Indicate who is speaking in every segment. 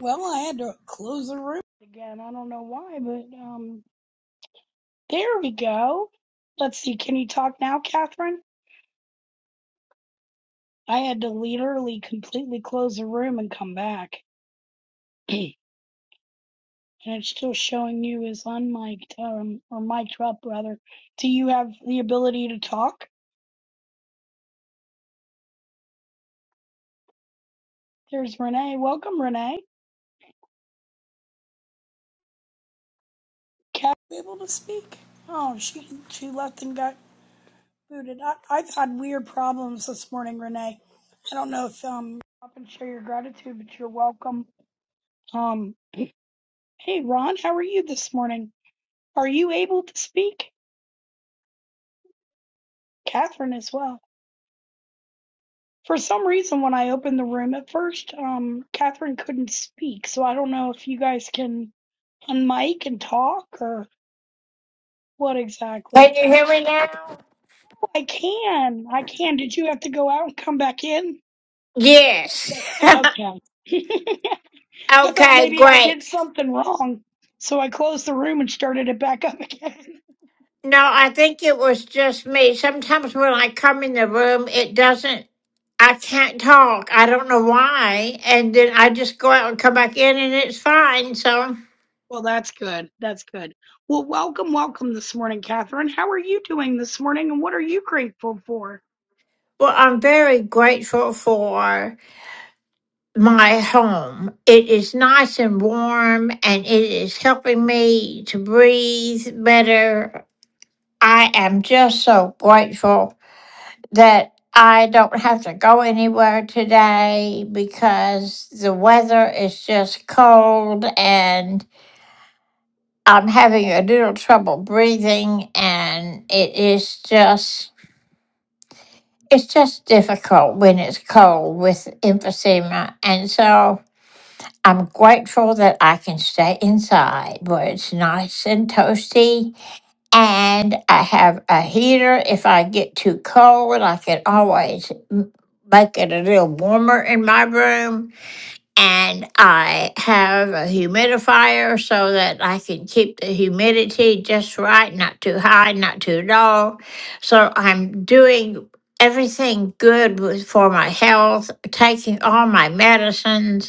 Speaker 1: Well, I had to close the room again. I don't know why, but um, there we go. Let's see. Can you talk now, Catherine? I had to literally completely close the room and come back, and it's still showing you as unmiked um, or mic'd up rather. Do you have the ability to talk? There's Renee. Welcome, Renee. Cat able to speak? Oh, she she left and got. booted. I, I've had weird problems this morning, Renee. I don't know if um up and share your gratitude, but you're welcome. Um, hey Ron, how are you this morning? Are you able to speak? Catherine as well. For some reason, when I opened the room at first, um, Catherine couldn't speak, so I don't know if you guys can unmic and talk or what
Speaker 2: Can
Speaker 1: exactly.
Speaker 2: you hear me now?
Speaker 1: Oh, I can, I can. Did you have to go out and come back in?
Speaker 2: Yes.
Speaker 1: Okay. I thought
Speaker 2: okay,
Speaker 1: maybe I
Speaker 2: great.
Speaker 1: did something wrong. So I closed the room and started it back up again.
Speaker 2: No, I think it was just me. Sometimes when I come in the room, it doesn't, I can't talk. I don't know why. And then I just go out and come back in and it's fine. So,
Speaker 1: Well, that's good. That's good. Well, welcome, welcome this morning, Catherine. How are you doing this morning and what are you grateful for?
Speaker 2: well, I'm very grateful for my home. It is nice and warm and it is helping me to breathe better. I am just so grateful that I don't have to go anywhere today because the weather is just cold and I'm having a little trouble breathing and it is just it's just difficult when it's cold with emphysema and so I'm grateful that I can stay inside where it's nice and toasty and I have a heater. If I get too cold, I can always m- make it a little warmer in my room. And I have a humidifier so that I can keep the humidity just right, not too high, not too low. So I'm doing everything good with, for my health, taking all my medicines.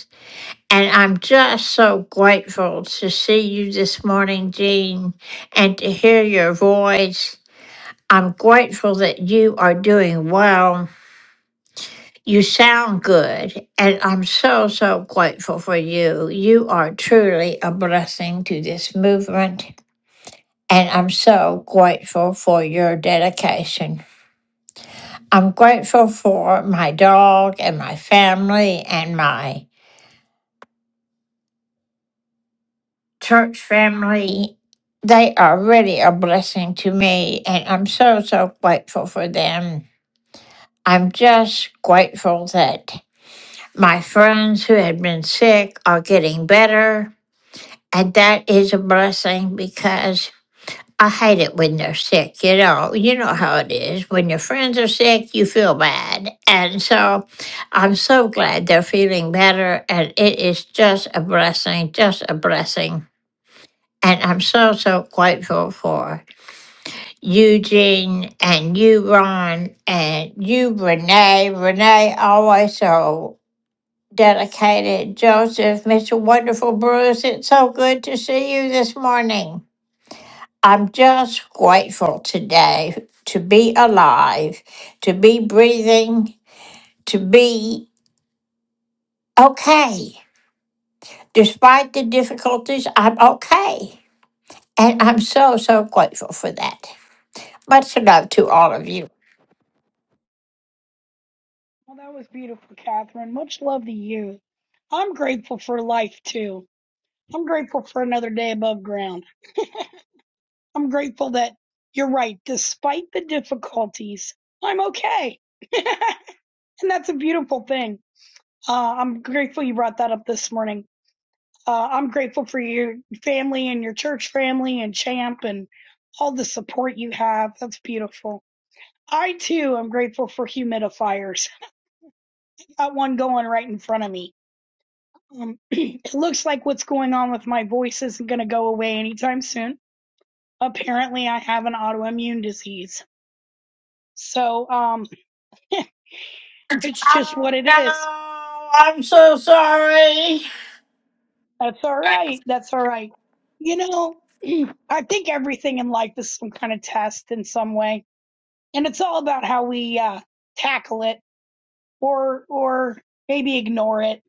Speaker 2: And I'm just so grateful to see you this morning, Jean, and to hear your voice. I'm grateful that you are doing well. You sound good, and I'm so, so grateful for you. You are truly a blessing to this movement, and I'm so grateful for your dedication. I'm grateful for my dog and my family and my church family. They are really a blessing to me, and I'm so, so grateful for them. I'm just grateful that my friends who had been sick are getting better, and that is a blessing because I hate it when they're sick. You know, you know how it is. When your friends are sick, you feel bad. And so I'm so glad they're feeling better, and it is just a blessing, just a blessing. And I'm so, so grateful for Eugene and you, Ron, and you, Renee. Renee, always so dedicated. Joseph, Mr. Wonderful Bruce, it's so good to see you this morning. I'm just grateful today to be alive, to be breathing, to be okay. Despite the difficulties, I'm okay. And I'm so, so grateful for that. Much love to all of you.
Speaker 1: Well, that was beautiful, Catherine. Much love to you. I'm grateful for life too. I'm grateful for another day above ground. I'm grateful that you're right. Despite the difficulties, I'm okay. and that's a beautiful thing. Uh, I'm grateful you brought that up this morning Uh, I'm grateful for your family and your church family and Champ and all the support you have. That's beautiful. I too am grateful for humidifiers. Got one going right in front of me. Um, it looks like what's going on with my voice isn't going to go away anytime soon. Apparently, I have an autoimmune disease. So um, it's just
Speaker 2: Oh,
Speaker 1: what it
Speaker 2: no,
Speaker 1: is.
Speaker 2: I'm so sorry.
Speaker 1: That's all right. That's all right. You know, I think everything in life is some kind of test in some way and it's all about how we uh, tackle it or or maybe ignore it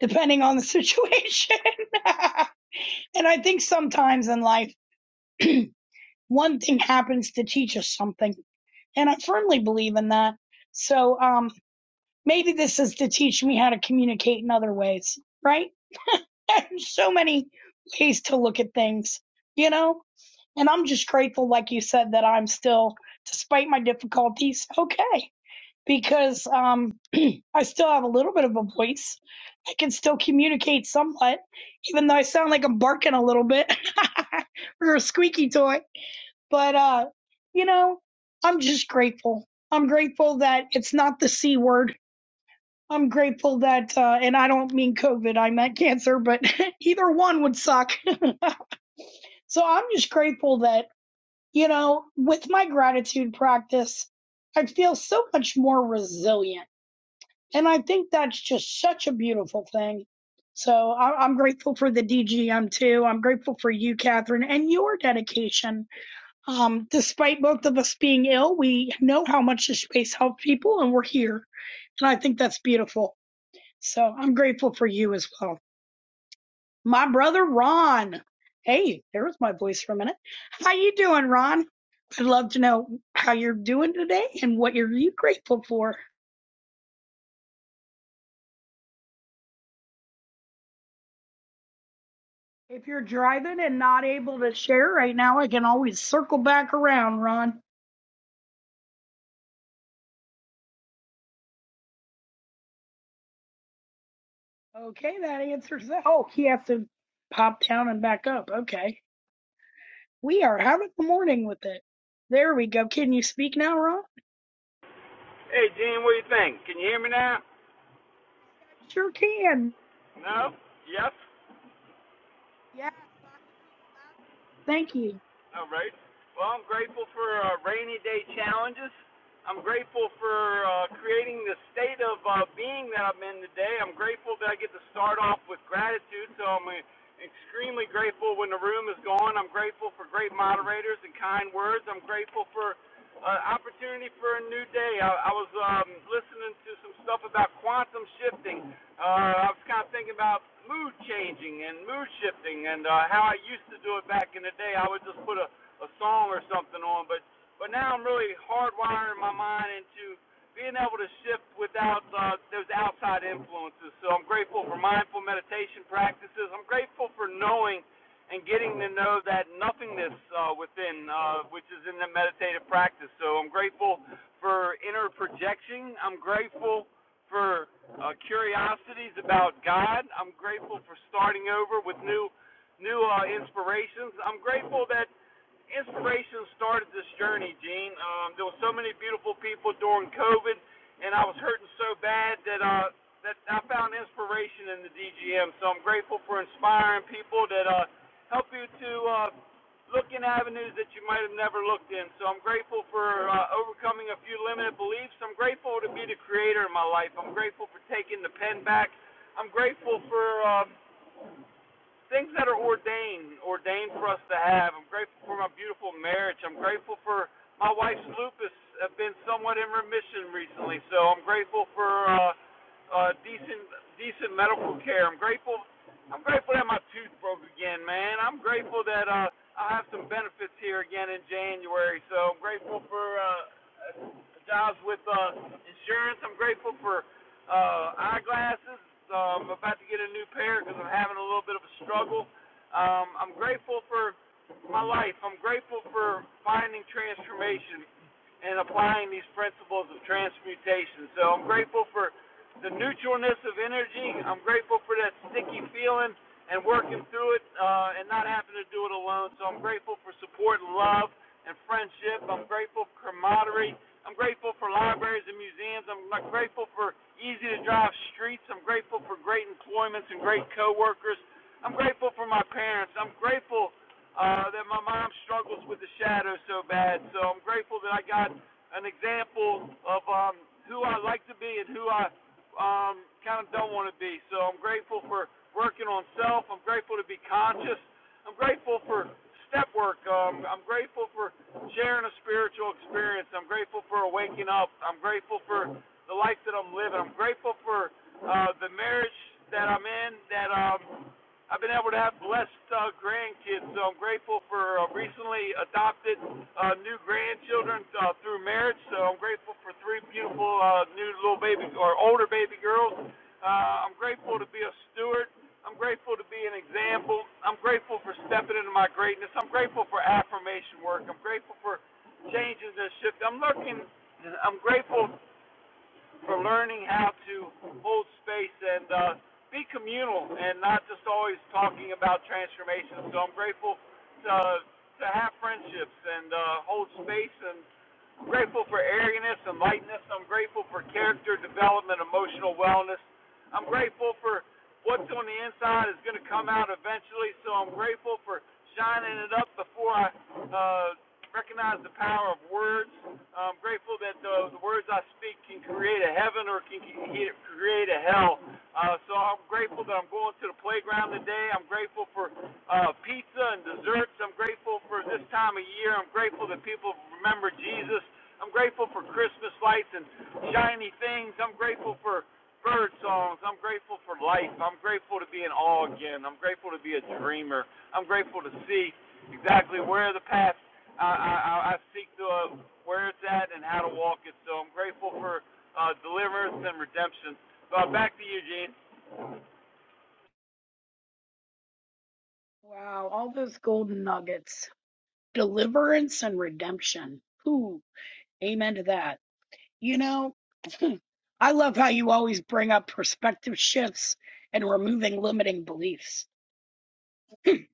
Speaker 1: depending on the situation and i think sometimes in life one thing happens to teach us something and i firmly believe in that so um maybe this is to teach me how to communicate in other ways right so many ways to look at things you know and i'm just grateful like you said that i'm still despite my difficulties okay because um, I still have a little bit of a voice. I can still communicate somewhat, even though I sound like I'm barking a little bit or a squeaky toy. But, uh, you know, I'm just grateful. I'm grateful that it's not the C word. I'm grateful that, uh, and I don't mean COVID, I meant cancer, but either one would suck. so I'm just grateful that, you know, with my gratitude practice, I feel so much more resilient and I think that's just such a beautiful thing. So I- I'm grateful for the DGM too. I'm grateful for you, Catherine, and your dedication. Um, despite both of us being ill, we know how much this space helped people and we're here. And I think that's beautiful. So I'm grateful for you as well. My brother, Ron. Hey, there was my voice for a minute. How you doing, Ron? I'd love to know how you're doing today and what you're you grateful for. If you're driving and not able to share right now, I can always circle back around, Ron. Okay, that answers that. Oh, he has to pop down and back up. Okay. We are having the morning with it. There we go. Can you speak now, Ron?
Speaker 3: Hey, Gene, what do you think? Can you hear me now?
Speaker 1: I sure can.
Speaker 3: No? Yes?
Speaker 1: Yes, I hear you loud. Thank you.
Speaker 3: All right. Well, I'm grateful for uh, rainy day challenges. I'm grateful for uh, creating the state of uh, being that I'm in today. I'm grateful that I get to start off with gratitude, so I'm uh, extremely grateful when the room is gone. I'm grateful for great moderators and kind words. I'm grateful for uh, opportunity for a new day. I, I was um, listening to some stuff about quantum shifting Uh, I was kind of thinking about mood changing and mood shifting and uh, how I used to do it back in the day. I would just put a, a song or something on, but but now I'm really hardwiring my mind into being able to shift without uh, those outside influences. So I'm grateful for mindful meditation practices. I'm grateful for knowing and getting to know that nothingness uh, within, uh, which is in the meditative practice. So I'm grateful for inner projection. I'm grateful for uh, curiosities about God. I'm grateful for starting over with new new uh, inspirations. I'm grateful that inspiration started this journey, Gene? Um, there were so many beautiful people during COVID, and I was hurting so bad that uh, that I found inspiration in the DGM. So I'm grateful for inspiring people that uh, help you to uh, look in avenues that you might have never looked in. So I'm grateful for uh, overcoming a few limited beliefs. I'm grateful to be the creator in my life. I'm grateful for taking the pen back. I'm grateful for. Uh, things that are ordained, ordained for us to have. I'm grateful for my beautiful marriage. I'm grateful for my wife's lupus have been somewhat in remission recently, so I'm grateful for uh, uh, decent decent medical care. I'm grateful. I'm grateful that my tooth broke again, man. I'm grateful that uh, I'll have some benefits here again in January. So I'm grateful for uh, uh, jobs with uh, insurance. I'm grateful for uh, eyeglasses. Um, I'm about to get a new pair because I'm having a little bit of a struggle. Um, I'm grateful for my life. I'm grateful for finding transformation and applying these principles of transmutation. So I'm grateful for the neutralness of energy. I'm grateful for that sticky feeling and working through it uh, and not having to do it alone. So I'm grateful for support and love and friendship. I'm grateful for camaraderie. I'm grateful for libraries and museums. I'm grateful for easy to drive streets. I'm grateful for great employments and great coworkers. I'm grateful for my parents. I'm grateful uh, that my mom struggles with the shadow so bad. So I'm grateful that I got an example of um, who I like to be and who I um, kind of don't want to be. So I'm grateful for working on self. I'm grateful to be conscious. I'm grateful for step work. Um, I'm grateful for sharing a spiritual experience. I'm grateful for waking up. I'm grateful for the life that I'm living. I'm grateful for uh, the marriage that I'm in that um, I've been able to have blessed uh, grandkids, so I'm grateful for uh, recently adopted uh, new grandchildren uh, through marriage. So I'm grateful for three beautiful uh, new little baby or older baby girls. Uh, I'm grateful to be a steward. I'm grateful to be an example. I'm grateful for stepping into my greatness. I'm grateful for affirmation work. I'm grateful for changes and shifts. I'm looking. I'm grateful for learning how to hold space and uh, be communal and not just always talking about transformation. So I'm grateful to to have friendships and uh, hold space and I'm grateful for airiness and lightness. I'm grateful for character development, emotional wellness. I'm grateful for what's on the inside is going to come out eventually. So I'm grateful for shining it up before I uh, recognize the power of words. I'm grateful that the, the words I speak can create a heaven or can create a hell. Uh, so I'm grateful that I'm going to the playground today. I'm grateful for uh, pizza and desserts. I'm grateful for this time of year. I'm grateful that people remember Jesus. I'm grateful for Christmas lights and shiny things. I'm grateful for bird songs. I'm grateful for life. I'm grateful to be in awe again. I'm grateful to be a dreamer. I'm grateful to see exactly where the path I, I, I- seek to uh, where it's at and how to walk it. So I'm grateful for uh, deliverance and redemption. Uh, back to you, Gene.
Speaker 1: Wow, all those golden nuggets. Deliverance and redemption. Ooh, amen to that. You know, I love how you always bring up perspective shifts and removing limiting beliefs.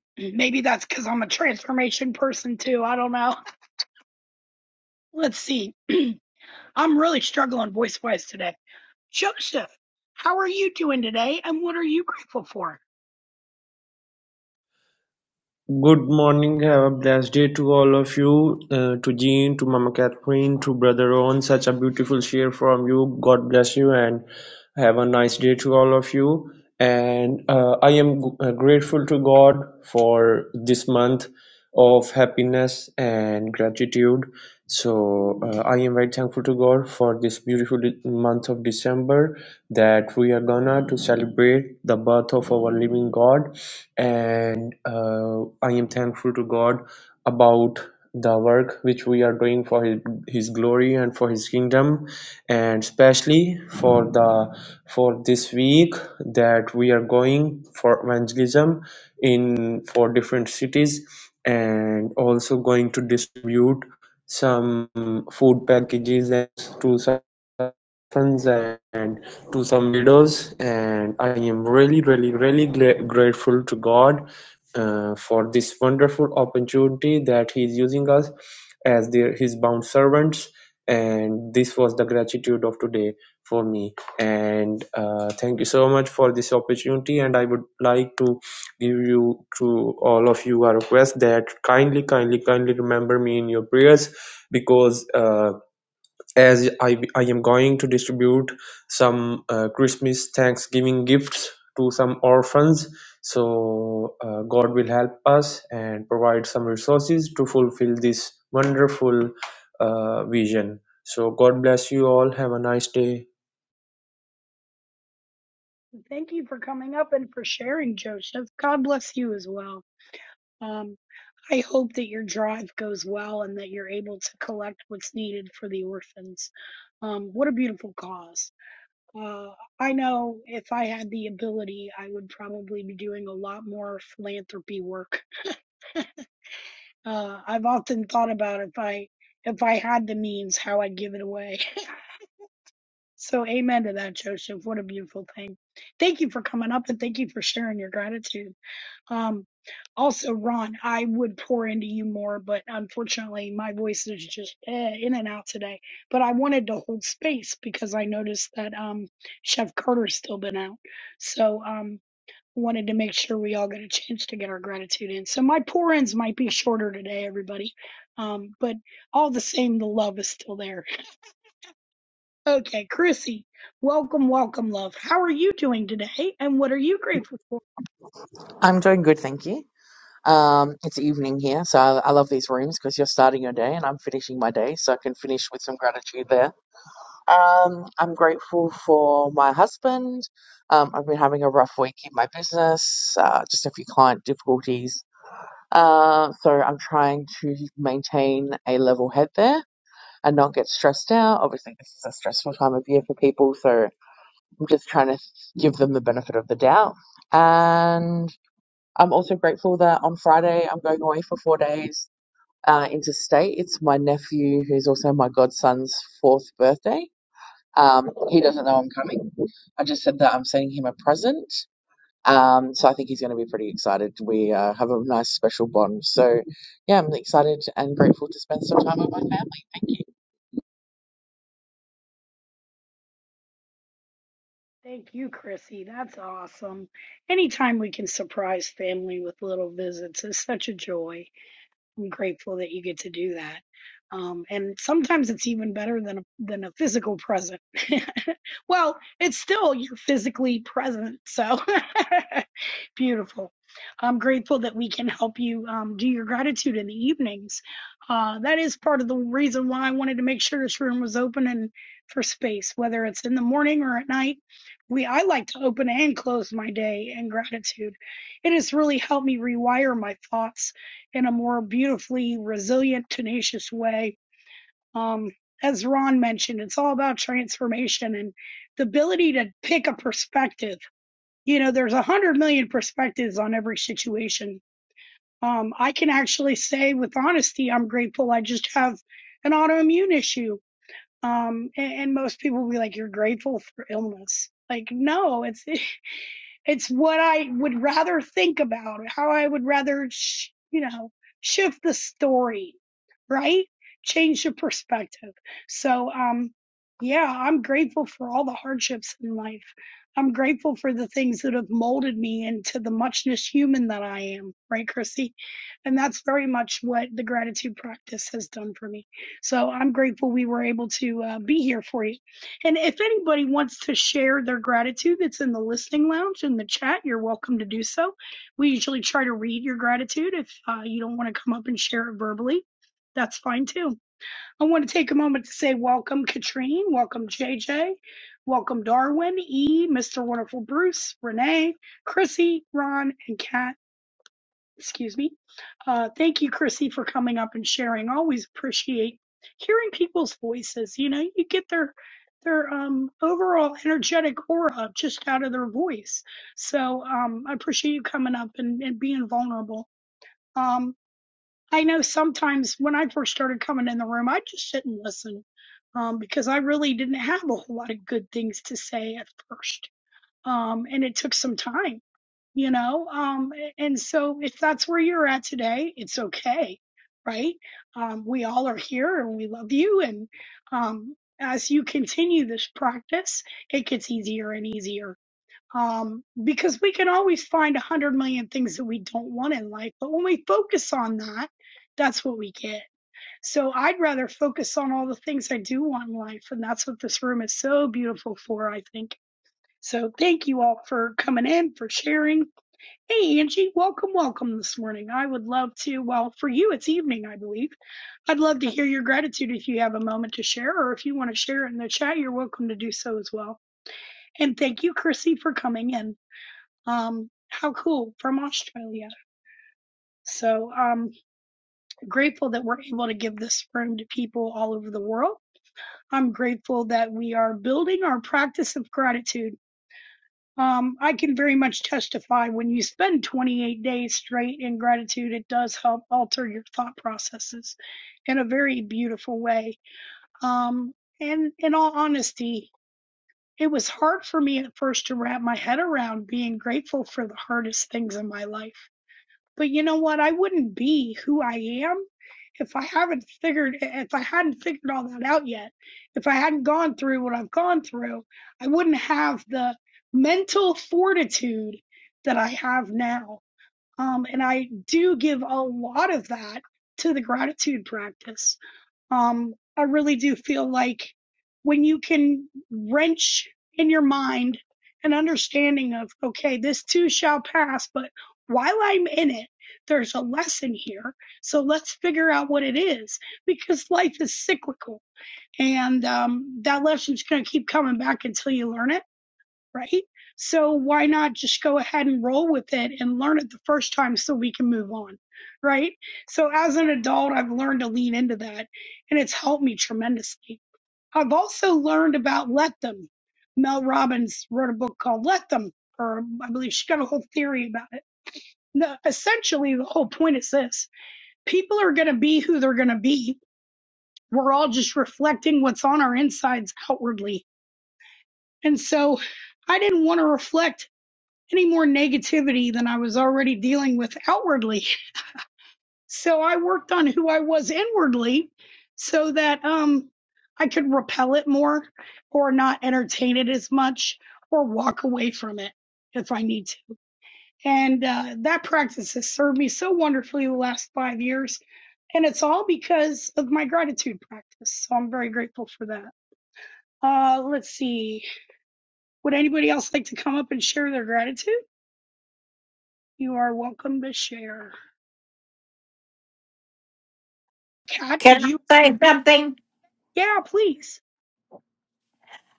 Speaker 1: Maybe that's because I'm a transformation person too. I don't know. Let's see. I'm really struggling voice wise today. Joseph, how are you doing today and what are you grateful for?
Speaker 4: Good morning, have a blessed day to all of you, uh, to Jean, to Mama Catherine, to Brother Owen. Such a beautiful share from you. God bless you and have a nice day to all of you. And uh, I am g- uh, grateful to God for this month of happiness and gratitude. So uh, I am very thankful to God for this beautiful de- month of December that we are gonna to celebrate the birth of our living God and uh, I am thankful to God about the work which we are doing for his, his glory and for his kingdom and especially for the for this week that we are going for evangelism in for different cities and also going to distribute some food packages and to some orphans and to some videos and i am really really really gra- grateful to god uh, for this wonderful opportunity that he is using us as their, his bound servants and this was the gratitude of today for me and uh, thank you so much for this opportunity and i would like to give you to all of you a request that kindly kindly kindly remember me in your prayers because uh, as I, I am going to distribute some uh, Christmas Thanksgiving gifts to some orphans. So uh, God will help us and provide some resources to fulfill this wonderful uh, vision. So God bless you all. Have a nice day.
Speaker 1: Thank you for coming up and for sharing, Joseph. God bless you as well. Um, I hope that your drive goes well and that you're able to collect what's needed for the orphans. Um, what a beautiful cause. Uh, I know if I had the ability, I would probably be doing a lot more philanthropy work. Uh, I've often thought about if I if I had the means, how I'd give it away. so amen to that, Joseph. What a beautiful thing. Thank you for coming up and thank you for sharing your gratitude. Um, also, Ron, I would pour into you more, but unfortunately, my voice is just eh, in and out today. But I wanted to hold space because I noticed that um, Chef Carter's still been out, so um, wanted to make sure we all got a chance to get our gratitude in. So my pour ins might be shorter today, everybody, um, but all the same, the love is still there. Okay, Chrissy, welcome, welcome, love. How are you doing today, and what are you grateful for?
Speaker 5: I'm doing good, thank you. Um, it's evening here, so I, I love these rooms because you're starting your day and I'm finishing my day, so I can finish with some gratitude there. Um, I'm grateful for my husband. Um, I've been having a rough week in my business, uh, just a few client difficulties. Uh, so I'm trying to maintain a level head there and not get stressed out. Obviously, this is a stressful time of year for people, so I'm just trying to give them the benefit of the doubt. and. I'm also grateful that on Friday I'm going away for four days uh, interstate. It's my nephew, who's also my godson's fourth birthday. Um, he doesn't know I'm coming. I just said that I'm sending him a present. Um, so I think he's going to be pretty excited. We uh, have a nice special bond. So yeah, I'm excited and grateful to spend some time with my family.
Speaker 1: Thank you, Chrissy. That's awesome. Anytime we can surprise family with little visits is such a joy. I'm grateful that you get to do that. Um, and sometimes it's even better than a, than a physical present. well, it's still you're physically present, so beautiful. I'm grateful that we can help you um, do your gratitude in the evenings. Uh, that is part of the reason why I wanted to make sure this room was open and for space, whether it's in the morning or at night. We I like to open and close my day in gratitude. It has really helped me rewire my thoughts in a more beautifully resilient, tenacious way. Um, as Ron mentioned, it's all about transformation and the ability to pick a perspective. You know, there's a hundred million perspectives on every situation. Um, I can actually say with honesty, I'm grateful. I just have an autoimmune issue. Um, and, and most people will be like, you're grateful for illness. Like, no, it's, it, it's what I would rather think about, how I would rather, sh- you know, shift the story, right? Change the perspective. So, um, yeah, I'm grateful for all the hardships in life. I'm grateful for the things that have molded me into the muchness human that I am, right, Chrissy? And that's very much what the gratitude practice has done for me. So I'm grateful we were able to uh, be here for you. And if anybody wants to share their gratitude it's in the listening lounge in the chat, you're welcome to do so. We usually try to read your gratitude. If uh, you don't want to come up and share it verbally, that's fine too. I want to take a moment to say welcome, Katrine. Welcome, JJ. Welcome, Darwin, E, Mr. Wonderful Bruce, Renee, Chrissy, Ron, and Kat excuse me. Uh, thank you, Chrissy, for coming up and sharing. Always appreciate hearing people's voices. You know, you get their their um, overall energetic aura just out of their voice. So um, I appreciate you coming up and, and being vulnerable. Um, I know sometimes when I first started coming in the room, I just sit and listen um, because I really didn't have a whole lot of good things to say at first um, and it took some time, you know. Um, and so if that's where you're at today, it's okay, right? Um, we all are here, and we love you. And um, as you continue this practice, it gets easier and easier. Um, because we can always find a hundred million things that we don't want in life, but when we focus on that, that's what we get. So I'd rather focus on all the things I do want in life, and that's what this room is so beautiful for, I think so thank you all for coming in, for sharing. Hey, Angie, welcome, welcome this morning. I would love to, well, for you, it's evening, I believe. I'd love to hear your gratitude if you have a moment to share, or if you want to share it in the chat, you're welcome to do so as well. And thank you, Chrissy, for coming in. Um, how cool from Australia. So I'm um, grateful that we're able to give this room to people all over the world. I'm grateful that we are building our practice of gratitude Um, I can very much testify when you spend 28 days straight in gratitude, it does help alter your thought processes in a very beautiful way. Um, and in all honesty, it was hard for me at first to wrap my head around being grateful for the hardest things in my life. But you know what? I wouldn't be who I am if I haven't figured if I hadn't figured all that out yet. If I hadn't gone through what I've gone through, I wouldn't have the mental fortitude that I have now. Um, and I do give a lot of that to the gratitude practice. Um, I really do feel like when you can wrench in your mind an understanding of, okay, this too shall pass, but while I'm in it, there's a lesson here. So let's figure out what it is because life is cyclical and um, that lesson's going to keep coming back until you learn it right? So why not just go ahead and roll with it and learn it the first time so we can move on, right? So as an adult, I've learned to lean into that and it's helped me tremendously. I've also learned about let them. Mel Robbins wrote a book called Let Them, or I believe she got a whole theory about it. The, essentially, the whole point is this people are going to be who they're going to be. We're all just reflecting what's on our insides outwardly. And so I didn't want to reflect any more negativity than I was already dealing with outwardly. So I worked on who I was inwardly so that um I could repel it more or not entertain it as much or walk away from it if I need to. And uh, that practice has served me so wonderfully the last five years. And it's all because of my gratitude practice. So I'm very grateful for that. Uh, let's see. Would anybody else like to come up and share their gratitude? You are welcome to share. Kat, did
Speaker 2: Can I
Speaker 1: you?
Speaker 2: say something?
Speaker 1: Yeah, please.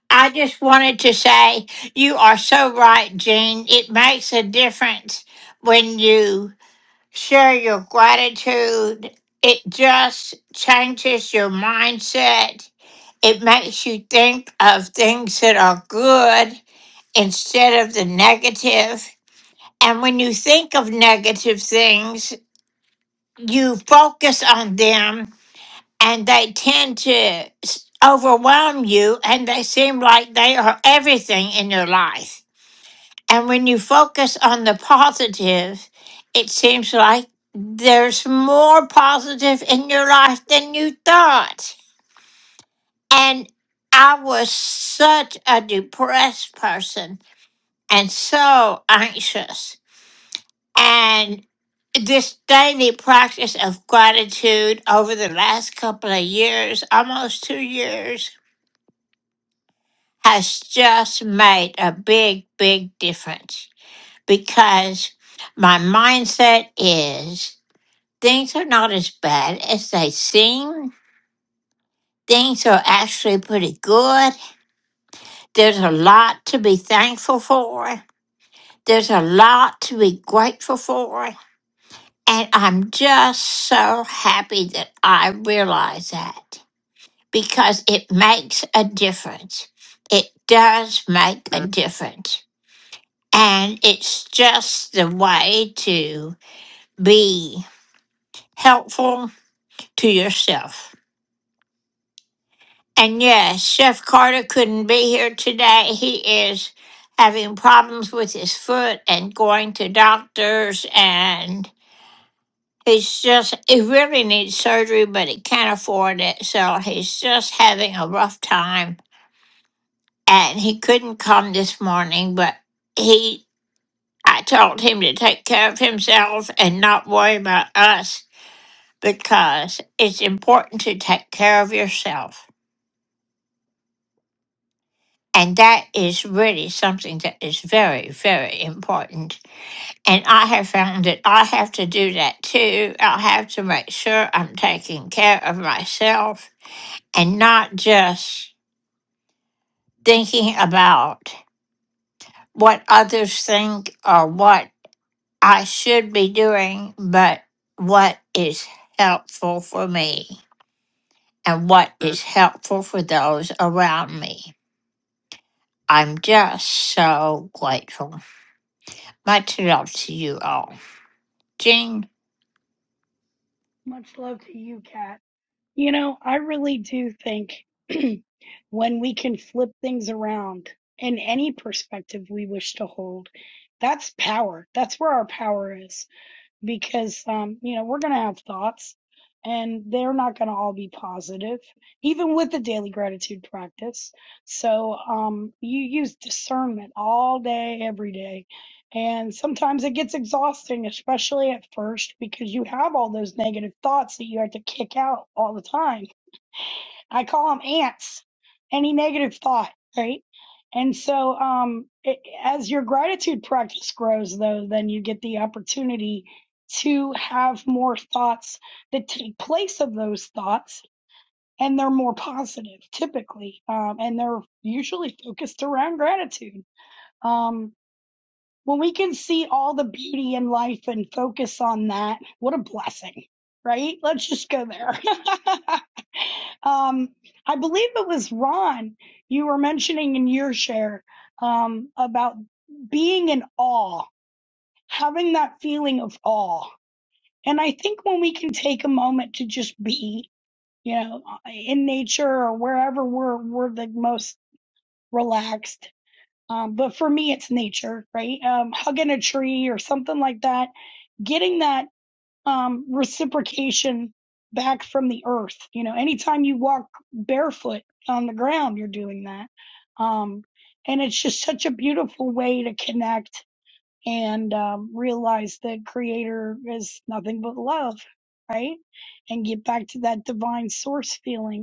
Speaker 2: I just wanted to say you are so right, Jean. It makes a difference when you share your gratitude. It just changes your mindset. It makes you think of things that are good instead of the negative. And when you think of negative things, you focus on them and they tend to s- overwhelm you and they seem like they are everything in your life. And when you focus on the positive, it seems like there's more positive in your life than you thought. And I was such a depressed person and so anxious. And this daily practice of gratitude over the last couple of years, almost two years, has just made a big, big difference because my mindset is things are not as bad as they seem. Things are actually pretty good. There's a lot to be thankful for, there's a lot to be grateful for. And I'm just so happy that I realize that because it makes a difference. It does make a difference. And it's just the way to be helpful to yourself. And yes, Chef Carter couldn't be here today. He is having problems with his foot and going to doctors and he's just he really needs surgery but he can't afford it. So he's just having a rough time and he couldn't come this morning, but he I told him to take care of himself and not worry about us because it's important to take care of yourself. And that is really something that is very, very important. And I have found that I have to do that too. I have to make sure I'm taking care of myself and not just thinking about what others think or what I should be doing, but what is helpful for me and what is helpful for those around me. I'm just so grateful. Much love to you all. Jean?
Speaker 1: Much love to you, Kat. You know, I really do think when we can flip things around in any perspective we wish to hold, that's power. That's where our power is. because um, you know we're going to have thoughts and they're not going to all be positive even with the daily gratitude practice so um, you use discernment all day every day and sometimes it gets exhausting especially at first because you have all those negative thoughts that you have to kick out all the time I call them ants. Any negative thought, right? And so, um, it, as your gratitude practice grows, though, then you get the opportunity to have more thoughts that take place of those thoughts, and they're more positive typically, um, and they're usually focused around gratitude. Um, when we can see all the beauty in life and focus on that, what a blessing, right? Let's just go there. um, I believe it was Ron you were mentioning in your share um, about being in awe, having that feeling of awe. And I think when we can take a moment to just be, you know, in nature or wherever we're we're the most relaxed um, but for me, it's nature, right? Um, hugging a tree or something like that, getting that um, reciprocation back from the earth. You know, anytime you walk barefoot on the ground, you're doing that. Um, and it's just such a beautiful way to connect and um, realize that Creator is nothing but love, right? And get back to that divine source feeling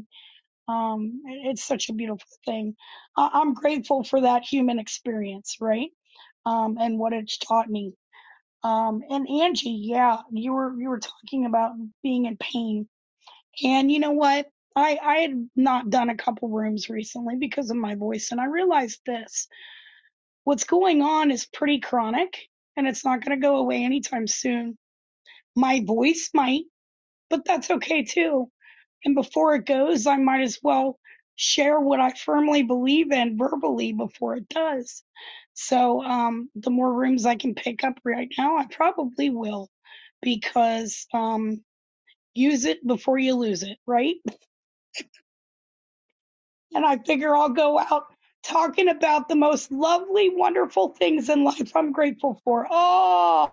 Speaker 1: um, it- it's such a beautiful thing. I- I'm grateful for that human experience, right? Um, and what it's taught me. Um, and Angie, yeah, you were you were talking about being in pain, and you know what? I I had not done a couple rooms recently because of my voice, and I realized this: what's going on is pretty chronic, and it's not going to go away anytime soon. My voice might, but that's okay too and before it goes, I might as well share what I firmly believe in verbally before it does. So, um, the more rooms I can pick up right now, I probably will because, um, use it before you lose it, right? And I figure I'll go out talking about the most lovely, wonderful things in life I'm grateful for. Oh,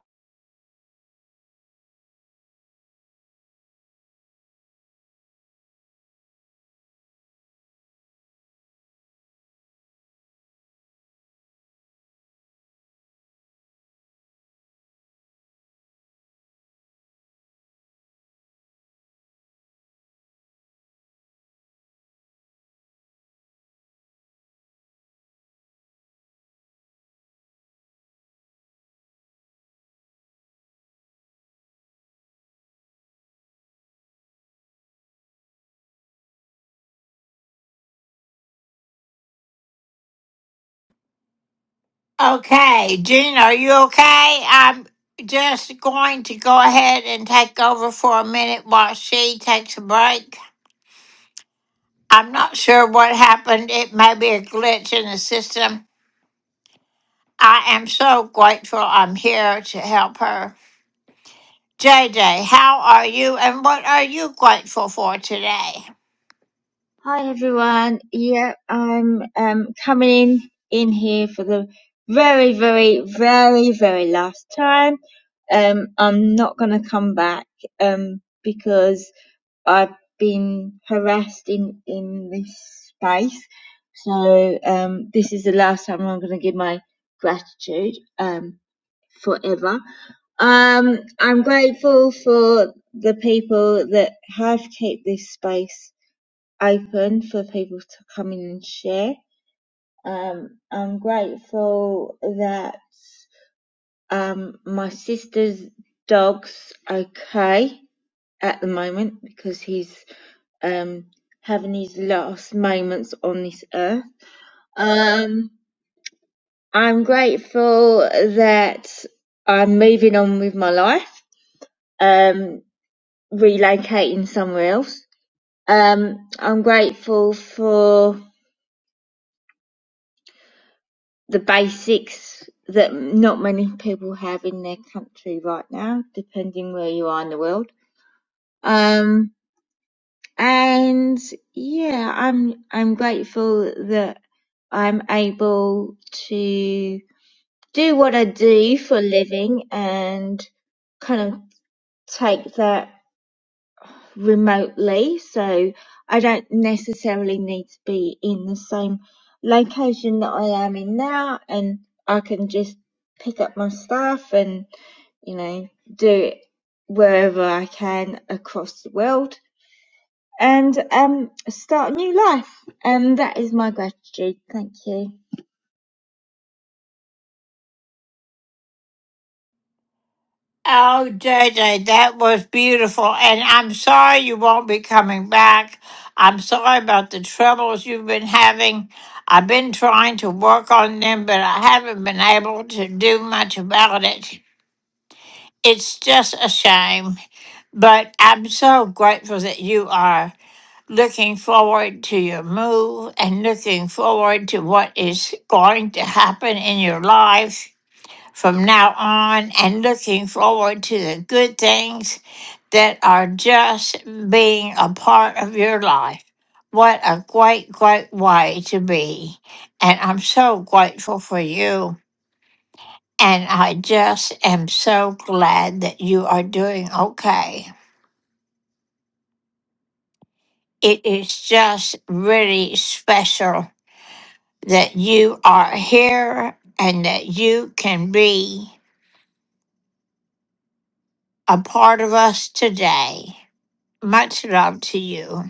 Speaker 2: Okay, Jean, are you okay? I'm just going to go ahead and take over for a minute while she takes a break. I'm not sure what happened. It may be a glitch in the system. I am so grateful I'm here to help her. JJ, how are you and what are you grateful for today?
Speaker 6: Hi everyone. Yeah, I'm um coming in here for the very, very, very, very last time. Um, I'm not gonna come back um because I've been harassed in in this space. So um, this is the last time I'm gonna give my gratitude um forever. Um, I'm grateful for the people that have kept this space open for people to come in and share. Um, I'm grateful that um, my sister's dog's okay at the moment because he's um, having his last moments on this earth. Um, I'm grateful that I'm moving on with my life, um, relocating somewhere else. Um, I'm grateful for the basics that not many people have in their country right now, depending where you are in the world. Um, and yeah, I'm I'm grateful that I'm able to do what I do for a living and kind of take that remotely, so I don't necessarily need to be in the same location that I am in now, and I can just pick up my stuff and you know do it wherever I can across the world and um start a new life. And that is my gratitude. Thank you.
Speaker 2: Oh, JJ, that was beautiful. And I'm sorry you won't be coming back. I'm sorry about the troubles you've been having. I've been trying to work on them, but I haven't been able to do much about it. It's just a shame. But I'm so grateful that you are looking forward to your move and looking forward to what is going to happen in your life from now on and looking forward to the good things that are just being a part of your life. What a great, great way to be. And I'm so grateful for you. And I just am so glad that you are doing okay. It is just really special that you are here and that you can be a part of us today. Much love to you.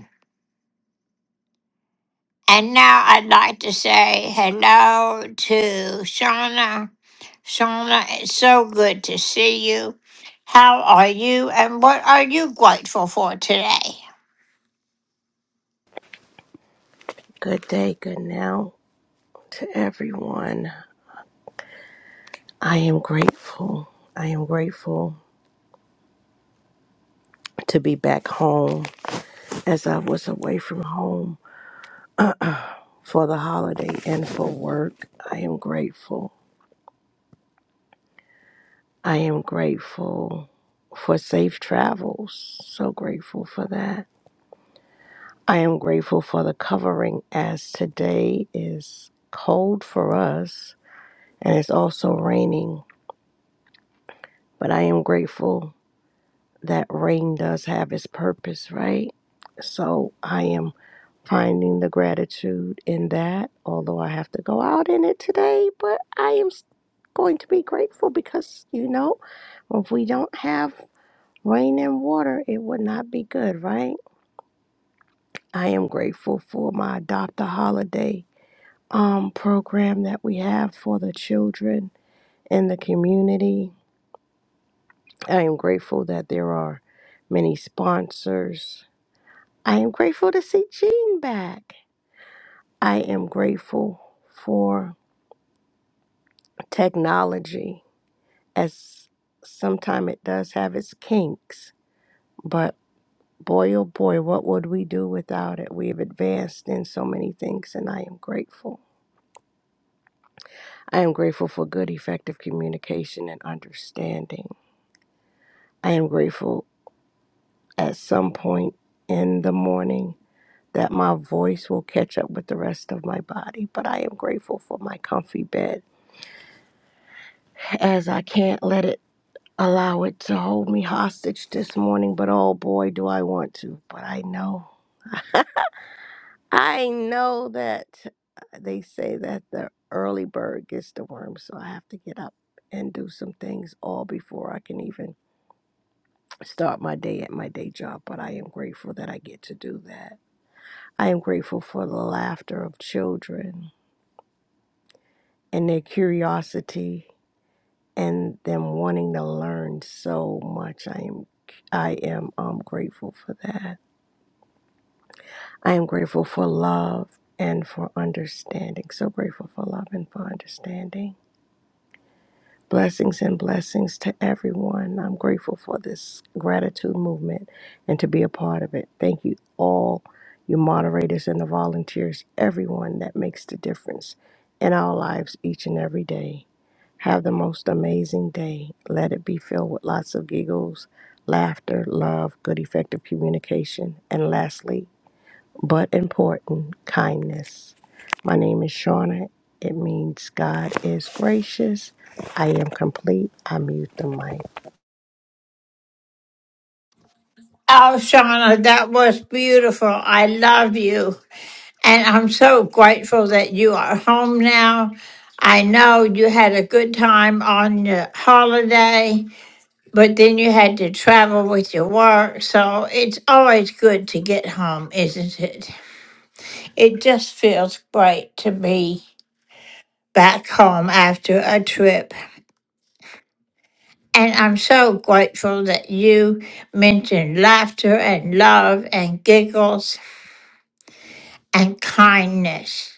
Speaker 2: And now I'd like to say hello to Shauna. Shauna, it's so good to see you. How are you and what are you grateful for today?
Speaker 7: Good day, good now to everyone. I am grateful. I am grateful to be back home as I was away from home for the holiday and for work. I am grateful. I am grateful for safe travels. So grateful for that. I am grateful for the covering as today is cold for us and it's also raining, but I am grateful that rain does have its purpose, right? So I am finding the gratitude in that, although I have to go out in it today, but I am s- going to be grateful because, you know, if we don't have rain and water, it would not be good, right? I am grateful for my adopt a holiday um program that we have for the children in the community. I am grateful that there are many sponsors I am grateful to see Gene back. I am grateful for technology, as sometimes it does have its kinks. But boy, oh boy, what would we do without it? We have advanced in so many things, and I am grateful. I am grateful for good, effective communication and understanding. I am grateful at some point in the morning that my voice will catch up with the rest of my body, but I am grateful for my comfy bed. as I can't let it allow it to hold me hostage this morning, but oh boy, do I want to. But I know, I know that uh, they say that the early bird gets the worm, so I have to get up and do some things all before I can even start my day at my day job. But I am grateful that I get to do that. I am grateful for the laughter of children and their curiosity and them wanting to learn so much. I am I am um, grateful for that. I am grateful for love and for understanding. So grateful for love and for understanding. Blessings and blessings to everyone. I'm grateful for this gratitude movement and to be a part of it. Thank you all, you moderators and the volunteers, everyone that makes the difference in our lives each and every day. Have the most amazing day. Let it be filled with lots of giggles, laughter, love, good effective communication, and lastly, but important, kindness. My name is Shauna. It means God is gracious. I am complete. I mute the mic.
Speaker 2: Oh, Shauna, that was beautiful. I love you. And I'm so grateful that you are home now. I know you had a good time on your holiday. but then you had to travel with your work. So it's always good to get home, isn't it? It just feels great to be back home after a trip. And I'm so grateful that you mentioned laughter and love and giggles and kindness.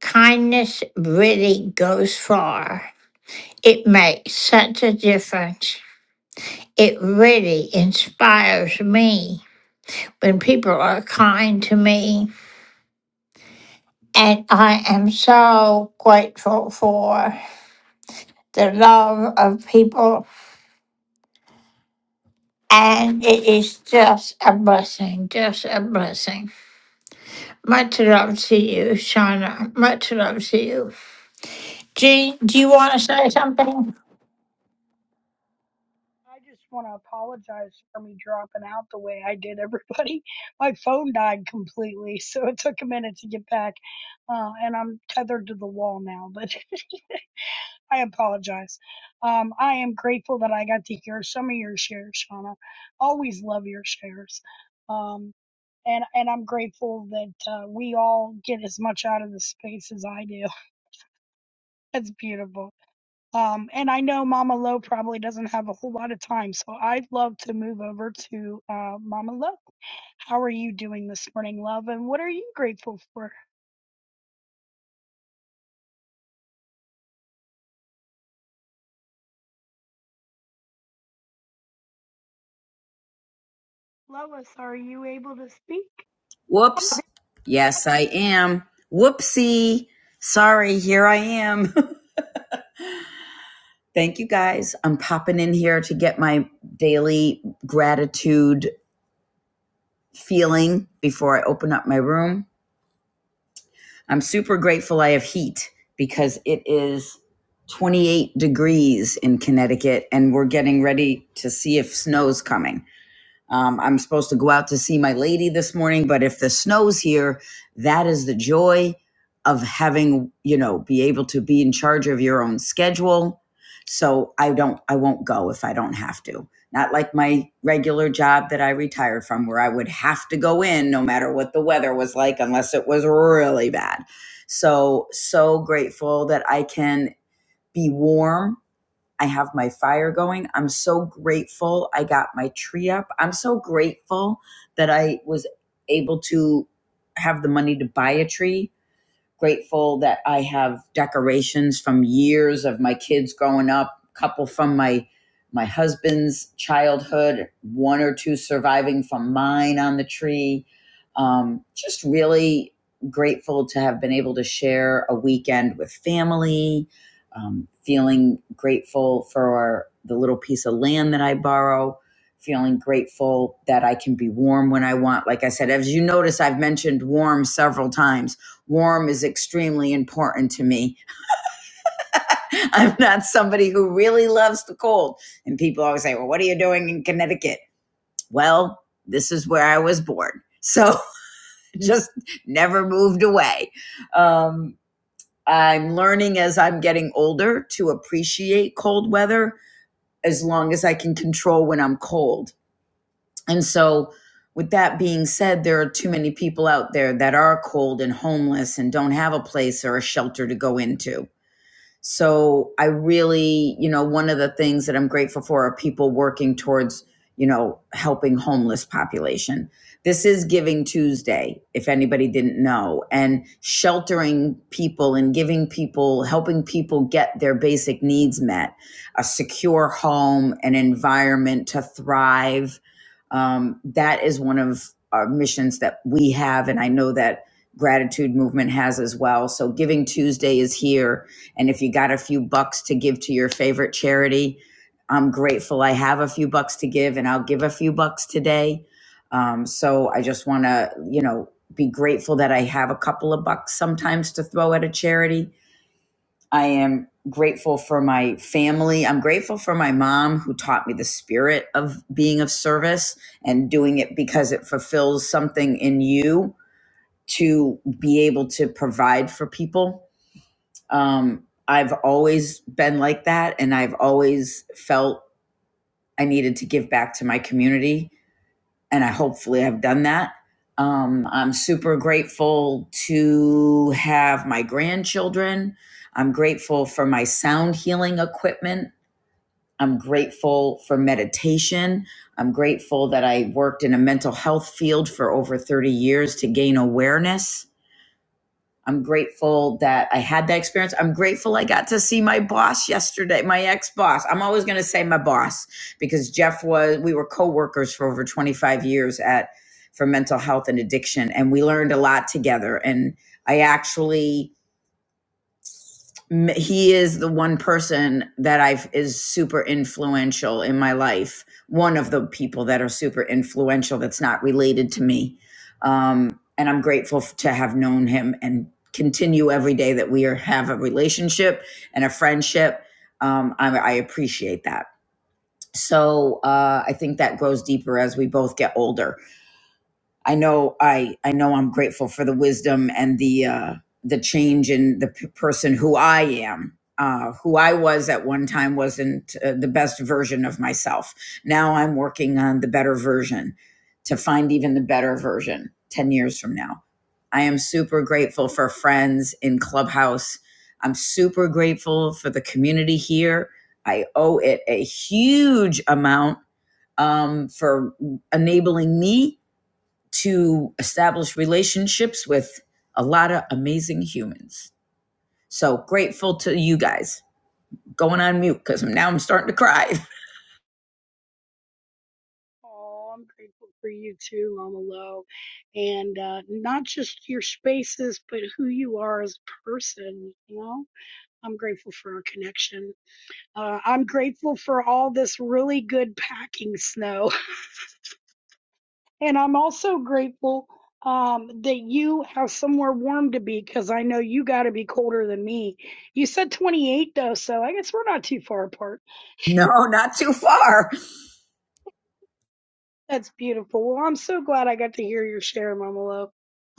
Speaker 2: Kindness really goes far. It makes such a difference. It really inspires me when people are kind to me. And I am so grateful for the love of people. And it is just a blessing, just a blessing. Much love to you, Shauna. Much love to you. Jean, do you want to say something?
Speaker 1: I just want to apologize for me dropping out the way I did, everybody. My phone died completely, so it took a minute to get back, uh, and I'm tethered to the wall now. But I apologize. Um, I am grateful that I got to hear some of your shares, Shauna. Always love your shares, um, and and I'm grateful that uh, we all get as much out of the space as I do. That's beautiful. Um, and I know Mama Lo probably doesn't have a whole lot of time, so I'd love to move over to uh, Mama Lo. How are you doing this morning, love? And what are you grateful for? Lois, are you able to speak?
Speaker 8: Whoops. Yes, I am. Whoopsie. Sorry, here I am. Thank you guys. I'm popping in here to get my daily gratitude feeling before I open up my room. I'm super grateful I have heat because it is 28 degrees in Connecticut and we're getting ready to see if snow's coming. Um, I'm supposed to go out to see my lady this morning, but if the snow's here, that is the joy of having, you know, be able to be in charge of your own schedule. So I don't, I won't go if I don't have to. Not like my regular job that I retired from, where I would have to go in no matter what the weather was like, unless it was really bad. So, so grateful that I can be warm I have my fire going. I'm so grateful I got my tree up. I'm so grateful that I was able to have the money to buy a tree grateful that I have decorations from years of my kids growing up, a couple from my my husband's childhood, one or two surviving from mine on the tree. Um, just really grateful to have been able to share a weekend with family. Um, feeling grateful for the little piece of land that I borrow. Feeling grateful that I can be warm when I want. Like I said, as you notice, I've mentioned warm several times warm is extremely important to me. I'm not somebody who really loves the cold. And people always say, well, what are you doing in Connecticut? Well, this is where I was born. So just never moved away. Um, I'm learning as I'm getting older to appreciate cold weather as long as I can control when I'm cold. And so, with that being said, there are too many people out there that are cold and homeless and don't have a place or a shelter to go into So I really, you know, one of the things that I'm grateful for are people working towards, you know, helping homeless population. This is Giving Tuesday, if anybody didn't know, and sheltering people and giving people, helping people get their basic needs met, a secure home, an environment to thrive. Um, that is one of our missions that we have, and I know that gratitude movement has as well. So Giving Tuesday is here and if you got a few bucks to give to your favorite charity, I'm grateful I have a few bucks to give and I'll give a few bucks today. Um, so I just want to, you know, be grateful that I have a couple of bucks sometimes to throw at a charity. I am grateful for my family. I'm grateful for my mom who taught me the spirit of being of service and doing it because it fulfills something in you to be able to provide for people um, I've always been like that, and I've always felt I needed to give back to my community, and I hopefully have done that. Um, I'm super grateful to have my grandchildren. I'm grateful for my sound healing equipment. I'm grateful for meditation. I'm grateful that I worked in a mental health field for over 30 years to gain awareness I'm grateful that I had that experience. I'm grateful I got to see my boss yesterday, my ex boss. I'm always going to say my boss because Jeff was, we were co workers for over 25 years at, for mental health and addiction. And we learned a lot together. And I actually, he is the one person that I've is super influential in my life. One of the people that are super influential that's not related to me. Um, and I'm grateful to have known him and continue every day that we are, have a relationship and a friendship. Um, I, I appreciate that. So uh, I think that grows deeper as we both get older I know I I know I'm grateful for the wisdom and the uh, the change in the p- person who I am. Uh, who I was at one time wasn't uh, the best version of myself. Now I'm working on the better version to find even the better version 10 years from now. I am super grateful for friends in Clubhouse. I'm super grateful for the community here. I owe it a huge amount um, for enabling me to establish relationships with a lot of amazing humans. So grateful to you guys. Going on mute because now I'm starting to cry.
Speaker 1: Oh, I'm grateful for you too, Mama Lo. And uh, not just your spaces, but who you are as a person, you know? I'm grateful for our connection. Uh, I'm grateful for all this really good packing snow. And I'm also grateful um, that you have somewhere warm to be because I know you got to be colder than me. You said 28 though, so I guess we're not too far apart.
Speaker 8: No, not too far.
Speaker 1: That's beautiful. Well, I'm so glad I got to hear your share, Mama Lo.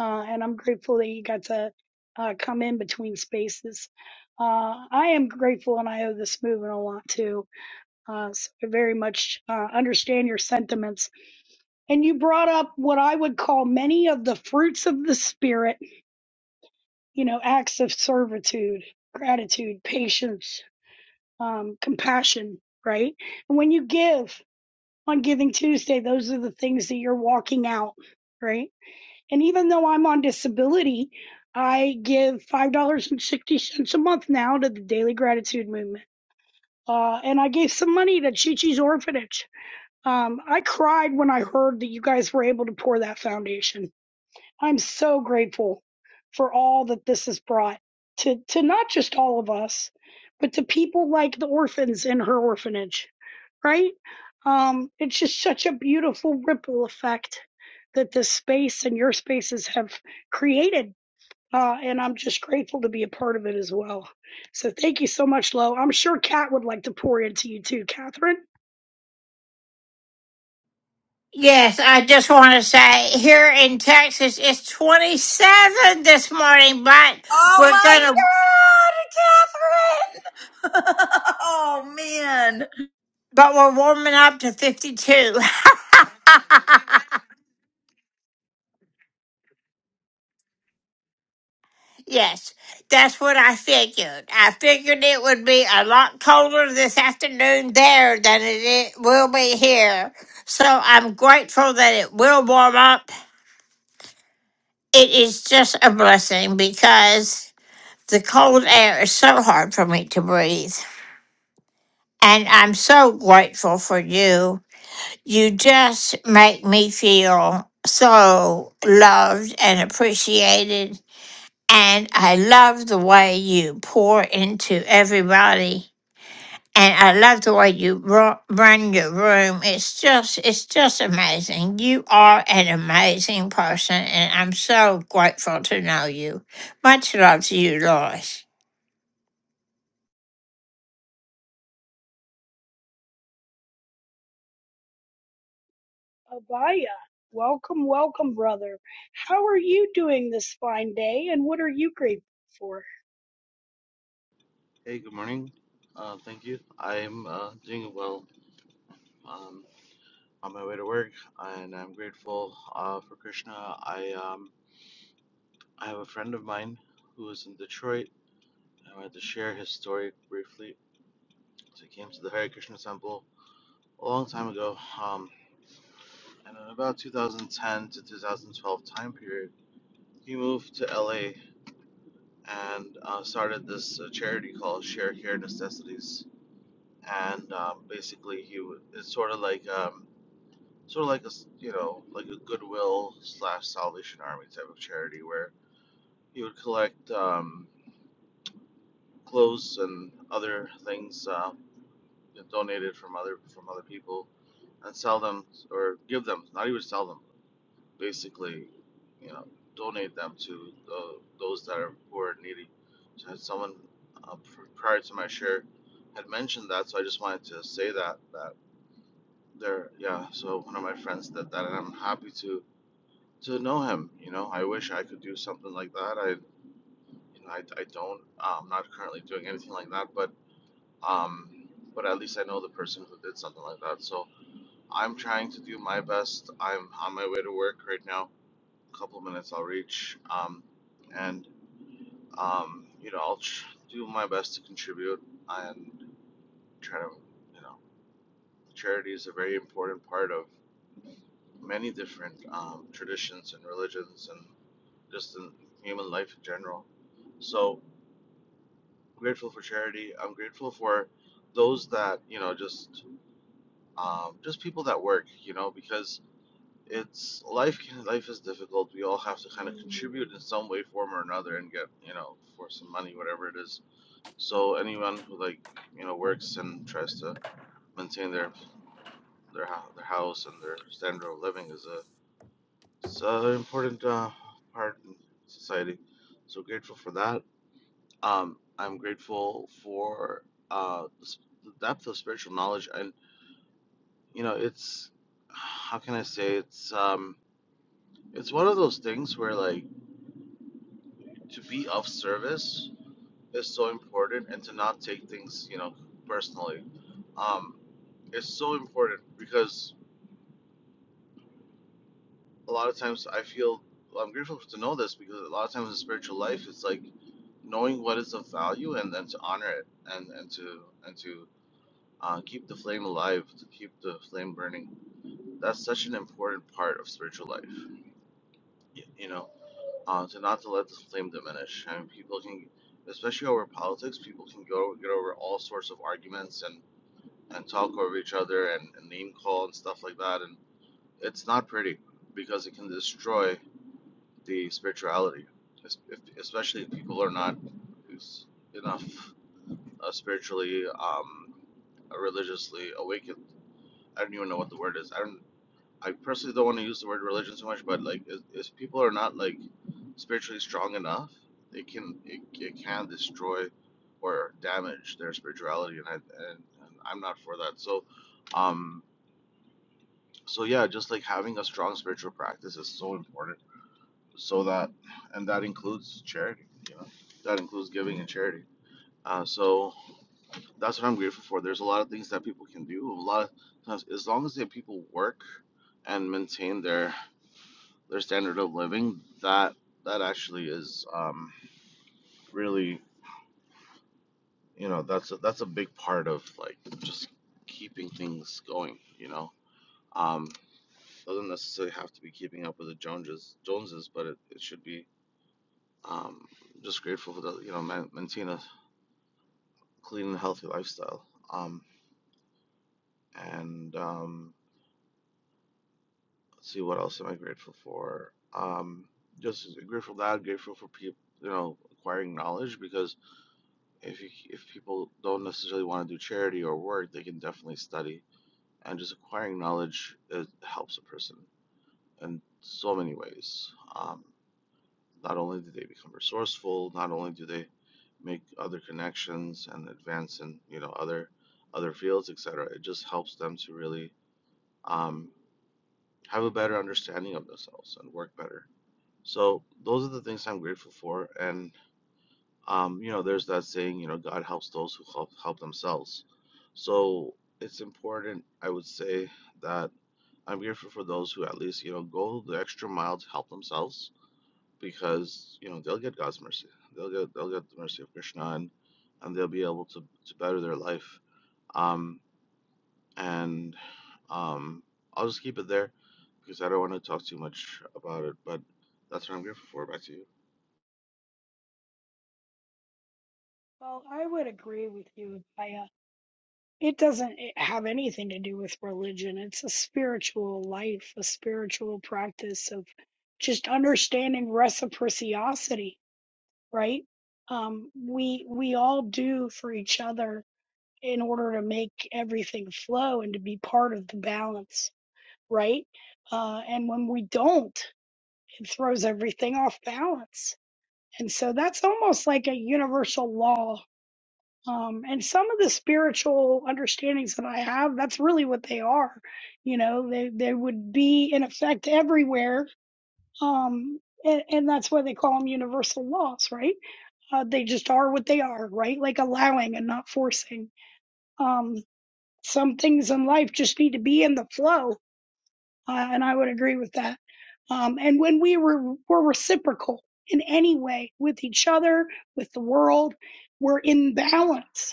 Speaker 1: Uh, and I'm grateful that you got to uh, come in between spaces. Uh, I am grateful and I owe this movement a lot too. Uh, so I very much uh, understand your sentiments. And you brought up what I would call many of the fruits of the spirit you know, acts of servitude, gratitude, patience, um, compassion, right? And when you give on Giving Tuesday, those are the things that you're walking out, right? And even though I'm on disability, I give $5.60 a month now to the Daily Gratitude Movement. Uh, and I gave some money to Chi Chi's orphanage. Um, I cried when I heard that you guys were able to pour that foundation I'm so grateful for all that this has brought to, to not just all of us, but to people like the orphans in her orphanage, right? Um, it's just such a beautiful ripple effect that this space and your spaces have created. Uh, and I'm just grateful to be a part of it as well. So thank you so much, Lo. I'm sure Kat would like to pour into you too, Catherine.
Speaker 2: Yes, I just want to say here in Texas, it's 27 this morning, but
Speaker 8: Oh
Speaker 2: we're
Speaker 8: my
Speaker 2: going to,
Speaker 8: God, Catherine! oh man.
Speaker 2: but we're warming up to 52. Yes, that's what I figured. I figured it would be a lot colder this afternoon there than it i- will be here. So I'm grateful that it will warm up. It is just a blessing because the cold air is so hard for me to breathe. And I'm so grateful for you. You just make me feel so loved and appreciated And I love the way you pour into everybody. And I love the way you ru- run your room. It's just, it's just amazing. You are an amazing person, and I'm so grateful to know you. Much love to you, Lois.
Speaker 1: Abaya, welcome, welcome, brother. How are you doing this fine day, and what are you grateful for?
Speaker 9: Hey, good morning. Uh, thank you. I'm uh, doing well. Um, on my way to work, and I'm grateful uh, for Krishna. I um, I have a friend of mine who is in Detroit. I wanted to share his story briefly. So he came to the Hare Krishna Temple a long time ago, um, and in about 2010 to 2012 time period, he moved to LA and uh, started this uh, charity called Share Care Necessities. And um, basically, he w- it's sort of like um, sort of like a s- you know like a goodwill slash Salvation Army type of charity where you would collect um, clothes and other things uh, donated from other from other people and sell them or give them not even sell them basically you know donate them to the, those that are poor and needy. So had someone uh, pr- prior to my share had mentioned that, so I just wanted to say that that there yeah. So one of my friends did that, and I'm happy to to know him. You know, I wish I could do something like that. I, you know, I, I don't. Uh, I'm not currently doing anything like that, but um, but at least I know the person who did something like that. So I'm trying to do my best. I'm on my way to work right now. A couple of minutes, I'll reach. Um, and um, you know, I'll tr- do my best to contribute and try to, you know, charity is a very important part of many different um, traditions and religions and just in human life in general. So grateful for charity. I'm grateful for those that you know, just um, just people that work. You know, because it's life. Can, life is difficult. We all have to kind of contribute in some way, form, or another, and get you know for some money, whatever it is. So anyone who like you know works and tries to maintain their their hou- their house and their standard of living is a it's an important uh, part in society. So grateful for that Um, I'm grateful for uh, s- the depth of spiritual knowledge, and you know, it's how can I say it's um, it's one of those things where like to be of service is so important, and to not take things you know personally, um, is so important because a lot of times I feel well, I'm grateful to know this because a lot of times in spiritual life it's like knowing what is of value and then to honor it and and to and to Uh, keep the flame alive, to keep the flame burning. That's such an important part of spiritual life. y- You know, uh, to not to let the flame diminish. I mean, people can, especially over politics, people can go get over all sorts of arguments and and talk over each other and, and name call and stuff like that. And it's not pretty because it can destroy the spirituality, es- if, especially if people are not s- enough uh, spiritually, um, religiously awakened. I don't even know what the word is. I don't I personally don't want to use the word religion so much, but like, if, if people are not like spiritually strong enough, it can it, it can destroy or damage their spirituality, and I and, and I'm not for that. So, um, so yeah, just like having a strong spiritual practice is so important, so that and that includes charity, you know, that includes giving and charity. Uh, so that's what I'm grateful for. There's a lot of things that people can do. A lot of times, as long as the people work and maintain their their standard of living, that that actually is um, really you know that's a, that's a big part of like just keeping things going. You know, um, doesn't necessarily have to be keeping up with the Joneses, Joneses, but it, it should be. Um, just grateful for the you know man, maintain a clean and healthy lifestyle. Um, and um, let's see what else am I grateful for. Um, just grateful for that. Grateful for people you know acquiring knowledge because if you, if people don't necessarily want to do charity or work, they can definitely study. And just acquiring knowledge it helps a person in so many ways. Um, not only do they become resourceful, not only do they make other connections and advance in you know other other fields, et cetera. It just helps them to really um, have a better understanding of themselves and work better. So those are the things I'm grateful for, and um, you know, there's that saying, you know, God helps those who help help themselves. So it's important, I would say, that I'm grateful for those who at least, you know, go the extra mile to help themselves because, you know, they'll get God's mercy. They'll get they'll get the mercy of Krishna and and they'll be able to, to better their life. Um and um I'll just keep it there because I don't want to talk too much about it, but that's what I'm grateful for. Back to you.
Speaker 1: Well, I would agree with you, Abaya. It doesn't have anything to do with religion. It's a spiritual life, a spiritual practice of just understanding reciprocity, right? Um, we we all do for each other in order to make everything flow and to be part of the balance, right? Uh, and when we don't, it throws everything off balance. And so that's almost like a universal law. Um, and some of the spiritual understandings that I have, that's really what they are. You know, they, they would be in effect everywhere. Um, and, and that's why they call them universal laws, right? Uh, they just are what they are, right? Like allowing and not forcing. Um, some things in life just need to be in the flow uh, and I would agree with that. Um, and when we were, were reciprocal in any way with each other, with the world, we're in balance.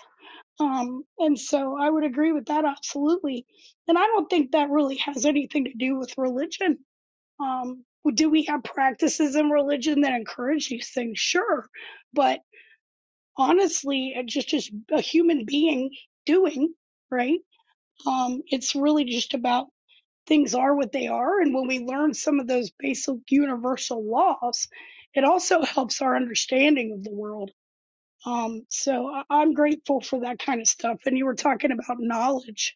Speaker 1: Um, and so I would agree with that absolutely. And I don't think that really has anything to do with religion. Um, do we have practices in religion that encourage these things? Sure. But honestly, it's just, just a human being doing, right? Um, it's really just about things are what they are. And when we learn some of those basic universal laws, it also helps our understanding of the world. Um, so I- I'm grateful for that kind of stuff. And you were talking about knowledge.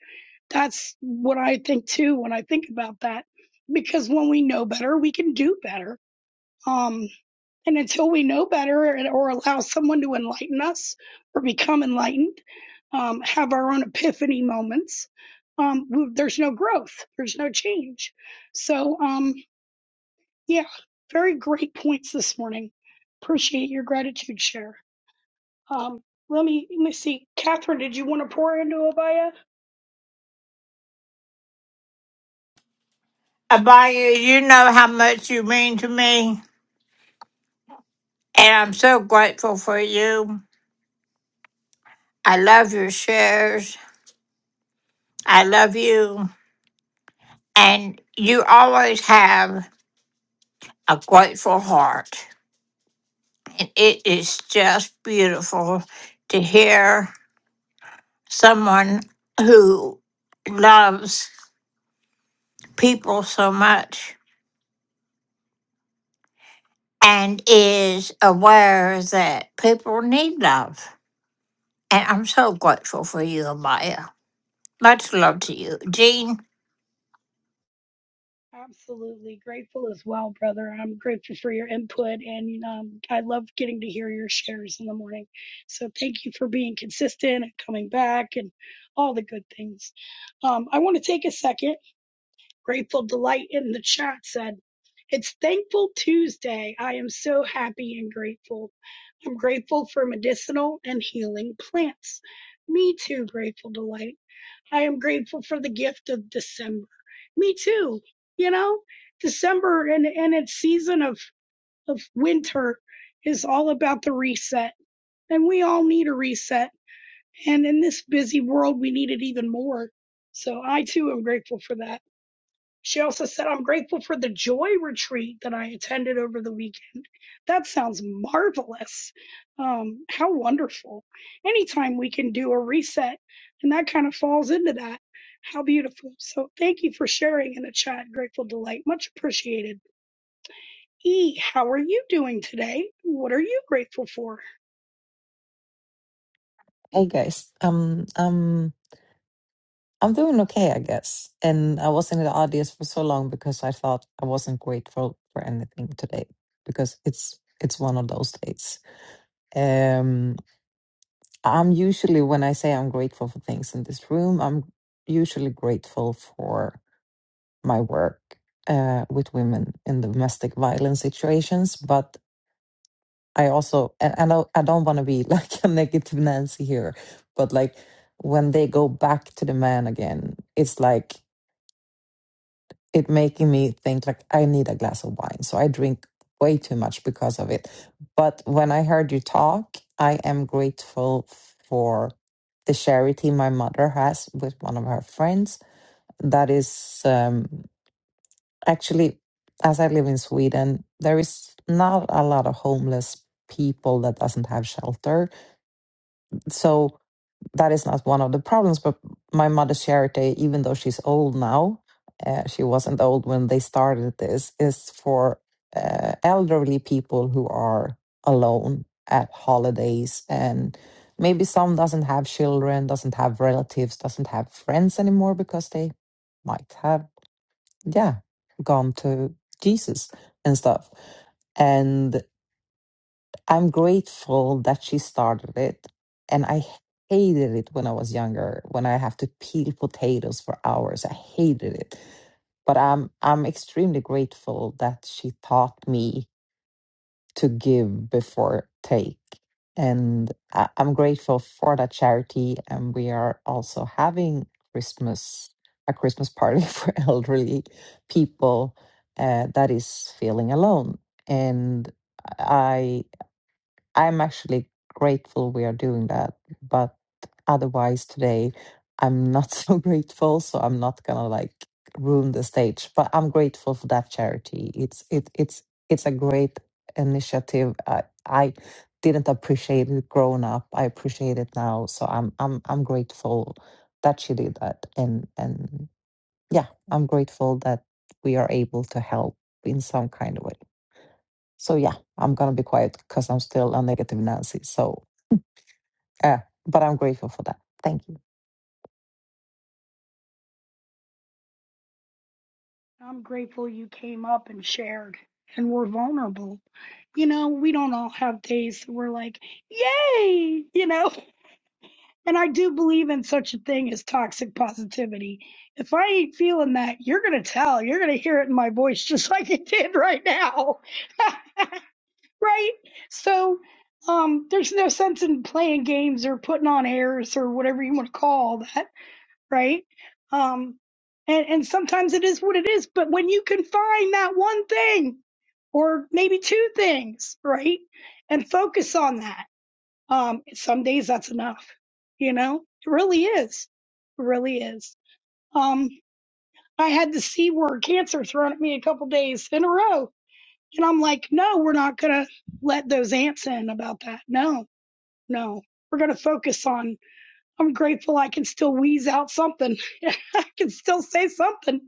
Speaker 1: That's what I think too when I think about that, because when we know better, we can do better. Um, and until we know better or allow someone to enlighten us or become enlightened, um, have our own epiphany moments, um, there's no growth, there's no change. So, um, yeah, very great points this morning. Appreciate your gratitude share. Um, let me let me see, Catherine. Did you want to pour into Abaya?
Speaker 2: Abaya, you know how much you mean to me, and I'm so grateful for you. I love your shares. I love you, and you always have a grateful heart. And it is just beautiful to hear someone who loves people so much and is aware that people need love. And I'm so grateful for you, Amaya. Much love to you. Jean?
Speaker 1: Absolutely grateful as well, brother. I'm grateful for your input, and um, I love getting to hear your shares in the morning. So thank you for being consistent and coming back, and all the good things. Um, I want to take a second. Grateful delight in the chat said, "It's Thankful Tuesday. I am so happy and grateful. I'm grateful for medicinal and healing plants. Me too. Grateful delight. I am grateful for the gift of December. Me too. You know, December and, and its season of, of winter is all about the reset. And we all need a reset. And in this busy world, we need it even more. So I too am grateful for that. She also said, I'm grateful for the joy retreat that I attended over the weekend. That sounds marvelous. Um, how wonderful. Anytime we can do a reset, and that kind of falls into that. How beautiful. So thank you for sharing in the chat. Grateful delight. Much appreciated. E, how are you doing today? What are you grateful for?
Speaker 10: Hey guys, um, um, I'm doing okay, I guess. And I was in the audience for so long because I thought I wasn't grateful for anything today because it's it's one of those days. Um, I'm usually when I say I'm grateful for things in this room, I'm usually grateful for my work uh, with women in domestic violence situations. But I also and and I, I don't want to be like a negative Nancy here, but like when they go back to the man again, it's like it making me think like I need a glass of wine. So I drink way too much because of it. But when I heard you talk, I am grateful for the charity my mother has with one of her friends. That is um, actually, as I live in Sweden, there is not a lot of homeless people that doesn't have shelter so that is not one of the problems but my mother charity even though she's old now uh, she wasn't old when they started this is for uh, elderly people who are alone at holidays and maybe some doesn't have children doesn't have relatives doesn't have friends anymore because they might have yeah gone to jesus and stuff and. I'm grateful that she started it. And I hated it when I was younger, when I have to peel potatoes for hours. I hated it. But I'm I'm extremely grateful that she taught me to give before take. And I, I'm grateful for that charity. And we are also having Christmas, a Christmas party for elderly people uh, that is feeling alone. And I. I'm actually grateful we are doing that, but otherwise today I'm not so grateful, so I'm not gonna like ruin the stage. But I'm grateful for that charity. It's it it's it's a great initiative. I I didn't appreciate it growing up. I appreciate it now, so I'm I'm I'm grateful that she did that, and and yeah, I'm grateful that we are able to help in some kind of way. So yeah, I'm gonna be quiet because I'm still a negative Nancy. So, uh, but I'm grateful for that. Thank you.
Speaker 1: I'm grateful you came up and shared and were vulnerable. You know, we don't all have days that we're like, yay, you know. And I do believe in such a thing as toxic positivity. If I ain't feeling that, you're going to tell. You're going to hear it in my voice just like it did right now. right? So um, there's no sense in playing games or putting on airs or whatever you want to call that. Right? Um, and, and sometimes it is what it is. But when you can find that one thing or maybe two things, right? And focus on that um, some days that's enough, you know? It really is. It really is. Um, I had the C word cancer thrown at me a couple days in a row. And I'm like, no, we're not going to let those ants in about that. No, no. We're going to focus on, I'm grateful I can still wheeze out something. I can still say something.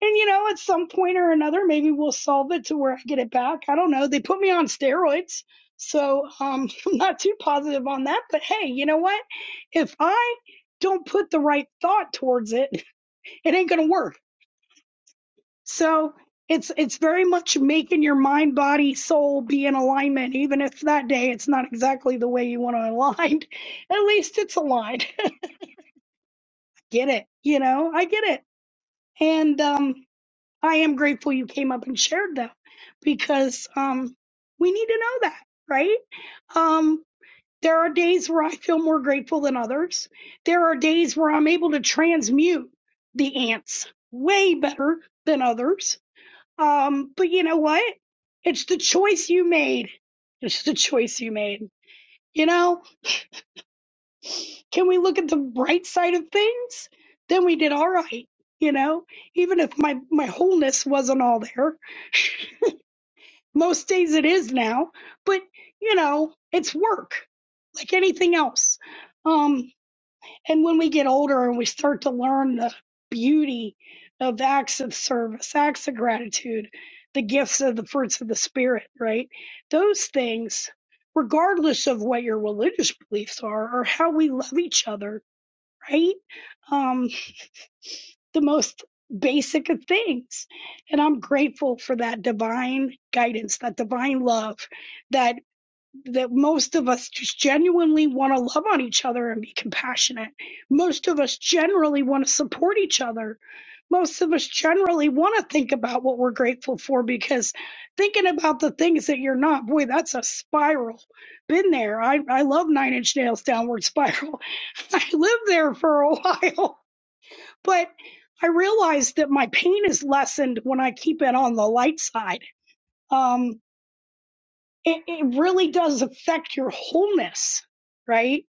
Speaker 1: And you know, at some point or another, maybe we'll solve it to where I get it back. I don't know. They put me on steroids. So um, I'm not too positive on that. But hey, you know what? If I don't put the right thought towards it, it ain't gonna work. So it's it's very much making your mind, body, soul be in alignment, even if that day it's not exactly the way you want to align. At least it's aligned. get it? You know, I get it. And um, I am grateful you came up and shared them because um, we need to know that, right? Um, there are days where I feel more grateful than others. There are days where I'm able to transmute the ants way better than others. Um, but you know what? It's the choice you made. It's the choice you made. You know, can we look at the bright side of things? Then we did all right. You know, even if my my wholeness wasn't all there, Most days it is now, but you know, it's work like anything else. Um, and when we get older and we start to learn the beauty of acts of service, acts of gratitude, the gifts of the fruits of the spirit, right? Those things, regardless of what your religious beliefs are or how we love each other, right? Um, the most basic of things. And I'm grateful for that divine guidance, that divine love that that most of us just genuinely want to love on each other and be compassionate. Most of us generally want to support each other. Most of us generally want to think about what we're grateful for because thinking about the things that you're not, boy, that's a spiral. Been there. I, I love nine inch nails downward spiral. I lived there for a while but I realize that my pain is lessened when I keep it on the light side. Um, it, it really does affect your wholeness, right?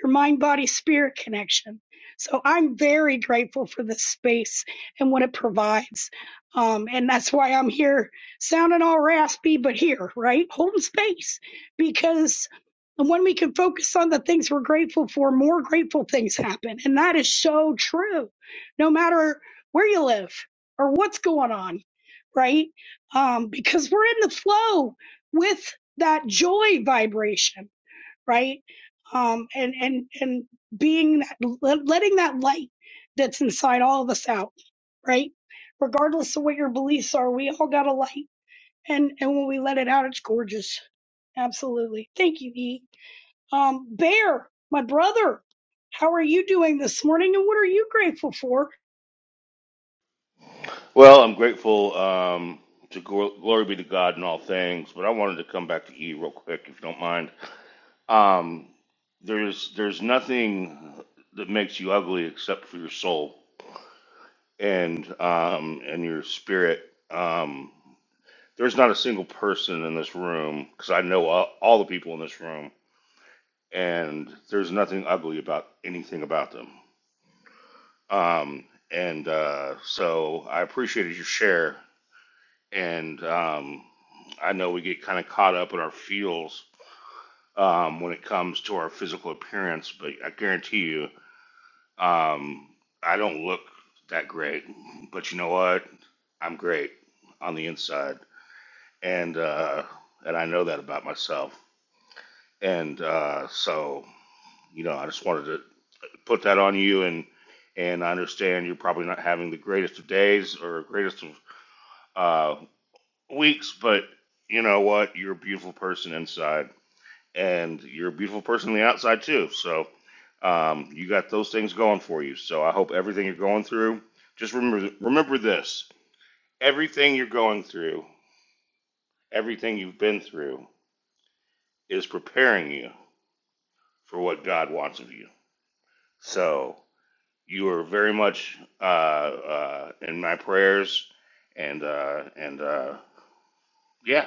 Speaker 1: Your mind, body, spirit connection. So I'm very grateful for this space and what it provides. Um, and that's why I'm here sounding all raspy, but here, right? Home space. Because when we can focus on the things we're grateful for, more grateful things happen. And that is so true. No matter where you live or what's going on, right? Um, because we're in the flow, with that joy vibration, right? Um, and and and being that letting that light that's inside all of us out, right? Regardless of what your beliefs are, we all got a light, and and when we let it out, it's gorgeous. Absolutely. Thank you, E. Um, Bear, my brother, how are you doing this morning, and what are you grateful for?
Speaker 11: Well, I'm grateful um, to gl- glory be to God in all things, but I wanted to come back to E real quick, if you don't mind. Um, there's there's nothing that makes you ugly except for your soul and um, and your spirit. Um, there's not a single person in this room because I know all, all the people in this room, and there's nothing ugly about anything about them. Um, and uh, so I appreciated your share and um, I know we get kind of caught up in our feels um, when it comes to our physical appearance, but I guarantee you, um, I don't look that great. But you know what? I'm great on the inside, and uh, and I know that about myself. And uh, so, you know, I just wanted to put that on you, and and I understand you're probably not having the greatest of days or greatest of uh, weeks, but you know what? You're a beautiful person inside, and you're a beautiful person on the outside too. So um, you got those things going for you. So I hope everything you're going through. Just remember remember this: everything you're going through, everything you've been through, is preparing you for what God wants of you. So you are very much uh, uh, in my prayers, and uh, and uh, yeah,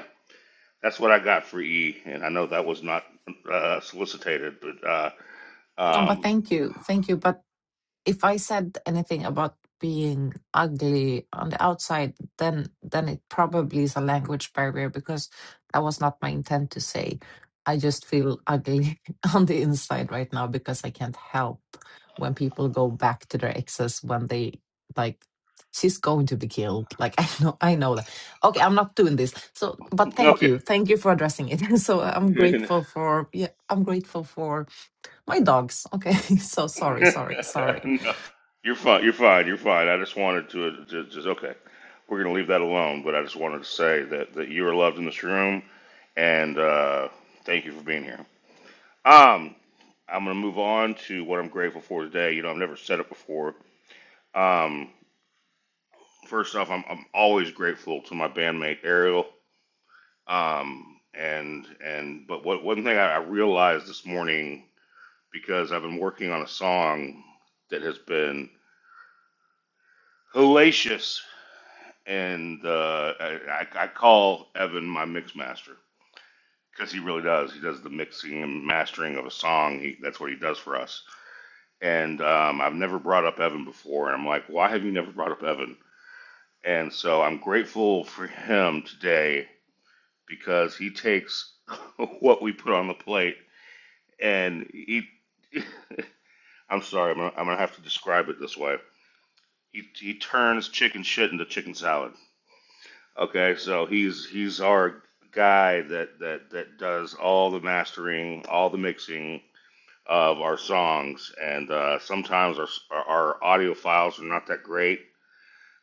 Speaker 11: That's what I got for E, and I know that was not uh, solicited, but uh,
Speaker 10: No, but
Speaker 11: um,
Speaker 10: thank you. Thank you. But if I said anything about being ugly on the outside, then then it probably is a language barrier because that was not my intent to say. I just feel ugly on the inside right now because I can't help when people go back to their exes when they like she's going to be killed. Like I know I know that. Okay, I'm not doing this. So but thank
Speaker 11: okay.
Speaker 10: you. Thank you for addressing it. So I'm grateful for yeah, I'm grateful for my dogs. Okay. So sorry,
Speaker 11: no,
Speaker 10: sorry, sorry.
Speaker 11: you're fine. You're fine. You're fine. I just wanted to, to just okay. We're gonna leave that alone, but I just wanted to say that that you are loved in this room, and uh, thank you for being here. Um, I'm gonna move on to what I'm grateful for today. You know, I've never said it before. Um, first off, I'm I'm always grateful to my bandmate Ariel Um, and and but what one thing I, I realized this morning because I've been working on a song that has been hellacious, and uh, I, I I call Evan my mix master because he really does. He does the mixing and mastering of a song. He, that's what he does for us. And um, I've never brought up Evan before, and I'm like, why have you never brought up Evan? And so I'm grateful for him today because he takes what we put on the plate and he I'm sorry, I'm gonna, I'm gonna have to describe it this way. He he turns chicken shit into chicken salad. Okay, so he's he's our guy that that that does all the mastering, all the mixing of our songs, and uh, sometimes our our audio files are not that great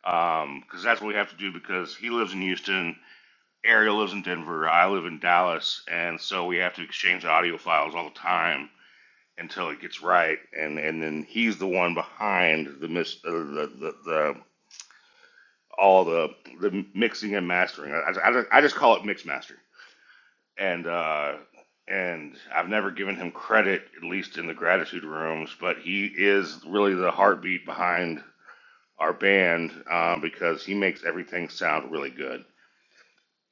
Speaker 11: because that's what we have to do because he lives in Houston. Ariel lives in Denver. I live in Dallas, and so we have to exchange audio files all the time until it gets right, and and then he's the one behind the mis- uh, the, the the all the the mixing and mastering. I, I, I just- I just call it mix master, and uh, and I've never given him credit, at least in the gratitude rooms, but he is really the heartbeat behind our band um, because he makes everything sound really good,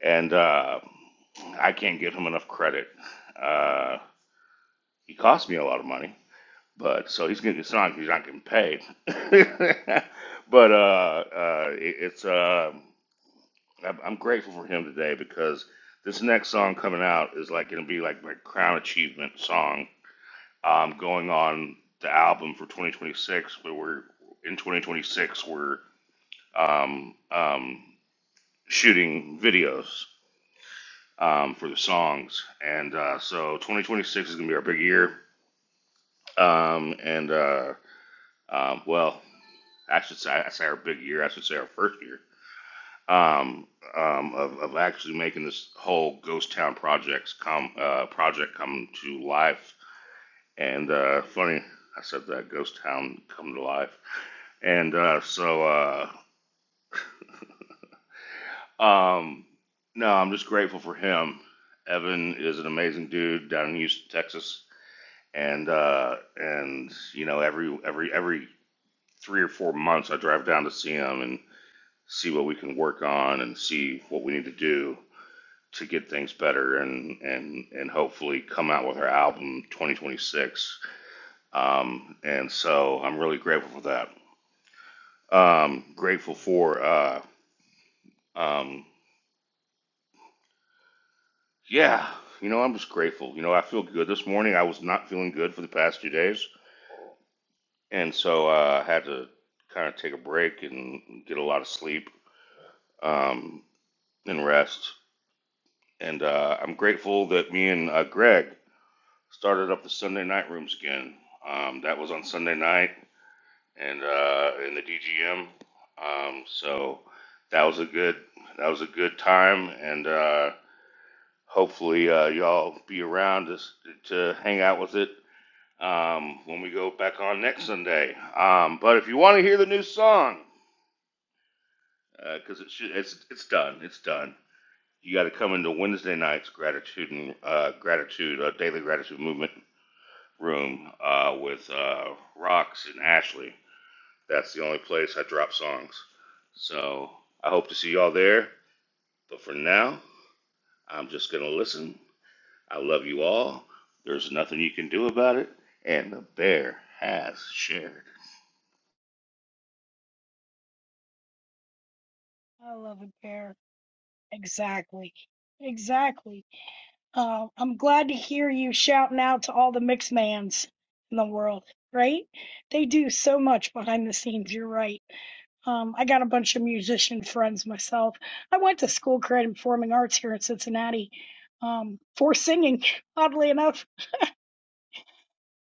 Speaker 11: and uh, I can't give him enough credit. Uh, he cost me a lot of money but so he's getting to get signed 'cause he's not getting paid. but uh, uh, it, it's uh, I'm I'm grateful for him today because this next song coming out is like gonna be like my crown achievement song. Um, going on the album for 2026, where we're in 2026, we're um, um, shooting videos um, for the songs, and uh, so 2026 is gonna be our big year. Um, and uh, um, well. I should say, I say our big year. I should say our first year um, um, of, of actually making this whole ghost town projects come uh, project come to life. And uh, funny, I said that ghost town come to life. And uh, so, uh, um, no, I'm just grateful for him. Evan is an amazing dude down in Houston, Texas, and uh, and you know every every every three or four months I drive down to see him, and see what we can work on and see what we need to do to get things better and and and hopefully come out with our album 2026 um and so i'm really grateful for that um grateful for uh um yeah you know i'm just grateful you know i feel good this morning i was not feeling good for the past two days and so uh, i had to kind of take a break and get a lot of sleep um and rest and uh i'm grateful that me and uh, greg started up the Sunday night rooms again. Um, that was on Sunday night and uh, in the DGM. Um, so that was a good that was a good time, and uh, hopefully uh, y'all be around to, to hang out with it um, when we go back on next Sunday. Um, but if you want to hear the new song, because uh, it should, it's it's done, it's done. You got to come into Wednesday night's gratitude and uh, gratitude, uh, daily gratitude movement room uh, with uh, Rox and Ashley. That's the only place I drop songs. So I hope to see y'all there. But for now, I'm just going to listen. I love you all. There's nothing you can do about it. And the bear has shared.
Speaker 1: I love a bear. Exactly. Exactly. Uh, I'm glad to hear you shouting out to all the mix mans in the world, right? They do so much behind the scenes. You're right. Um, I got a bunch of musician friends myself. I went to school creative performing arts here in Cincinnati um, for singing. Oddly enough,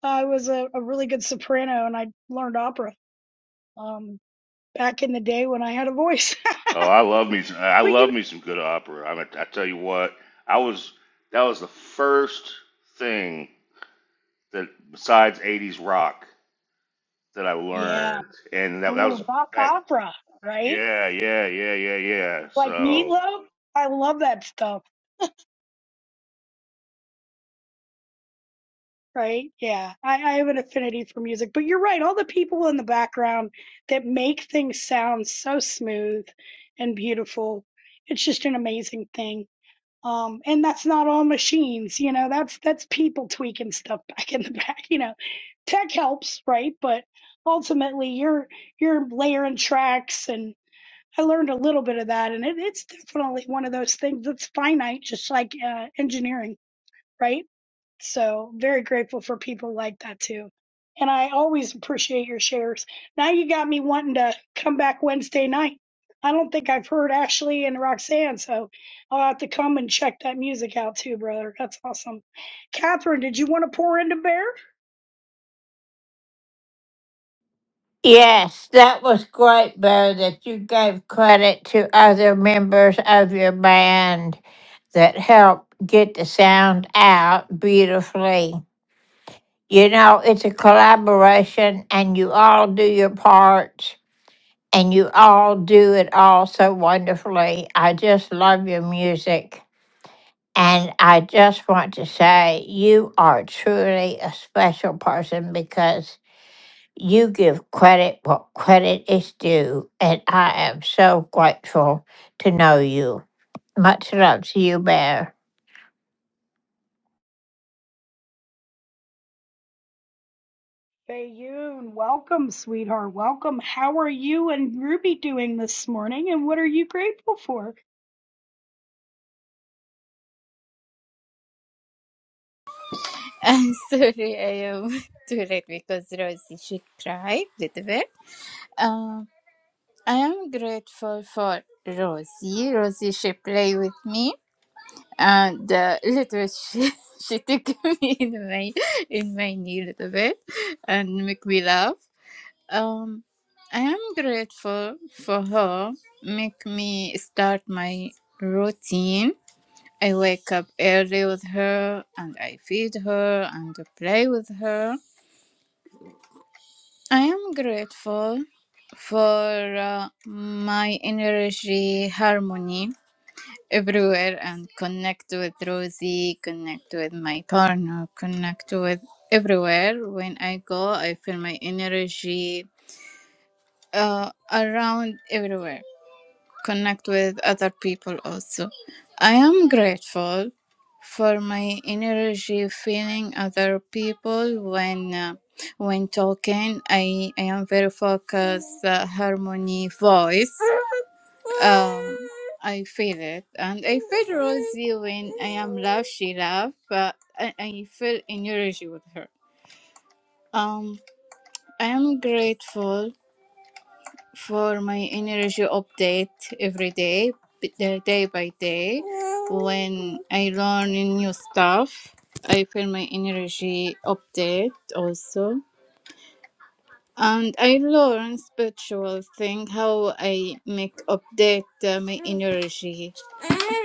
Speaker 1: I was a, a really good soprano and I learned opera um, back in the day when I had a voice.
Speaker 11: Oh, I love me. Some, I
Speaker 1: but you
Speaker 11: love
Speaker 1: know,
Speaker 11: me some good opera. I, mean, I tell you what, I was. That was the first thing that, besides '80s rock, that I
Speaker 1: yeah,
Speaker 11: learned, and that, that was
Speaker 1: ooh, Bach
Speaker 11: back.
Speaker 1: opera, right?
Speaker 11: Yeah, yeah, yeah, yeah, yeah.
Speaker 1: Like
Speaker 11: So,
Speaker 1: Meatloaf. I love that stuff. right? Yeah, I, I have an affinity for music, but you're right. All the people in the background that make things sound so smooth and beautiful, it's just an amazing thing. Um, and that's not all machines, you know, that's, that's people tweaking stuff back in the back, you know, tech helps, right? But ultimately you're, you're layering tracks and I learned a little bit of that and it, it's definitely one of those things that's finite, just like, uh, engineering, right? So very grateful for people like that too. And I always appreciate your shares. Now you got me wanting to come back Wednesday night. I don't think I've heard Ashley and Roxanne, so I'll have to come and check that music out too, brother. That's awesome. Catherine, did you want to pour into Bear?
Speaker 2: Yes, that was great, Bear, that you gave credit to other members of your band that helped get the sound out beautifully. You know, it's a collaboration and you all do your parts and you all do it all so wonderfully. I just love your music. And I just want to say you are truly a special person because you give credit what credit is due. And I am so grateful to know you. Much love to you, Bear.
Speaker 1: Fayoun, welcome, sweetheart. Welcome. How are you and Ruby doing this morning, and what are you grateful for?
Speaker 12: I'm sorry, I am too late because Rosie she cried a little bit. Um, I am grateful for Rosie. Rosie she play with me and uh, little bit she she took me in my in my knee a little bit and make me laugh. Um, I am grateful for her. Make me start my routine. I wake up early with her and I feed her and play with her I am grateful for uh, my energy harmony everywhere and connect with Rosie, connect with my partner, connect with everywhere. When I go, I feel my energy uh, around everywhere connect with other people also. I am grateful for my energy feeling other people when uh, when talking. I, I am very focused uh, harmony voice. Um, I feel it, and I feel Rosie when I am love. She love, but I, I feel energy with her. Um, I am grateful for my energy update every day, b- uh, day by day. When I learn new stuff, I feel my energy update also. And I learn spiritual thing how I make update uh, my energy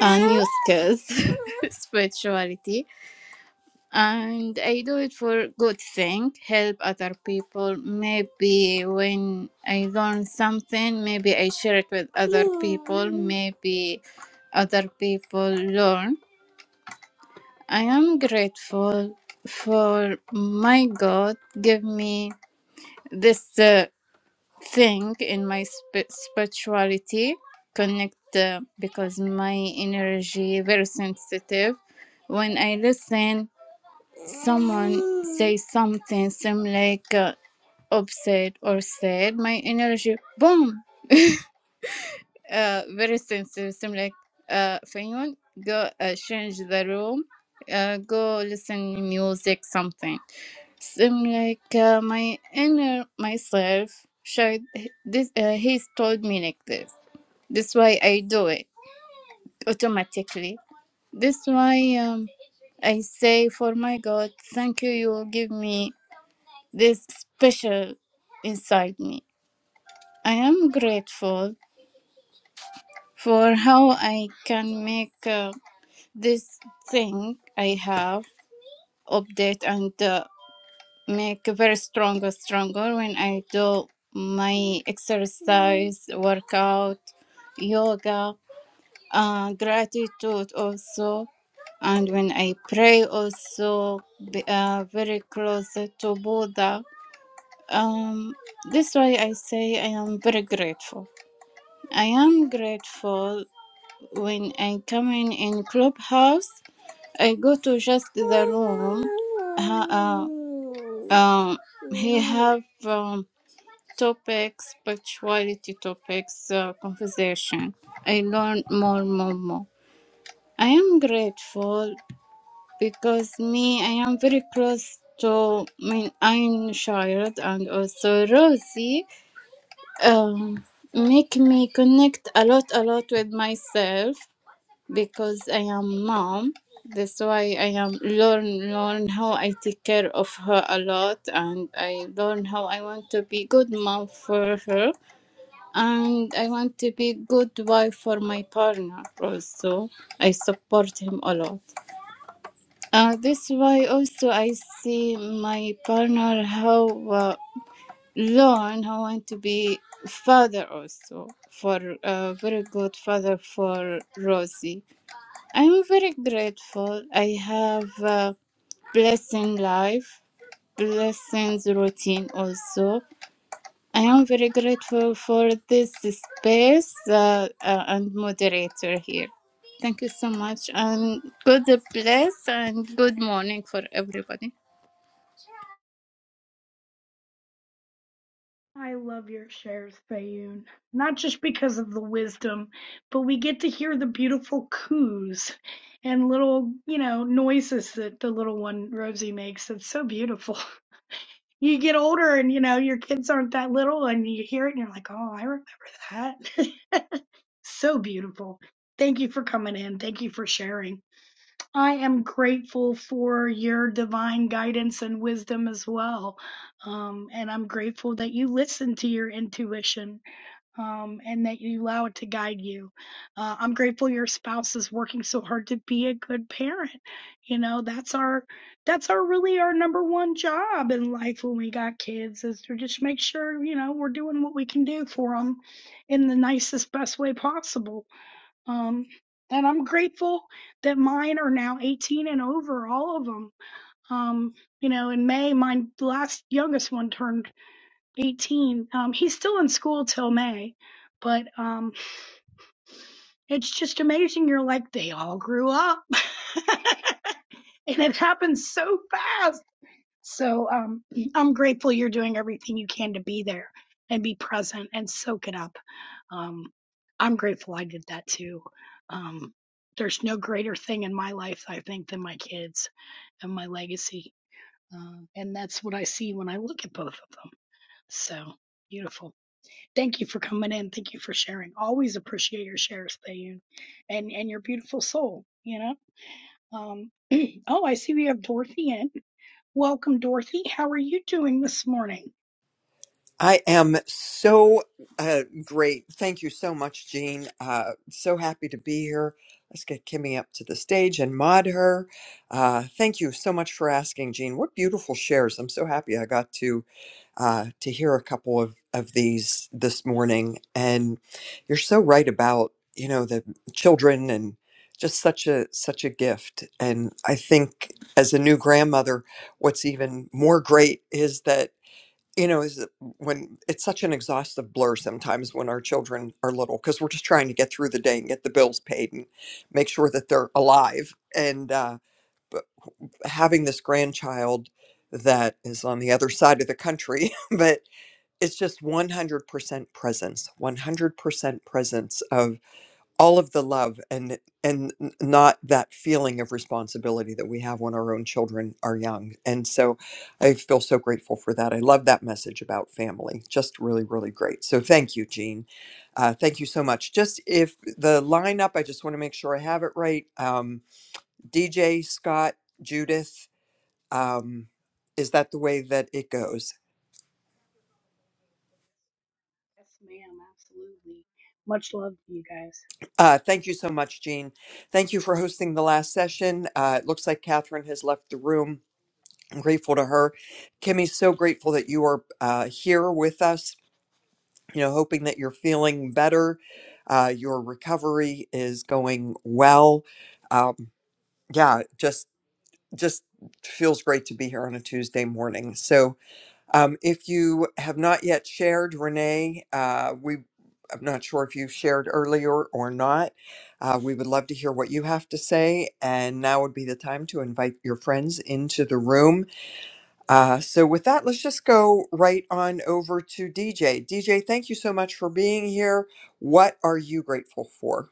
Speaker 12: and new skills, spirituality and I do it for good thing, help other people. Maybe when I learn something, maybe I share it with other people. Maybe other people learn. I am grateful for my God give me this uh, thing in my sp- spirituality connect uh, because my energy very sensitive when I listen someone says something seem like uh, upset or sad, my energy boom, uh, very sensitive. Seem like uh, Fayun, go uh, change the room, uh, go listen music something. Seem like uh, my inner myself should this. Uh, he's told me like this. That's why I do it automatically. That's why um, I say for my God, thank you. You give me. this special inside me. I am grateful for how I can make uh, this thing I have update and uh, make very stronger, stronger when I do my exercise, workout, yoga, uh, gratitude also. And when I pray also, be, uh, very close to Buddha Um, this why I say I am very grateful. I am grateful when I come in in clubhouse. I go to just the room. Ha- Uh, um, he have um, topics, spirituality topics, uh, conversation. I learn more, more, more. I am grateful because me, I am very close to my own child and also Rosie. um, make me connect a lot a lot with myself because i am mom that's why i am learn learn how i take care of her a lot and i learn how i want to be good mom for her and i want to be good wife for my partner also i support him a lot uh, this why also i see my partner how uh, Learn. I want to be father also for a very good father for Rosie. I'm very grateful. I have a blessing life, blessings routine also. I am very grateful for this space uh, uh, and moderator here. Thank you so much and good bless and good morning for everybody.
Speaker 1: I love your shares, Fayoun. Not just because of the wisdom, but we get to hear the beautiful coos and little, you know, noises that the little one Rosie makes. It's so beautiful. You get older and, you know, your kids aren't that little and you hear it and you're like, oh, I remember that. so beautiful. Thank you for coming in. Thank you for sharing. I am grateful for your divine guidance and wisdom as well. Um, and I'm grateful that you listen to your intuition um, and that you allow it to guide you. Uh, I'm grateful your spouse is working so hard to be a good parent. You know, that's our, that's our really our number one job in life when we got kids is to just make sure, you know, we're doing what we can do for them in the nicest, best way possible um, and I'm grateful that mine are now 18 and over, all of them. Um, you know, in May, my last youngest one turned 18. Um, he's still in school till May, but um, it's just amazing. You're like, they all grew up. and it happens so fast. So um, I'm grateful you're doing everything you can to be there and be present and soak it up. Um, I'm grateful I did that too. Um, there's no greater thing in my life, I think, than my kids and my legacy. Uh, and that's what I see when I look at both of them. So beautiful. Thank you for coming in. Thank you for sharing. Always appreciate your shares, Thayun, and and your beautiful soul. You know. Um, oh, I see we have Dorothy in. Welcome, Dorothy. How are you doing this morning?
Speaker 13: I am so uh, great. Thank you so much, Jean. Uh, so happy to be here. Let's get Kimmy up to the stage and mod her. Uh, thank you so much for asking, Jean. What beautiful shares! I'm so happy I got to uh, to hear a couple of of these this morning. And you're so right about you know the children and just such a such a gift. And I think as a new grandmother, what's even more great is that you know is that when it's such an exhaustive blur sometimes when our children are little because we're just trying to get through the day and get the bills paid and make sure that they're alive and uh, but having this grandchild that is on the other side of the country but it's just 100% presence 100% presence all of the love and and n- not that feeling of responsibility that we have when our own children are young and so i feel so grateful for that i love that message about family just really really great so thank you jean uh, thank you so much just if the lineup i just want to make sure i have it right um, dj scott judith um, is that the way that it goes
Speaker 1: Yes, ma'am. Absolutely. Much love to you guys.
Speaker 13: uh, thank you so much jean thank you for hosting the last session uh, it looks like catherine has left the room I'm grateful to her. Kimmy, so grateful that you are uh, here with us. You know, hoping that you're feeling better. Uh, your recovery is going well. Um, yeah, just just feels great to be here on a Tuesday morning. So, um, if you have not yet shared, Renee, uh, we I'm not sure if you shared earlier or not. Uh, we would love to hear what you have to say, and now would be the time to invite your friends into the room. Uh, so with that, let's just go right on over to DJ. DJ, thank you so much for being here. What are you grateful for?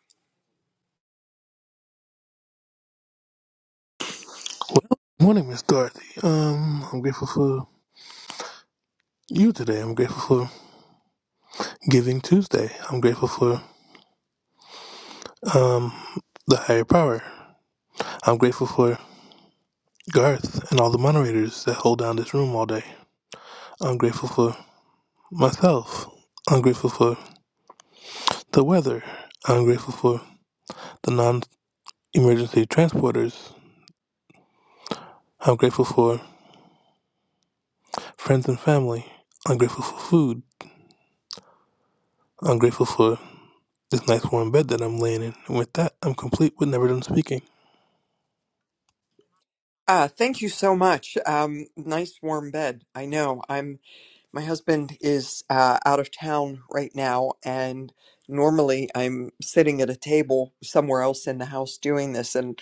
Speaker 14: Morning, Miss Dorothy. Um, I'm grateful for you today. I'm grateful for Giving Tuesday. I'm grateful for um the higher power. I'm grateful for Garth and all the moderators that hold down this room all day. I'm grateful for myself. I'm grateful for the weather. I'm grateful for the non-emergency transporters. I'm grateful for friends and family. I'm grateful for food. I'm grateful for this nice warm bed that I'm laying in. And with that, I'm complete with never done speaking.
Speaker 13: Ah, thank you so much. Um, nice warm bed. I know. I'm my husband is uh, out of town right now, and normally I'm sitting at a table somewhere else in the house doing this, and.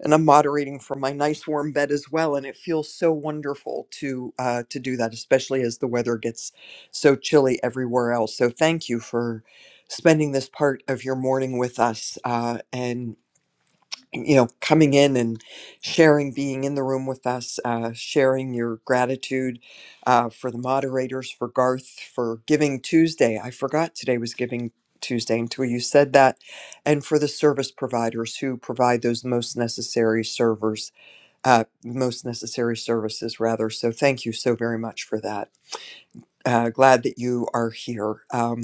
Speaker 13: and I'm moderating from my nice warm bed as well. And it feels so wonderful to uh, to do that, especially as the weather gets so chilly everywhere else. So thank you for spending this part of your morning with us. Uh, and you know, coming in and sharing, being in the room with us, uh, sharing your gratitude uh, for the moderators, for Garth, for Giving Tuesday. I forgot today was Giving Tuesday until you said that, and for the service providers who provide those most necessary servers, uh, most necessary services, rather. So thank you so very much for that. Uh, glad that you are here. Um,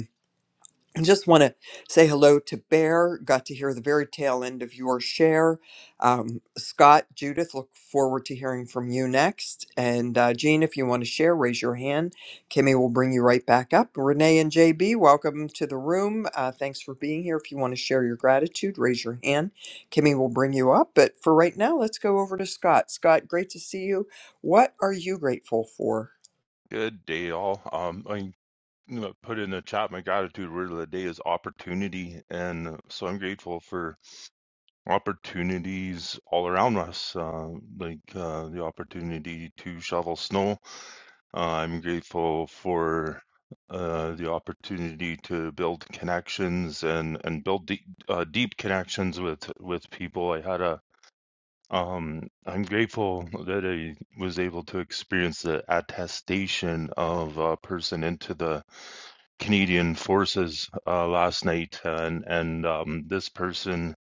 Speaker 13: I just want to say hello to Bear. Got to hear the very tail end of your share. Um, Scott, Judith, look forward to hearing from you next. And uh, Jean, if you want to share, raise your hand. Kimmy will bring you right back up. Renee and JB, welcome to the room. Uh, thanks for being here. If you want to share your gratitude, raise your hand. Kimmy will bring you up. But for right now, let's go over to Scott. Scott, great to see you. What are you grateful for?
Speaker 15: Good day, all. Um, I you know, put in the chat my gratitude word of the day is opportunity, and so I'm grateful for opportunities all around us, uh, like uh, the opportunity to shovel snow. Uh, I'm grateful for uh, the opportunity to build connections and and build deep, uh, deep connections with with people. I had a um, I'm grateful that I was able to experience the attestation of a person into the Canadian Forces uh, last night, and and um, this person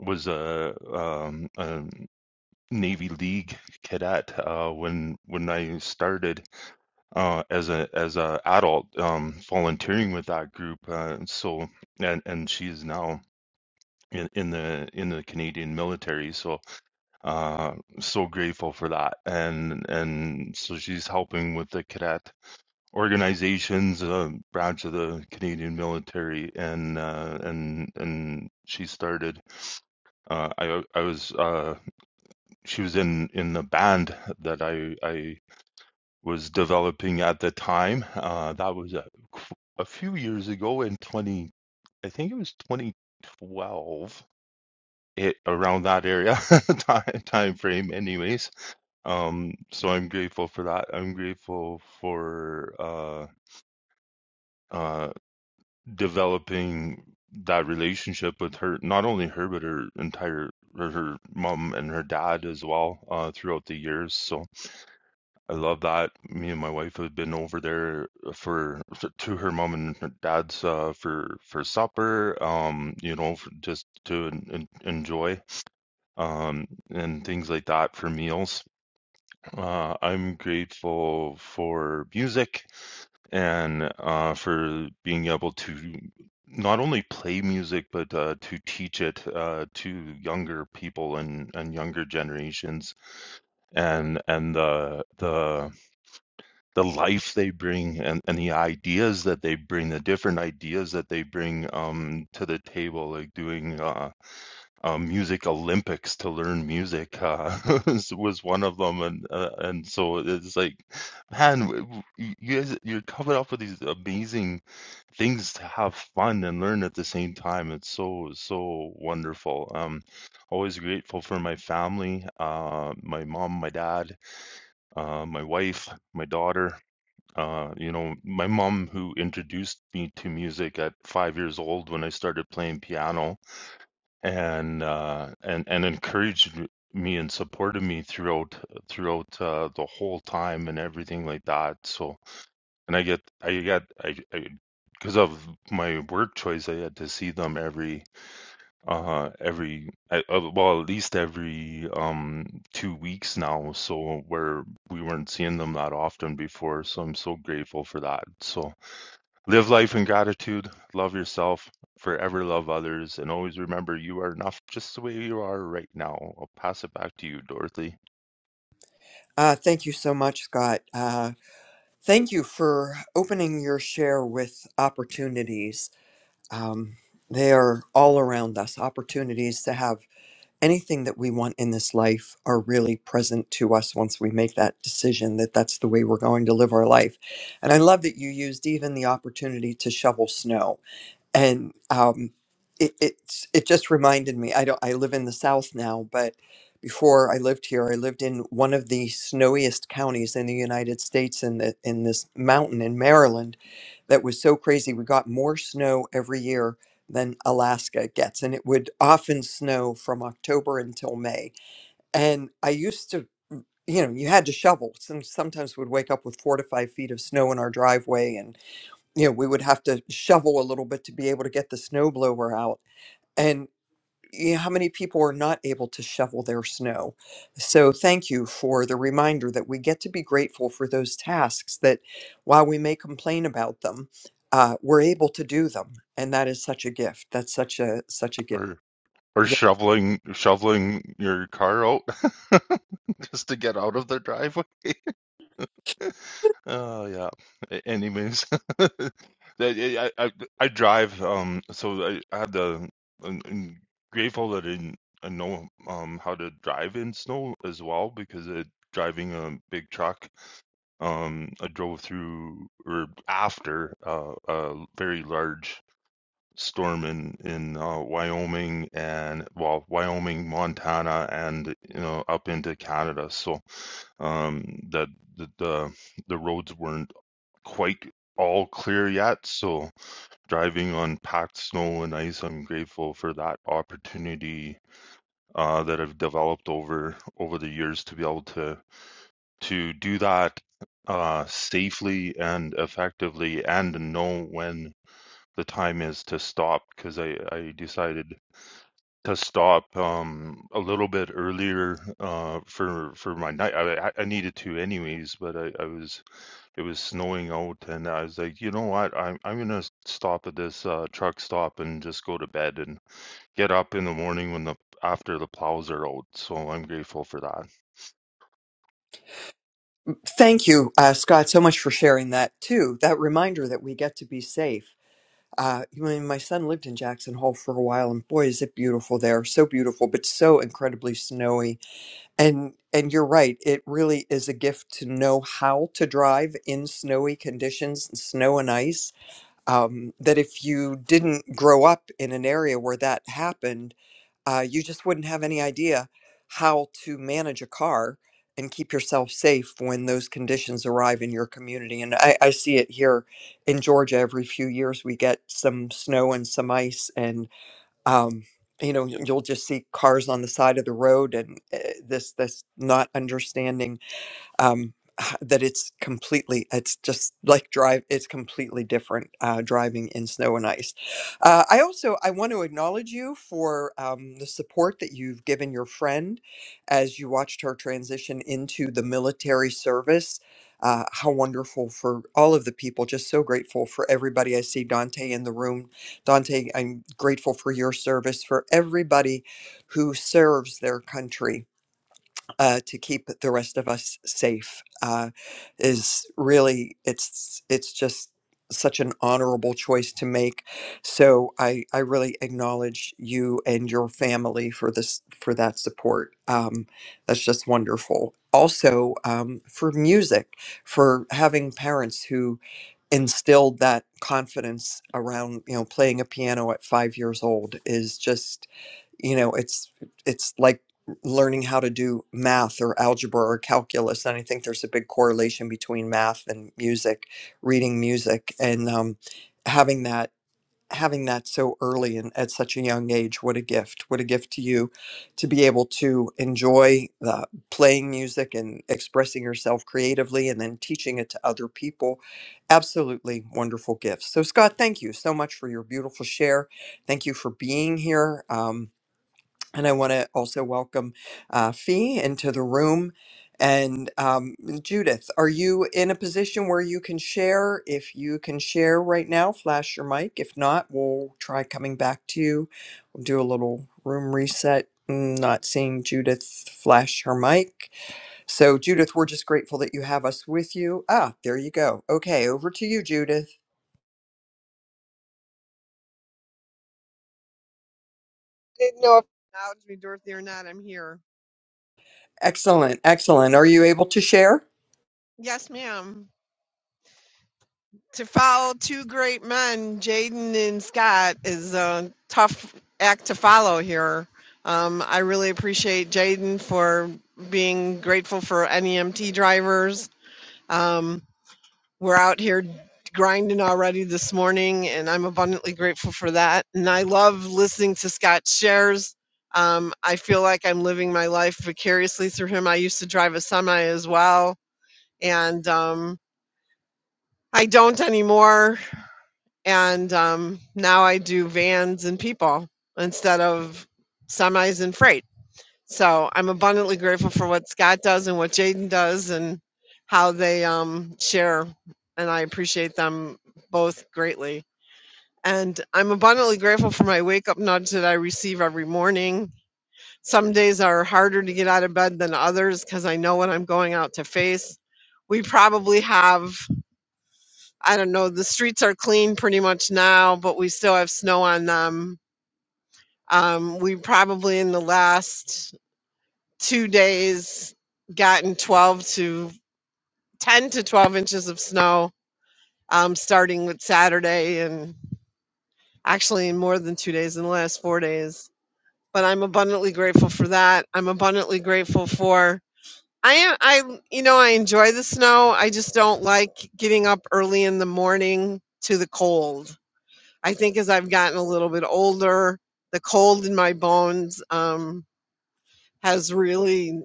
Speaker 15: was a, um, a Navy League cadet uh, when when I started uh, as a as a adult um, volunteering with that group. Uh, so and and she is now in, in the in the Canadian military. So uh, so grateful for that, and and so she's helping with the cadet organizations, a branch of the Canadian military, and uh, and and she started uh, I I was uh, she was in in the band that I I was developing at the time. Uh, that was a, a few years ago in 20 I think it was 2012 it around that area time, time frame anyways um so i'm grateful for that i'm grateful for uh uh developing that relationship with her not only her but her entire her, her mom and her dad as well uh throughout the years so i love that me and my wife have been over there for to her mom and her dad's uh for for supper um you know for, just to en- en- enjoy um, and things like that for meals. Uh, I'm grateful for music and uh, for being able to not only play music but uh, to teach it uh, to younger people and, and younger generations and and the the the life they bring and, and the ideas that they bring the different ideas that they bring um, to the table like doing uh, uh, music Olympics to learn music uh, was one of them, and uh, and so it's like, man, w- w- you you guys you're covered up with these amazing things to have fun and learn at the same time. It's so so wonderful. Um, always grateful for my family, uh, my mom, my dad, uh, my wife, my daughter. Uh, you know, my mom who introduced me to music at five years old when I started playing piano and uh, and and encouraged me and supported me throughout throughout uh, the whole time and everything like that. So and I get I got I I because of my work choice, I had to see them every uh every I, uh, well at least every um two weeks now. So where we weren't seeing them that often before, so I'm so grateful for that. So Live life in gratitude, love yourself, forever love others, and always remember you are enough just the way you are right now. I'll pass it back to you, Dorothy.
Speaker 13: Uh, thank you so much, Scott. Uh, Thank you for opening your share with opportunities. Um, they are all around us. Opportunities to have anything that we want in this life are really present to us once we make that decision that that's the way we're going to live our life. And I love that you used even the opportunity to shovel snow and um, it, it's it just reminded me. I don't. I live in the South now, but before I lived here, I lived in one of the snowiest counties in the United States in the in this mountain in Maryland, that was so crazy. We got more snow every year than Alaska gets, and it would often snow from October until May. And I used to. You know, you had to shovel. Some sometimes would wake up with four to five feet of snow in our driveway, and you know, we would have to shovel a little bit to be able to get the snow blower out. And you know, how many people are not able to shovel their snow? So thank you for the reminder that we get to be grateful for those tasks that while we may complain about them, uh, we're able to do them. And that is such a gift. That's such a such a gift.
Speaker 15: Or or
Speaker 13: Yeah.
Speaker 15: shoveling shoveling your car out just to get out of the driveway. Oh yeah. A- Anyways, I, I I I drive. Um, so I, I had the I'm, I'm grateful that I, didn't- I know um how to drive in snow as well because of driving a big truck Um, I drove through or after uh, a very large storm in in uh, Wyoming and well, Wyoming, Montana, and you know up into Canada. So um, that the, the the roads weren't quite all clear yet. So driving on packed snow and ice, I'm grateful for that opportunity uh, that I've developed over over the years to be able to to do that uh, safely and effectively and know when the time is to stop because I, I decided to stop um, a little bit earlier uh, for for my night. I, I needed to anyways, but I, I was it was snowing out and I was like, you know what, I'm I'm gonna stop at this uh, truck stop and just go to bed and get up in the morning when the after the plows are out. So I'm grateful for that.
Speaker 13: Thank you, uh, Scott, so much for sharing that too. That reminder that we get to be safe Uh, I mean, my son lived in Jackson Hole for a while, and boy, is it beautiful there! So beautiful, but so incredibly snowy. And and you're right; it really is a gift to know how to drive in snowy conditions, and snow and ice. Um, that if you didn't grow up in an area where that happened, uh, you just wouldn't have any idea how to manage a car and keep yourself safe when those conditions arrive in your community. And I, I see it here in Georgia every few years. We get some snow and some ice, and um, you know you'll just see cars on the side of the road, and uh, this this not understanding um, that it's completely it's just like drive it's completely different uh, driving in snow and ice uh, i also i want to acknowledge you for um, the support that you've given your friend as you watched her transition into the military service uh, how wonderful for all of the people just so grateful for everybody i see dante in the room dante i'm grateful for your service for everybody who serves their country uh, to keep the rest of us safe uh, is really it's it's just such an honorable choice to make so i i really acknowledge you and your family for this for that support um that's just wonderful also um for music for having parents who instilled that confidence around you know playing a piano at five years old is just you know it's it's like learning how to do math or algebra or calculus and i think there's a big correlation between math and music reading music and um, having that having that so early and at such a young age what a gift what a gift to you to be able to enjoy the playing music and expressing yourself creatively and then teaching it to other people absolutely wonderful gifts so scott thank you so much for your beautiful share thank you for being here Um, and I want to also welcome uh, Fee into the room. And um, Judith, are you in a position where you can share? If you can share right now, flash your mic. If not, we'll try coming back to you. We'll do a little room reset. Mm, Not seeing Judith flash her mic. So, Judith, we're just grateful that you have us with you. Ah, there you go. Okay, over to you, Judith.
Speaker 16: didn't know if you acknowledged me, Dorothy, or not. I'm here.
Speaker 13: Excellent, excellent. Are you able to share?
Speaker 16: Yes, ma'am. To follow two great men, Jaden and Scott, is a tough act to follow here. Um, I really appreciate Jaden for being grateful for NEMT drivers. Um, we're out here grinding already this morning, and I'm abundantly grateful for that. And I love listening to Scott's shares. Um, I feel like I'm living my life vicariously through him. I used to drive a semi as well, and um, I don't anymore. And um, now I do vans and people instead of semis and freight. So I'm abundantly grateful for what Scott does and what Jaden does and how they um, share. And I appreciate them both greatly. And I'm abundantly grateful for my wake up nudge that I receive every morning. Some days are harder to get out of bed than others because I know what I'm going out to face. We probably have I don't know, the streets are clean pretty much now, but we still have snow on them. Um, we probably in the last two days gotten 12 to 10 to 12 inches of snow, um, starting with Saturday and actually in more than two days in the last four days. But I'm abundantly grateful for that. I'm abundantly grateful for. I am, I, you know, I enjoy the snow. I just don't like getting up early in the morning to the cold I think as I've gotten a little bit older, the cold in my bones um, has really,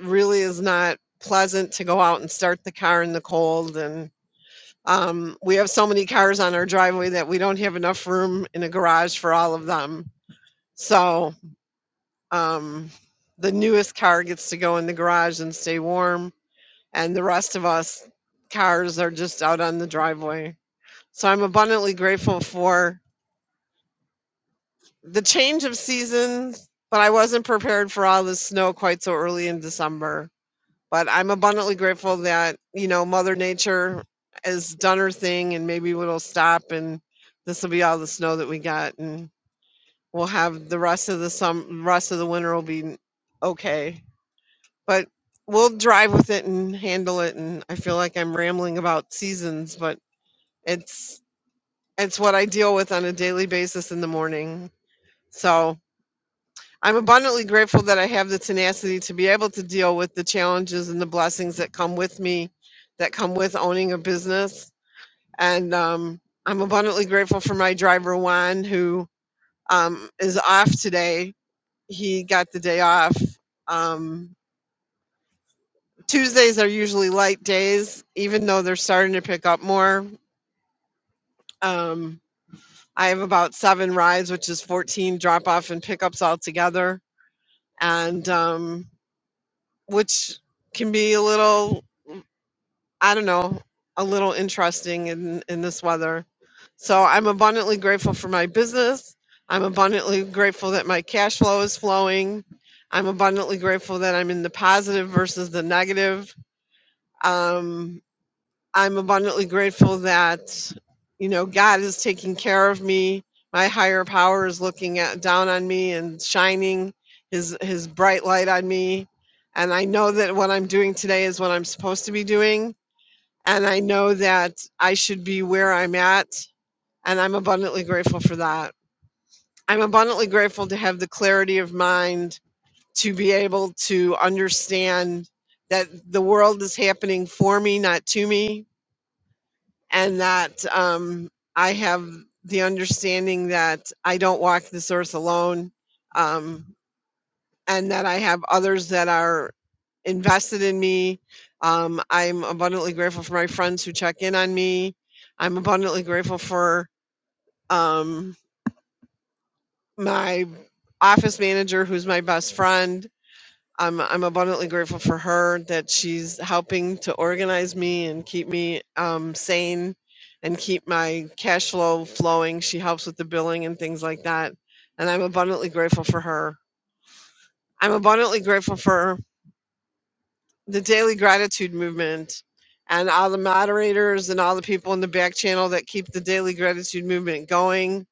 Speaker 16: really is not pleasant to go out and start the car in the cold. And um, we have so many cars on our driveway that we don't have enough room in a garage for all of them. So um, the newest car gets to go in the garage and stay warm, and the rest of us cars are just out on the driveway. So I'm abundantly grateful for the change of seasons, but I wasn't prepared for all the snow quite so early in December. But I'm abundantly grateful that, you know, Mother Nature has done her thing and maybe it'll stop and this will be all the snow that we got and we'll have the rest of the sum rest of the winter will be okay. But we'll drive with it and handle it and I feel like I'm rambling about seasons, but it's it's what I deal with on a daily basis in the morning. So I'm abundantly grateful that I have the tenacity to be able to deal with the challenges and the blessings that come with me, that come with owning a business. And um, I'm abundantly grateful for my driver, Juan, who um, is off today. He got the day off. Um, Tuesdays are usually light days, even though they're starting to pick up more. Um, I have about seven rides, which is 14 drop off and pickups altogether. And um, which can be a little I don't know, a little interesting in, in this weather. So I'm abundantly grateful for my business. I'm abundantly grateful that my cash flow is flowing. I'm abundantly grateful that I'm in the positive versus the negative. Um, I'm abundantly grateful that, you know, God is taking care of me. My higher power is looking at, down on me and shining his, his bright light on me. And I know that what I'm doing today is what I'm supposed to be doing and I know that I should be where I'm at. And I'm abundantly grateful for that. I'm abundantly grateful to have the clarity of mind to be able to understand that the world is happening for me, not to me. And that um, I have the understanding that I don't walk this earth alone. Um, and that I have others that are invested in me. Um, I'm abundantly grateful for my friends who check in on me. I'm abundantly grateful for um, my office manager, who's my best friend. I'm, I'm abundantly grateful for her that she's helping to organize me and keep me um, sane and keep my cash flow flowing. She helps with the billing and things like that. And I'm abundantly grateful for her. I'm abundantly grateful for the daily gratitude movement and all the moderators and all the people in the back channel that keep the daily gratitude movement going.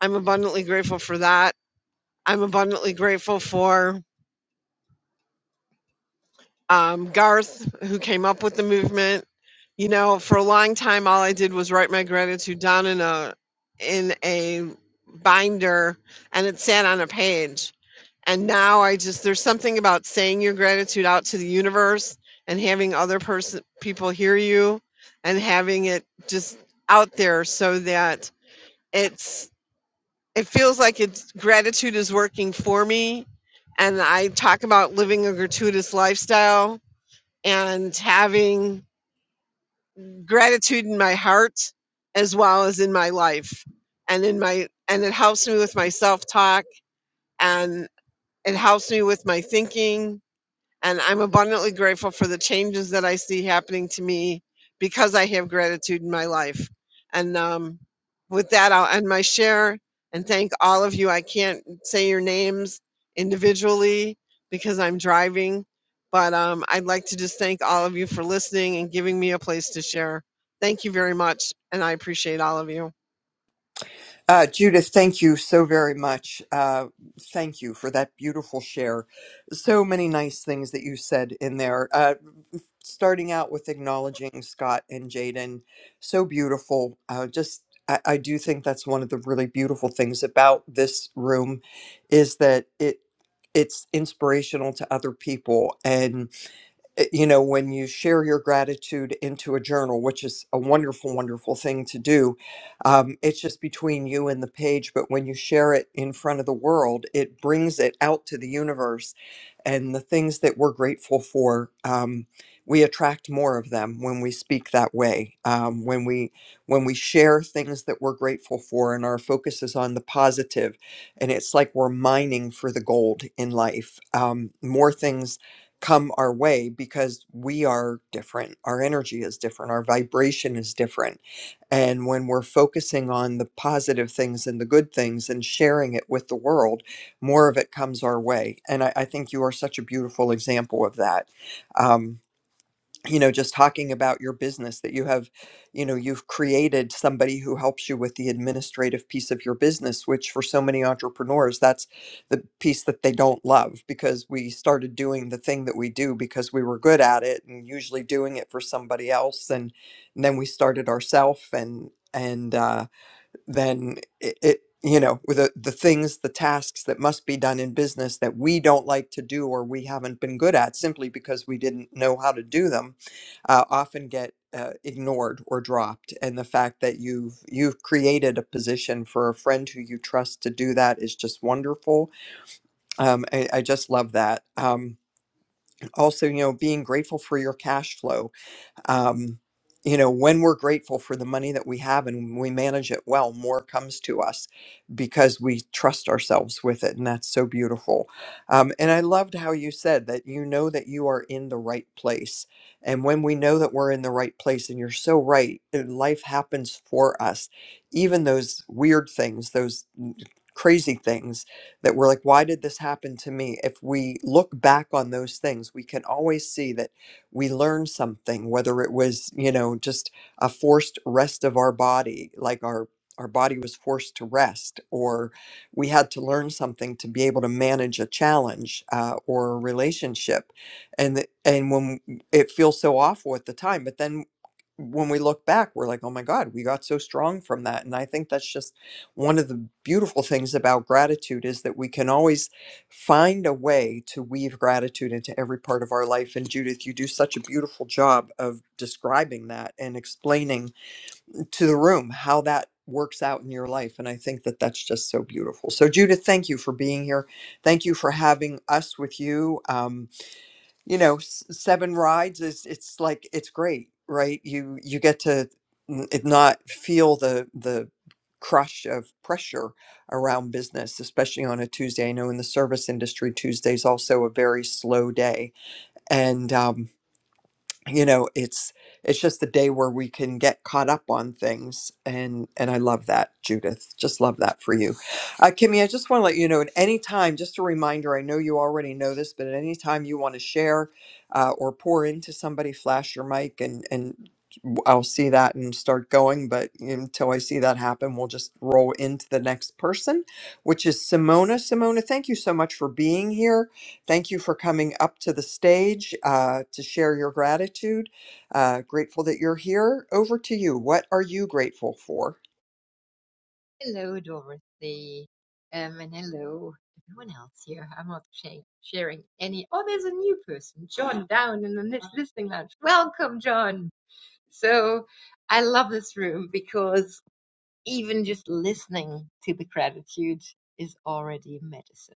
Speaker 16: I'm abundantly grateful for that. I'm abundantly grateful for um, Garth, who came up with the movement. You know, for a long time, all I did was write my gratitude down in a in a binder, and it sat on a page. And now I just there's something about saying your gratitude out to the universe and having other person people hear you, and having it just out there so that it's it feels like it's gratitude is working for me and I talk about living a gratuitous lifestyle and having gratitude in my heart as well as in my life and in my and it helps me with my self talk and it helps me with my thinking and I'm abundantly grateful for the changes that I see happening to me because I have gratitude in my life. And um, with that, I'll end my share and thank all of you. I can't say your names individually because I'm driving, but um, I'd like to just thank all of you for listening and giving me a place to share. Thank you very much, and I appreciate all of you.
Speaker 13: Uh, Judith, thank you so very much. Uh, thank you for that beautiful share. So many nice things that you said in there. Uh, starting out with acknowledging Scott and Jaden, so beautiful. Uh, just, I, I do think that's one of the really beautiful things about this room, is that it it's inspirational to other people, and uh, you know, when you share your gratitude into a journal, which is a wonderful, wonderful thing to do, um, it's just between you and the page. But when you share it in front of the world, it brings it out to the universe. And the things that we're grateful for, um, we attract more of them when we speak that way. Um, when we when we share things that we're grateful for, and our focus is on the positive, and it's like we're mining for the gold in life. Um, more things come our way because we are different. Our energy is different. Our vibration is different. And when we're focusing on the positive things and the good things and sharing it with the world, more of it comes our way. And I, I think you are such a beautiful example of that. Um, you know just talking about your business that you have you know you've created somebody who helps you with the administrative piece of your business which for so many entrepreneurs that's the piece that they don't love because we started doing the thing that we do because we were good at it and usually doing it for somebody else and, and then we started ourselves and and uh then it, it you know with the, the things the tasks that must be done in business that we don't like to do or we haven't been good at simply because we didn't know how to do them uh, often get uh, ignored or dropped and the fact that you've you've created a position for a friend who you trust to do that is just wonderful um, I, I just love that um, also you know being grateful for your cash flow um, you know, when we're grateful for the money that we have and we manage it well, more comes to us because we trust ourselves with it. And that's so beautiful. Um, and I loved how you said that you know that you are in the right place. And when we know that we're in the right place, and you're so right, uh, life happens for us. Even those weird things, those n- crazy things that we're like, why did this happen to me? If we look back on those things, we can always see that we learned something, whether it was, you know, just a forced rest of our body, like our our body was forced to rest, or we had to learn something to be able to manage a challenge uh, or a relationship, and th- and when it feels so awful at the time, but then when we look back, we're like, oh my God, we got so strong from that. And I think that's just one of the beautiful things about gratitude is that we can always find a way to weave gratitude into every part of our life. And Judith, you do such a beautiful job of describing that and explaining to the room how that works out in your life. And I think that that's just so beautiful. So, Judith, thank you for being here. Thank you for having us with you. Um, you know s- seven rides is it's like it's great right you you get to n- it not feel the the crush of pressure around business especially on a tuesday i know in the service industry tuesday's also a very slow day and um, you know it's it's just the day where we can get caught up on things and and i love that judith just love that for you uh, kimmy i just want to let you know at any time just a reminder i know you already know this but at any time you want to share uh, or pour into somebody flash your mic and and i i'll see that and start going but until i see that happen we'll just roll into the next person which is simona simona thank you so much for being here Thank you for coming up to the stage uh, to share your gratitude. Uh, grateful that you're here. Over to you. What are you grateful for?
Speaker 17: Hello, Dorothy. Um, and hello, everyone else here. I'm not sha- sharing any. Oh, there's a new person, John, down in the lis- listening lounge. Welcome, John. So I love this room because even just listening to the gratitude is already medicine.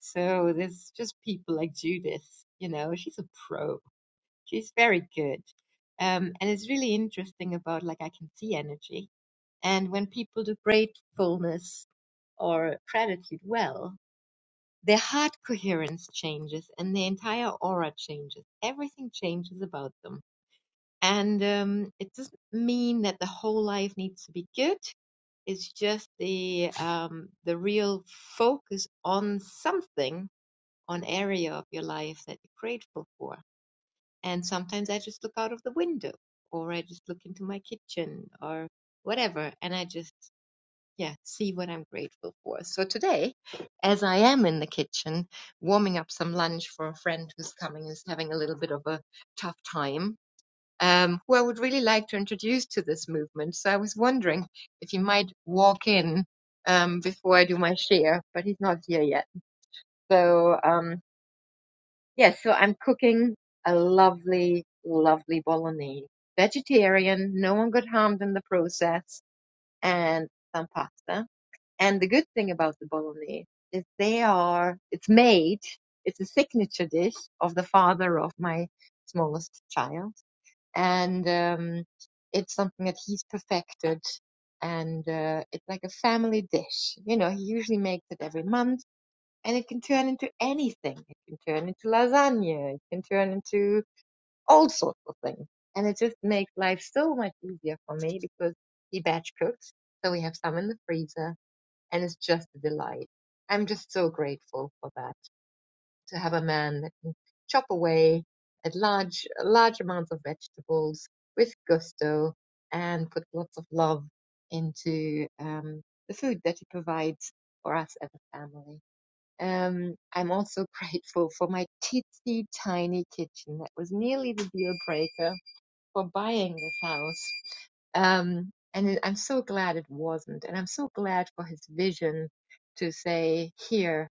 Speaker 17: So there's just people like Judith, you know, she's a pro She's very good. Um, and it's really interesting about like I can see energy. And when people do gratefulness or gratitude well, their heart coherence changes and their entire aura changes. Everything changes about them. And um, it doesn't mean that the whole life needs to be good. It's just the um, the real focus on something, on area of your life that you're grateful for. And sometimes I just look out of the window or I just look into my kitchen or whatever and I just, yeah, see what I'm grateful for. So today, as I am in the kitchen warming up some lunch for a friend who's coming who's having a little bit of a tough time, um, who I would really like to introduce to this movement. So I was wondering if you might walk in um, before I do my share, but he's not here yet. So, um, Yes, so I'm cooking a lovely, lovely bolognese. Vegetarian, no one got harmed in the process, and some pasta. And the good thing about the bolognese is they are, it's made, it's a signature dish of the father of my smallest child. And um, it's something that he's perfected. And uh, it's like a family dish. You know, he usually makes it every month and it can turn into anything. It can turn into lasagna. It can turn into all sorts of things. And it just makes life so much easier for me because he batch cooks. So we have some in the freezer and it's just a delight. I'm just so grateful for that to have a man that can chop away at large, large amounts of vegetables with gusto and put lots of love into um, the food that he provides for us as a family. Um, I'm also grateful for my teensy tiny kitchen that was nearly the deal breaker for buying this house. Um, and it- I'm so glad it wasn't. And I'm so glad for his vision to say, here,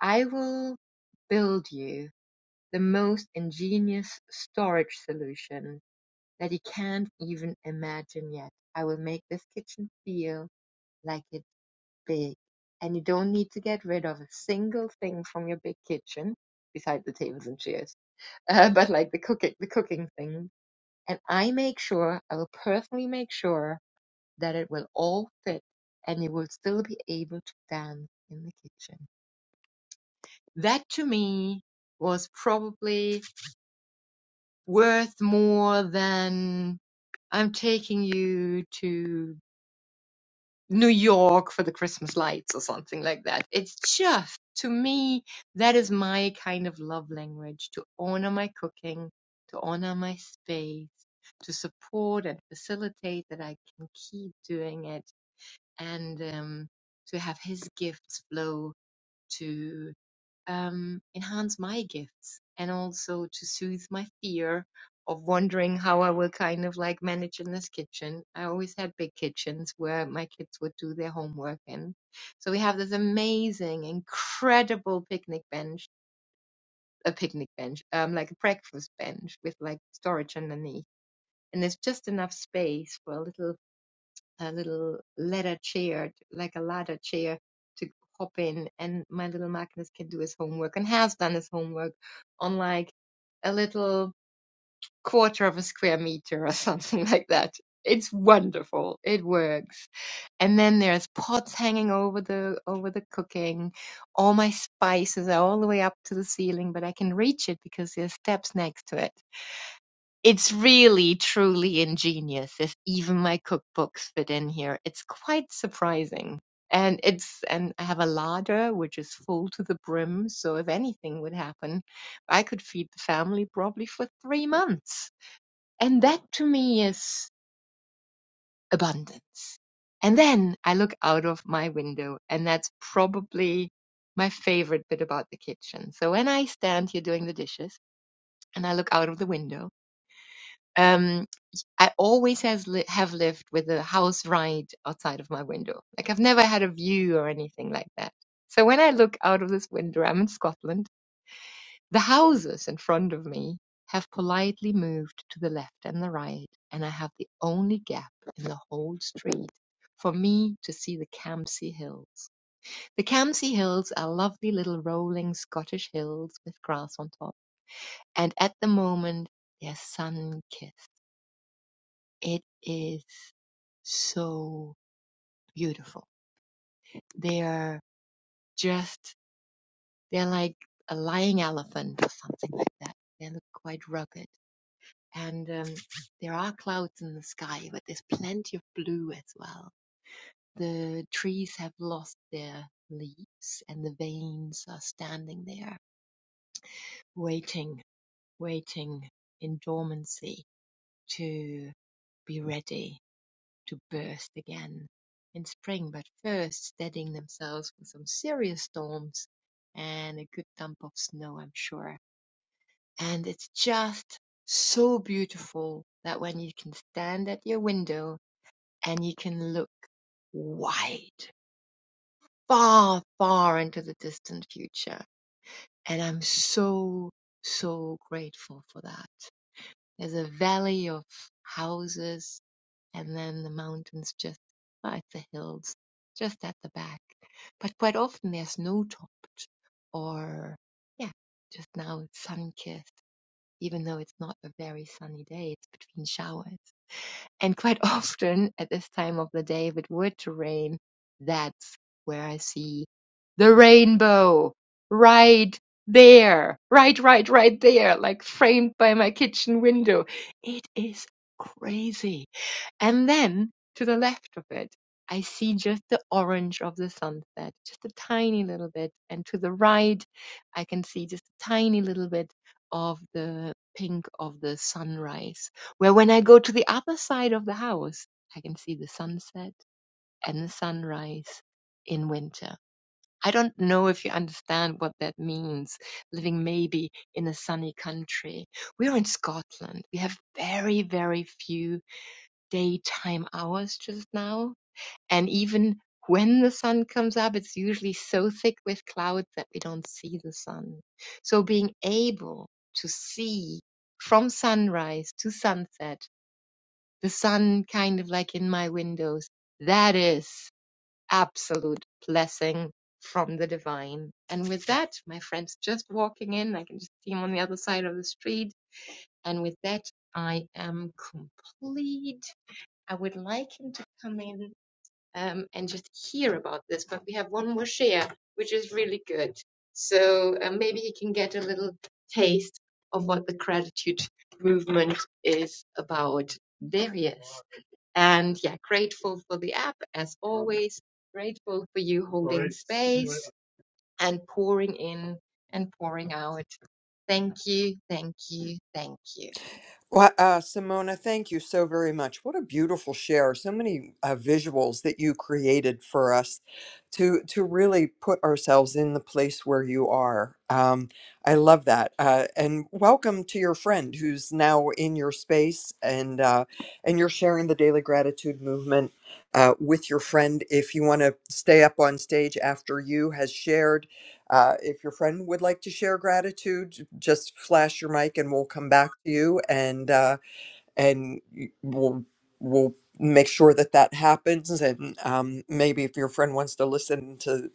Speaker 17: I will build you the most ingenious storage solution that you can't even imagine yet. I will make this kitchen feel like it big and you don't need to get rid of a single thing from your big kitchen beside the tables and chairs uh, but like the cooking the cooking thing and i make sure i will personally make sure that it will all fit and you will still be able to dance in the kitchen that to me was probably worth more than i'm taking you to New York for the Christmas lights or something like that. It's just, to me, that is my kind of love language to honor my cooking, to honor my space, to support and facilitate that I can keep doing it and um, to have his gifts flow to um, enhance my gifts and also to soothe my fear of wondering how I will kind of like manage in this kitchen. I always had big kitchens where my kids would do their homework in. So we have this amazing, incredible picnic bench, a picnic bench, um, like a breakfast bench with like storage underneath. And there's just enough space for a little a little leather chair, like a ladder chair to hop in, and my little Magnus can do his homework and has done his homework on like a little quarter of a square meter or something like that. It's wonderful. It works. And then there's pots hanging over the over the cooking. All my spices are all the way up to the ceiling, but I can reach it because there's steps next to it it's really, truly ingenious if even my cookbooks fit in here. It's quite surprising. And it's, and I have a larder which is full to the brim. So if anything would happen, I could feed the family probably for three months. And that to me is abundance. And then I look out of my window and that's probably my favorite bit about the kitchen. So when I stand here doing the dishes and I look out of the window, um. I always has li- have lived with a house right outside of my window. Like I've never had a view or anything like that. So when I look out of this window, I'm in Scotland. The houses in front of me have politely moved to the left and the right, and I have the only gap in the whole street for me to see the Campsie Hills. The Campsie Hills are lovely little rolling Scottish hills with grass on top, and at the moment they're sun-kissed it is so beautiful. They're just, they're like a lying elephant or something like that. They look quite rugged. And um, there are clouds in the sky, but there's plenty of blue as well. The trees have lost their leaves, and the veins are standing there, waiting, waiting in dormancy to be ready to burst again in spring, but first steadying themselves for some serious storms and a good dump of snow, I'm sure. And it's just so beautiful that when you can stand at your window and you can look wide, far, far into the distant future. And I'm so, so grateful for that. There's a valley of houses and then the mountains just like the hills just at the back. But quite often they're snow topped or yeah, just now it's sun kissed, even though it's not a very sunny day, it's between showers. And quite often at this time of the day, if it were to rain, that's where I see the rainbow right there, right, right, right there, like framed by my kitchen window. It is crazy and then to the left of it, I see just the orange of the sunset, just a tiny little bit. And to the right, I can see just a tiny little bit of the pink of the sunrise. Where when I go to the other side of the house, I can see the sunset and the sunrise in winter. I don't know if you understand what that means, living maybe in a sunny country. We're in Scotland. We have very, very few daytime hours just now. And even when the sun comes up, it's usually so thick with clouds that we don't see the sun. So being able to see from sunrise to sunset, the sun kind of like in my windows, that is absolute blessing from the divine. And with that, my friend's just walking in. I can just see him on the other side of the street. And with that, I am complete. I would like him to come in um, and just hear about this, but we have one more share, which is really good. So uh, maybe he can get a little taste of what the gratitude movement is about. There he is. And yeah, grateful for the app as always, grateful for you holding space and pouring in and pouring out. Thank you, thank you, thank you.
Speaker 13: Well, uh, Simona, thank you so very much. What a beautiful share! So many uh, visuals that you created for us to to really put ourselves in the place where you are. Um, I love that, uh, and welcome to your friend who's now in your space, and uh, and you're sharing the daily gratitude movement uh, with your friend. If you want to stay up on stage after you has shared. Uh, if your friend would like to share gratitude, just flash your mic and we'll come back to you and uh, and y- we'll we'll make sure that that happens. And um, maybe if your friend wants to listen to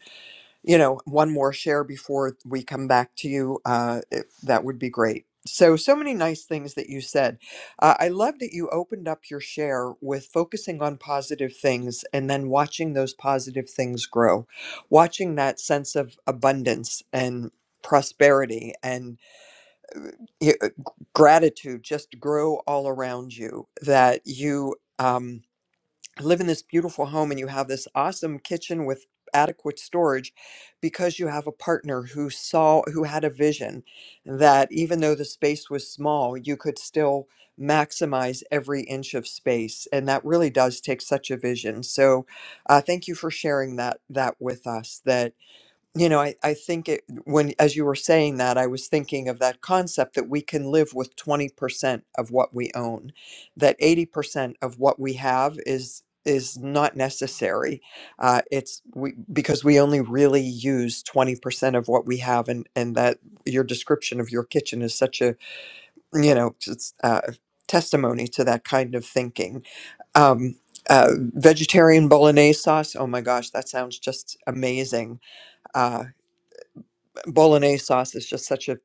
Speaker 13: you know, one more share before we come back to you, uh, if- that would be great. So, so many nice things that you said. Uh, I love that you opened up your share with focusing on positive things and then watching those positive things grow, watching that sense of abundance and prosperity and y- uh, gratitude just grow all around you. That you, um, live in this beautiful home and you have this awesome kitchen with adequate storage because you have a partner who saw who had a vision that even though the space was small you could still maximize every inch of space and that really does take such a vision so uh, thank you for sharing that that with us That you know I, I think it when as you were saying that i was thinking of that concept that we can live with 20% of what we own that 80% of what we have is is not necessary uh, it's we because we only really use 20% of what we have and and that your description of your kitchen is such a you know it's uh, testimony to that kind of thinking um, uh, vegetarian bolognese sauce oh my gosh that sounds just amazing uh, bolognese sauce is just such a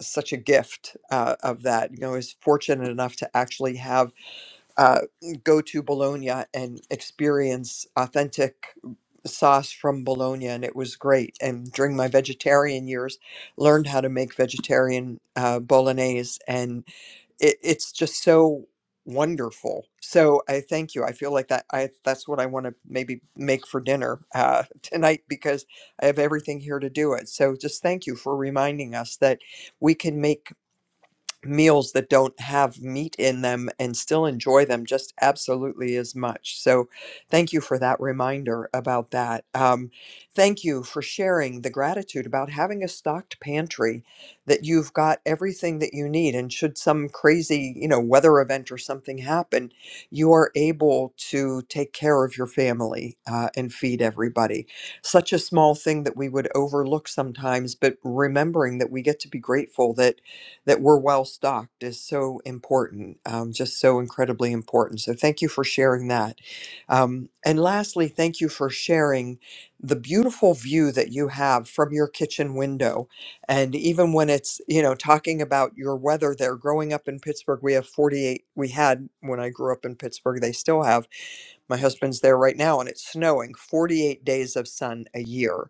Speaker 13: such a gift uh, of that. You know, I was fortunate enough to actually have uh, go to Bologna and experience authentic sauce from Bologna, and it was great. And during my vegetarian years, learned how to make vegetarian uh, bolognese, and it, it's just so wonderful. So I thank you. I feel like that I that's what I want to maybe make for dinner uh, tonight because I have everything here to do it. So just thank you for reminding us that we can make meals that don't have meat in them and still enjoy them just absolutely as much. So, thank you for that reminder about that. Um, thank you for sharing the gratitude about having a stocked pantry that you've got everything that you need. And should some crazy, you know, weather event or something happen, you are able to take care of your family uh, and feed everybody. Such a small thing that we would overlook sometimes, but remembering that we get to be grateful that that we're well stocked is so important, um, just so incredibly important. So, thank you for sharing that. Um, and lastly, thank you for sharing the beautiful view that you have from your kitchen window. And even when it's, you know, talking about your weather there, growing up in Pittsburgh, we have 48, we had when I grew up in Pittsburgh, they still have. My husband's there right now, and it's snowing 48 days of sun a year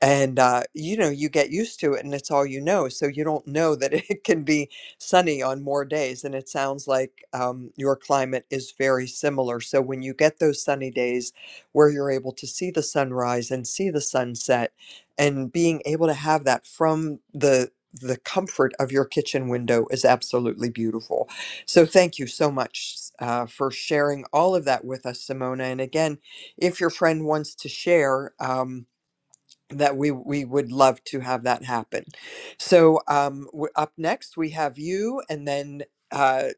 Speaker 13: and uh, you know you get used to it and it's all you know so you don't know that it can be sunny on more days and it sounds like um, your climate is very similar so when you get those sunny days where you're able to see the sunrise and see the sunset and being able to have that from the the comfort of your kitchen window is absolutely beautiful so thank you so much uh, for sharing all of that with us simona and again if your friend wants to share um, that we we would love to have that happen. So um, w- up next we have you, and then uh,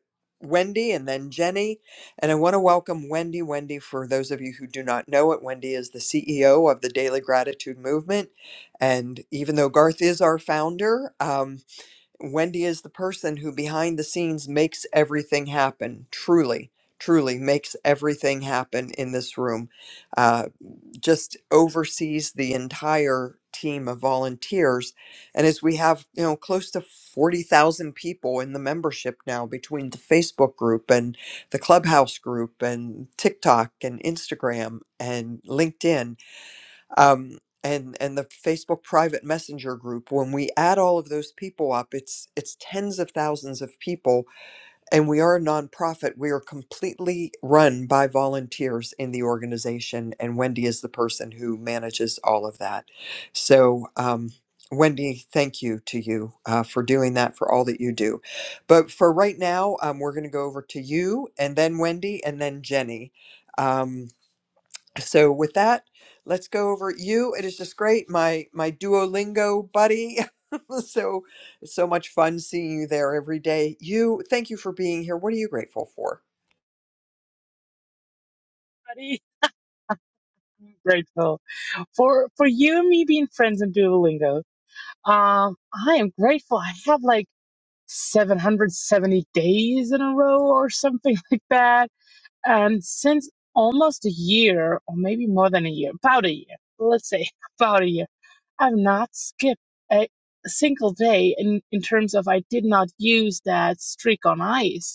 Speaker 13: Wendy, and then Jenny. And I want to welcome Wendy. Wendy, for those of you who do not know it, Wendy is the CEO of the Daily Gratitude Movement. And even though Garth is our founder, um, Wendy is the person who behind the scenes makes everything happen. Truly. Truly makes everything happen in this room. uh just oversees the entire team of volunteers and as we have you know close to 40,000 people in the membership now between the Facebook group and the Clubhouse group and TikTok and Instagram and LinkedIn um and and the Facebook private messenger group when we add all of those people up it's it's tens of thousands of people and we are a nonprofit. We are completely run by volunteers in the organization, and Wendy is the person who manages all of that. So, um, Wendy, thank you to you uh, for doing that, for all that you do. But for right now, um, we're going to go over to you, and then Wendy, and then Jenny. Um, so with that let's go over you it is just great my my duolingo buddy so so much fun seeing you there every day you thank you for being here what are you grateful for
Speaker 18: everybody. I'm grateful for for you and me being friends in Duolingo. Um, I am grateful. I have like 770 days in a row or something like that, and since almost a year, or maybe more than a year, about a year, let's say about a year, I've not skipped a single day in in terms of I did not use that streak on ice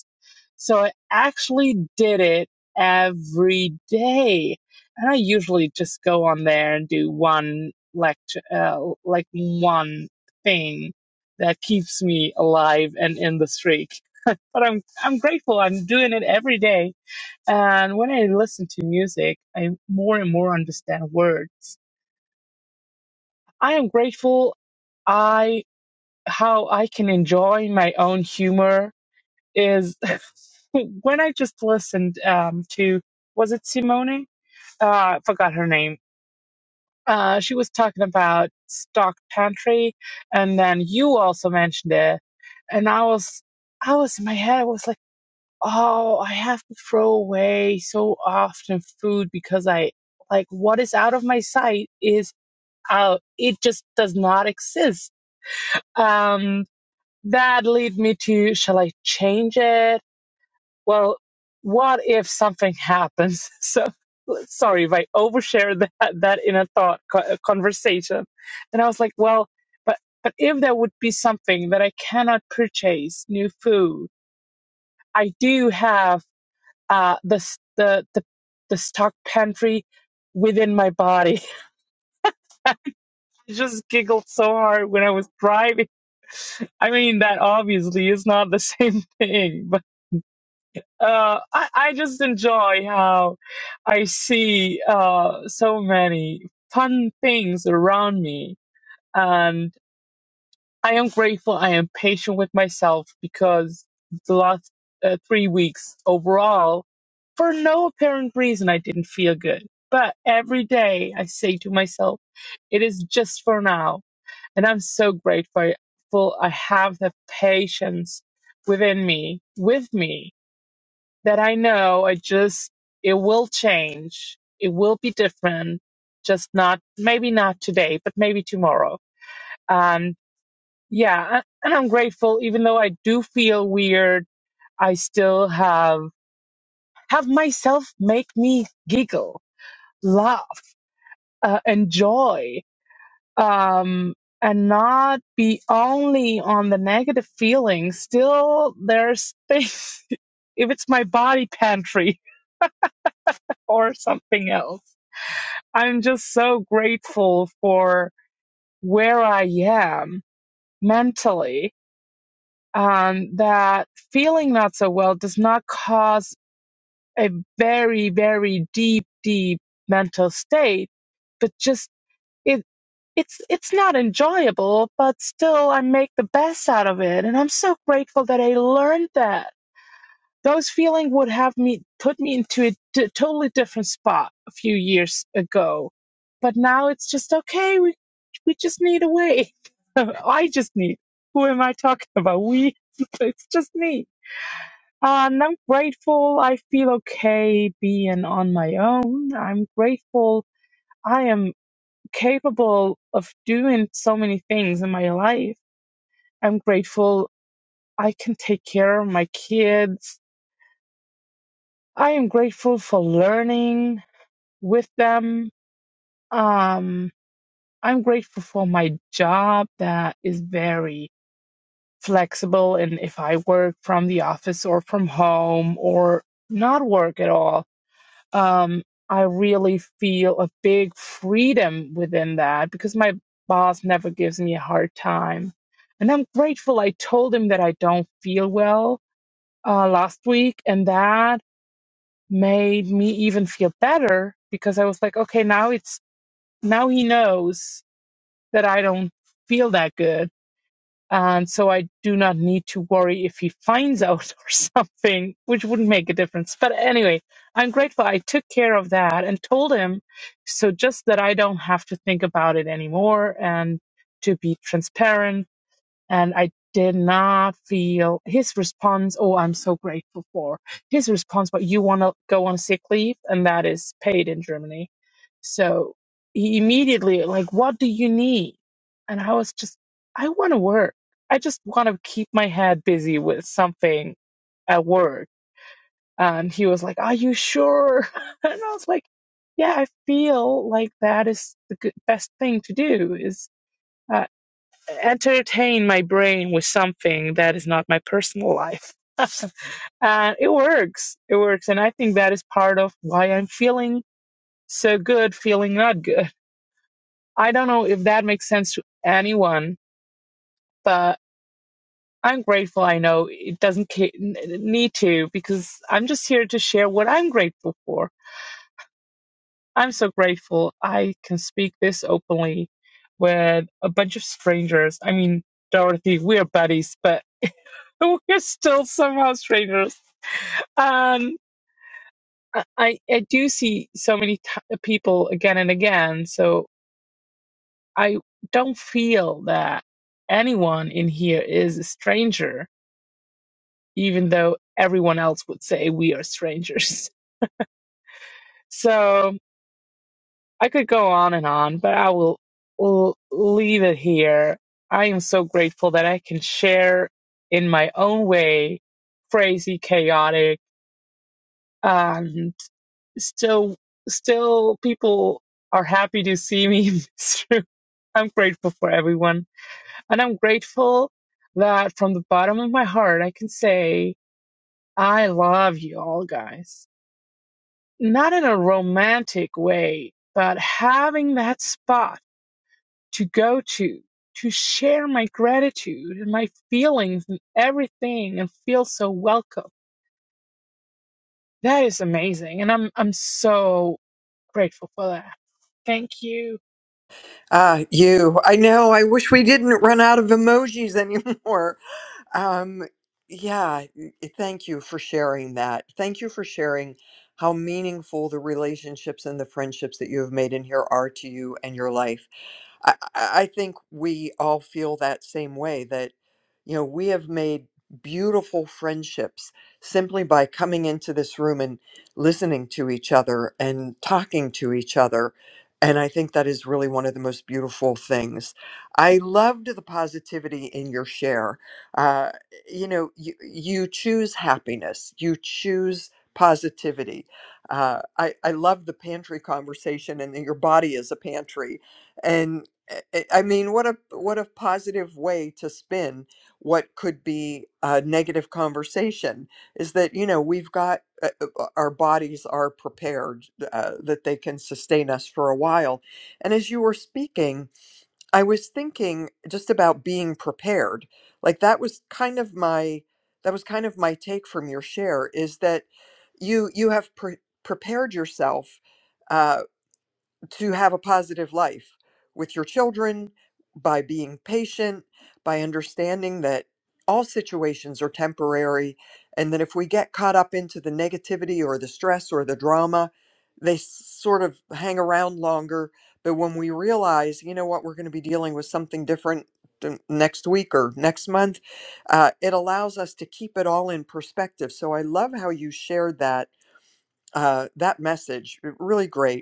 Speaker 18: So I actually did it every day. And I usually just go on there and do one lecture, uh, like one thing that keeps me alive and in the streak. but I'm, I'm grateful. I'm doing it every day. And when I listen to music, I more and more understand words. I am grateful. I, how I can enjoy my own humor is when I just listened um, to was it Simone? Uh, I forgot her name. Uh, she was talking about stock pantry, and then you also mentioned it, and I was I was in my head. I was like, oh, I have to throw away so often food because I like what is out of my sight is out. It just does not exist. Um, that lead me to shall I change it? Well, what if something happens? So sorry if I overshare that that in a thought co- uh, conversation. And I was like, well, but but if there would be something that I cannot purchase new food, I do have uh the s- the the, the stock pantry within my body. I just giggled so hard when I was driving. I mean, that obviously is not the same thing, but. uh, I, I just enjoy how I see uh, so many fun things around me. And I am grateful. I am patient with myself because the last uh, three weeks overall, for no apparent reason, I didn't feel good. But every day I say to myself, it is just for now. And I'm so grateful I have the patience within me, with me, that I know. I just, it will change. It will be different. Just not, maybe not today, but maybe tomorrow. Um, yeah. a- And I'm grateful, even though I do feel weird, I still have, have myself make me giggle, laugh, uh, enjoy, um, and not be only on the negative feelings. Still, there's things, if it's my body pantry or something else I'm just so grateful for where I am mentally. Um, that feeling not so well does not cause a very, very deep, deep mental state, but just it, it's, it's not enjoyable, but still I make the best out of it. And I'm so grateful that I learned that those feelings would have me put me into a t- totally different spot a few years ago but now it's just okay we we just need a way i just need who am i talking about we it's just me Uh, and i'm grateful i feel okay being on my own i'm grateful i am capable of doing so many things in my life i'm grateful i can take care of my kids i am grateful for learning with them. Um, I'm grateful for my job that is very flexible. And if I work from the office or from home or not work at all, um, I really feel a big freedom within that because my boss never gives me a hard time. And I'm grateful I told him that I don't feel well uh, last week, and that made me even feel better because I was like, okay, now it's now he knows that I don't feel that good. And so I do not need to worry if he finds out or something, which wouldn't make a difference. But anyway, I'm grateful I took care of that and told him so just that I don't have to think about it anymore and to be transparent and I did not feel his response. Oh, I'm so grateful for his response, but you want to go on sick leave, and that is paid in Germany. So he immediately, like, what do you need? And I was just, I want to work. I just want to keep my head busy with something at work. And he was like, Are you sure? And I was like, Yeah, I feel like that is the good, best thing to do is. uh, entertain my brain with something that is not my personal life. and it works. It works. And I think that is part of why I'm feeling so good, feeling not good. I don't know if that makes sense to anyone, but I'm grateful. I know it doesn't need to because I'm just here to share what I'm grateful for. I'm so grateful I can speak this openly with a bunch of strangers. I mean, Dorothy, we're buddies, but we're still somehow strangers. And I, I I do see so many t- people again and again. So I don't feel that anyone in here is a stranger, even though everyone else would say we are strangers. So I could go on and on, but I will, will leave it here. I am so grateful that I can share in my own way crazy, chaotic, and. still still people are happy to see me in this room. I'm grateful for everyone. And I'm grateful that from the bottom of my heart I can say I love you all guys. Not in a romantic way, but having that spot to go to to share my gratitude and my feelings and everything and feel so welcome. That is amazing and I'm I'm so grateful for that. Thank you.
Speaker 13: ah you i know i wish we didn't run out of emojis anymore um yeah y- thank you for sharing that thank you for sharing how meaningful the relationships and the friendships that you have made in here are to you and your life I, I I think we all feel that same way that, you know, we have made beautiful friendships simply by coming into this room and listening to each other and talking to each other. And I think that is really one of the most beautiful things. I loved the positivity in your share. Uh, you know, you, you choose happiness, you choose positivity. Uh, I, I love the pantry conversation and that your body is a pantry I I- I mean, what a what a positive way to spin what could be a negative conversation is that you know we've got uh, uh, uh, our bodies are prepared uh, that they can sustain us for a while. And as you were speaking, I was thinking just about being prepared. Like that was kind of my that was kind of my take from your share is that you you have pre- prepared yourself uh, to have a positive life with your children by being patient, by understanding that all situations are temporary. And that if we get caught up into the negativity or the stress or the drama, they s- sort of hang around longer. But when we realize, you know what, we're going to be dealing with something different th- next week or next month, uh, it allows us to keep it all in perspective. So I love how you shared that uh, that message. Really great.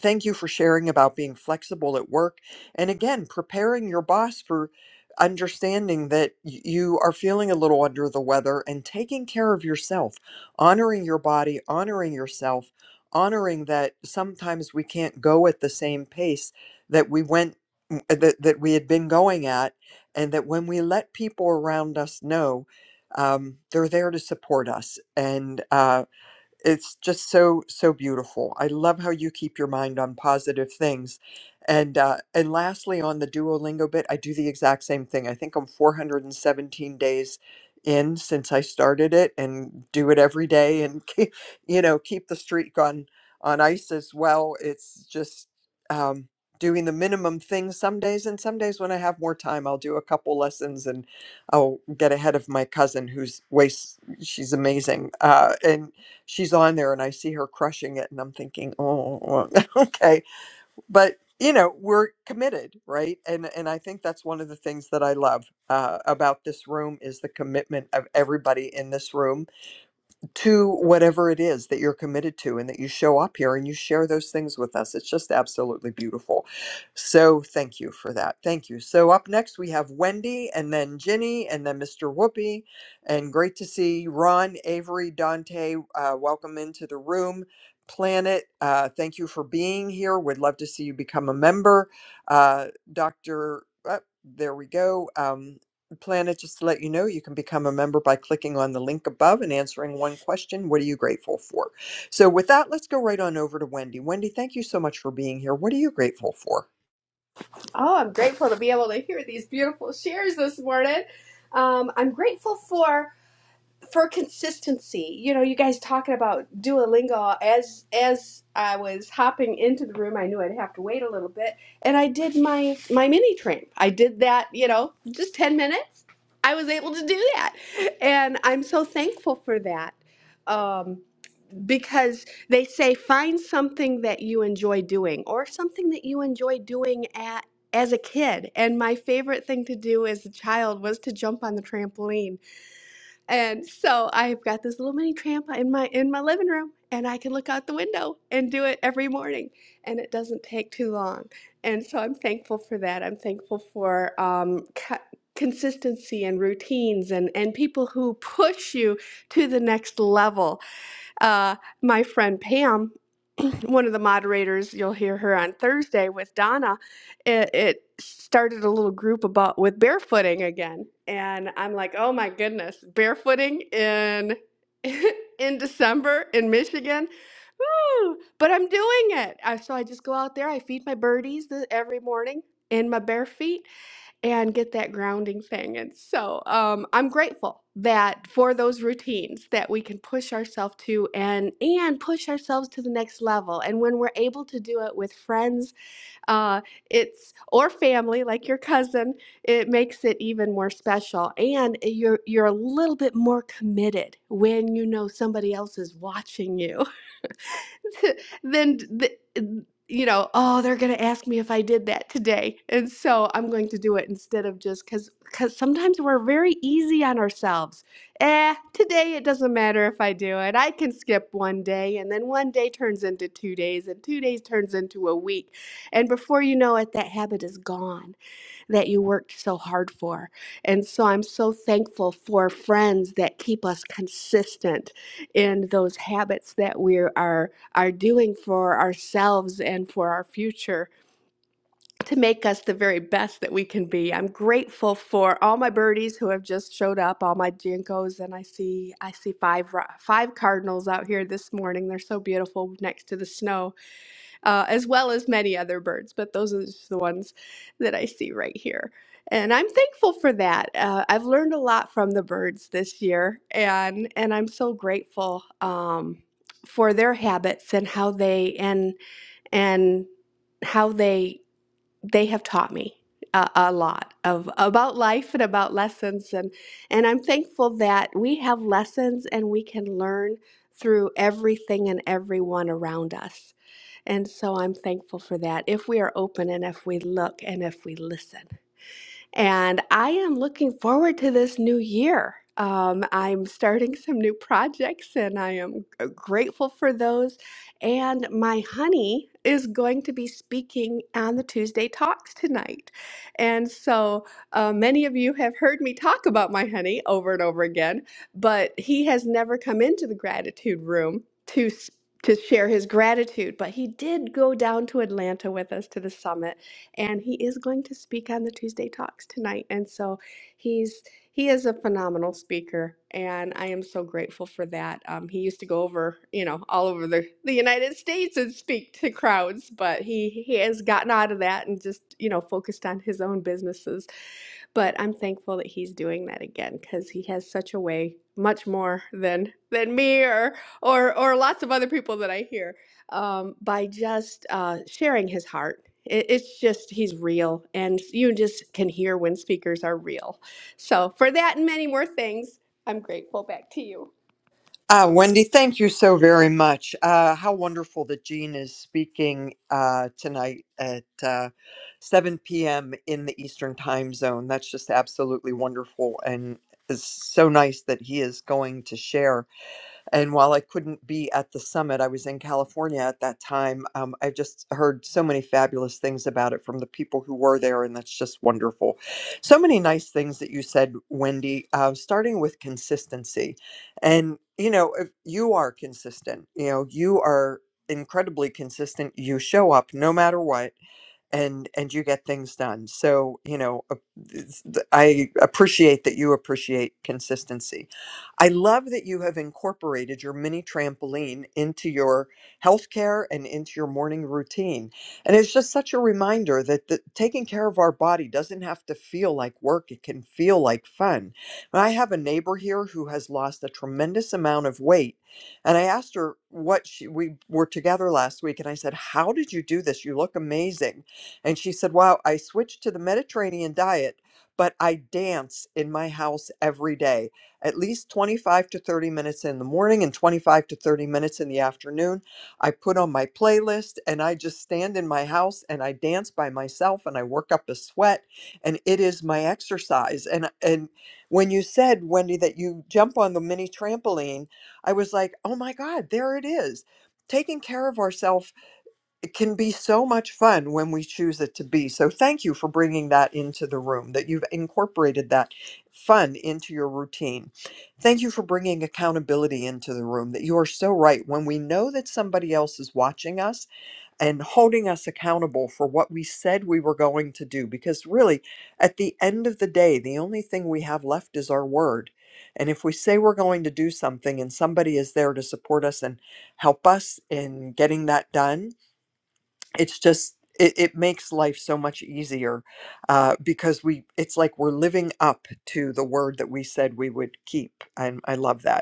Speaker 13: Thank you for sharing about being flexible at work. And again, preparing your boss for understanding that y- you are feeling a little under the weather and taking care of yourself, honoring your body, honoring yourself, honoring that sometimes we can't go at the same pace that we went, m- that, that we had been going at. And that when we let people around us know, um, they're there to support us. And, uh, it's just so so beautiful i love how you keep your mind on positive things and uh, and lastly on the duolingo bit i do the exact same thing i think i'm 417 days in since i started it and do it every day and keep, you know keep the streak on on ice as well it's just um, doing the minimum thing some days and some days when i have more time i'll do a couple lessons and i'll get ahead of my cousin who's way s- she's amazing uh, and she's on there and I see her crushing it and I'm thinking, oh, well, okay. But you know, we're committed, right? And and I think that's one of the things that I love uh, about this room is the commitment of everybody in this room to whatever it is that you're committed to and that you show up here and you share those things with us. It's just absolutely beautiful. So thank you for that. Thank you. So up next we have Wendy and then Ginny and then Mr. Whoopi. And great to see Ron, Avery, Dante. Uh, welcome into the room. Planet, uh, thank you for being here. Would love to see you become a member. Uh, Dr. uh, there we go. Um, Planet, just to let you know, you can become a member by clicking on the link above and answering one question. What are you grateful for? So, with that, let's go right on over to Wendy. Wendy, thank you so much for being here. What are you grateful for?
Speaker 19: Oh, I'm grateful to be able to hear these beautiful shares this morning. Um, I'm grateful for for consistency. You know, you guys talking about Duolingo. As as I was hopping into the room, I knew I'd have to wait a little bit, and I did my my mini train. I did that. You know, just ten minutes. I was able to do that, and I'm so thankful for that. Um, because they say find something that you enjoy doing or something that you enjoy doing at as a kid and my favorite thing to do as a child was to jump on the trampoline and so i've got this little mini tramp in my in my living room and i can look out the window and do it every morning and it doesn't take too long and so i'm thankful for that i'm thankful for um, co- consistency and routines and and people who push you to the next level uh, my friend Pam, one of the moderators, you'll hear her on Thursday with Donna. It, it started a little group about with barefooting again, and I'm like, oh my goodness, barefooting in in December in Michigan. Woo! But I'm doing it. I, so I just go out there. I feed my birdies the, every morning in my bare feet and get that grounding thing. And so um, I'm grateful that for those routines that we can push ourselves to and and push ourselves to the next level. And when we're able to do it with friends, uh, it's or family like your cousin, it makes it even more special. And you're you're a little bit more committed when you know somebody else is watching you. then the, you know, oh, they're going to ask me if I did that today. And so I'm going to do it instead of just cuz cuz sometimes we're very easy on ourselves. Eh, today it doesn't matter if I do it. I can skip one day and then one day turns into 2 days and 2 days turns into a week. And before you know it that habit is gone that you worked so hard for. And so I'm so thankful for friends that keep us consistent in those habits that we are are doing for ourselves and for our future to make us the very best that we can be. I'm grateful for all my birdies who have just showed up, all my jinkos and I see I see five five cardinals out here this morning. They're so beautiful next to the snow uh, as well as many other birds, but those are just the ones that I see right here. And I'm thankful for that. Uh, I've learned a lot from the birds this year, and and I'm so grateful um, for their habits and how they and and how they they have taught me a, a lot of about life and about lessons and and I'm thankful that we have lessons and we can learn through everything and everyone around us and so I'm thankful for that. If we are open and if we look and if we listen, and I am looking forward to this new year. Um, I'm starting some new projects and I am g- grateful for those. And my honey is going to be speaking on the Tuesday Talks tonight. And so uh, many of you have heard me talk about my honey over and over again, but he has never come into the gratitude room to, s- to share his gratitude. But he did go down to Atlanta with us to the summit and he is going to speak on the Tuesday Talks tonight. And so he's he is a phenomenal speaker, and I am so grateful for that. Um, he used to go over, you know, all over the, the United States and speak to crowds, but he he has gotten out of that and just you know focused on his own businesses but I'm thankful that he's doing that again because he has such a way, much more than than me or or or lots of other people that I hear um, by just uh, sharing his heart. It, it's just, he's real, and you just can hear when speakers are real. So, for that and many more things, I'm grateful. Back to you.
Speaker 13: Ah, Wendy, thank you so very much. Uh, how wonderful that Jean is speaking uh, tonight at uh, 7 p.m. in the Eastern time zone. That's just absolutely wonderful and it's so nice that he is going to share. And while I couldn't be at the summit, I was in California at that time. Um, I've just heard so many fabulous things about it from the people who were there, and that's just wonderful. So many nice things that you said, Wendy, uh, starting with consistency. And, you know, if you are consistent, you know, you are incredibly consistent. You show up no matter what and and you get things done so you know uh, it's- th- i appreciate that you appreciate consistency i love that you have incorporated your mini trampoline into your healthcare and into your morning routine and it's just such a reminder that the, taking care of our body doesn't have to feel like work it can feel like fun and i have a neighbor here who has lost a tremendous amount of weight and i asked her what she we were together last week and i said how did you do this you look amazing and she said, Wow, I switched to the Mediterranean diet, but I dance in my house every day, at least 25 to 30 minutes in the morning and 25 to 30 minutes in the afternoon. I put on my playlist and I just stand in my house and I dance by myself and I work up a sweat and it is my exercise. And and when you said, Wendy, that you jump on the mini trampoline, I was like, oh my God, there it is. Taking care of ourselves it can be so much fun when we choose it to be. So, thank you for bringing that into the room, that you've incorporated that fun into your routine. Thank you for bringing accountability into the room, that you are so right. When we know that somebody else is watching us and holding us accountable for what we said we were going to do, because really, at the end of the day, the only thing we have left is our word. And if we say we're going to do something and somebody is there to support us and help us in getting that done, it's just it, it makes life so much easier uh, because we it's like we're living up to the word that we said we would keep and i love that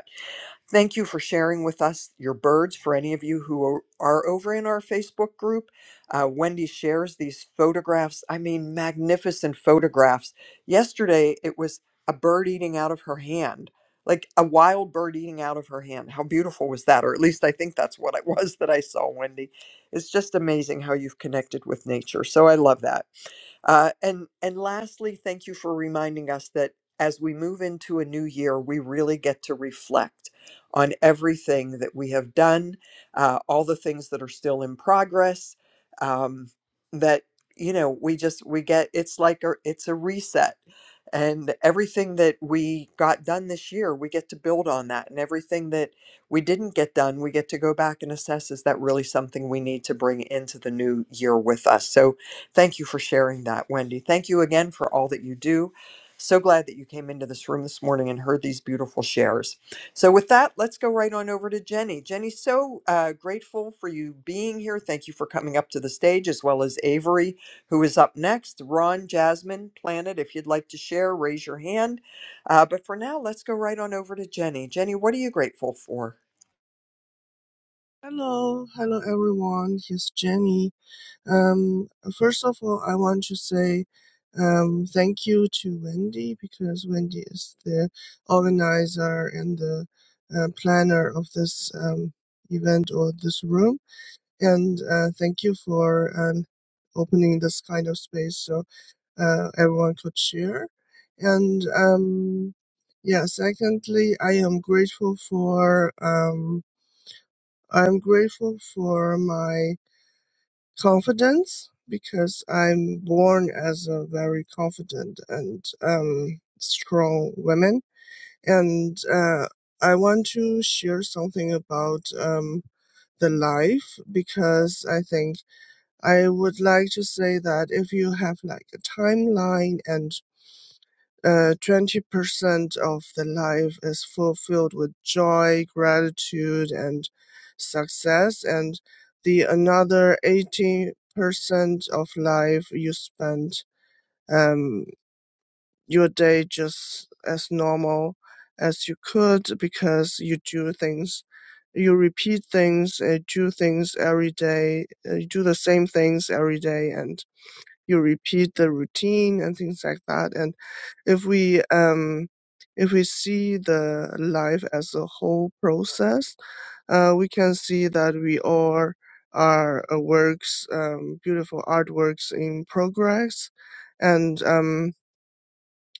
Speaker 13: Thank you for sharing with us your birds. For any of you who are are over in our Facebook group, uh, Wendy shares these photographs. I mean, magnificent photographs. Yesterday, it was a bird eating out of her hand, like a wild bird eating out of her hand. How beautiful was that? Or at least I think that's what it was that I saw, Wendy. It's just amazing how you've connected with nature. So I love that. Uh, and and lastly, thank you for reminding us that as we move into a new year, we really get to reflect on everything that we have done, uh, all the things that are still in progress. Um, that you know, we just we get it's like a it's a reset, and everything that we got done this year, we get to build on that, and everything that we didn't get done, we get to go back and assess: is that really something we need to bring into the new year with us? So Thank you for sharing that, Wendy. Thank you again for all that you do. So glad that you came into this room this morning and heard these beautiful shares. So, with that, let's go right on over to Jenny. Jenny, so uh, grateful for you being here. Thank you for coming up to the stage, as well as Avery, who is up next. Ron, Jasmine, Planet, if you'd like to share, raise your hand. Uh, but for now, let's go right on over to Jenny. Jenny, what are you grateful for?
Speaker 20: Hello, hello everyone. Here's Jenny. Um, first of all, I want to say um, thank you to Wendy because Wendy is the organizer and the uh, planner of this um, event or this room. And uh, thank you for um, opening this kind of space so uh, everyone could share. And um, yeah, secondly, I am grateful for. Um, I'm grateful for my confidence because I'm born as a very confident and um, strong woman. And uh, I want to share something about um, the life because I think I would like to say that if you have like a timeline and uh, 20% of the life is fulfilled with joy, gratitude, and success, and the another 80% of life you spend um, your day just as normal as you could because you do things, you repeat things, uh, do things every day, uh, you do the same things every day, and you repeat the routine and things like that. And if we um, if we see the life as a whole process, uh, we can see that we are are uh, works, um, beautiful artworks in progress, and um,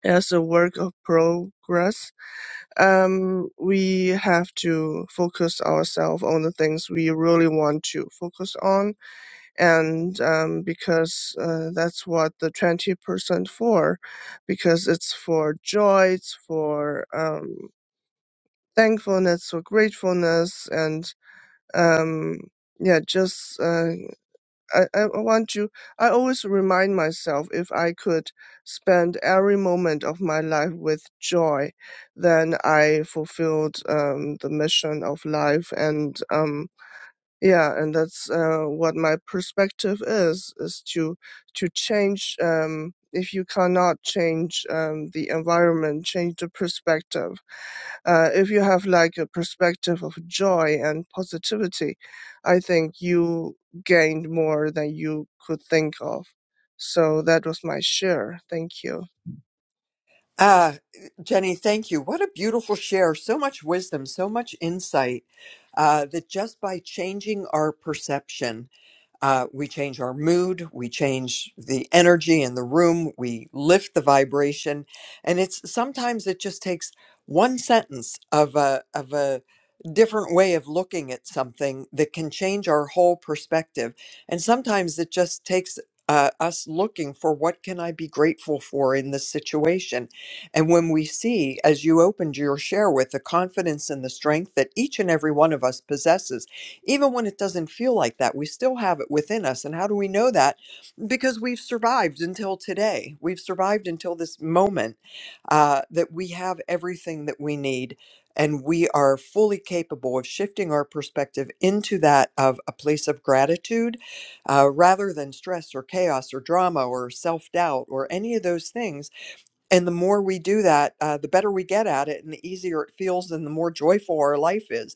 Speaker 20: as a work of progress, um, we have to focus ourselves on the things we really want to focus on and um, because uh, that's what the 20% for because it's for joy it's for um, thankfulness for gratefulness and um, yeah just uh, I, I want you i always remind myself if i could spend every moment of my life with joy then i fulfilled um, the mission of life and um, yeah and that's uh, what my perspective is is to to change um, if you cannot change um, the environment change the perspective uh, if you have like a perspective of joy and positivity i think you gained more than you could think of so that was my share thank you
Speaker 13: Ah, Jenny, thank you. What a beautiful share. So much wisdom, so much insight uh, that just by changing our perception uh, we change our mood, we change the energy in the room, we lift the vibration, and it's sometimes it just takes one sentence of a of a different way of looking at something that can change our whole perspective. And sometimes it just takes uh, us looking for what can I be grateful for in this situation. And when we see, as you opened your share with, the confidence and the strength that each and every one of us possesses even when it doesn't feel like that, we still have it within us. And how do we know that? Because we've survived until today. We've survived until this moment uh, that we have everything that we need. And we are fully capable of shifting our perspective into that of a place of gratitude uh, rather than stress or chaos or drama or self doubt or any of those things. And the more we do that, uh, the better we get at it, and the easier it feels, and the more joyful our life is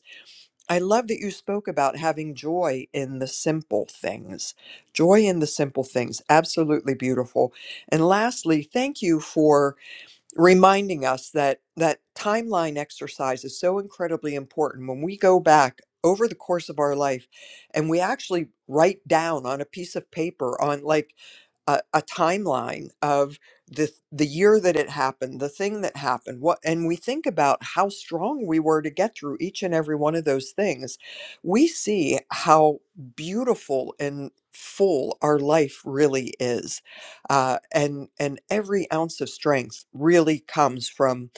Speaker 13: I love that you spoke about having joy in the simple things. Joy in the simple things. Absolutely beautiful. And lastly, thank you for reminding us that that timeline exercise is so incredibly important. When we go back over the course of our life and we actually write down on a piece of paper on like a, a timeline of the the year that it happened, the thing that happened, what and we think about how strong we were to get through each and every one of those things, we see how beautiful and full our life really is, uh, and and every ounce of strength really comes from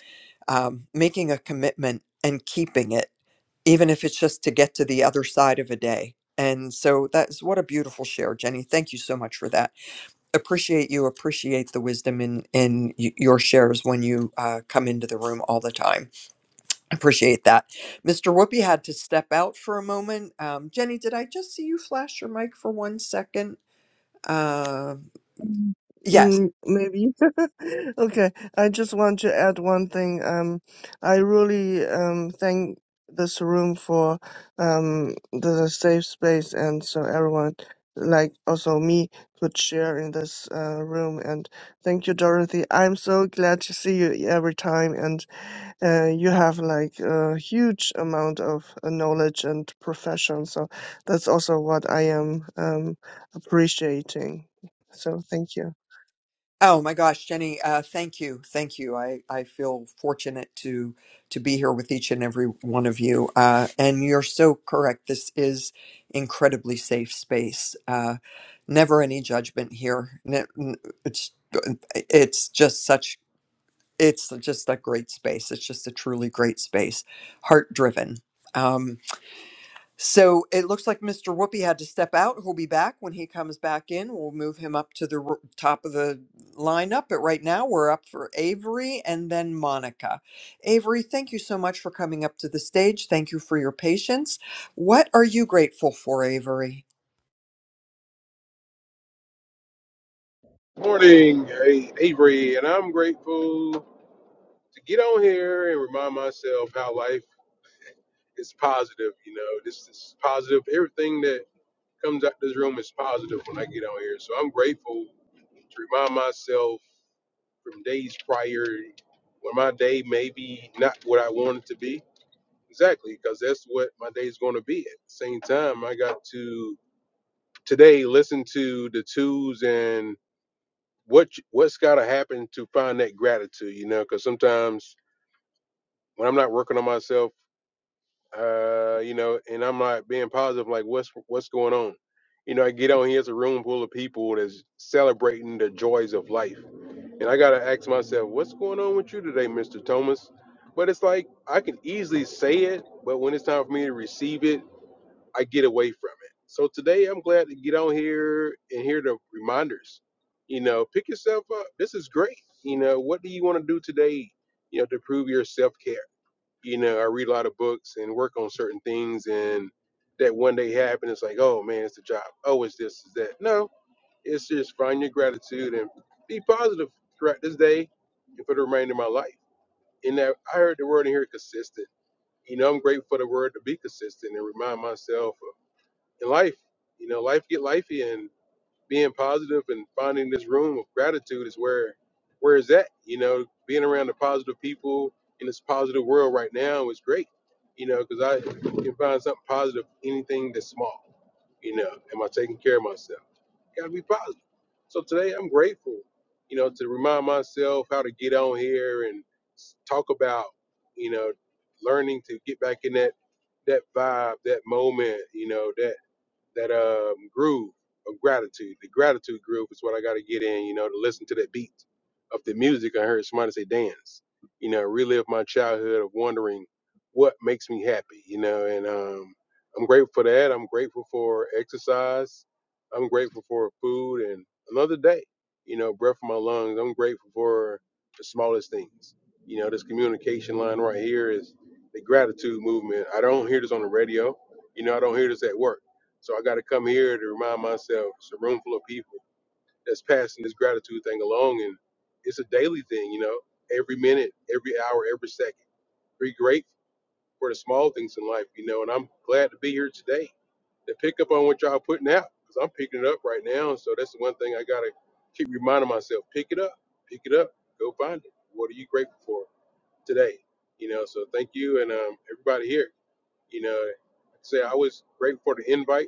Speaker 13: um, making a commitment and keeping it, even if it's just to get to the other side of a day. And so that's what a beautiful share, Jenny. Thank you so much for that appreciate you appreciate the wisdom in in y- your shares when you uh, come into the room all the time appreciate that mr whoopi had to step out for a moment um, jenny did i just see you flash your mic for one second uh, yes
Speaker 20: Mm, maybe. Okay. I just want to add one thing. Um, I really um thank this room for um the safe space, and so everyone, like also me, could share in this uh, room. And thank you, Dorothy. I'm so glad to see you every time, and uh, you have like a huge amount of uh, knowledge and profession. So that's also what I am um appreciating. So thank you.
Speaker 13: Oh my gosh, Jenny, uh, thank you. Thank you. I, I feel fortunate to to be here with each and every one of you. Uh, and you're so correct. This is incredibly safe space. Uh, never any judgment here. Ne- n- It's it's just such it's just a great space. It's just a truly great space. Heart driven. So it looks like Mr. Whoopi had to step out. He'll be back when he comes back in. We'll move him up to the r- top of the lineup. But right now we're up for Avery and then Monica. Avery, thank you so much for coming up to the stage. Thank you for your patience. What are you grateful for, Avery?
Speaker 21: Morning, A- Avery, and I'm grateful to get on here and remind myself how life is positive. You know, this is positive. Everything that comes out this room is positive when I get on here. So I'm grateful to remind myself from days prior when my day may be not what I want it to be. Exactly, because that's what my day is going to be. At the same time, I got to today listen to the twos and what you- what's got to happen to find that gratitude you know because sometimes when i'm not working on myself uh you know and i'm not being positive like what's what's going on you know i get on here here's a room full of people that's celebrating the joys of life and i gotta ask myself what's going on with you today mr thomas but it's like i can easily say it but when it's time for me to receive it I get away from it. So today I'm glad to get on here and hear the reminders. You know, pick yourself up. This is great. You know, what do you want to do today? You know, to improve your self care. You know, I read a lot of books and work on certain things, and that one day happen. It's like, oh man, it's the job. Oh, it's this, it's that. No, it's just find your gratitude and be positive throughout this day and for the remainder of my life. And that I heard the word in here consistent. You know, I'm grateful for the word to be consistent and remind myself in life. You know, life get lifey and being positive and finding this room of gratitude is where where is that? You know, being around the positive people in this positive world right now is great. You know, because I can find something positive, anything that's small. You know, am I taking care of myself? Gotta be positive. So today I'm grateful, you know, to remind myself how to get on here and s- talk about, you know, learning to get back in that that vibe, that moment, you know, that that um groove of gratitude. The gratitude groove is what I got to get in, you know, to listen to that beat of the music I heard somebody say dance. You know, relive my childhood of wondering what makes me happy, you know, and um I'm grateful for that. I'm grateful for exercise. I'm grateful for food and another day, you know, breath in my lungs. I'm grateful for the smallest things. You know, this communication line right here is the gratitude movement. I don't hear this on the radio. You know, I don't hear this at work so I got to come here to remind myself it's a room full of people that's passing this gratitude thing along, and it's a daily thing, you know, every minute, every hour, every second. Be grateful for the small things in life, you know, and I'm glad to be here today to pick up on what y'all putting out because I'm picking it up right now. So that's the one thing I got to keep reminding myself pick it up, pick it up, go find it. What are you grateful for today? You know, so thank you and um, everybody here. You know, like I say I was grateful for the invite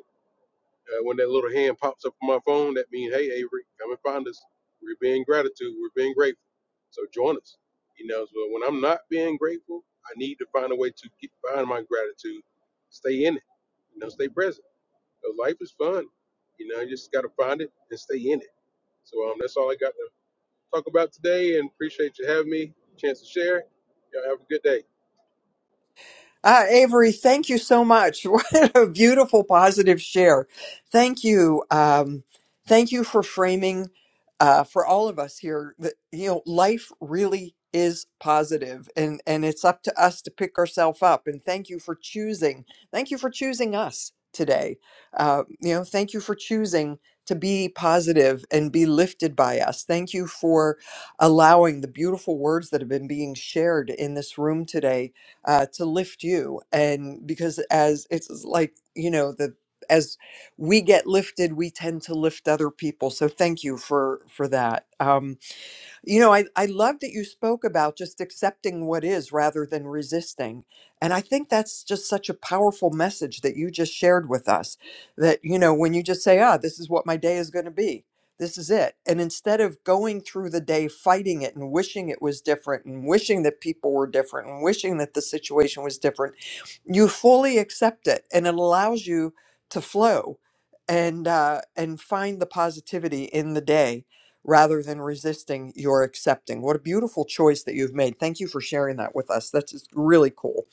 Speaker 21: uh, when that little hand pops up on my phone, that means, hey, Avery, come and find us. We're being gratitude. We're being grateful. So join us. You know, so when I'm not being grateful, I need to find a way to get, find my gratitude, stay in it, you know, stay present. 'Cause life is fun. You know, you just got to find it and stay in it. So um, that's all I got to talk about today and appreciate you having me, chance to share. Y'all have a good day.
Speaker 13: Uh, Avery, thank you so much. What a beautiful, positive share. Thank you. Um, thank you for framing uh, for all of us here that, you know, life really is positive and, and it's up to us to pick ourselves up. And thank you for choosing. Thank you for choosing us today. Uh, you know, thank you for choosing to be positive and be lifted by us. Thank you for allowing the beautiful words that have been being shared in this room today uh, to lift you. And because as it's like, you know, the as we get lifted, we tend to lift other people. So thank you for for that. Um, you know, I, I love that you spoke about just accepting what is rather than resisting. And I think that's just such a powerful message that you just shared with us that, you know, when you just say, ah, this is what my day is going to be, this is it. And instead of going through the day fighting it and wishing it was different and wishing that people were different and wishing that the situation was different, you fully accept it and it allows you to flow and uh, and find the positivity in the day rather than resisting, you're accepting. What a beautiful choice that you've made. Thank you for sharing that with us. That's just really cool.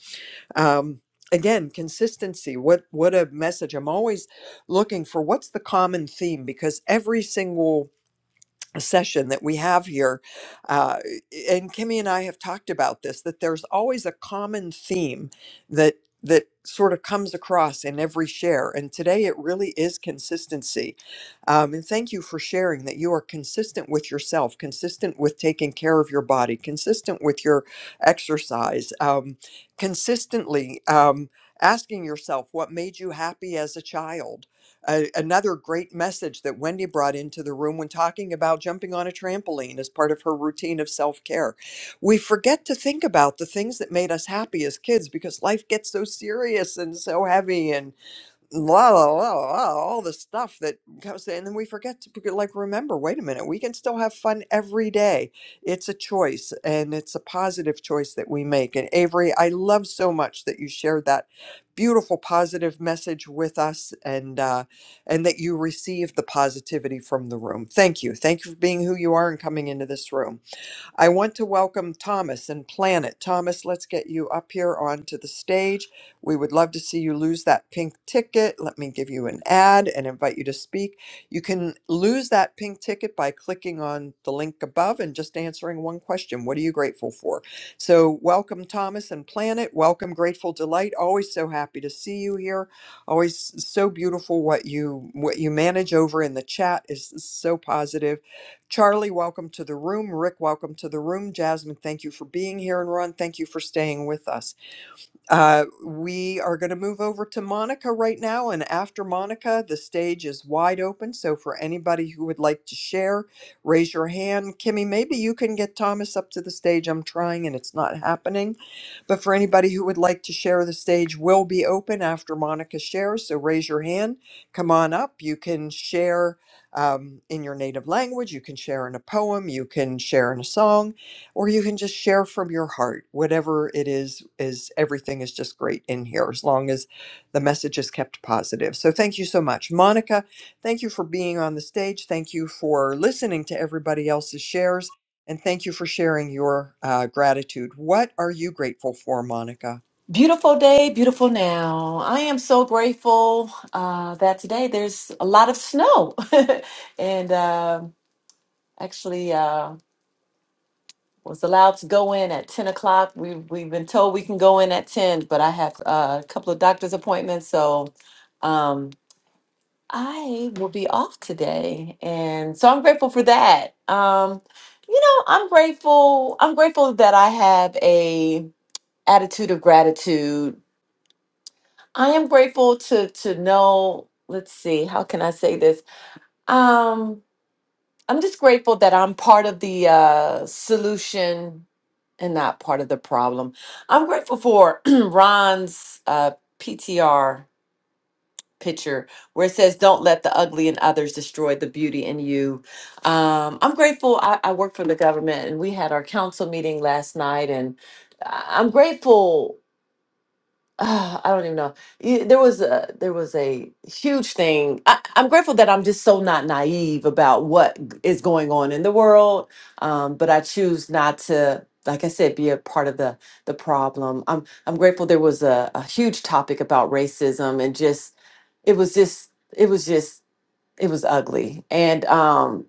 Speaker 13: Um, again, consistency. What what a message. I'm always looking for what's the common theme because every single session that we have here uh, and kimmy and i have talked about this that there's always a common theme that that sort of comes across in every share and today it really is consistency um, and thank you for sharing that you are consistent with yourself consistent with taking care of your body consistent with your exercise um, consistently um, asking yourself what made you happy as a child a another great message that Wendy brought into the room when talking about jumping on a trampoline as part of her routine of self care. We forget to think about the things that made us happy as kids because life gets so serious and so heavy. and blah, blah, blah, blah, all the stuff that comes in, and then we forget to like remember. Wait a minute, we can still have fun every day. It's a choice, and it's a positive choice that we make. And Avery, I love so much that you shared that beautiful positive message with us, and uh, and that you received the positivity from the room. Thank you, thank you for being who you are and coming into this room. I want to welcome Thomas and Planet. Thomas, let's get you up here onto the stage. We would love to see you lose that pink ticket. Let me give you an ad and invite you to speak. You can lose that pink ticket by clicking on the link above and just answering one question. What are you grateful for? So, welcome, Thomas and Planet. Welcome, Grateful Delight. Always so happy to see you here. Always so beautiful what you what you manage over in the chat is so positive Charlie, welcome to the room. Rick, welcome to the room. Jasmine, thank you for being here. And Ron, thank you for staying with us. Uh, we are going to move over to Monica right now. And after Monica, the stage is wide open. So for anybody who would like to share, raise your hand. Kimmy, maybe you can get Thomas up to the stage. I'm trying and it's not happening. But for anybody who would like to share, the stage will be open after Monica shares. So raise your hand. Come on up. You can share um, in your native language. You can share in a poem. You can share in a song or you can just share from your heart whatever it is is everything is just great in here as long as the message is kept positive so thank you so much monica thank you for being on the stage thank you for listening to everybody else's shares and thank you for sharing your uh, gratitude. What are you grateful for, Monica?
Speaker 22: Beautiful day, beautiful now. I am so grateful uh, that today there's a lot of snow. and uh, actually, uh, was allowed to go in at 10 o'clock. We, we've been told we can go in at 10, but I have uh, a couple of doctor's appointments. So um, I will be off today. And so I'm grateful for that. Um, you know, I'm grateful. I'm grateful that I have a attitude of gratitude I am grateful to to know, let's see, how can I say this? Um, I'm just grateful that I'm part of the uh solution and not part of the problem. I'm grateful for Ron's uh PTR picture where it says don't let the ugly in others destroy the beauty in you um, i'm grateful I, I work for the government and we had our council meeting last night and I- i'm grateful Ah, I don't even know. Y- There was a there was a huge thing. I, I'm grateful that I'm just so not naive about what g- is going on in the world, um, but I choose not to, like I said, be a part of the the problem. I'm I'm grateful there was a, a huge topic about racism and just it was just it was just it was ugly and um,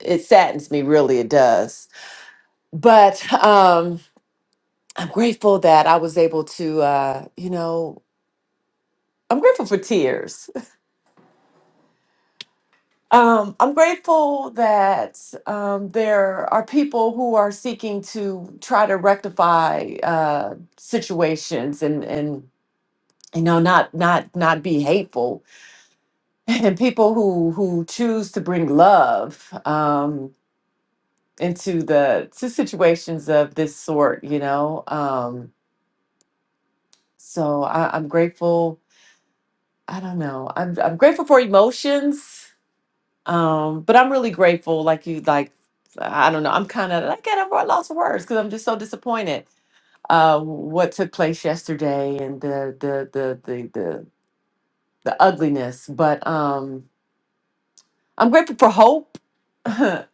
Speaker 22: it saddens me really. It does, but um, I'm grateful that I was able to, uh, you know. I'm grateful for tears. Um, I'm grateful that um, there are people who are seeking to try to rectify uh, situations and and you know not not not be hateful, and people who who choose to bring love um, into the to situations of this sort. You know, um, so I, I'm grateful. I don't know. I'm I'm grateful for emotions Um, but I'm really grateful. Like you, like I don't know. I'm kind of like I've lost for words because I'm just so disappointed. Uh, what took place yesterday and the the the the the, the ugliness. But um, I'm grateful for hope. um,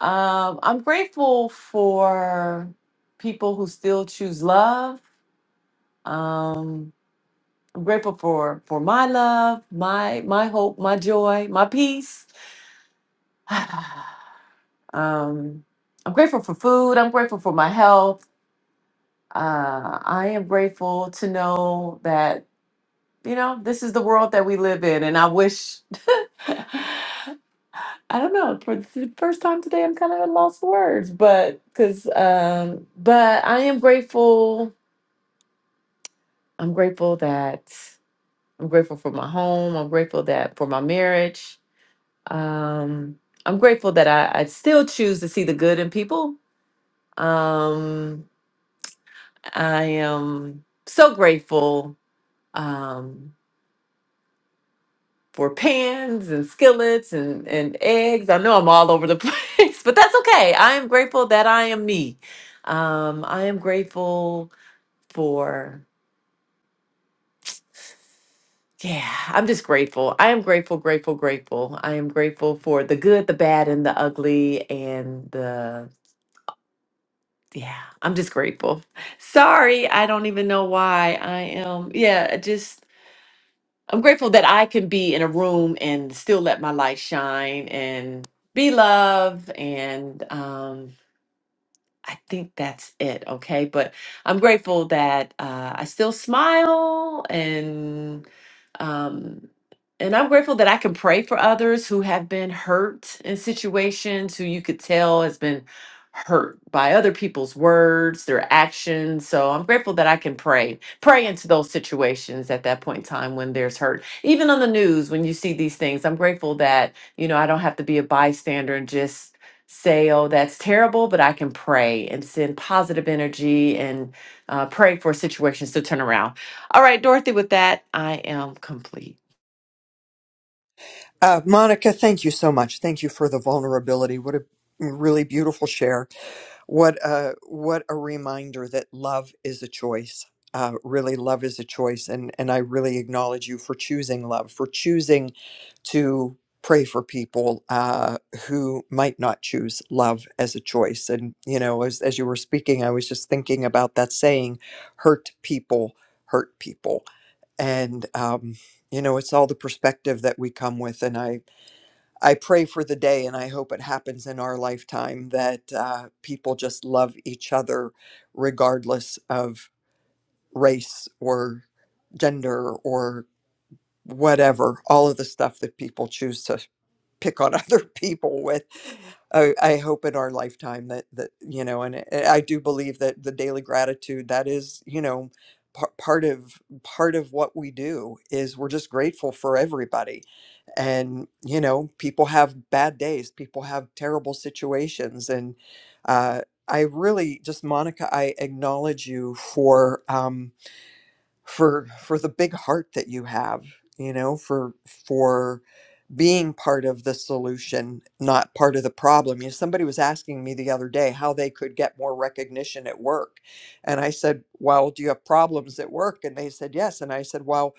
Speaker 22: I'm grateful for people who still choose love. Um, I'm grateful for for my love, my my hope, my joy, my peace. Um, I'm grateful for food. I'm grateful for my health. Uh, I am grateful to know that, you know, this is the world that we live in. And I wish, I don't know, for the first time today, I'm kind of at lost for words, but because, um, but I am grateful. I'm grateful that I'm grateful for my home. I'm grateful that for my marriage. Um, I'm grateful that I, I still choose to see the good in people. Um, I am so grateful um, for pans and skillets and, and eggs. I know I'm all over the place, but that's okay. I am grateful that I am me. Um, I am grateful for, yeah, I'm just grateful. I am grateful, grateful, grateful. I am grateful for the good, the bad, and the ugly, and the, yeah, I'm just grateful. Sorry, I don't even know why I am, yeah, just I'm grateful that I can be in a room and still let my light shine and be loved and um, I think that's it. Okay. But I'm grateful that uh, I still smile and, um, and I'm grateful that I can pray for others who have been hurt in situations who you could tell has been hurt by other people's words, their actions. So I'm grateful that I can pray, pray into those situations at that point in time when there's hurt. Even on the news, when you see these things, I'm grateful that, you know, I don't have to be a bystander and just say, oh, that's terrible, but I can pray and send positive energy and uh, pray for situations to turn around. All right, Dorothy, with that, I am complete.
Speaker 13: Uh, Monica, thank you so much. Thank you for the vulnerability. What a mm, really beautiful share. What a what a reminder that love is a choice. Uh, really, love is a choice, and and I really acknowledge you for choosing love, for choosing to pray for people uh, who might not choose love as a choice. And you know, as as you were speaking, I was just thinking about that saying, "Hurt people, hurt people," and um, you know, it's all the perspective that we come with. And I I pray for the day, and I hope it happens in our lifetime that uh, people just love each other regardless of race or gender or whatever, all of the stuff that people choose to pick on other people with. I, I hope in our lifetime that that you know, and I I do believe that the daily gratitude that is you know par- part of part of what we do is we're just grateful for everybody and you know people have bad days people have terrible situations and uh, i really just monica i acknowledge you for um, for for the big heart that you have you know for for being part of the solution, not part of the problem. You know, somebody was asking me the other day how they could get more recognition at work. And I said, Well, do you have problems at work? And they said, Yes. And I said, Well,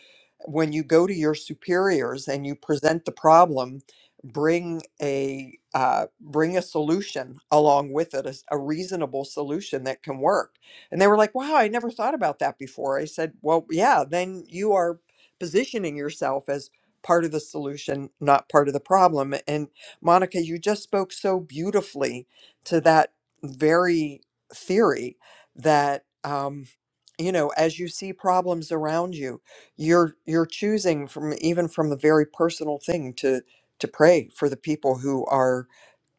Speaker 13: when you go to your superiors and you present the problem, bring a uh, bring a solution along with it, a, s- a reasonable solution that can work. And they were like, "Wow, I never thought about that before." I said, "Well, yeah, then you are positioning yourself as part of the solution, not part of the problem. And Monica, you just spoke so beautifully to that very theory that um, you know, as you see problems around you, you're you're choosing from even from the very personal thing to to pray for the people who are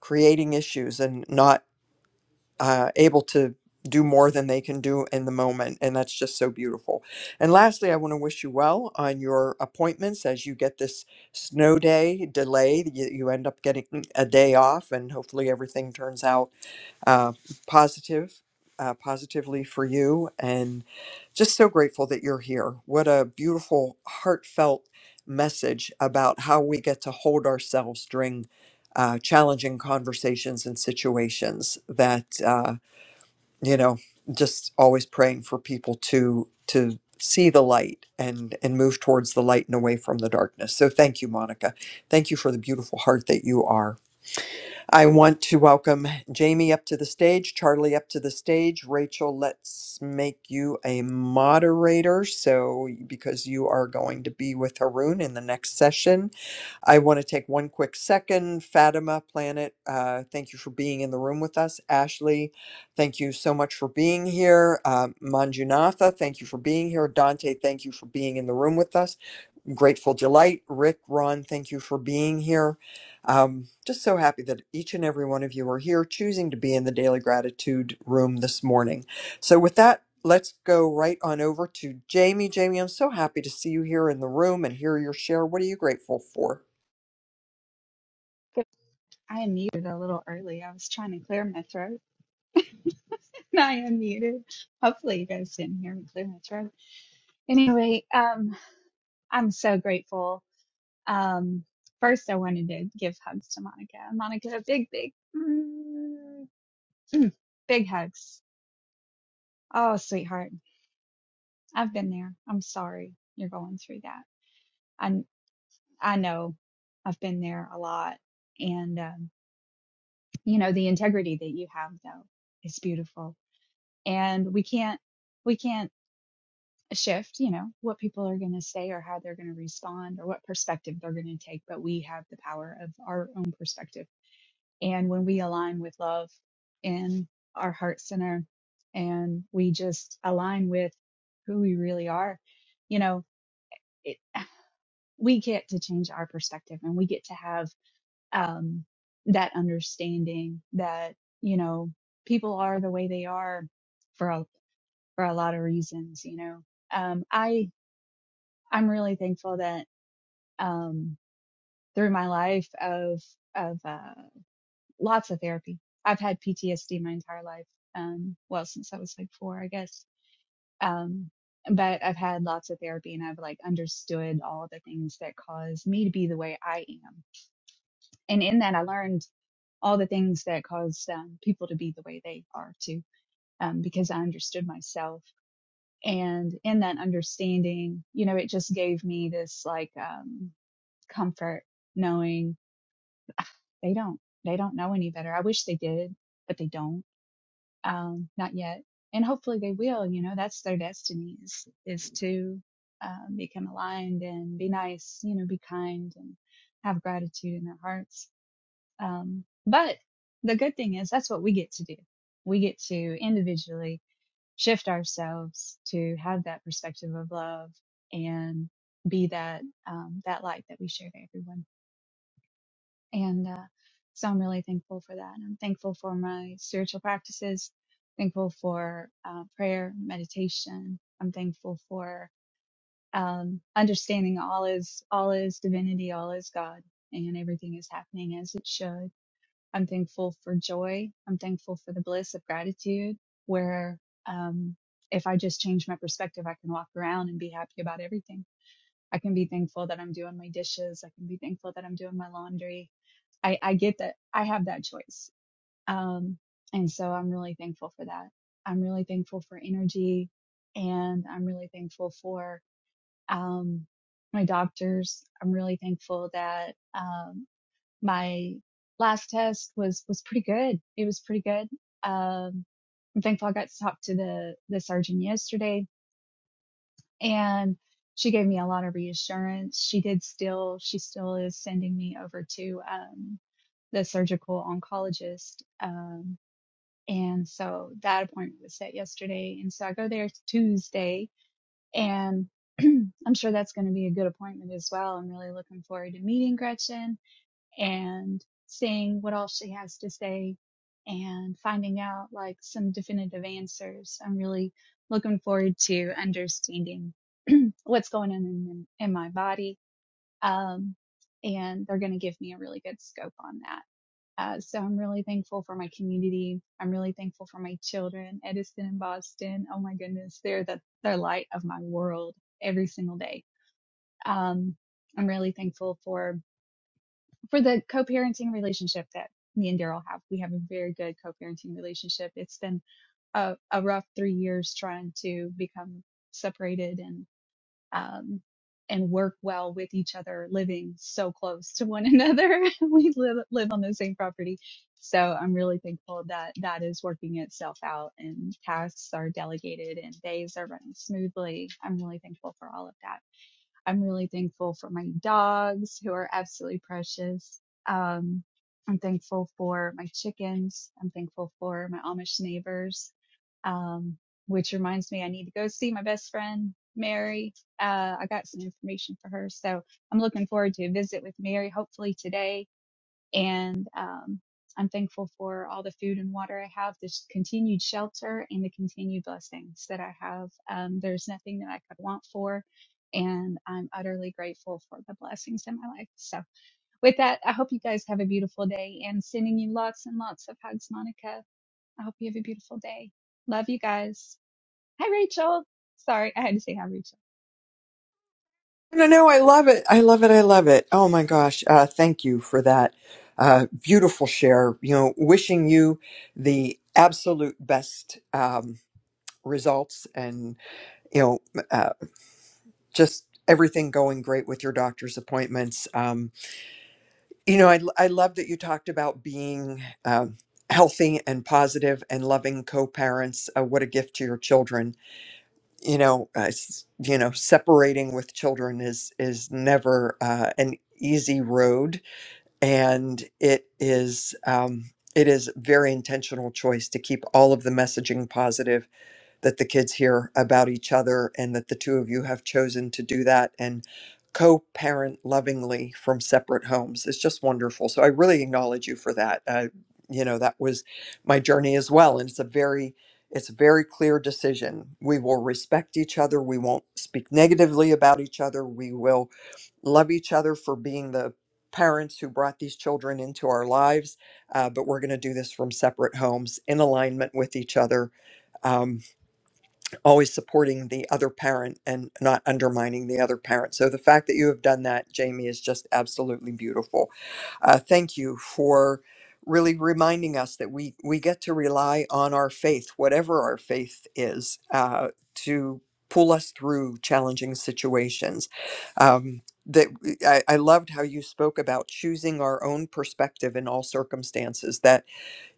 Speaker 13: creating issues and not uh, able to do more than they can do in the moment. And that's just so beautiful. And lastly, I want to wish you well on your appointments as you get this snow day delay. You, you end up getting a day off, and hopefully everything turns out uh, positive. Uh, positively for you, and just so grateful that you're here. What a beautiful, heartfelt message about how we get to hold ourselves during uh, challenging conversations and situations that. Uh, you know just always praying for people to to see the light and and move towards the light and away from the darkness so thank you monica thank you for the beautiful heart that you are i want to welcome jamie up to the stage charlie up to the stage rachel let's make you a moderator so because you are going to be with haroon in the next session I want to take one quick second. Fatima Planet, uh, thank you for being in the room with us. Ashley, thank you so much for being here. Uh, Manjunatha, thank you for being here. Dante, thank you for being in the room with us. Grateful Delight, Rick, Ron, thank you for being here. Um, just so happy that each and every one of you are here choosing to be in the Daily Gratitude room this morning. So, with that, let's go right on over to Jamie. Jamie, I'm so happy to see you here in the room and hear your share. What are you grateful for?
Speaker 23: Good- I am muted a little early. I was trying to clear my throat. I am muted. Hopefully you guys didn't hear me clear my throat. Anyway, um, I'm so grateful. Um, first I wanted to give hugs to Monica. Monica, big, big, mm, mm, big hugs. Oh, sweetheart. I've been there. I'm sorry you're going through that. I, I know I've been there a lot. And, um, you know, the integrity that you have though is beautiful. And we can't, we can't a shift, you know, what people are going to say or how they're going to respond or what perspective they're going to take, but we have the power of our own perspective. And when we align with love in our heart center and we just align with who we really are, you know, it, we get to change our perspective and we get to have um, that understanding that, you know, people are the way they are for a, for a lot of reasons, you know. Um, I I'm really thankful that um, through my life of of uh, lots of therapy. I've had PTSD my entire life, um, well since I was like four, I guess. Um, but I've had lots of therapy, and I've like understood all the things that cause me to be the way I am. And in that, I learned all the things that caused um, people to be the way they are too, um, because I understood myself. And in that understanding, you know, it just gave me this like um, comfort knowing they don't they don't know any better i wish they did but they don't um not yet and hopefully they will you know that's their destiny is is to um, become aligned and be nice you know be kind and have gratitude in their hearts um but the good thing is that's what we get to do we get to individually shift ourselves to have that perspective of love and be that um, that light that we share to everyone and uh, so I'm really thankful for that. I'm thankful for my spiritual practices, thankful for uh, prayer, meditation. I'm thankful for um, understanding all is all is divinity, all is God, and everything is happening as it should. I'm thankful for joy. I'm thankful for the bliss of gratitude, where um, if I just change my perspective, I can walk around and be happy about everything I can be thankful that I'm doing my dishes. I can be thankful that I'm doing my laundry. I, I get that I have that choice. Um, and so I'm really thankful for that. I'm really thankful for energy and I'm really thankful for, um, my doctors. I'm really thankful that, um, my last test was, was pretty good. It was pretty good. Um, I'm thankful I got to talk to the, the surgeon yesterday and she gave me a lot of reassurance. She did still, she still is sending me over to um, the surgical oncologist. Um, and so that appointment was set yesterday. And so I go there Tuesday and I'm sure that's going to be a good appointment as well. I'm really looking forward to meeting Gretchen and seeing what all she has to say and finding out like some definitive answers. I'm really looking forward to understanding what's going on in, in my body. Um, and they're going to give me a really good scope on that. Uh, so I'm really thankful for my community. I'm really thankful for my children, Edison and Boston. Oh my goodness, they're the they're light of my world every single day. Um, I'm really thankful for for the co-parenting relationship that me and Daryl have. We have a very good co-parenting relationship. It's been a, a rough three years trying to become separated and um, and work well with each other, living so close to one another. we live live on the same property, so I'm really thankful that that is working itself out and tasks are delegated and days are running smoothly. I'm really thankful for all of that. I'm really thankful for my dogs who are absolutely precious. Um, I'm thankful for my chickens. I'm thankful for my Amish neighbors. Um, which reminds me, I need to go see my best friend, Mary. Uh, I got some information for her. So I'm looking forward to a visit with Mary, hopefully today and um, I'm thankful for all the food and water I have, this continued shelter, and the continued blessings that I have. Um, there's nothing that I could want for, and I'm utterly grateful for the blessings in my life. So, with that, I hope you guys have a beautiful day and sending you lots and lots of hugs, Monica. I hope you have a beautiful day. Love you guys. Hi, Rachel. Sorry, I had to say hi, Rachel.
Speaker 13: No, no, I love it. I love it. I love it. Oh my gosh. Uh, thank you for that uh, beautiful share. You know, wishing you the absolute best um, results and, you know, uh, just everything going great with your doctor's appointments. Um, you know, I, I love that you talked about being um healthy and positive and loving co parents. Uh, what a gift to your children you know, uh, s- you know, separating with children is is never uh, an easy road, and it is um, it is very intentional choice to keep all of the messaging positive that the kids hear about each other and that the two of you have chosen to do that and co-parent lovingly from separate homes it's just wonderful so i really acknowledge you for that uh, you know that was my journey as well and it's a very it's a very clear decision we will respect each other we won't speak negatively about each other we will love each other for being the parents who brought these children into our lives uh, but we're going to do this from separate homes in alignment with each other um, always supporting the other parent and not undermining the other parent. So the fact that you have done that, Jamie, is just absolutely beautiful. Uh, thank you for really reminding us that we we get to rely on our faith, whatever our faith is, uh, to pull us through challenging situations. Um, that I, I loved how you spoke about choosing our own perspective in all circumstances. That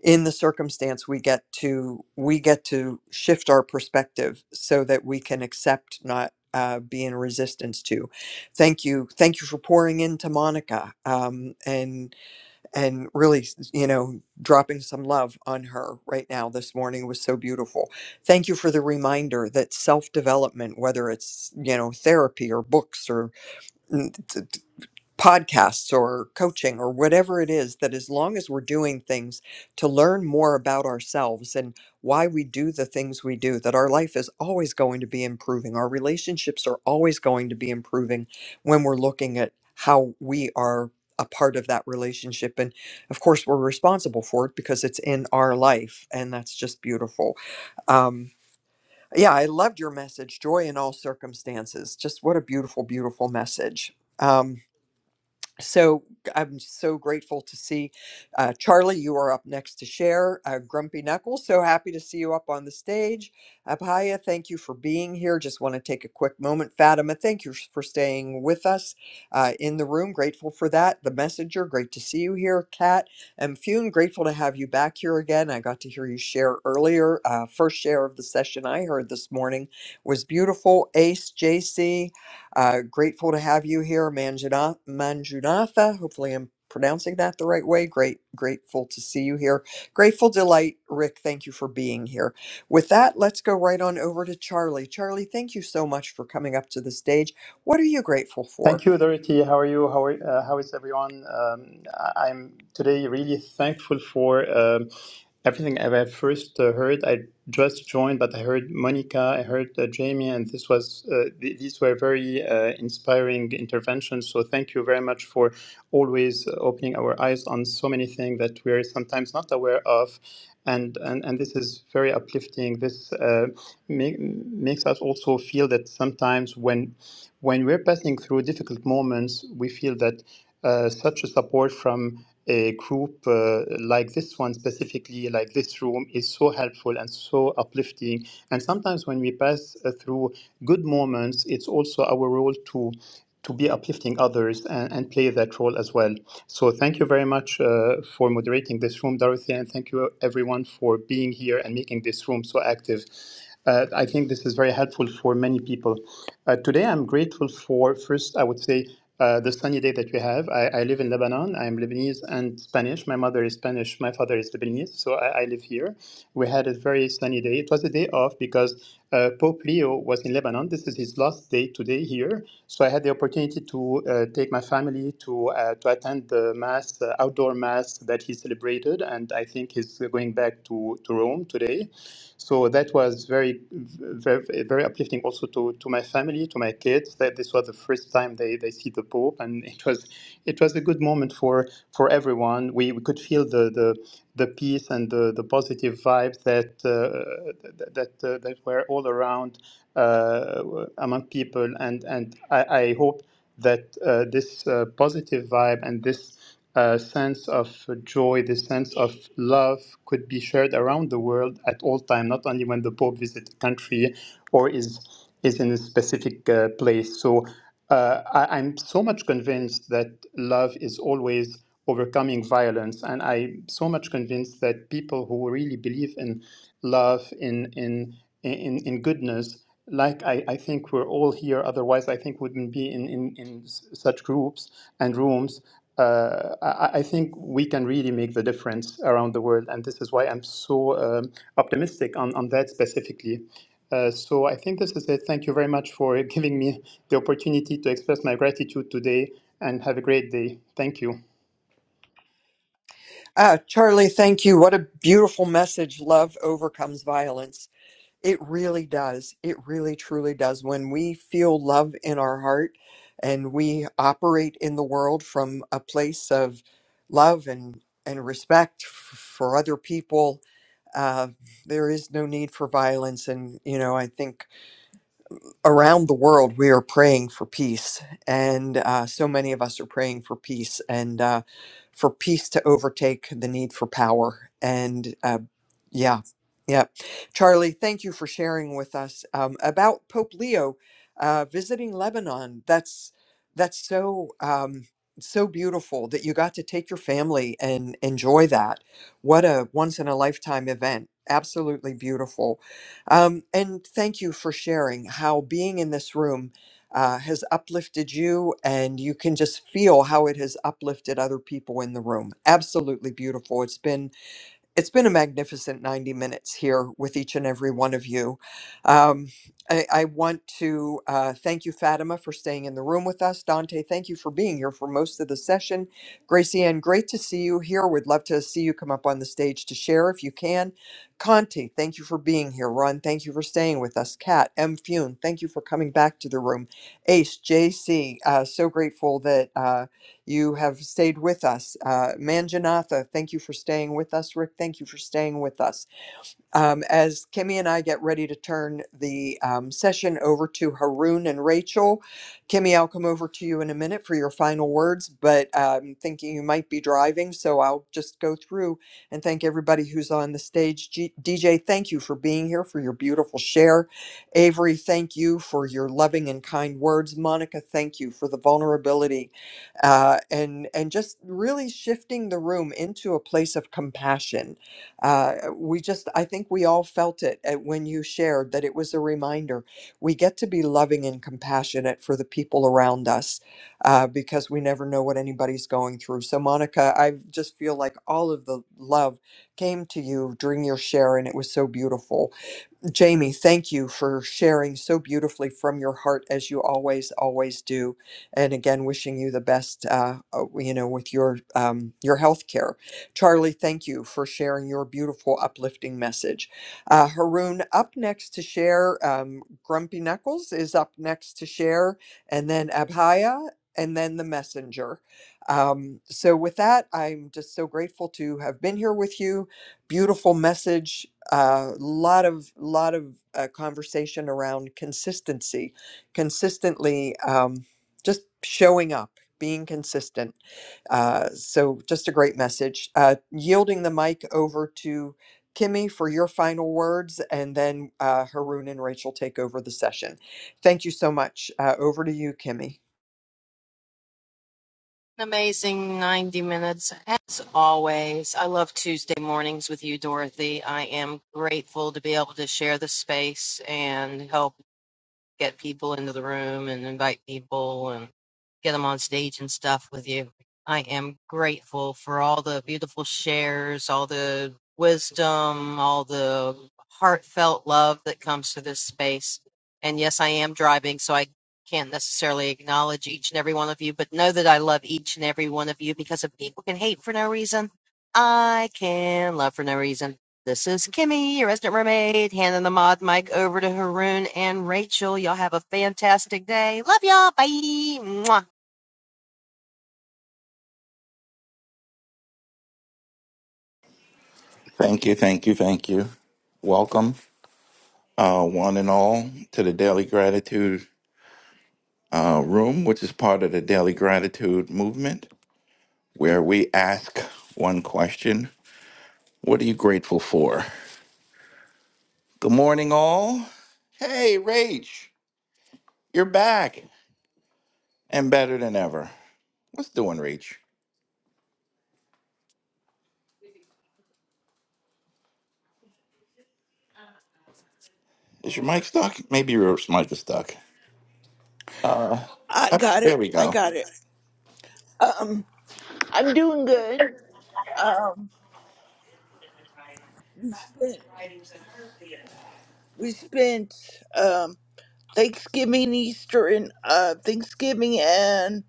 Speaker 13: in the circumstance we get to we get to shift our perspective so that we can accept not uh, be in resistance to thank you thank you for pouring into monica um, and and really you know dropping some love on her right now this morning was so beautiful thank you for the reminder that self-development whether it's you know therapy or books or podcasts or coaching or whatever it is that as long as we're doing things to learn more about ourselves and why we do the things we do that our life is always going to be improving our relationships are always going to be improving when we're looking at how we are a part of that relationship and of course we're responsible for it because it's in our life and that's just beautiful um, yeah i loved your message joy in all circumstances just what a beautiful beautiful message Um, so I'm so grateful to see uh, Charlie. You are up next to share. Uh, Grumpy Knuckles, so happy to see you up on the stage. Abhaya, thank you for being here. Just want to take a quick moment. Fatima, thank you for staying with us uh, in the room. Grateful for that. The Messenger, great to see you here. Kat and Fune, grateful to have you back here again. I got to hear you share earlier. Uh, first share of the session I heard this morning was beautiful. Ace, JC, uh, grateful to have you here, Manjuna- Manjunatha. Hopefully, I'm pronouncing that the right way. Great, grateful to see you here. Grateful delight, Rick. Thank you for being here. With that, let's go right on over to Charlie. Charlie, thank you so much for coming up to the stage. What are you grateful
Speaker 24: Thank
Speaker 13: for?
Speaker 24: you, Dorothy. How are you? How are, uh, how is everyone? Um, I- I'm today really thankful for um, everything I I first uh, heard. I just joined, but I heard Monica, I heard uh, Jamie, and this was uh, th- these were very uh, inspiring interventions. So thank you very much for always opening our eyes on so many things that we're sometimes not aware of. And, and, and this is very uplifting. This uh, ma- makes us also feel that sometimes when when we're passing through difficult moments, we feel that uh, such a support from a group uh, like this one specifically, like this room, is so helpful and so uplifting. And sometimes when we pass uh, through good moments, it's also our role to to be uplifting others and, and play that role as well. So thank you very much uh, for moderating this room, Dorothy, and thank you everyone for being here and making this room so active. Uh, I think this is very helpful for many people. Uh, today, I'm grateful for first, I would say, uh, the sunny day that we have. I, I live in Lebanon. I am Lebanese and Spanish. My mother is Spanish. My father is Lebanese, so I, I live here. We had a very sunny day. It was a day off because uh, Pope Leo was in Lebanon. This is his last day today here, so I had the opportunity to uh, take my family to uh, to attend the mass, uh, outdoor mass that he celebrated, and I think he's going back to, to Rome today. So that was very, very, very uplifting also to, to my family, to my kids. That this was the first time they, they see the Pope, and it was it was a good moment for for everyone. We, we could feel the the the peace and the, the positive vibes that uh, that uh, that were all around uh, among people. And, and I, I hope that uh, this uh, positive vibe and this uh, sense of joy, this sense of love could be shared around the world at all time, not only when the Pope visits a country or is, is in a specific uh, place. So uh, I, I'm so much convinced that love is always overcoming violence. And I'm so much convinced that people who really believe in love, in, in, in, in goodness, like I, I think we're all here otherwise i think we wouldn't be in, in, in s- such groups and rooms uh, I, I think we can really make the difference around the world and this is why i'm so um, optimistic on, on that specifically uh, so i think this is it thank you very much for giving me the opportunity to express my gratitude today and have a great day thank you
Speaker 13: Ah, Charlie, thank you. What a beautiful message. Love overcomes violence. It really does. It really truly does. When we feel love in our heart and we operate in the world from a place of love and, and respect f- for other people, uh, there is no need for violence. And, you know, I think around the world, we are praying for peace, and uh, so many of us are praying for peace and uh, for peace to overtake the need for power. And uh, yeah, yeah, Charlie, thank you for sharing with us um, about Pope Leo uh, visiting Lebanon. That's that's so um, so beautiful that you got to take your family and enjoy that. What a once in a lifetime event! Absolutely beautiful. Um, and thank you for sharing how being in this room uh, has uplifted you, and you can just feel how it has uplifted other people in the room. Absolutely beautiful. It's been it's been a magnificent 90 minutes here with each and every one of you. Um, I, I want to uh, thank you, Fatima, for staying in the room with us. Dante, thank you for being here for most of the session. Gracie Ann, great to see you here. We'd love to see you come up on the stage to share if you can. Conti, thank you for being here. Ron, thank you for staying with us. Kat, M. Fune, thank you for coming back to the room. Ace, JC, uh, so grateful that. Uh, you have stayed with us. Uh, Manjanatha, thank you for staying with us. Rick, thank you for staying with us. Um, as Kimmy and I get ready to turn the um, session over to Haroon and Rachel, Kimmy, I'll come over to you in a minute for your final words, but I'm thinking you might be driving, so I'll just go through and thank everybody who's on the stage. G- DJ, thank you for being here, for your beautiful share. Avery, thank you for your loving and kind words. Monica, thank you for the vulnerability uh, and, and just really shifting the room into a place of compassion uh, we just, I think we all felt it uh, when you shared that it was a reminder. We get to be loving and compassionate for the people around us uh, because we never know what anybody's going through. So, Monica, I just feel like all of the love came to you during your share, and it was so beautiful. Jamie, thank you for sharing so beautifully from your heart as you always, always do. And again, wishing you the best, uh, uh, you know, with your um, your health care. Charlie, thank you for sharing your beautiful, uplifting message. Uh, Haroon, up next to share. Um, Grumpy Knuckles is up next to share, and then Abhaya, and then the messenger. Um, so with that, I'm just so grateful to have been here with you beautiful message a lot of lot of uh, conversation around consistency, consistently um, just showing up, being consistent. Uh, so just a great message. Uh, yielding the mic over to Kimmy for your final words, and then uh, Haroon and Rachel take over the session. Thank you so much. Uh, over to you, Kimmy.
Speaker 25: An Amazing 90 minutes as always. I love Tuesday mornings with you, Dorothy. I am grateful to be able to share the space and help get people into the room and invite people and get them on stage and stuff with you. I am grateful for all the beautiful shares, all the wisdom, all the heartfelt love that comes to this space. And yes, I am driving, so I can't necessarily acknowledge each and every one of you, but know that I love each and every one of you because if people can hate for no reason, I can love for no reason. This is Kimmy, your resident mermaid, handing the mod mic over to Haroon and Rachel. Y'all have a fantastic day. Love y'all. Bye. Mwah.
Speaker 26: Thank you, thank you, thank you. Welcome, uh, one and all, to the Daily Gratitude uh, Room, which is part of the Daily Gratitude Movement, where we ask one question What are you grateful for? Good morning, all. Hey, Rach, you're back and better than ever. What's doing, Rach? Is your mic stuck? Maybe your mic is stuck. Uh,
Speaker 27: I
Speaker 26: up,
Speaker 27: got
Speaker 26: there
Speaker 27: it.
Speaker 26: we
Speaker 27: I
Speaker 26: go.
Speaker 27: got it. Um, I'm doing good. Um, we spent we spent um Thanksgiving, Easter, and uh Thanksgiving, and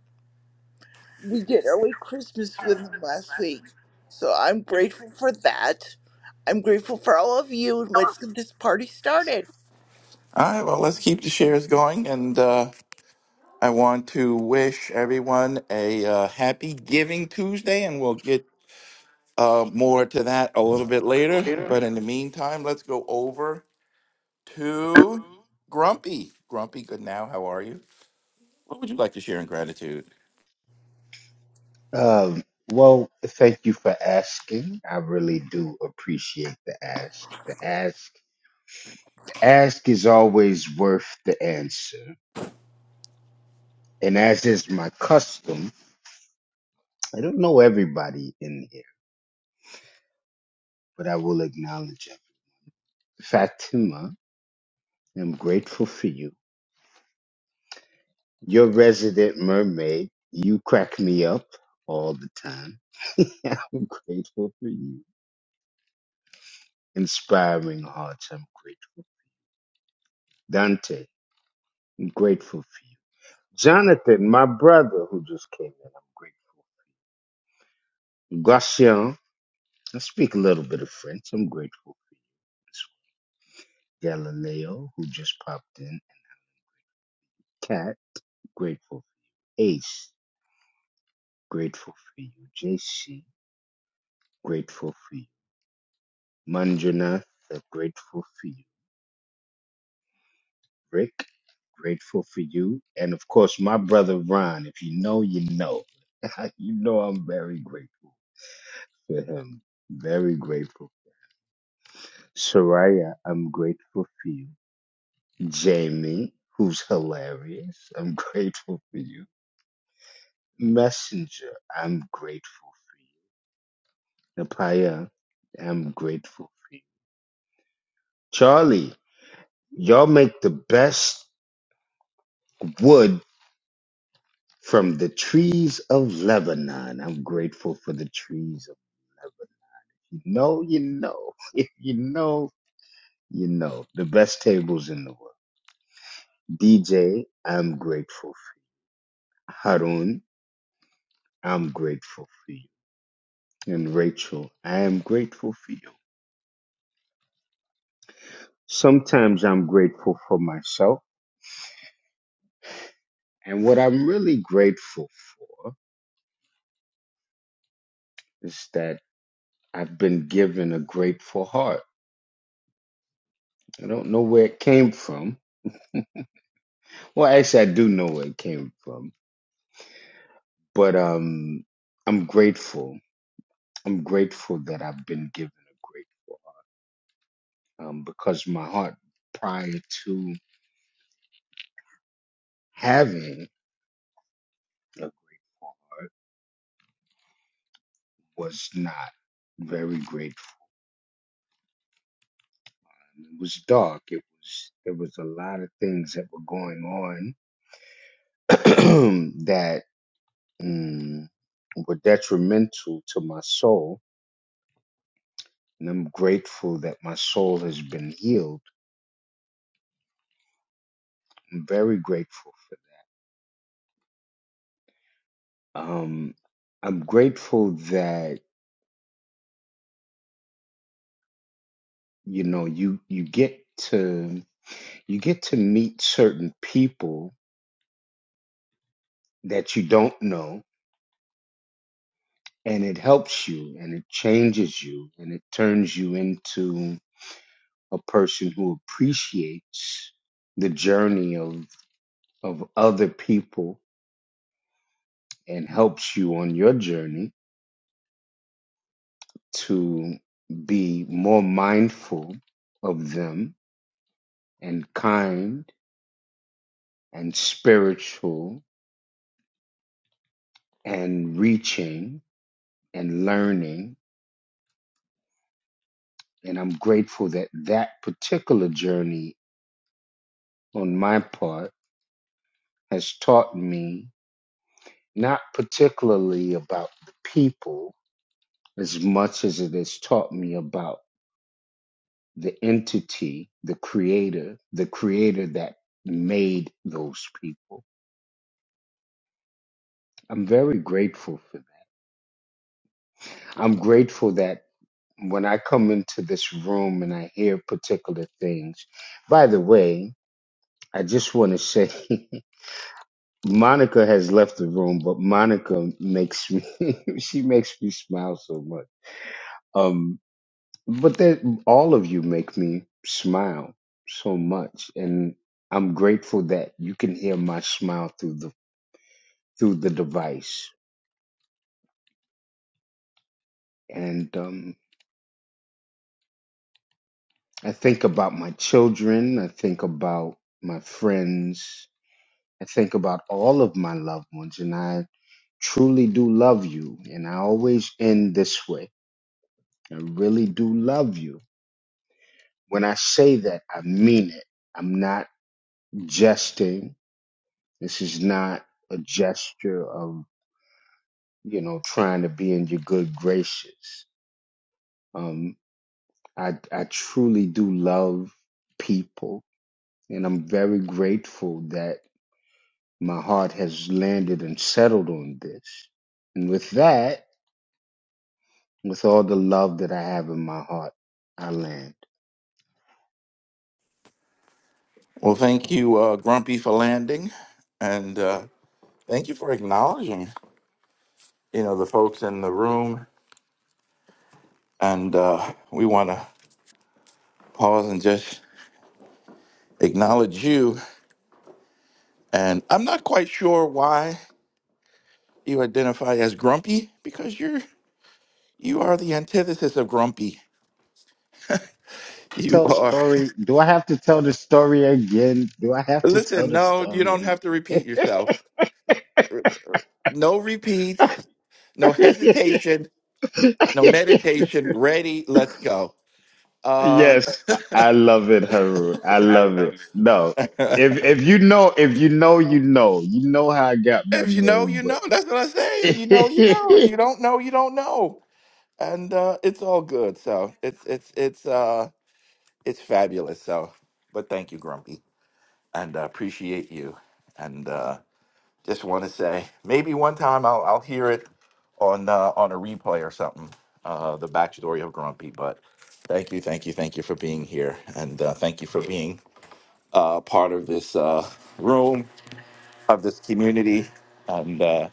Speaker 27: we did our way Christmas with him last week. So I'm grateful for that. I'm grateful for all of you, and let's get this party started.
Speaker 26: All right, well, let's keep the shares going. And uh, I want to wish everyone a uh, happy Giving Tuesday, and we'll get uh, more to that a little bit later.
Speaker 27: Later.
Speaker 26: But in the meantime, let's go over to Grumpy. Grumpy, good now. How are you? What would you like to share in gratitude?
Speaker 28: Um, well, thank you for asking. I really do appreciate the ask. The ask, the ask is always worth the answer. And as is my custom, I don't know everybody in here, but I will acknowledge him. Fatima, I'm grateful for you. Your resident mermaid, you crack me up all the time. I'm grateful for you. Inspiring hearts, I'm grateful. Dante, I'm grateful for you. Jonathan, my brother who just came in, I'm grateful. Gracian, I speak a little bit of French. I'm grateful for you. Galileo, who just popped in. Cat, grateful. Ace, grateful for you. JC, grateful for you. Manjanath, grateful for you. Rick, grateful for you. And of course, my brother Ron, if you know, you know. you know I'm very grateful for him. Very grateful. Soraya, I'm grateful for you. Jamie, who's hilarious. I'm grateful for you. Messenger, I'm grateful. Napaya, I'm grateful for you. Charlie, y'all make the best wood from the trees of Lebanon. I'm grateful for the trees of you know, you know, if you know, you know, the best tables in the world. DJ, I'm grateful. For you. Harun, I'm grateful for you. And Rachel, I am grateful for you. Sometimes I'm grateful for myself. And what I'm really grateful for is that I've been given a grateful heart. I don't know where it came from. Well, actually, I do know where it came from, but um, I'm grateful. I'm grateful that I've been given a grateful heart um, because my heart prior to having it was not very grateful. It was dark. It was there was a lot of things that were going on that mm, were detrimental to my soul. And I'm grateful that my soul has been healed. I'm very grateful. Um, I'm grateful that you know you you get to you get to meet certain people that you don't know, and it helps you, and it changes you, and it turns you into a person who appreciates the journey of of other people and helps you on your journey to be more mindful of them and kind and spiritual and reaching and learning. And I'm grateful that that particular journey on my part has taught me not particularly about the people as much as it has taught me about the entity, the creator, the creator that made those people I'm very grateful for that. I'm grateful that when I come into this room and I hear particular things. By the way, I just want to say Monica has left the room, but Monica makes me she makes me smile so much. Um but that all of you make me smile so much and I'm grateful that you can hear my smile through the through the device. And um I think about my children. I think about my friends. I think about all of my loved ones. And I truly do love you. And I always end this way I really do love you. When I say that, I mean it. I'm not jesting. This is not a gesture of, you know, trying to be in your good graces. Um, I, I truly do love people. And I'm very grateful that My heart has landed and settled on this. And with that, with all the love that I have in my heart, I land.
Speaker 26: Well, thank you, uh, Grumpy, for landing, and uh, thank you for acknowledging, you know, the folks in the room. And uh, we want to pause and just acknowledge you. And I'm not quite sure why. You identify as grumpy because you're you are the antithesis of grumpy. You
Speaker 28: Tell the
Speaker 26: are.
Speaker 28: story. Do I have to tell the story again? Do I have to tell
Speaker 26: Listen,
Speaker 28: the
Speaker 26: no, you don't
Speaker 28: story
Speaker 26: have to
Speaker 28: again?
Speaker 26: repeat yourself. No repeats, no hesitation, no meditation. Ready, let's go. Uh
Speaker 28: yes, I I love it, Haroon. I love it. No,
Speaker 26: if
Speaker 28: if if you know, if you know, you know, you know how I got my
Speaker 26: you know,
Speaker 28: name,
Speaker 26: you
Speaker 28: but
Speaker 26: know. That's what I say. If you know, you know. If you don't know, you don't know. And uh it's all good. So it's it's it's uh it's fabulous. So but thank you, Grumpy. And uh, appreciate you. And uh Just want to say, maybe one time I'll I'll hear it on uh, on a replay or something. Uh, the backstory of Grumpy, but thank you, thank you, thank you for being here, and uh, thank you for being uh, part of this uh, room, of this community, and uh,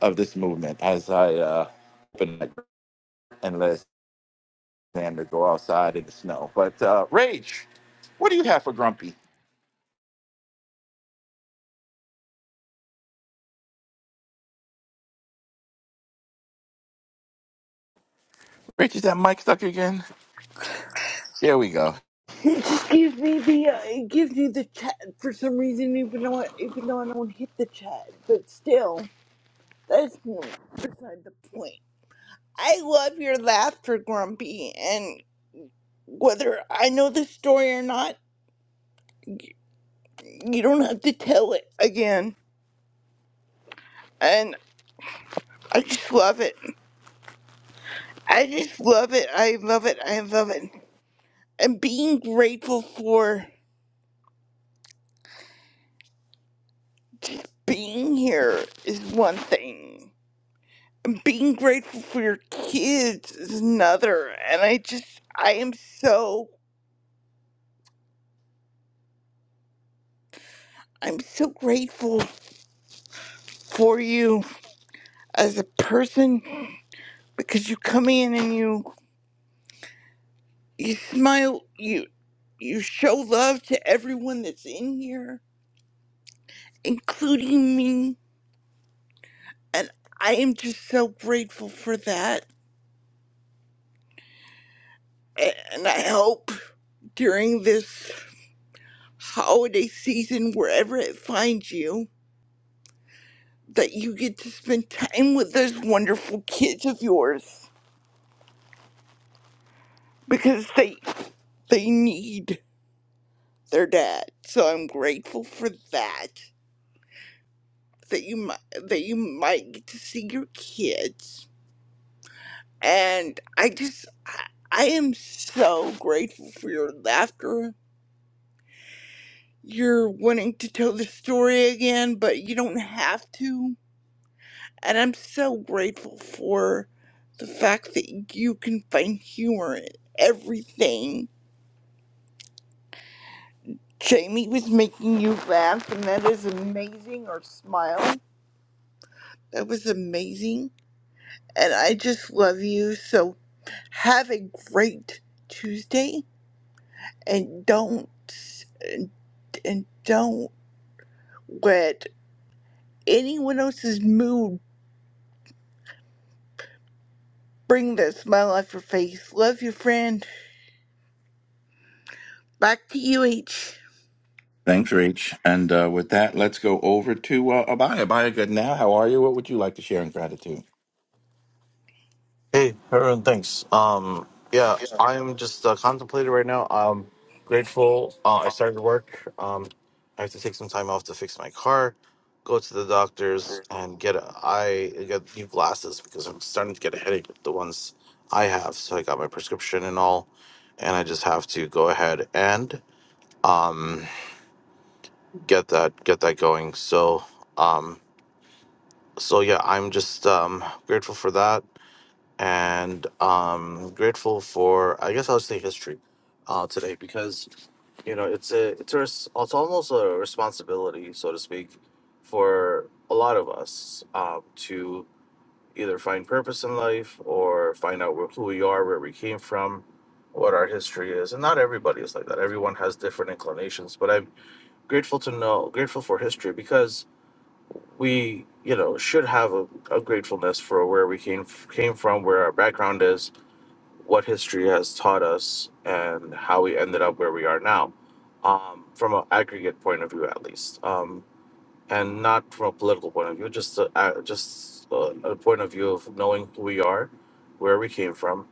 Speaker 26: of this movement. As I uh, open my and let Xander go outside in the snow, but uh, Rach, what do you have for Grumpy? Rach, is that mic stuck again? There we go.
Speaker 27: It just gives me the uh, it gives me the chat for some reason, even though I, even though I don't hit the chat, but still, that's beside the point. I love your laughter, Grumpy, and whether I know the story or not, you don't have to tell it again. And I just love it. I just love it. I love it. I love it. And being grateful for just being here is one thing. Being grateful for your kids is another. And I just, I am so, I'm so grateful for you as a person because you come in and you You smile, you you show love to everyone that's in here, including me, and I am just so grateful for that. A- And I hope during this holiday season, wherever it finds you, that you get to spend time with those wonderful kids of yours because they they need their dad. So I'm grateful for that. That you might that you might get to see your kids And I just, I, I am so grateful for your laughter. You're wanting to tell the story again, but you don't have to. And I'm so grateful for the fact that you can find humor in everything. Jamie was making you laugh, and that is amazing, or smile. That was amazing. And I just love you. So have a great Tuesday, and don't and don't let anyone else's mood bring that smile off your face. Love your friend. Back to you, H.
Speaker 26: Thanks, Rach. And uh, with that, let's go over to uh, Abaya. Abaya, good now. How are you? What would you like to share in gratitude?
Speaker 9: Hey, everyone, thanks. Um, yeah, I am just uh, contemplating right now. I'm grateful. Uh, I started work. Um, I have to take some time off to fix my car, go to the doctor's, and get a, I get new glasses because I'm starting to get a headache with the ones I have. So I got my prescription and all, and I just have to go ahead and um, get that get that going. So um, so yeah, I'm just um, grateful for that and um grateful for i guess i'll say history uh today because you know it's a it's a res- it's almost a responsibility so to speak for a lot of us um to either find purpose in life or find out where, who we are where we came from what our history is and not everybody is like that everyone has different inclinations but i'm grateful to know grateful for history because we you know should have a, a gratefulness for where we came came from where our background is what history has taught us and how we ended up where we are now, um, from an aggregate point of view at least, um, and not from a political point of view, just a, a- just a, a point of view of knowing who we are, where we came from,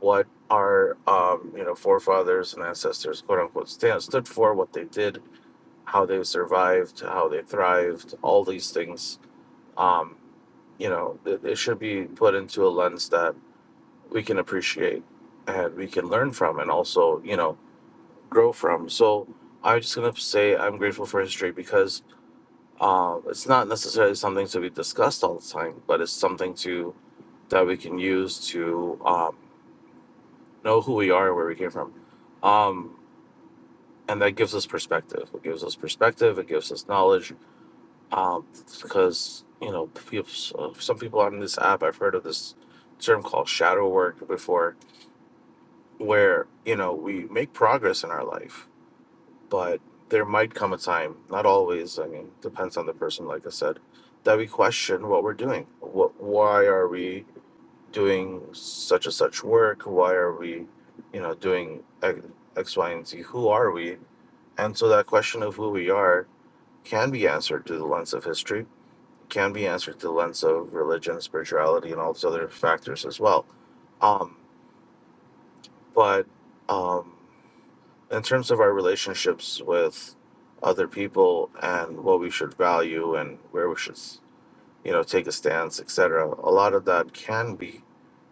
Speaker 9: what our um, you know forefathers and ancestors quote unquote stand, stood for, what they did, how they survived, how they thrived, all these things. Um, you know, it, it should be put into a lens that we can appreciate and we can learn from and also you know grow from so i'm just going to say i'm grateful for history because um, it's not necessarily something to be discussed all the time but it's something to that we can use to um, know who we are and where we came from um, and that gives us perspective it gives us perspective it gives us knowledge um, because you know people, some people on this app i've heard of this term called shadow work before where you know we make progress in our life but there might come a time not always i mean depends on the person like i said that we question what we're doing what why are we doing such and such work why are we you know doing x, x y and z who are we and so that question of who we are can be answered through the lens of history can be answered through the lens of religion spirituality and all these other factors as well um but um in terms of our relationships with other people and what we should value and where we should you know take a stance etc a lot of that can be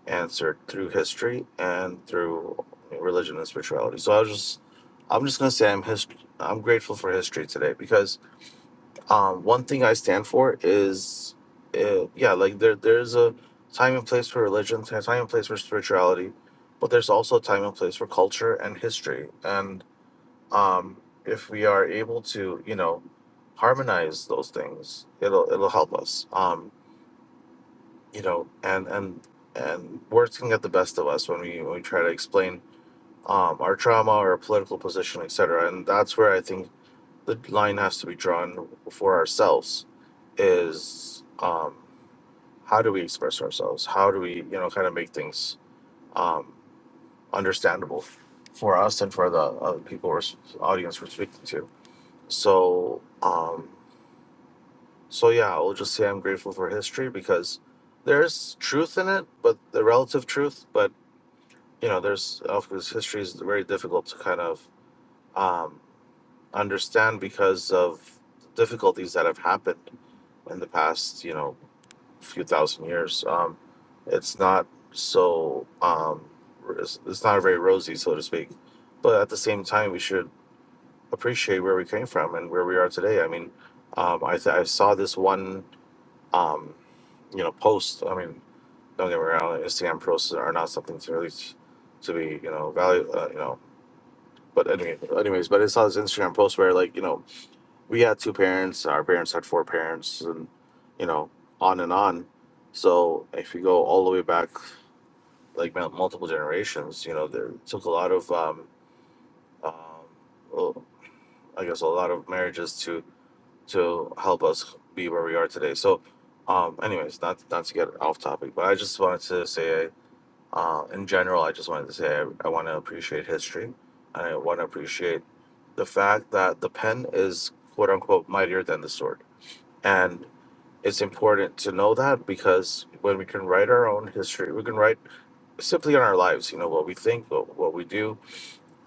Speaker 9: answered through history and through religion and spirituality so i was just i'm just going to say i'm hist- i'm grateful for history today because um, one thing i stand for is uh, yeah like there there's a time and place for religion there's a time and place for spirituality but there's also a time and place for culture and history and um, if we are able to, you know, harmonize those things, it'll it'll help us. Um, you know, and and and words can get the best of us when we when we try to explain um, our trauma, or our political position, etc. And that's where I think the line has to be drawn for ourselves. Is um, how do we express ourselves? How do we, you know, kind of make things um, understandable for us and for the uh, people, or audience we're speaking to? So, um, so yeah, I'll just say I'm grateful for history because there's truth in it, but the relative truth. But you know, there's of course history is very difficult to kind of um, understand because of difficulties that have happened in the past, you know, few thousand years. Um, it's not so um, it's it's not very rosy, so to speak. But at the same time, we should appreciate where we came from and where we are today. I mean, um, I, I saw this one, um, you know, post. I mean, don't get me wrong, like, Instagram posts are not something to really s- to be, you know, value, uh, you know. But anyway, anyways, but I saw this Instagram post where like you know we had two parents, our parents had four parents, and you know on and on. So if you go all the way back, like mul- multiple generations, you know, there took a lot of um, um, well, I guess a lot of marriages to help us be where we are today. So, um, anyways, not not to get off topic, but I just wanted to say, uh, in general, I just wanted to say I, I want to appreciate history, and I want to appreciate the fact that the pen is quote unquote mightier than the sword, and it's important to know that because when we can write our own history, we can write simply on our lives. You know what we think, what, what we do,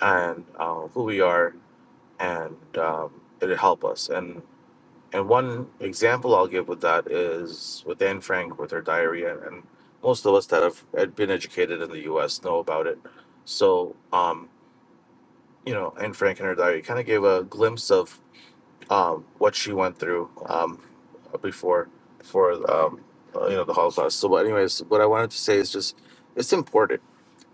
Speaker 9: and uh, who we are, and um, it'll help us. and. And one example I'll give with that is with Anne Frank with her diarrhea, and most of us that have had been educated in the U.S. know about it. So, um, you know, Anne Frank and her diarrhea kind of gave a glimpse of um, what she went through um, before, before um, uh, you know, the Holocaust. So, but anyways, what I wanted to say is just it's important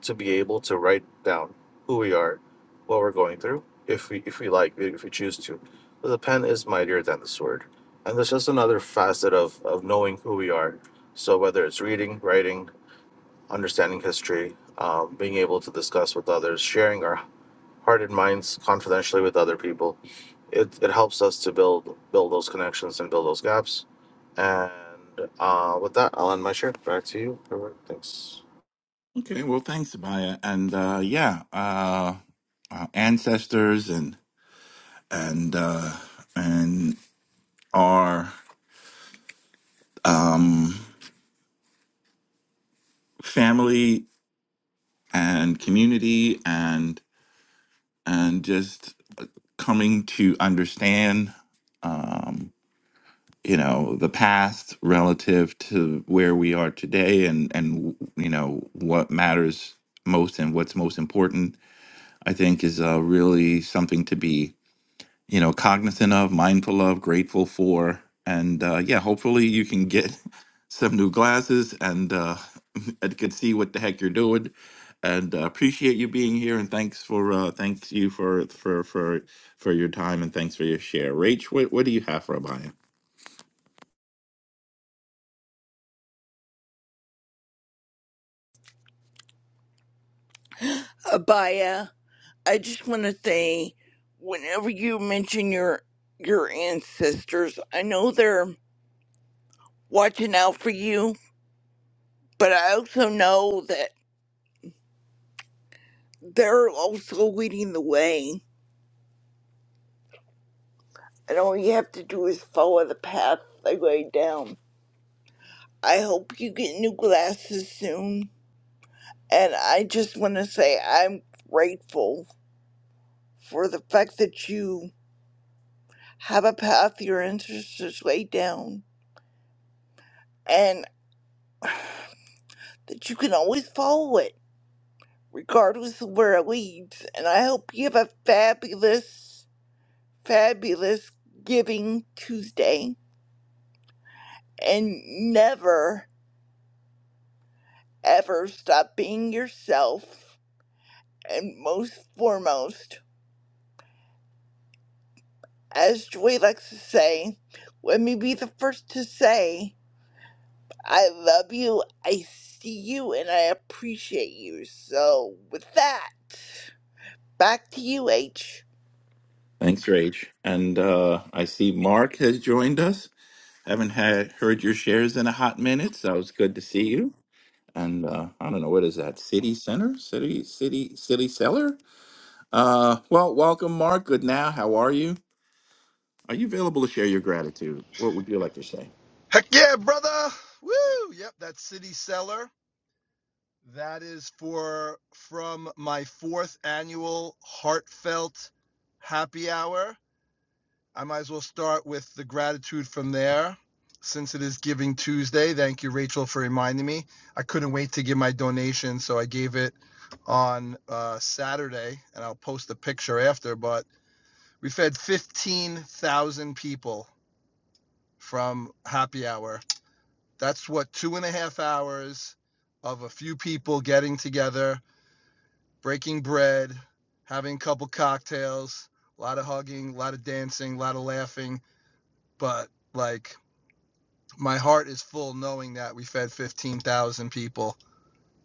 Speaker 9: to be able to write down who we are, what we're going through, if we if we like, if we choose to. But the pen is mightier than the sword. And there's just another facet of, of knowing who we are. So whether it's reading, writing, understanding history, um, being able to discuss with others, sharing our heart and minds confidentially with other people, it, it helps us to build build those connections and build those gaps. And uh, with that, I'll end my share. Back to you. Everyone. Thanks.
Speaker 26: Okay, well, thanks, Abaya. And uh, yeah, uh, our ancestors and and uh, and our um, family and community and and just coming to understand. Um, you know the past relative to where we are today and and you know what matters most and what's most important i think is uh, really something to be you know cognizant of mindful of grateful for and uh, yeah hopefully you can get some new glasses and uh and can see what the heck you're doing and uh, appreciate you being here and thanks for uh thanks you for for for for your time and thanks for your share rach what, what do you have for a bio
Speaker 27: Abaya, I just want to say, whenever you mention your your ancestors, I know they're watching out for you, but I also know that they're also leading the way, and all you have to do is follow the path they laid down. I hope you get new glasses soon And I just want to say I'm grateful for the fact that you have a path your ancestors laid down and that you can always follow it, regardless of where it leads. And I hope you have a fabulous, fabulous Giving Tuesday and never, ever stop being yourself. And most foremost, as Joy likes to say, let me be the first to say. I love you. I see you and I appreciate you. So, with that, back to you, H.
Speaker 26: Thanks, Rach. And uh, I see Mark has joined us. Haven't had heard your shares in a hot minute, so it's good to see you. And uh, I don't know what is that city center, city, city, city cellar. Uh, well, welcome, Mark. Good now. How are you? Are you available to share your gratitude? What would you like to say?
Speaker 29: Heck yeah, brother! Woo! Yep, that's City seller. That is for from my fourth annual heartfelt happy hour. I might as well start with the gratitude from there. Since it is Giving Tuesday, thank you, Rachel, for reminding me. I couldn't wait to give my donation, so I gave it on uh, Saturday, and I'll post a picture after. But we fed 15,000 people from happy hour That's what two and a half hours of a few people getting together, breaking bread, having a couple cocktails, a lot of hugging, a lot of dancing, a lot of laughing. But like, my heart is full knowing that we fed 15,000 people.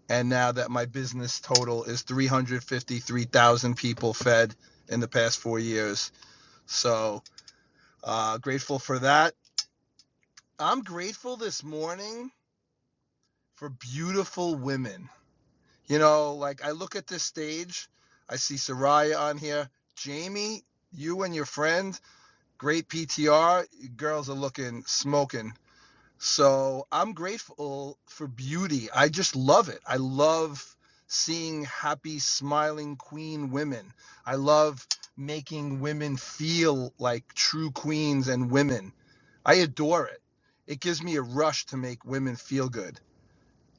Speaker 29: And now that my business total is 353,000 people fed in the past four years. So uh, grateful for that. I'm grateful this morning for beautiful women. You know, like I look at this stage, I see Soraya on here. Jamie, you and your friend, great PTR. You Girls are looking smoking. So I'm grateful for beauty. I just love it. I love seeing happy, smiling queen women. I love making women feel like true queens and women. I adore it. It gives me a rush to make women feel good,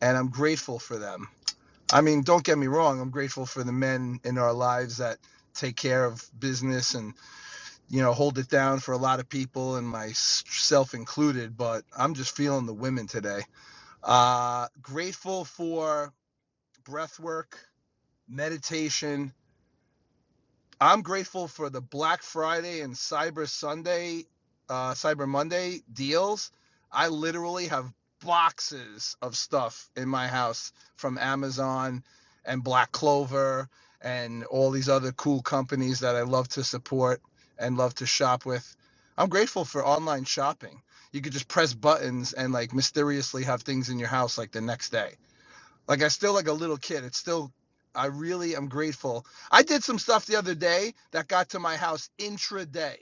Speaker 29: and I'm grateful for them. I mean, don't get me wrong. I'm grateful for the men in our lives that take care of business and you know hold it down for a lot of people and myself included. But I'm just feeling the women today. Uh, grateful for breath work, meditation, I'm grateful for the Black Friday and Cyber Sunday, uh, Cyber Monday deals. I literally have boxes of stuff in my house from Amazon and Black Clover and all these other cool companies that I love to support and love to shop with. I'm grateful for online shopping. You could just press buttons and like mysteriously have things in your house like the next day. Like I still like a little kid. It's still I really am grateful. I did some stuff the other day that got to my house intraday.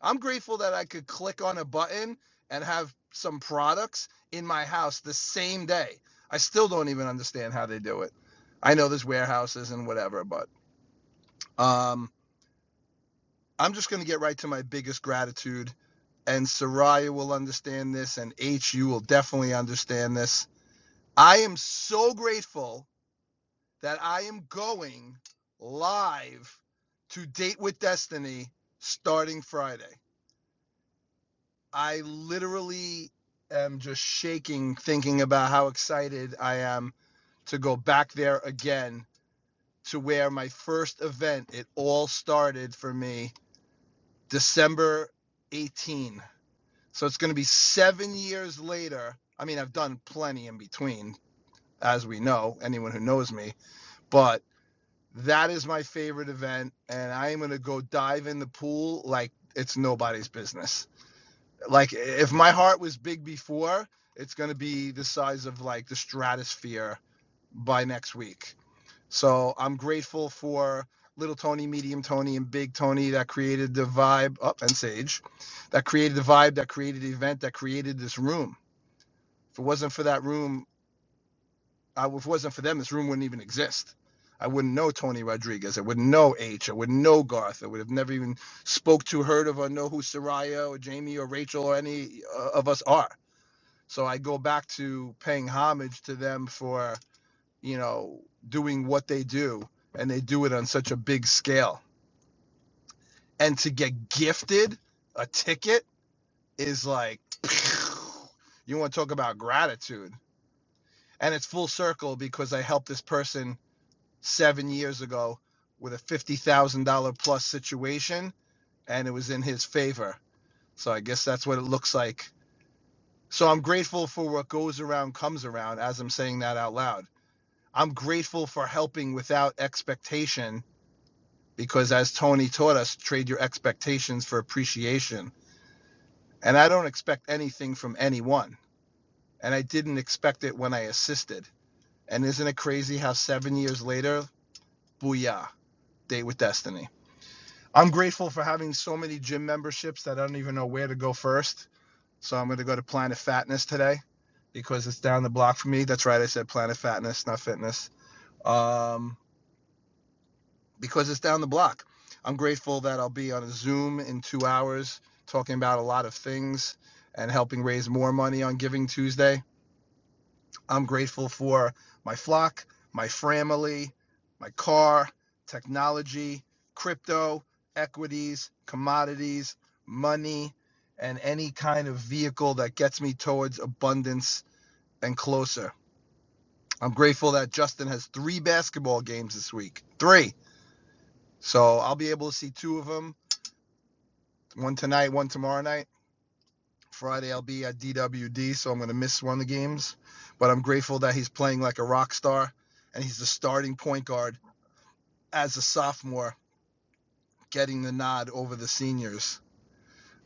Speaker 29: I'm grateful that I could click on a button and have some products in my house the same day. I still don't even understand how they do it. I know there's warehouses and whatever, but um, I'm just going to get right to my biggest gratitude. And Soraya will understand this, and H, you will definitely understand this. I am so grateful that I am going live to Date with Destiny starting Friday. I literally am just shaking thinking about how excited I am to go back there again to where my first event, it all started for me December 18. So it's going to be seven years later. I mean, I've done plenty in between, as we know, anyone who knows me, but That is my favorite event, and I am gonna go dive in the pool like it's nobody's business. Like if my heart was big before, it's gonna be the size of like the stratosphere by next week. So I'm grateful for Little Tony, Medium Tony, and Big Tony that created the vibe up oh, and Sage that created the vibe, that created the event, that created this room. If it wasn't for that room, I, if it wasn't for them, this room wouldn't even exist. I wouldn't know Tony Rodriguez. I wouldn't know H. I wouldn't know Garth. I would have never even spoke to, heard of, or know who Soraya or Jamie or Rachel or any uh, of us are. So I go back to paying homage to them for, you know, doing what they do. And they do it on such a big scale. And to get gifted a ticket is like, you want to talk about gratitude. And it's full circle because I helped this person seven years ago with a $50,000 plus situation, and it was in his favor. So I guess that's what it looks like. So I'm grateful for what goes around comes around as I'm saying that out loud. I'm grateful for helping without expectation because, as Tony taught us, trade your expectations for appreciation. And I don't expect anything from anyone. And I didn't expect it when I assisted. And isn't it crazy how seven years later, booyah, date with destiny? I'm grateful for having so many gym memberships that I don't even know where to go first. So I'm going to go to Planet Fatness today because it's down the block for me. That's right, I said Planet Fatness, not fitness. Um, because it's down the block. I'm grateful that I'll be on a Zoom in two hours talking about a lot of things and helping raise more money on Giving Tuesday. I'm grateful for my flock, my family, my car, technology, crypto, equities, commodities, money, and any kind of vehicle that gets me towards abundance and closer. I'm grateful that Justin has three basketball games this week. Three. So I'll be able to see two of them one tonight, one tomorrow night. Friday, I'll be at DWD, so I'm going to miss one of the games. But I'm grateful that he's playing like a rock star and he's the starting point guard as a sophomore getting the nod over the seniors.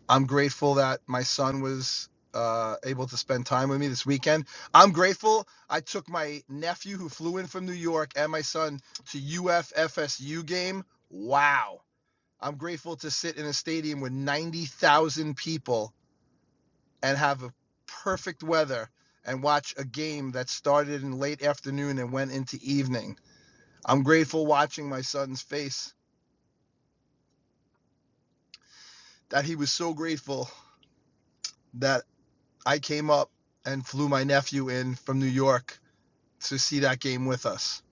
Speaker 29: I'm grateful that my son was uh, able to spend time with me this weekend. I'm grateful I took my nephew who flew in from New York and my son to UFFSU game. Wow. I'm grateful to sit in a stadium with 90,000 people and have a perfect weather and watch a game that started in late afternoon and went into evening. I'm grateful watching my son's face that he was so grateful that. I came up and flew my nephew in from New York to see that game with us.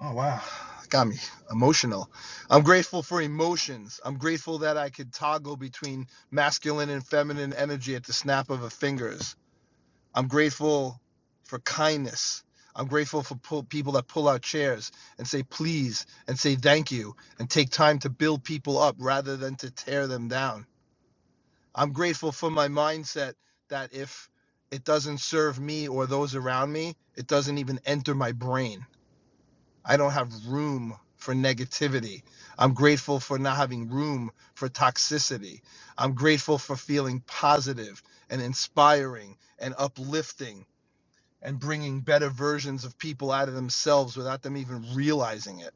Speaker 29: Oh wow. Got me emotional. I'm grateful for emotions. I'm grateful that I could toggle between masculine and feminine energy at the snap of a fingers. I'm grateful for kindness. I'm grateful for pull, people that pull out chairs and say please and say thank you and take time to build people up rather than to tear them down. I'm grateful for my mindset that if it doesn't serve me or those around me, it doesn't even enter my brain. I don't have room for negativity. I'm grateful for not having room for toxicity. I'm grateful for feeling positive and inspiring and uplifting and bringing better versions of people out of themselves without them even realizing it.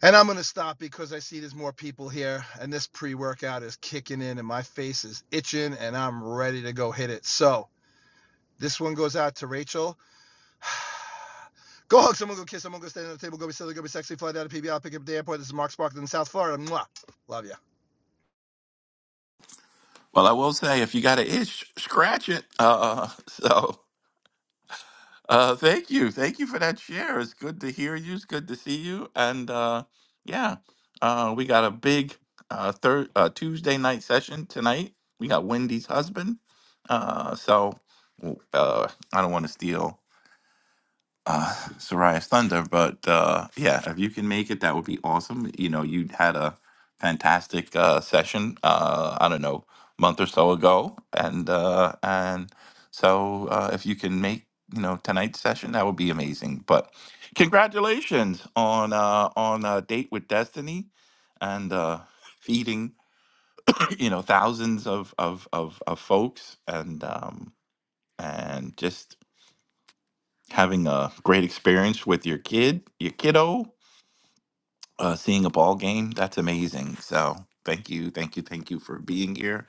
Speaker 29: And I'm going to stop because I see there's more people here, and this pre workout is kicking in, and my face is itching, and I'm ready to go hit it. So this one goes out to Rachel. Go hug someone, go kiss someone, go stand on the table, go be silly, go be sexy, fly down to PBL, pick up at the airport. This is Mark Sparkle in South Florida. Mwah. Love you.
Speaker 26: Well, I will say, if you got an itch, scratch it. Uh, so Uh, thank you. Thank you for that share. It's good to hear you. It's good to see you. And uh, yeah, uh, we got a big uh, third uh, Tuesday night session tonight. We got Wendy's husband. Uh, so w- uh, I don't want to steal uh, Soraya Thunder. But uh, yeah, if you can make it, that would be awesome. You know, you had a fantastic uh, session. Uh, I don't know, month or so ago, and uh, and so uh, if you can make you know tonight's session, that would be amazing. But congratulations on uh, on a date with Destiny, and uh, feeding you know thousands of of of, of folks and. Um, and just having a great experience with your kid, your kiddo, uh, seeing a ball game. That's amazing. So thank you, thank you, thank you for being here,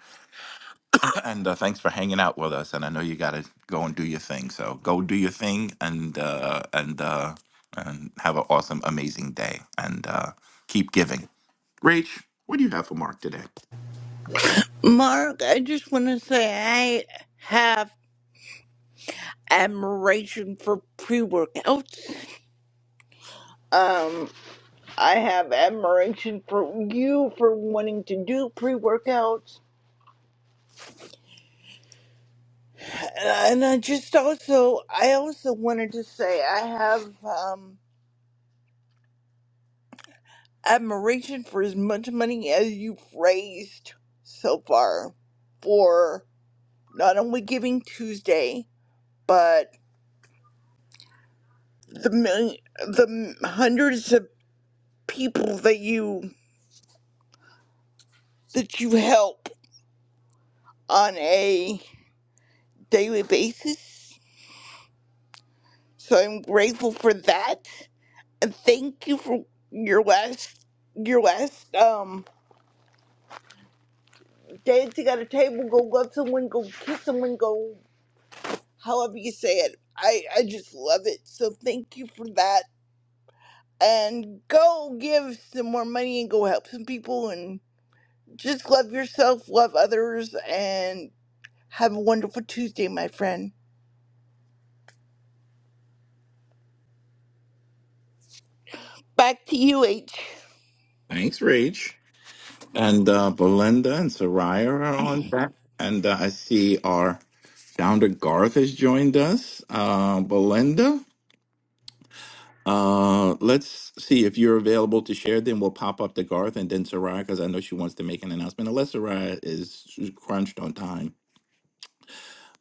Speaker 26: and uh, thanks for hanging out with us. And I know you got to go and do your thing. So go do your thing, and uh, and uh, and have an awesome, amazing day, and uh, keep giving. Rach, what do you have for Mark today?
Speaker 27: Mark, I just want to say I have admiration for pre workouts. Um, I have admiration for you for wanting to do pre workouts. And I just also, I also wanted to say I have, um, admiration for as much money as you've raised so far for not only Giving Tuesday, but the million, the hundreds of people that you that you help on a daily basis. So I'm grateful for that, and thank you for your last your last um dance. You got a table. Go love someone. Go kiss someone. Go. however you say it. I, I just love it. So thank you for that. And go give some more money and go help some people and just love yourself, love others, and have a wonderful Tuesday, my friend. Back to you, H.
Speaker 26: Thanks, Rach. And uh, Belinda and Soraya are on that. And uh, I see our founder Garth has joined us. Uh, Belinda, uh, let's see if you're available to share. Then we'll pop up to Garth and then Soraya because I know she wants to make an announcement, unless Soraya is crunched on time.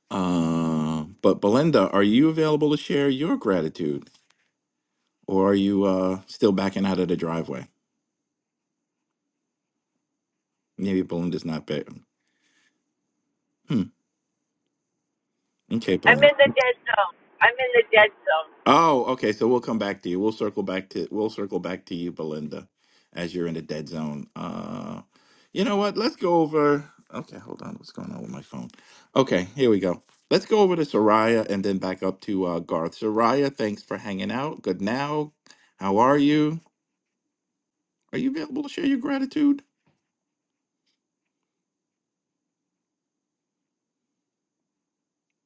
Speaker 26: Uh, but Belinda, are you available to share your gratitude or are you uh, still backing out of the driveway? Maybe Belinda's not there. Hmm. Okay,
Speaker 30: I'm
Speaker 26: Belinda.
Speaker 30: in the dead zone. I'm in the dead zone.
Speaker 26: Oh, okay. So we'll come back to you. We'll circle back to we'll circle back to you, Belinda, as you're in the dead zone. Uh, you know what? Let's go over. Okay, hold on. What's going on with my phone? Okay, here we go. Let's go over to Soraya and then back up to uh, Garth. Soraya, thanks for hanging out. Good now. How are you? Are you available to share your gratitude?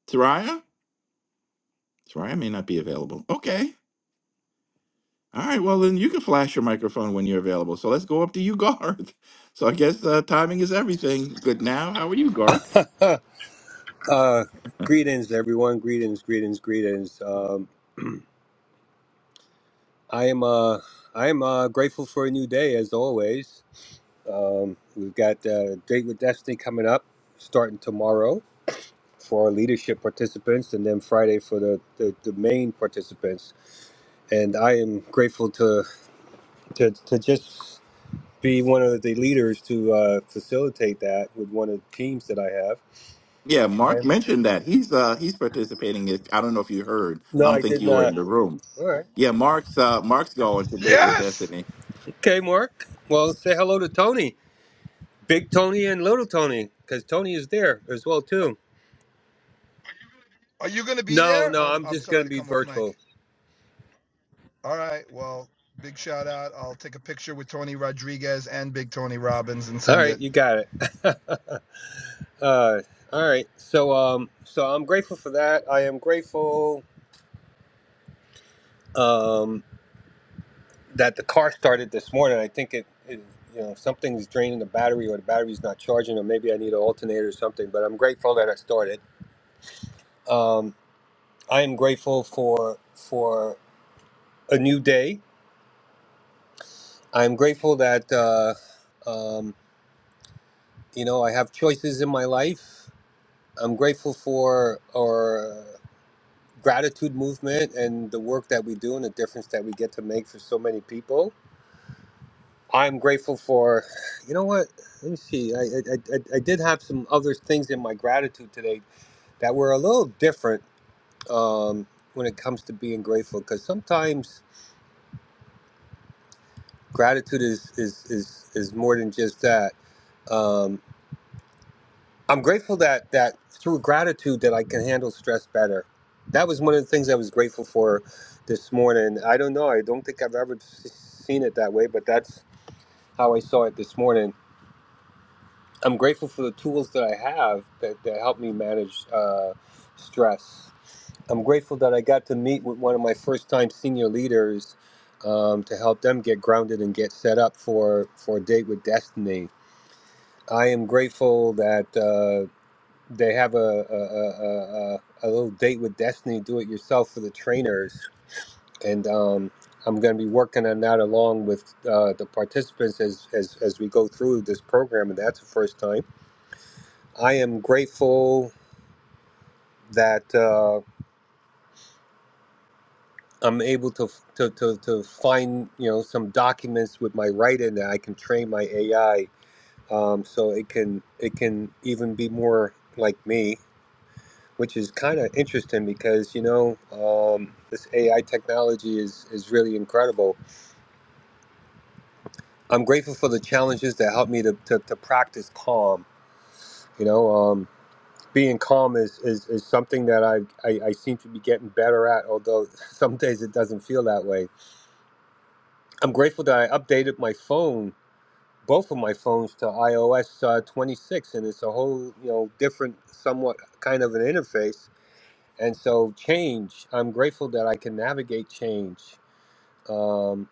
Speaker 26: Soraya? Soraya may not be available. Okay. All right, well then you can flash your microphone when you're available. So let's go up to you, Garth. So I guess uh, timing is everything. Good now. How are you, Garth?
Speaker 31: Uh, greetings, everyone. Greetings, greetings, greetings. Um, I am uh, I am uh, grateful for a new day, as always. Um, we've got uh, Date with Destiny coming up, starting tomorrow for our leadership participants, and then Friday for the, the, the main participants. And I am grateful to to, to just be one of the leaders to uh, facilitate that with one of the teams that I have.
Speaker 26: Yeah,
Speaker 31: I
Speaker 26: Mark
Speaker 31: am-
Speaker 26: mentioned that he's uh he's participating. If I don't know if you heard, I
Speaker 31: No,
Speaker 26: don't
Speaker 31: I
Speaker 26: think
Speaker 31: did
Speaker 26: you were in
Speaker 31: not.
Speaker 26: the room.
Speaker 31: All right.
Speaker 26: Yeah, Mark's uh Mark's going to date with
Speaker 29: Yes!
Speaker 26: Destiny.
Speaker 31: Okay, Mark. Well, say hello to Tony. Big Tony and Little Tony, because Tony is there as well too.
Speaker 29: Are you going to be
Speaker 31: No,
Speaker 29: there?
Speaker 31: no,
Speaker 29: I'm,
Speaker 31: I'm
Speaker 29: I'm
Speaker 31: just gonna
Speaker 29: sorry to
Speaker 31: be
Speaker 29: come off mic.
Speaker 31: virtual.
Speaker 29: All right, well, big shout out. I'll take a picture with Tony Rodriguez and Big Tony Robbins and
Speaker 31: All
Speaker 29: send it.
Speaker 31: right, you got it. uh, all right, so um, so I'm grateful for that. I am grateful um, that the car started this morning. I think it, it you know, something's draining the battery or the battery's not charging, or maybe I need an alternator or something. But I'm grateful that I started. Um, I am grateful for for a new day. I'm grateful that. Uh, um, You know, I have choices in my life. I'm grateful for our gratitude movement and the work that we do and the difference that we get to make for so many people. I'm grateful for, you know what? Let me see. I, I, I, I did have some other things in my gratitude today that were a little different um, when it comes to being grateful because sometimes gratitude is, is, is, is more than just that. Um, I'm grateful that that through gratitude that I can handle stress better. That was one of the things I was grateful for this morning. I don't know. I don't think I've ever s- seen it that way, but that's how I saw it this morning. I'm grateful for the tools that I have that, that help me manage uh, stress. I'm grateful that I got to meet with one of my first time senior leaders um, to help them get grounded and get set up for, for a date with destiny. I am grateful that uh, They have a a, a, a a little date with Destiny Do It Yourself for the trainers, and um, I'm going to be working on that along with uh, the participants as, as as we go through this program, and that's the first time. I am grateful that uh, I'm able to, to to to find you know some documents with my writing that I can train my AI um, so it can it can even be more like me which is kind of interesting because you know um, this AI technology is is really incredible. I'm grateful for the challenges that help me to, to, to practice calm. You know, um, being calm is, is, is something that I, I I seem to be getting better at, although some days it doesn't feel that way. I'm grateful that I updated my phone. Both of my phones to iOS uh, 26, and it's a whole, you know, different, somewhat kind of an interface. And so, change, I'm grateful that I can navigate change. um,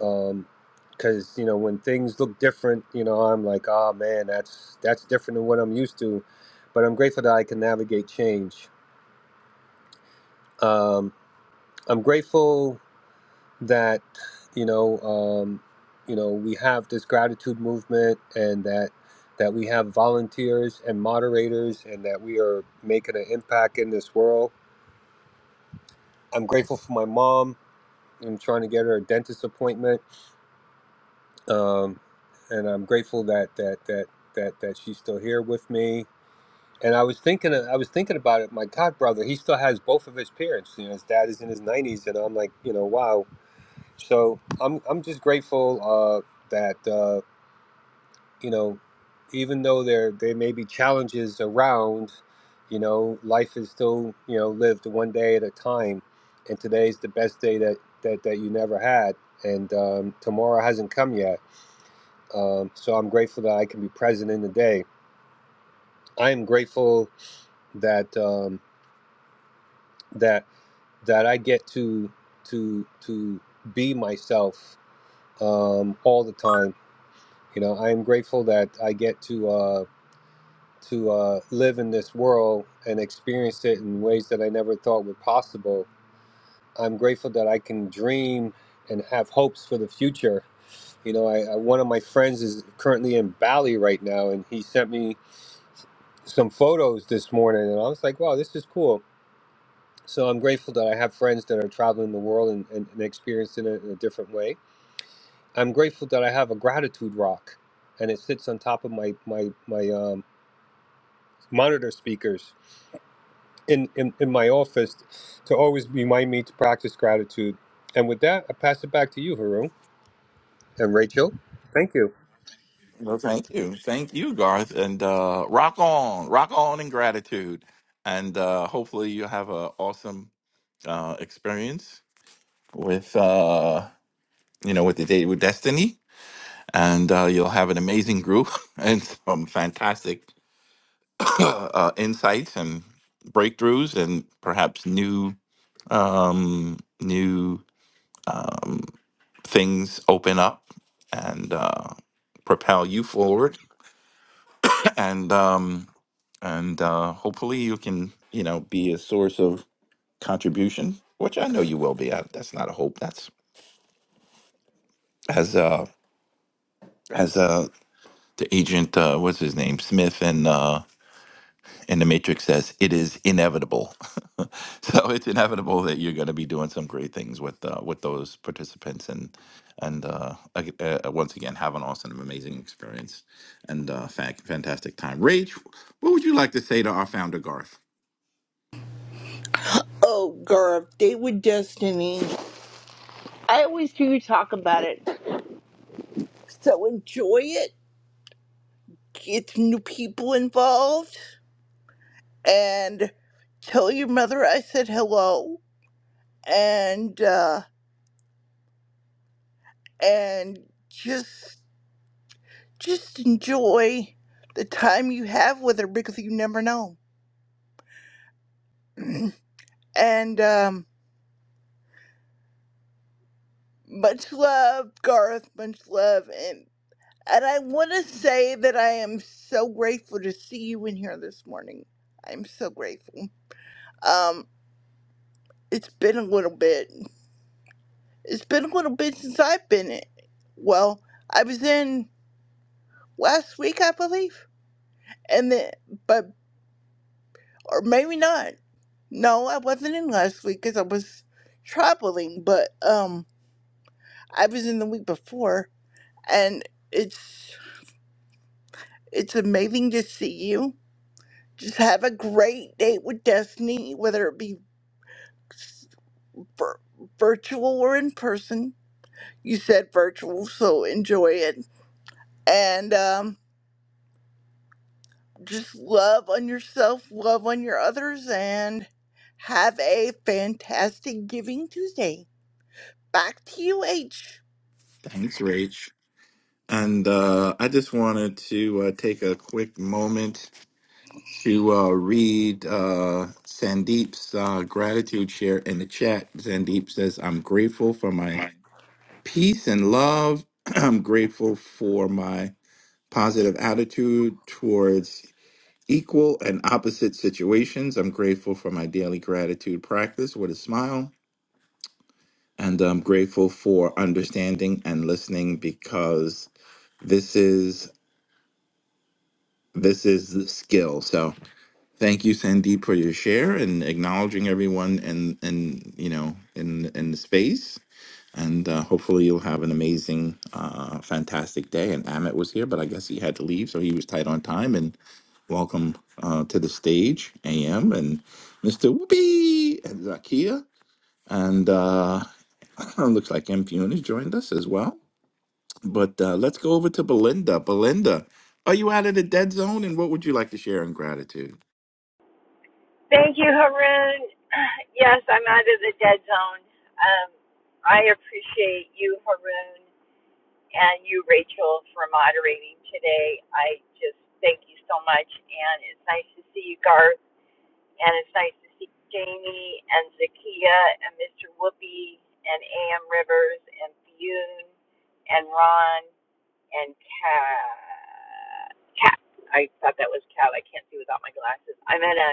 Speaker 31: um, because you know when things look different, you know I'm like, oh man, that's that's different than what I'm used to, but I'm grateful that I can navigate change. Um, I'm grateful that you know um, you know we have this gratitude movement and that that we have volunteers and moderators and that we are making an impact in this world. I'm grateful for my mom. I'm trying to get her a dentist appointment um, and I'm grateful that that that that that she's still here with me. And I was thinking, I was thinking about it. My god brother, he still has both of his parents. You know, his dad is in his 90s, and I'm like, you know, wow. So I'm I'm just grateful uh, that uh, you know, even though there there may be challenges around, you know, life is still you know lived one day at a time, and today's the best day that that that you never had, and um, tomorrow hasn't come yet um, so I'm grateful that I can be present in the day. I am grateful that um, that that I get to to to be myself um, all the time. You know, I am grateful that I get to uh, to uh, live in this world and experience it in ways that I never thought were possible. I'm grateful that I can dream and have hopes for the future. You know, I, I one of my friends is currently in Bali right now, and he sent me some photos this morning and I was like, wow, this is cool. So I'm grateful that I have friends that are traveling the world and, and, and experiencing it in a different way. I'm grateful that I have a gratitude rock and it sits on top of my, my, my um, monitor speakers in, in, in my office to always remind me to practice gratitude. And with that, I pass it back to you, Haroon and Rachel. Thank you.
Speaker 26: Well, thank you, thank you, Garth, and uh, rock on, rock on in gratitude, and uh, hopefully you have an awesome uh, experience with uh you know with the date with Destiny and uh, you'll have an amazing group and some fantastic uh, insights and breakthroughs and perhaps new um, new um, things open up and uh, propel you forward and um, and uh, hopefully you can you know be a source of contribution which i know you will be I, that's not a hope that's as uh as uh the agent uh what's his name smith and uh And the Matrix says it is inevitable. so it's inevitable that you're going to be doing some great things with uh, with those participants, and and uh, ag- uh, uh, once again, have an awesome, amazing experience and uh, fa- fantastic time. Rach, what would you like to say to our founder, Garth?
Speaker 27: Oh, girl, date with destiny. I always hear you talk about it. So enjoy it. Get some new people involved. And tell your mother I said hello. And, uh, and just Just enjoy the time you have with her because you never know. and um, much love, Garth. Much love, and and I want to say that I am so grateful to see you in here this morning. I'm so grateful. Um, it's been a little bit. It's been a little bit since I've been in. Well, I was in last week, I believe, and then but or maybe not. No, I wasn't in last week because I was traveling, but um, I was in the week before, and it's it's amazing to see you. Just have a great date with Destiny, whether it be s- vir- virtual or in person. You said virtual, so enjoy it, and um, just love on yourself, love on your others, and have a fantastic Giving Tuesday. Back to you, H.
Speaker 26: Thanks, Rach. And uh, I just wanted to uh, take a quick moment to uh, read uh, Sandeep's uh, gratitude share in the chat. Sandeep says, "I'm grateful for my." peace and love. I'm grateful for my positive attitude towards equal and opposite situations. I'm grateful for my daily gratitude practice with a smile. And I'm grateful for understanding and listening because this is this is the skill. So thank you, Sandeep, for your share and acknowledging everyone and and you know in in the space And uh, hopefully, you'll have an amazing, uh, fantastic day. And Amit was here, but I guess he had to leave, so he was tight on time. And welcome uh, to the stage, AM, and Mr. Whoopi and Zakia. And uh, looks like MPUN has joined us as well. But uh, let's go over to Belinda. Belinda, are you out of the dead zone? And what would you like to share in gratitude?
Speaker 30: Thank you, Haroon. Yes, I'm out of the dead zone. Um, I appreciate you, Haroon, and you, Rachel, for moderating today. I just thank you so much, and it's nice to see you, Garth, and it's nice to see Jamie and Zakia and Mr. Whoopi and A.M. Rivers and Fionn and Ron. and cat. Cat. I thought that was cat. I can't see without my glasses. I'm at a,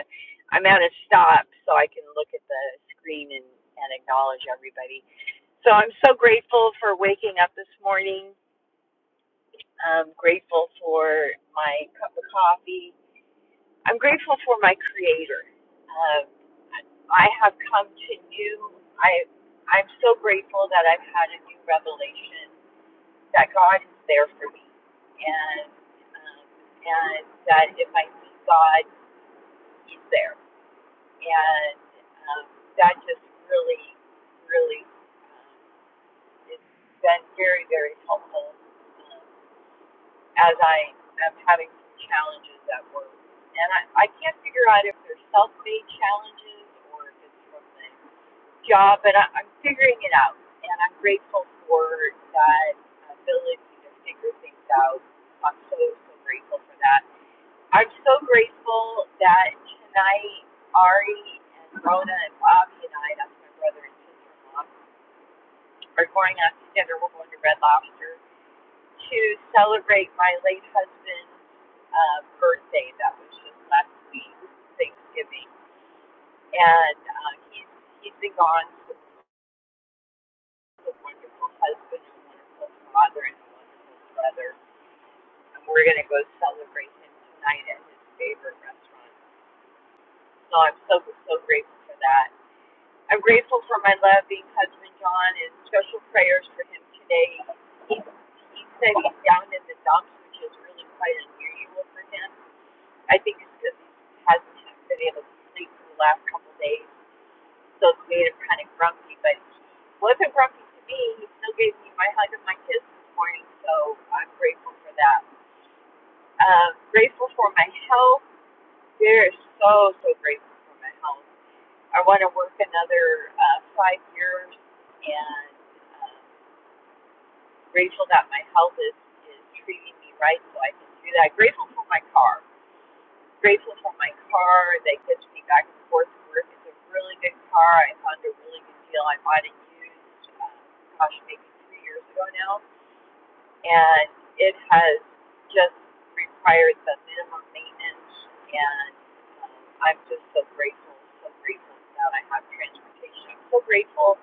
Speaker 30: I'm at a stop, so I can look at the screen and and acknowledge everybody. So I'm so grateful for waking up this morning. I'm grateful for my cup of coffee. I'm grateful for my Creator. Um, I have come to new. I I'm so grateful that I've had a new revelation that God is there for me, and um, and that if I need God, He's there, and um, that just really, really um, has been very, very helpful um, as I am having some challenges at work, and I, I can't figure out if they're self-made challenges or if it's from the job, but I, I'm figuring it out, and I'm grateful for that ability to figure things out. I'm so so grateful for that. I'm so grateful that tonight Ari and Rona and Bobby and I, that's my brother and sister-in-law, are going out to dinner. We're going to Red Lobster to celebrate my late husband's uh, birthday. That was just last week, Thanksgiving, and uh, he's he's been gone for a wonderful husband, a wonderful father, and a wonderful brother. And we're going to go celebrate him tonight at his favorite restaurant. So I'm so, so grateful for that. I'm grateful for my loving husband, John, and special prayers for him today. He, he said he's down in the dumps, which is really quite unusual for him. I think it's because he hasn't been able to sleep for the last couple of days So it made him kind of grumpy, but he wasn't grumpy to me. He still gave me my hug and my kiss this morning, so I'm grateful for that. Um, grateful for my health. We're so, so grateful for my health. I want to work another uh, five years, and uh, grateful that my health is, is treating me right so I can do that. Grateful for my car grateful for my car that gets me back and forth to work. It's a really good car. I found a really good deal. I bought it used, um, gosh, maybe three years ago now, and it has just required the minimum maintenance. And um, I'm just so grateful, so grateful that I have transportation. I'm so grateful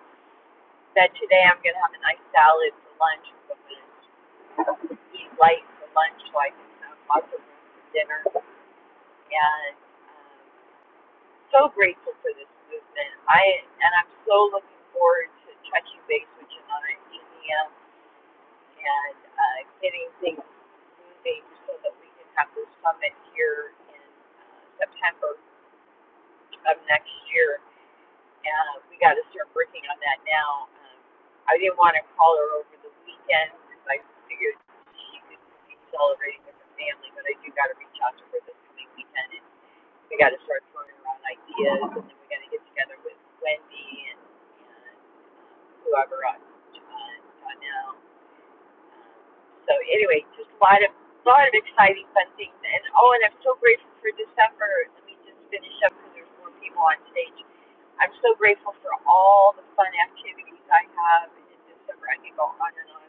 Speaker 30: that today I'm going to have a nice salad for lunch. I'm going to eat light for lunch so I can have lots of room for dinner. And um, so grateful for this movement. I and I'm so looking forward to touching base with Janana and India and uh, getting things moving so that we can have this summit here in uh, September of next year. And we got to start working on that now. Um, I didn't want to call her over the weekend because I figured she could be celebrating with her family, but I do got to reach out to her this coming weekend and we got to start throwing around ideas, and then we got to get together with Wendy and, and um, whoever else, John, Donnell. Um, So anyway, just a lot of a lot of exciting, fun things. And oh, and I'm so grateful for December. Let me just finish up because there's more people on stage. I'm so grateful for all the fun activities I have in December. I can go on and on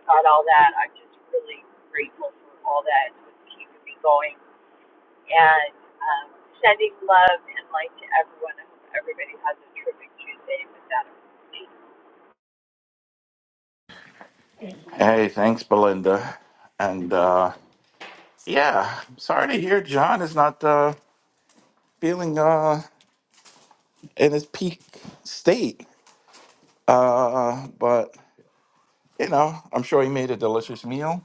Speaker 30: about all that. I'm just really grateful for all that. It's what's keeping me going and um, sending love and light to everyone. I hope everybody has a terrific Tuesday. And with that, I'm complete.
Speaker 26: Hey, thanks, Belinda. And uh, yeah, sorry to hear John is not uh, feeling. Uh, in its peak state. Uh, but you know, I'm sure he made a delicious meal,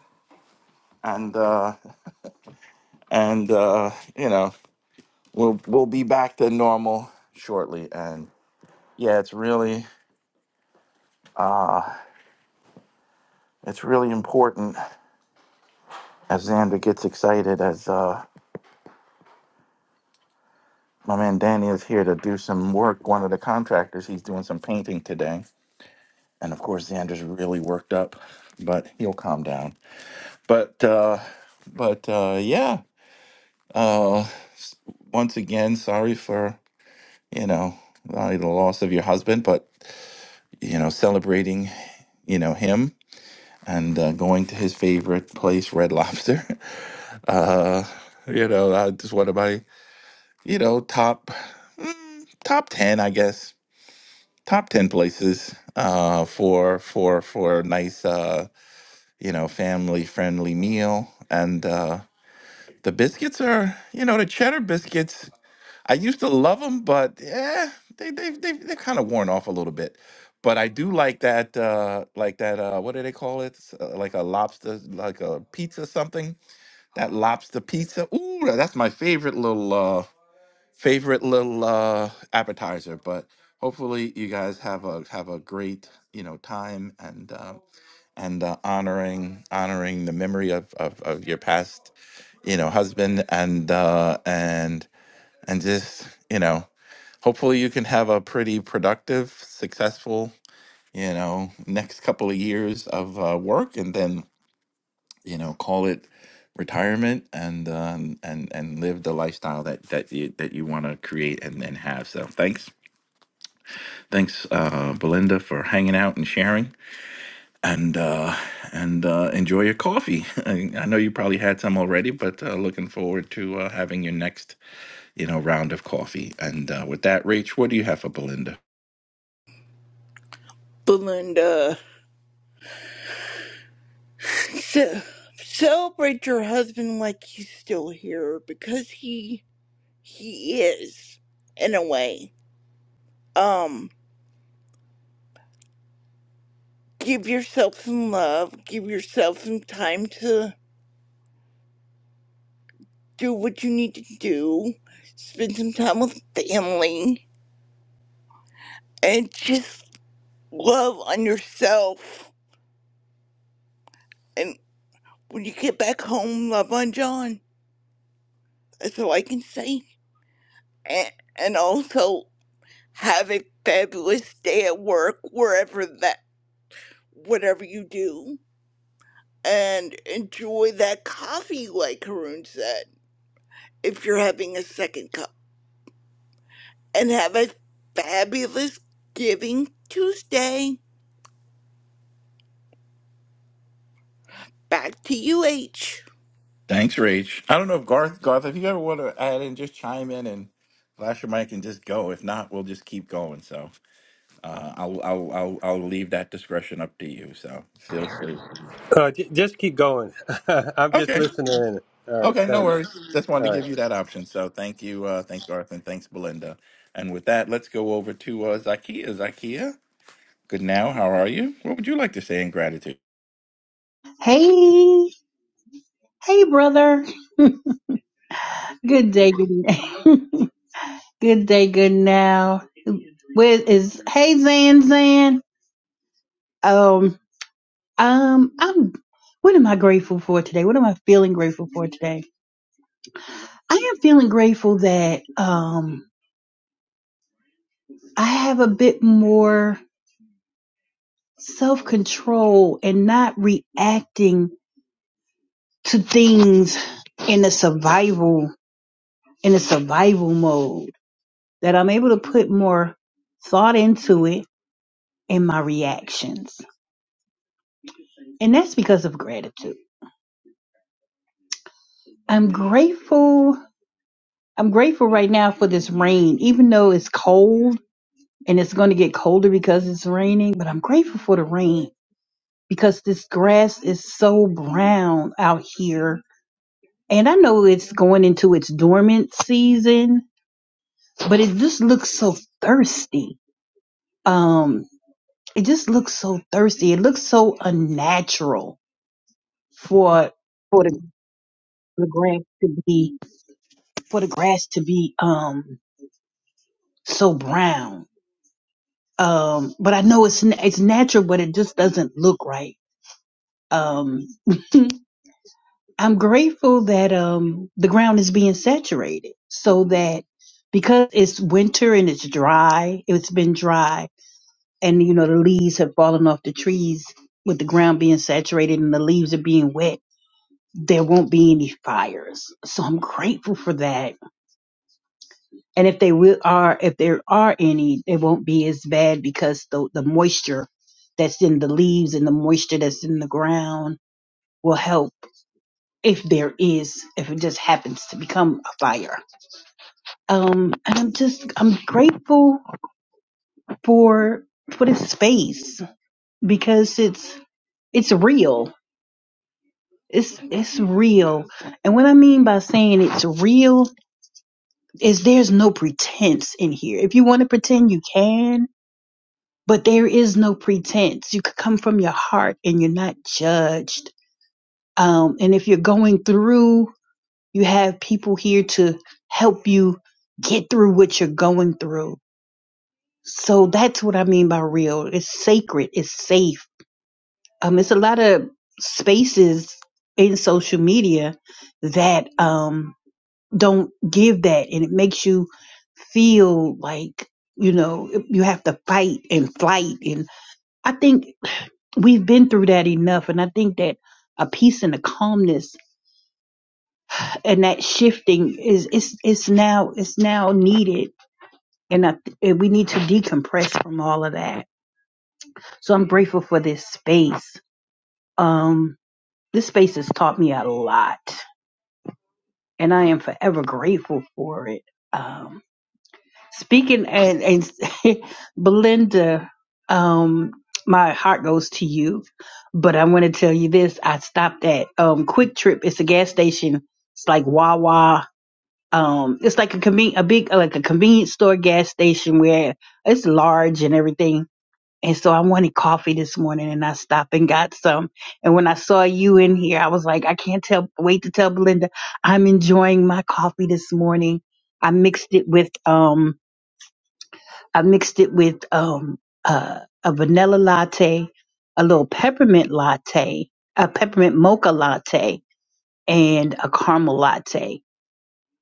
Speaker 26: and uh, and uh, you know, we'll we'll be back to normal shortly. And yeah, it's really uh, it's really important as Xander gets excited as uh, my man Danny is here to do some work. One of the contractors, he's doing some painting today, and of course Xander's really worked up, but he'll calm down. But uh, but uh, yeah Uh, s- once again, sorry for you know uh, the loss of your husband, but you know celebrating you know him and uh, going to his favorite place, Red Lobster. Uh, you know, uh, just one of my you know top mm, top ten, I guess, top ten places uh, for for for a nice uh, you know family friendly meal and. Uh, the biscuits are, you know, the cheddar biscuits. I used to love them, but yeah, they they they they've kind of worn off a little bit. But I do like that uh like that uh what do they call it? S- Uh, like a lobster like a pizza something. That lobster pizza. Ooh, that's my favorite little uh favorite little uh appetizer, but hopefully you guys have a have a great, you know, time and uh, and uh, honoring honoring the memory of, of of your past, you know, husband and uh and and just, you know, hopefully you can have a pretty productive successful you know next couple of years of uh, work and then you know call it retirement and um, and and live the lifestyle that that you that you want to create and then have so thanks thanks uh belinda for hanging out and sharing and uh and uh enjoy your coffee i, I know you probably had some already but uh, looking forward to uh, having your next you know round of coffee and uh, with that rach what do you have for belinda
Speaker 27: Belinda. ce- celebrate your husband like he's still here because he he is in a way um give yourself some love give yourself some time to do what you need to do spend some time with family and just love on yourself and when you get back home love on john that's all i can say and, and also have a fabulous day at work wherever that whatever you do and enjoy that coffee, like Karun said, if you're having a second cup. And have a fabulous Giving Tuesday. Back to you, H.
Speaker 26: Thanks, Rach. I don't know if Garth, Garth, if you ever want to add in, just chime in and flash your mic and just go. If not, we'll just keep going. So uh, I'll, I'll, I'll, I'll leave that discretion up to you. So feel free.
Speaker 31: Uh, j- just keep going. I'm just
Speaker 26: Okay.
Speaker 31: listening in. All right.
Speaker 26: Okay. No
Speaker 31: Thanks.
Speaker 26: worries. Just wanted
Speaker 31: All
Speaker 26: to
Speaker 31: right.
Speaker 26: give you that option. So thank you. Uh, thanks, Garth, and thanks, Belinda. And with that, let's go over to uh, Zakia. Zakia, good now. How are you? What would you like to say in gratitude?
Speaker 32: Hey, hey, brother. Good day, good now. good day, good now. Where is hey Zan Zan? Um, um, I'm. What am I grateful for today? What am I feeling grateful for today? I am feeling grateful that um I have a bit more self control and not reacting to things in a survival in a survival mode. That I'm able to put more thought into it in my reactions. And that's because of gratitude. I'm grateful. I'm grateful right now for this rain, even though it's cold and it's going to get colder because it's raining, but I'm grateful for the rain because this grass is so brown out here. And I know it's going into its dormant season, but it just looks so thirsty. Um, it just looks so thirsty. It looks so unnatural for for the, the grass to be for the grass to be um so brown. Um, but I know it's n- it's natural, but it just doesn't look right. Um, I'm grateful that um the ground is being saturated so that because it's winter and it's dry, it's been dry, and you know the leaves have fallen off the trees with the ground being saturated and the leaves are being wet. There won't be any fires. So I'm grateful for that and if they will are if there are any they won't be as bad because the the moisture that's in the leaves and the moisture that's in the ground will help if there is if it just happens to become a fire um and i'm just i'm grateful for for this space because it's it's real it's it's real and what i mean by saying it's real is there's no pretense in here if you want to pretend you can but there is no pretense. You could come from your heart and you're not judged. Um, and if you're going through, you have people here to help you get through what you're going through. So that's what I mean by real. It's sacred. It's safe. Um, it's a lot of spaces in social media that um don't give that, and it makes you feel like you know you have to fight and flight and I think we've been through that enough and i think that a peace and a calmness and that shifting is it's it's now it's now needed and I, and we need to decompress from all of that so i'm grateful for this space um this space has taught me a lot and i am forever grateful for it Um, Speaking and, and Belinda, um, my heart goes to you, but I want to tell you this. I stopped at um, Quick Trip. It's a gas station. It's like Wawa. Um, it's like a conven- a big, uh, like a convenience store gas station where it's large and everything. And so I wanted coffee this morning and I stopped and got some. And when I saw you in here, I was like, I can't tell, wait to tell Belinda, I'm enjoying my coffee this morning. I mixed it with, um, I mixed it with um, uh, a vanilla latte, a little peppermint latte, a peppermint mocha latte, and a caramel latte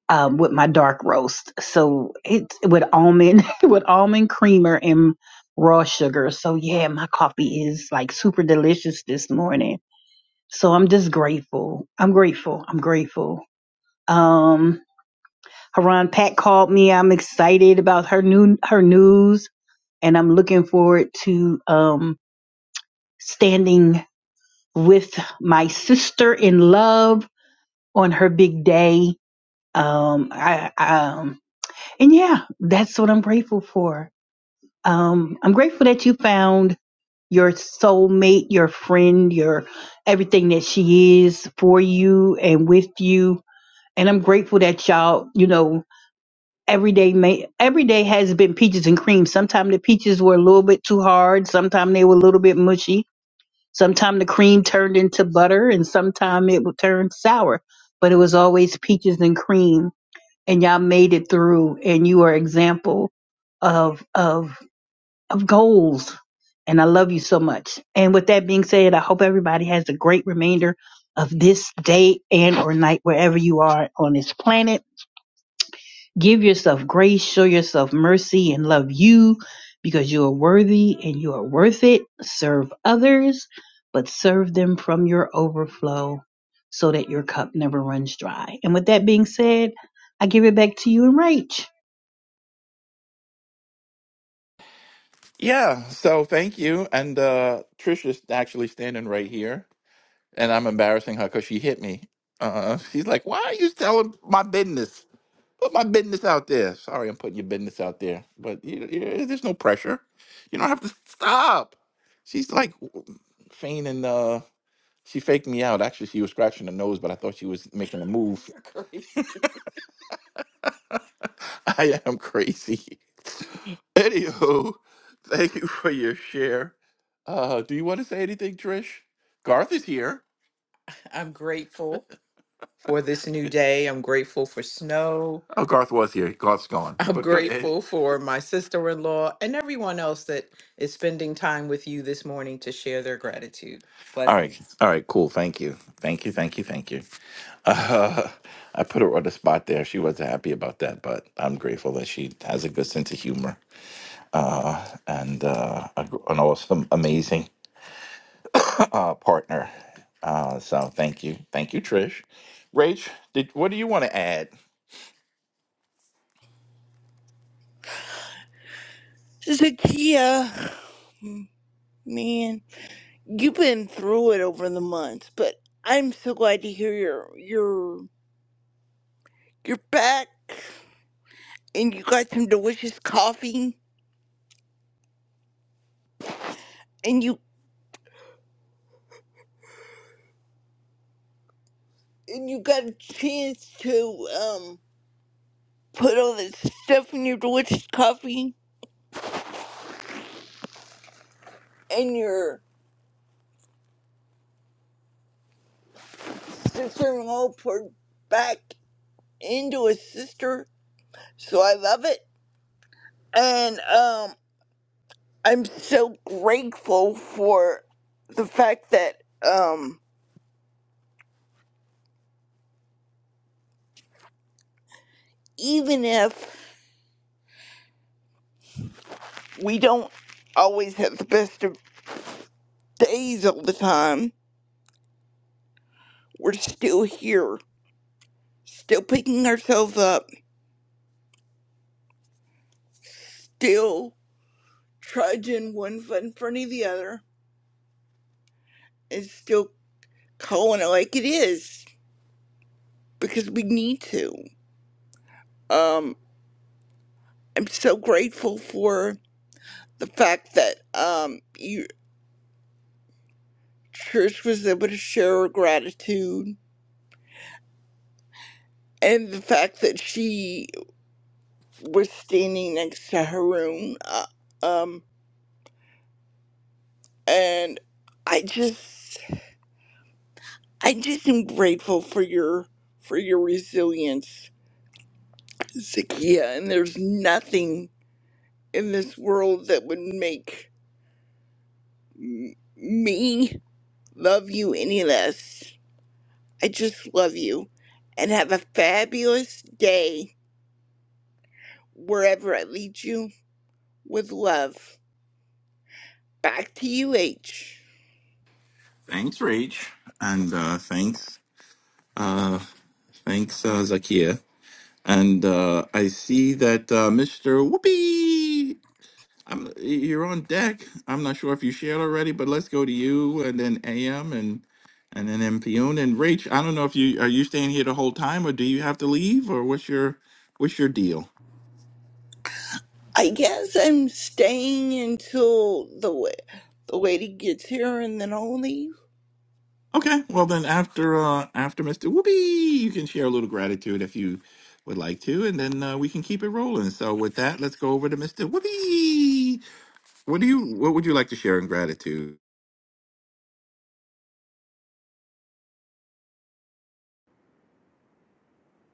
Speaker 32: um, with my dark roast. So it's with almond with almond creamer and raw sugar. So yeah, my coffee is like super delicious this morning. So I'm just grateful. I'm grateful. I'm grateful. Um, Haran Pat called me. I'm excited about her new her news and I'm looking forward to um, standing with my sister in love on her big day. Um, I, um, and yeah, that's what I'm grateful for. Um, I'm grateful that you found your soulmate, your friend, your everything that she is for you and with you. And I'm grateful that y'all, you know, every day may every day has been peaches and cream. Sometimes the peaches were a little bit too hard. Sometimes they were a little bit mushy Sometimes the cream turned into butter and sometimes it would turn sour, but it was always peaches and cream. And y'all made it through and you are example of, of, of goals. And I love you so much. And with that being said, I hope everybody has a great remainder of this day and or night wherever you are on this planet Give yourself grace, show yourself mercy, and love you because you are worthy and you are worth it. Serve others, but serve them from your overflow so that your cup never runs dry. And with that being said, I give it back to you and Rach.
Speaker 26: Yeah. So thank you. And uh, Trisha's actually standing right here. and I'm embarrassing her because she hit me. Uh, she's like, "Why are you telling my business? Put my business out there." Sorry, I'm putting your business out there, but you, you, there's no pressure. You don't have to stop. She's like w- feigning. Uh, she faked me out. Actually, she was scratching her nose, but I thought she was making a move. I am crazy. Anywho, thank you for your share. Uh, do you want to say anything, Trish? Garth is here. Oh, Garth was here. Garth's gone. But go ahead. All right. Blessings. All right. Cool. Thank you. Thank you. Thank you. Thank you. Uh, I put her on the spot there. She wasn't happy about that, but I'm grateful that she has a good sense of humor uh, and uh, a, gr- an awesome, amazing uh, partner. Uh, so thank you. Thank you, Trish. Rach, did, what do you want to add?
Speaker 27: Zakia, man, you've been through it over the months, but I'm so glad to hear you're you're you're back and you got some delicious coffee and you and you got a chance to. um. put all this stuff in your delicious coffee and your sister in law poured back into a sister. So I love it. And um I'm so grateful for the fact that um even if we don't always have the best of days all the time, we're still here. Still picking ourselves up, still trudging one foot in front of the other, and still calling it like it is. because we need to. Um, I'm so grateful for the fact that um, you, Trish was able to share her gratitude and the fact that she was standing next to Haroon. Uh, um, and I just, I just am grateful for your for your resilience, Zakia. And there's nothing in this world that would make m- me love you any less I just love you and have a fabulous day wherever I lead you with love. Back to you, H.
Speaker 26: Thanks, Rach, and uh, thanks, uh, thanks, uh, Zakia. And uh, I see that uh, Mr. Whoopi, I'm, you're on deck. I'm not sure if you shared already, but let's go to you, and then AM, and and then MPUN and Rach. I don't know if you are you staying here the whole time, or do you have to leave, or what's your what's your deal?
Speaker 27: I guess I'm staying until the wa- the lady gets here and then I'll leave.
Speaker 26: Okay, well then after uh after Mr. Whoopi, you can share a little gratitude if you would like to, and then uh, we can keep it rolling. So with that, let's go over to Mr. Whoopi. What do you what would you like to share in gratitude?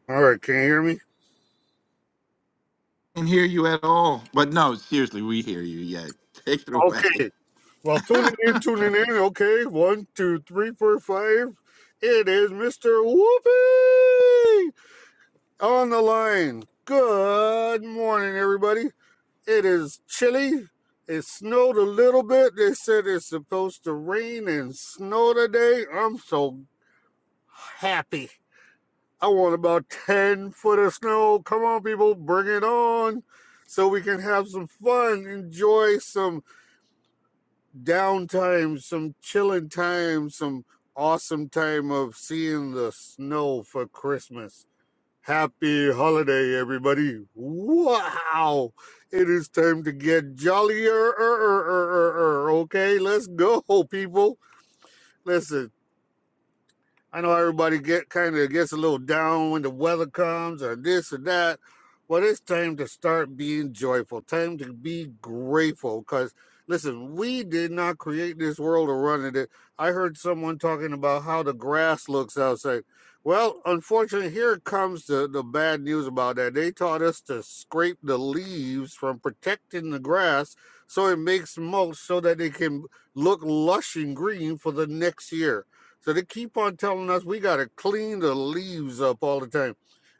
Speaker 33: All right, can you hear me?
Speaker 26: Can hear you at all. But no, seriously, we hear you. Yeah. Take it away.
Speaker 33: Okay. Well, tuning in, tuning in. Okay, one, two, three, four, five. It is Mr. Whoopi on the line. Good morning, everybody. It is chilly. It snowed a little bit. They said it's supposed to rain and snow today. I'm so happy. I want about 10 foot of snow. Come on, people, bring it on so we can have some fun, enjoy some downtime, some chilling time, some awesome time of seeing the snow for Christmas. Happy holiday, everybody. Wow. It is time to get jollier. Okay, let's go, people. Listen. I know everybody get kind of gets a little down when the weather comes or this or that, but it's time to start being joyful. Time to be grateful because listen, we did not create this world or run in it. I heard someone talking about how the grass looks outside. Well, unfortunately, here comes the, the bad news about that. They taught us to scrape the leaves from protecting the grass so it makes mulch so that it can look lush and green for the next year so they keep on telling us we got to clean the leaves up all the time.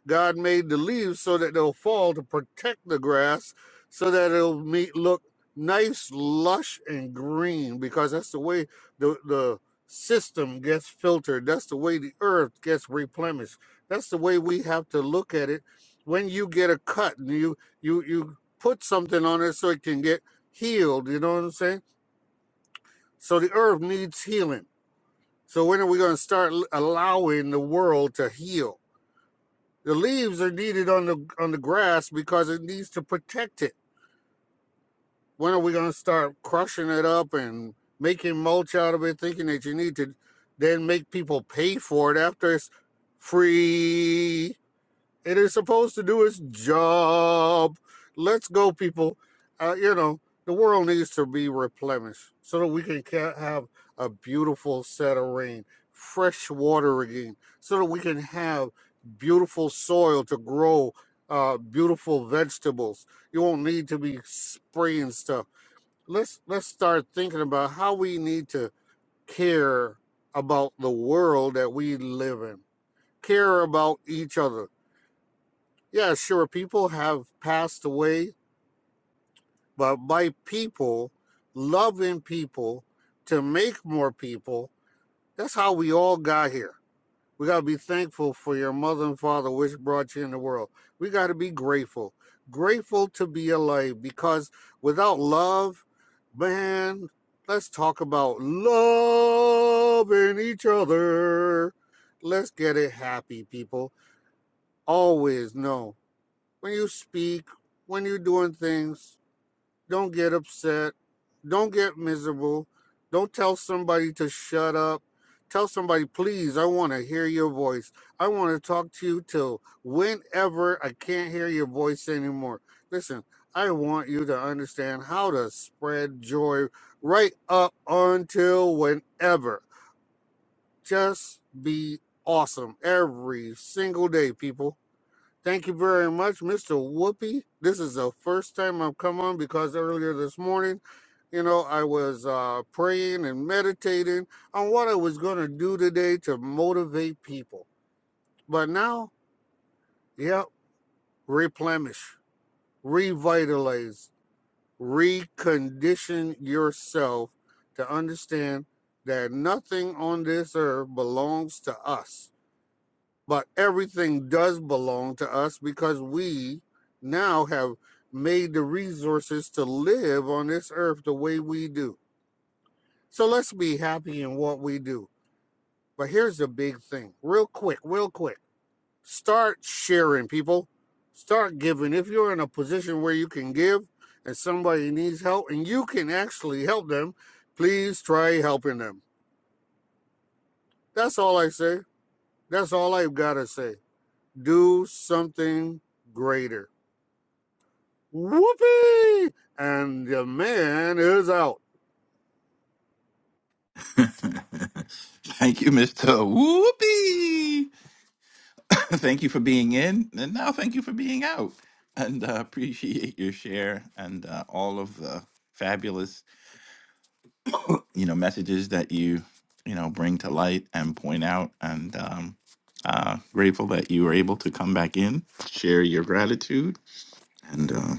Speaker 33: God made the leaves so that they'll fall to protect the grass so that it'll meet, look nice, lush, and green because that's the way the, the system gets filtered. That's the way the earth gets replenished. That's the way we have to look at it. When you get a cut and you, you, you put something on it so it can get healed, you know what I'm saying? So the earth needs healing so when are we going to start allowing the world to heal? The leaves are needed on the on the grass because it needs to protect it. When are we going to start crushing it up and making mulch out of it, thinking that you need to then make people pay for it after it's free? It is supposed to do its job. Let's go, people. Uh, you know, the world needs to be replenished so that we can have a beautiful set of rain, fresh water again, so that we can have beautiful soil to grow uh, beautiful vegetables. You won't need to be spraying stuff. Let's let's start thinking about how we need to care about the world that we live in. Care about each other yeah, sure. People have passed away, but by people, loving people to make more people, that's how we all got here. We got to be thankful for your mother and father, which brought you in the world. We got to be grateful, grateful to be alive because without love, man, let's talk about loving each other. Let's get it happy, people. Always know when you speak, when you're doing things, don't get upset. Don't get miserable. Don't tell somebody to shut up. Tell somebody, please, I want to hear your voice. I want to talk to you till whenever I can't hear your voice anymore. Listen, I want you to understand how to spread joy right up until whenever. Just be awesome every single day, people. Thank you very much, Mr. Whoopi. This is the first time I've come on because earlier this morning, you know, I was uh, praying and meditating on what I was going to do today to motivate people. But now, yep, replenish, revitalize, recondition yourself to understand that nothing on this earth belongs to us. but everything does belong to us because we now have made the resources to live on this earth the way we do. So let's be happy in what we do. But here's the big thing real quick, real quick start sharing, people. Start giving. If you're in a position where you can give and somebody needs help and you can actually help them, please try helping them. That's all I say. That's all I've got to say. Do something greater Whoopee! And the man is out.
Speaker 26: thank you, Mr. Whoopi. thank you for being in, and now thank you for being out. And uh, appreciate your share and uh, all of the fabulous you know messages that you you know bring to light and point out and um uh grateful that you were able to come back in share your gratitude and uh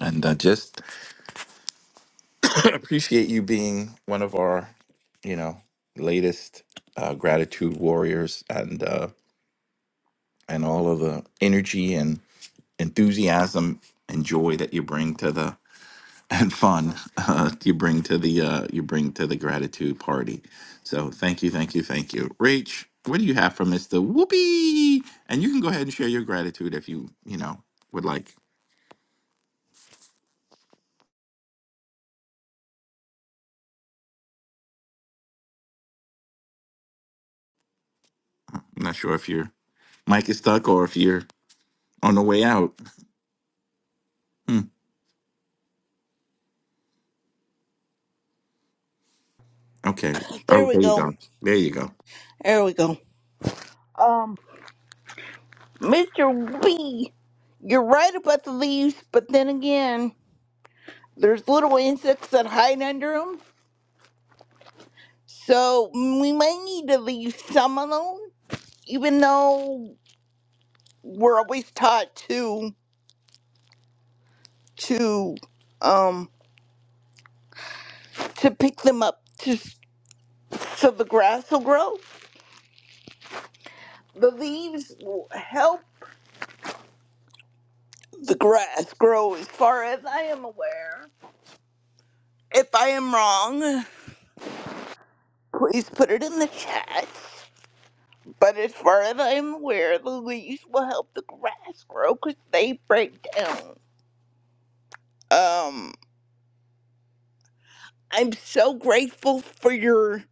Speaker 26: and uh, just appreciate you being one of our you know latest uh gratitude warriors and uh and all of the energy and enthusiasm and joy that you bring to the and fun uh, you bring to the uh, you bring to the gratitude party. So thank you, thank you, thank you, Rach. What do you have from Mister Whoopi? And you can go ahead and share your gratitude if you you know would like. I'm not sure if your mic is stuck or if you're on the way out. Hmm, okay. Oh,
Speaker 27: There we
Speaker 26: there you
Speaker 27: go.
Speaker 26: go. There you go.
Speaker 27: There we go. Um, Mr. B, you're right about the leaves, but then again, there's little insects that hide under them, so we might need to leave some alone even though we're always taught to to um to pick them up to so the grass will grow. The leaves will help the grass grow as far as I am aware. If I am wrong, please put it in the chat. But as far as I am aware, the leaves will help the grass grow because they break down. Um, I'm so grateful for your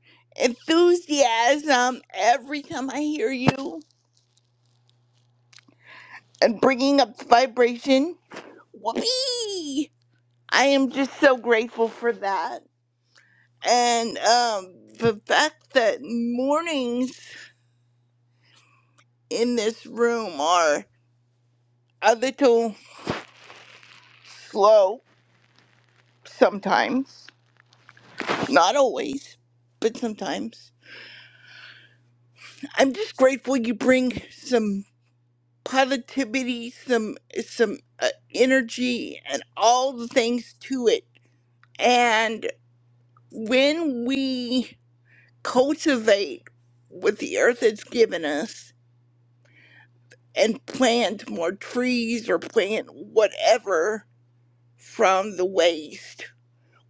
Speaker 27: enthusiasm every time I hear you. and bringing up the vibration. Whoopee! I am just so grateful for that. And um, the fact that mornings in this room are a little slow sometimes, not always, but sometimes. I'm just grateful you bring some positivity, some some uh, energy, and all the things to it. And when we cultivate what the earth has given us and plant more trees or plant whatever from the waste.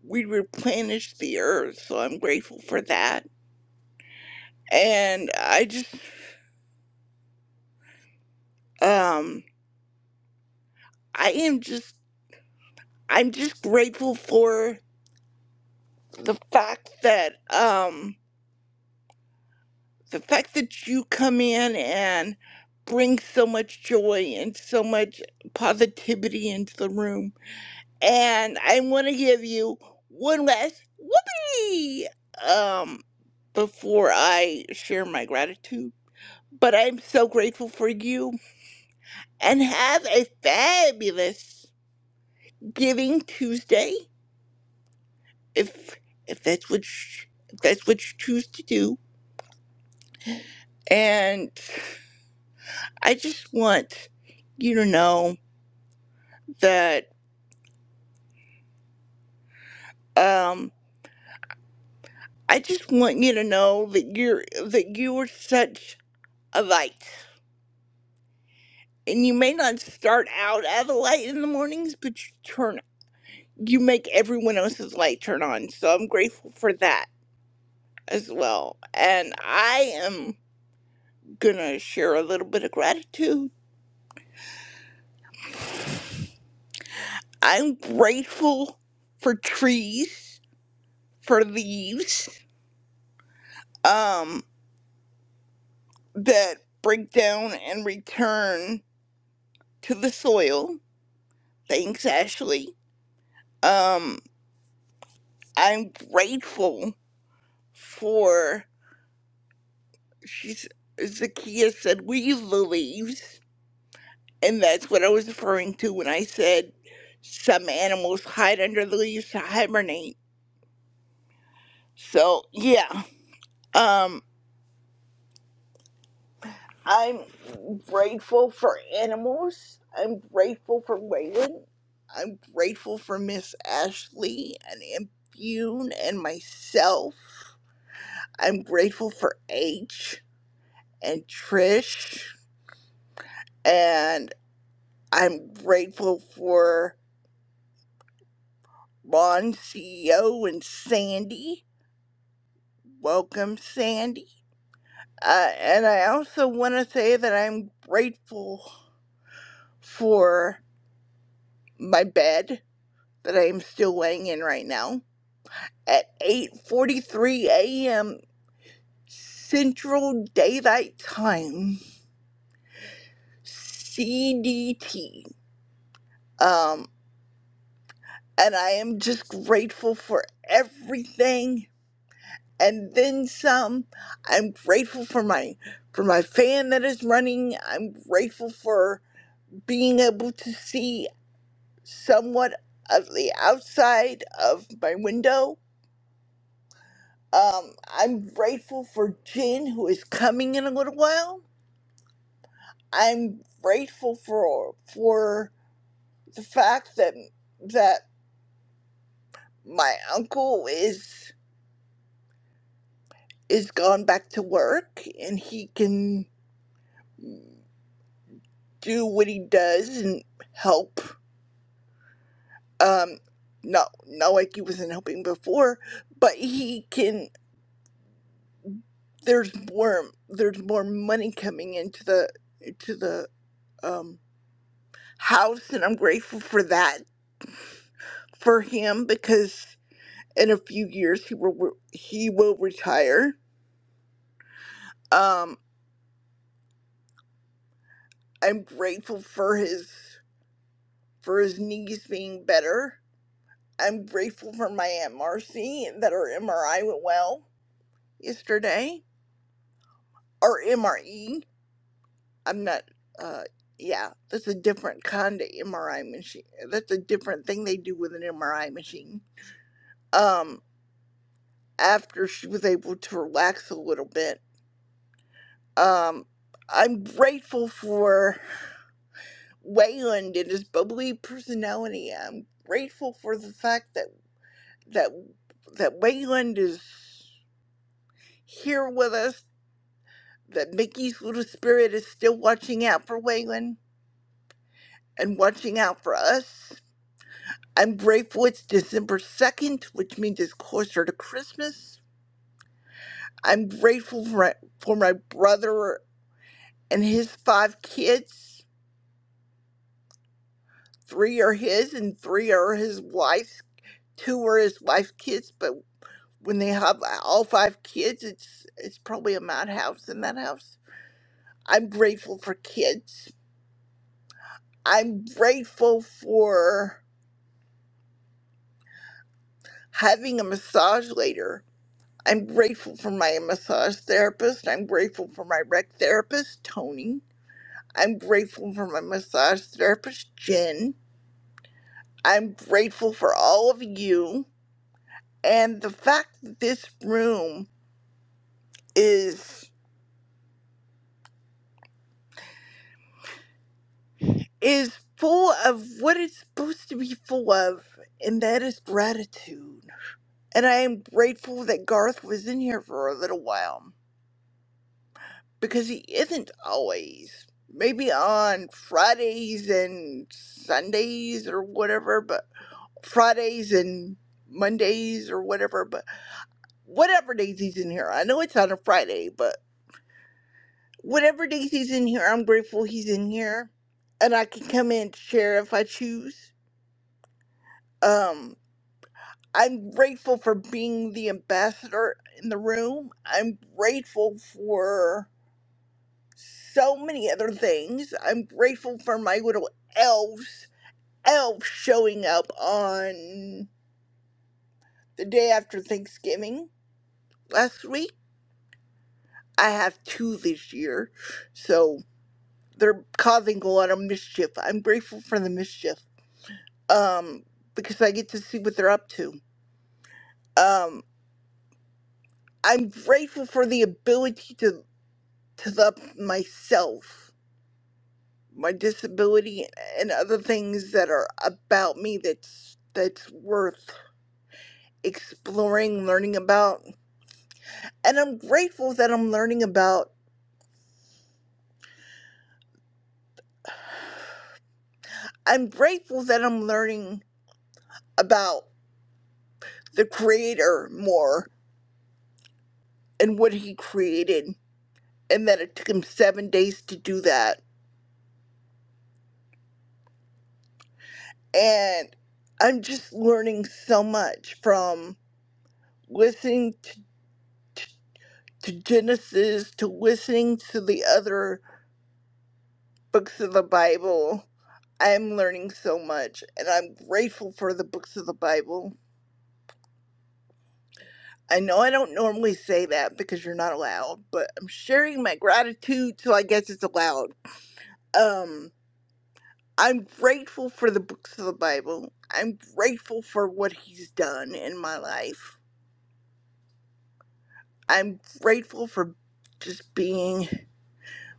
Speaker 27: We replenish the earth, so I'm grateful for that. And I just, um, I am just, I'm just grateful for the fact that, um, the fact that you come in and bring so much joy and so much positivity into the room and I want to give you one last whoopee um, before I share my gratitude. But I'm so grateful for you and have a fabulous Giving Tuesday if if that's what sh- if that's what you choose to do. And I just want you to know that um, I just want you to know that you're that you are such a light and you may not start out at a light in the mornings, but you turn you make everyone else's light turn on. So I'm grateful for that as well. And I am gonna share a little bit of gratitude. I'm grateful for trees, for leaves, um, that break down and return to the soil. Thanks, Ashley. Um, I'm grateful for she's Zakia said we the leaves, and that's what I was referring to when I said some animals hide under the leaves to hibernate. So yeah, um, I'm grateful for animals. I'm grateful for Waylon. I'm grateful for Miss Ashley and Impune and myself. I'm grateful for H and Trish, and I'm grateful for Ron CEO and Sandy. Welcome, Sandy. Uh, and I also want to say that I'm grateful for my bed that I'm still laying in right now at 8:43 a.m. Central Daylight Time, CDT. Um, and I am just grateful for everything and then some. I'm grateful for my for my fan that is running. I'm grateful for being able to see somewhat of the outside of my window. Um, I'm grateful for Jen who is coming in a little while. I'm grateful for for the fact that that my uncle is is gone back to work and he can do what he does and help um not not like he wasn't helping before but he can there's more there's more money coming into the into the um house and i'm grateful for that for him because in a few years he will re- he will retire um i'm grateful for his for his knees being better i'm grateful for my aunt marcy that her mri went well yesterday or mre I'm not. Uh, yeah, that's a different kind of MRI machine. That's a different thing they do with an MRI machine. Um, after she was able to relax a little bit, um, I'm grateful for Wayland and his bubbly personality. I'm grateful for the fact that that that Wayland is here with us. That Mickey's little spirit is still watching out for Wayland and watching out for us I'm grateful it's December 2nd, which means it's closer to Christmas. I'm grateful for my, for my brother and his five kids. Three are his and three are his wife's. Two are his wife's kids, but when they have all five kids, it's it's probably a madhouse in that house. I'm grateful for kids. I'm grateful for having a massage later I'm grateful for my massage therapist. I'm grateful for my rec therapist, Tony. I'm grateful for my massage therapist, Jen. I'm grateful for all of you. And the fact that this room is is full of what it's supposed to be full of, and that is gratitude. And I am grateful that Garth was in here for a little while. because he isn't always. Maybe on Fridays and Sundays or whatever, but Fridays and Mondays or whatever, but whatever days he's in here. I know it's on a Friday, but whatever days he's in here, I'm grateful he's in here and I can come in to share if I choose. Um, I'm grateful for being the ambassador in the room. I'm grateful for. so many other things. I'm grateful for my little elves, elves showing up on the day after Thanksgiving last week. I have two this year, so they're causing a lot of mischief. I'm grateful for the mischief, um, because I get to see what they're up to. Um, I'm grateful for the ability to to love myself, my disability, and other things that are about me that's that's worth exploring, learning about. And I'm grateful that I'm learning about, I'm grateful that I'm learning about the Creator more and what He created, and that it took Him seven days to do that. And I'm just learning so much from listening to, to, to Genesis to listening to the other books of the Bible. I'm learning so much, and I'm grateful for the books of the Bible I know I don't normally say that because you're not allowed, but I'm sharing my gratitude, so I guess it's allowed. Um, I'm grateful for the books of the Bible. I'm grateful for what he's done in my life. I'm grateful for just being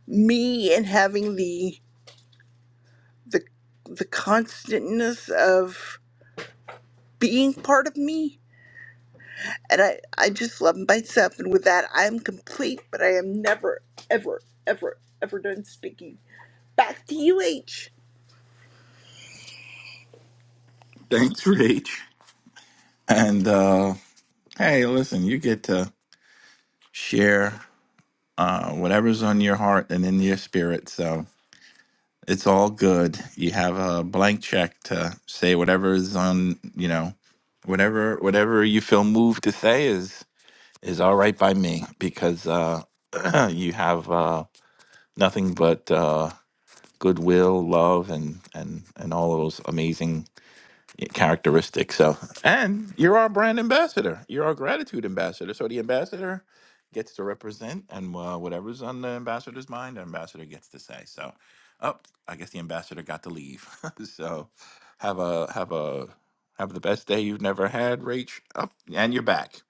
Speaker 27: me and having the the the constantness of being part of me. And I, I just love myself and with that I am complete, but I am never, ever, ever, ever done speaking. Back to you, H.
Speaker 26: Thanks, Rach. And uh, hey, listen, you get to share uh, whatever's on your heart and in your spirit. So It's all good. You have a blank check to say whatever is on, you know, whatever whatever you feel moved to say is is all right by me because uh, you have uh, nothing but uh, goodwill, love, and and and all those amazing characteristic. So, and you're our brand ambassador. You're our gratitude ambassador. So the ambassador gets to represent, and uh, whatever's on the ambassador's mind, the ambassador gets to say. So, oh, I guess the ambassador got to leave. so, have a have a have the best day you've never had, Rach. Up and you're back.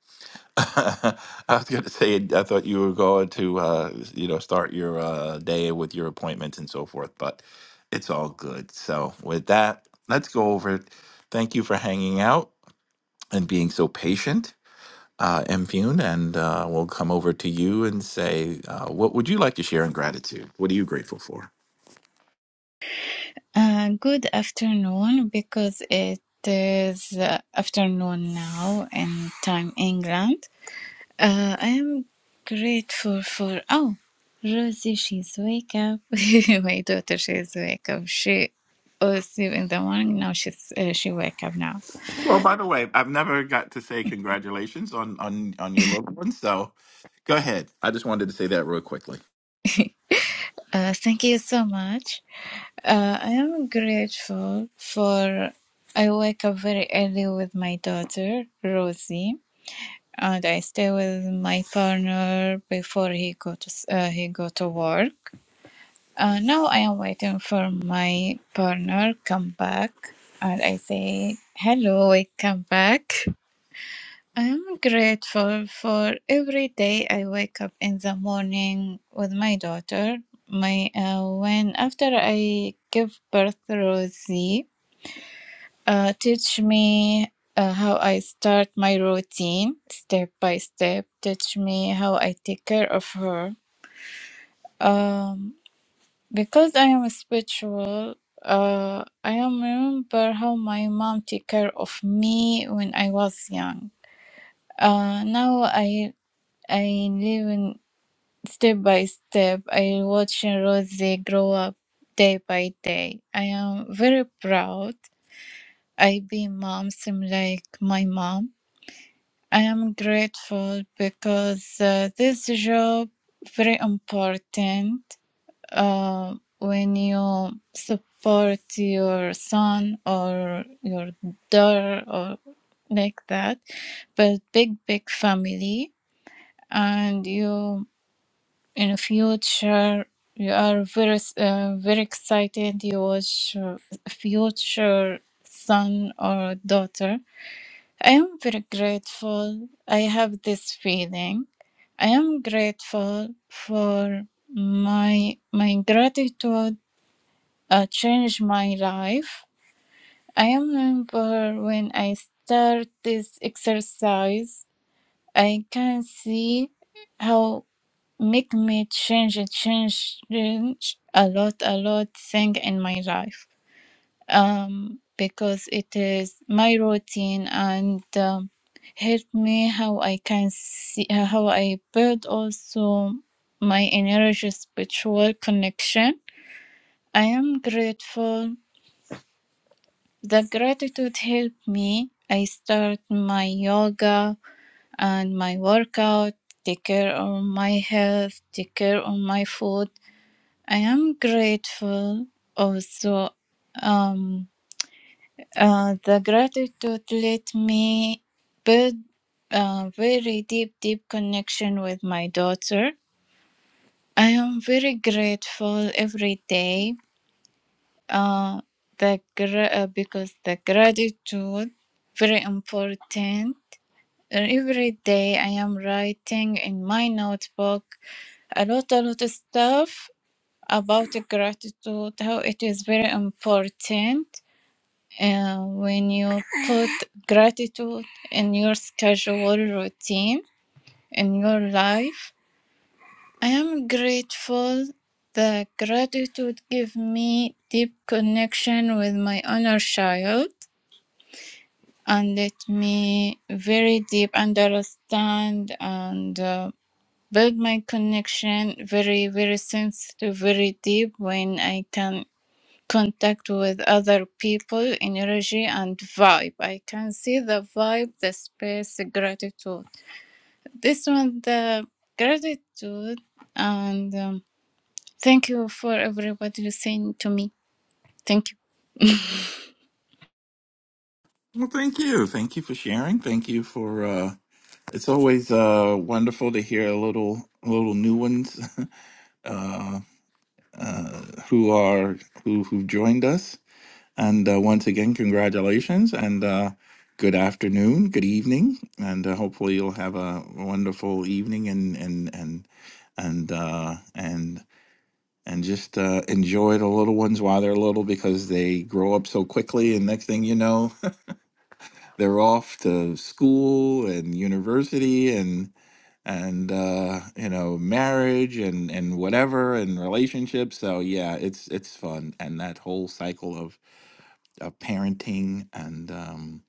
Speaker 26: I was going to say, I thought you were going to, uh, you know, start your uh, day with your appointments and so forth, but it's all good. So, with that, let's go over. it. Thank you for hanging out and being so patient, uh, Impune, and uh, we'll come over to you and say, uh, what would you like to share in gratitude? What are you grateful for?
Speaker 12: Uh, good afternoon, because it is uh, afternoon now in time England. Uh, I am grateful for oh, Rosie, she's wake up. My daughter, she's wake up. She was asleep in the morning. Now she's uh, she wake up now.
Speaker 26: Well, by the way, I've never got to say congratulations on on on your little one, so go ahead. I just wanted to say that real quickly.
Speaker 12: Uh, thank you so much. Uh, I am grateful for. I wake up very early with my daughter Rosie and I stay with my partner before he go to s- uh, he go to work. Uh, now I am waiting for my partner come back, and I say hello. Welcome back. I am grateful for every day I wake up in the morning with my daughter. My uh, when after I give birth to Rosie, uh, teach me uh, how I start my routine step by step. Teach me how I take care of her. Um, because I am spiritual, uh, I am remember how my mom take care of me when I was young. Uh, now I I live in step by step. I watch Rosie grow up day by day. I am very proud. I be mom, seem like my mom. I am grateful because uh, this job very important uh, when you support your son or your daughter or like that, but big big family and you in the future you are very uh, very excited you watch uh, future son or daughter I am very grateful. I have this feeling. I am grateful for my my gratitude uh, changed my life. I remember when I start this exercise, I can see how make me change change change a lot a lot thing in my life um, because it is my routine and um, help me how I can see uh, how I build also my energy spiritual connection. I am grateful. The gratitude helped me. I start my yoga and my workout, take care of my health, take care of my food. I am grateful also. Um, Uh, the gratitude let me build a very deep, deep connection with my daughter. I am very grateful every day. Uh, the gra- uh, because the gratitude very important. And Every day I am writing in my notebook a lot, a lot of stuff about the gratitude. How it is very important Uh, when you put gratitude in your schedule routine in your life, I am grateful that gratitude give me deep connection with my inner child and let me very deep understand and uh, build my connection very very sensitive very deep when i can contact with other people, energy, and vibe. I can see the vibe, the space, the gratitude. This one, the gratitude, and um, thank you for everybody listening to me. Thank you.
Speaker 26: Well, thank you. Thank you for sharing. Thank you for uh it's always uh wonderful to hear a little little new ones who are who who've joined us. And uh, once again, congratulations and uh good afternoon, good evening, and uh, hopefully you'll have a wonderful evening and and and and uh and and just uh, enjoy the little ones while they're little because they grow up so quickly and next thing you know they're off to school and university and. and uh you know marriage and and whatever and relationships so yeah it's it's fun and that whole cycle of of parenting and um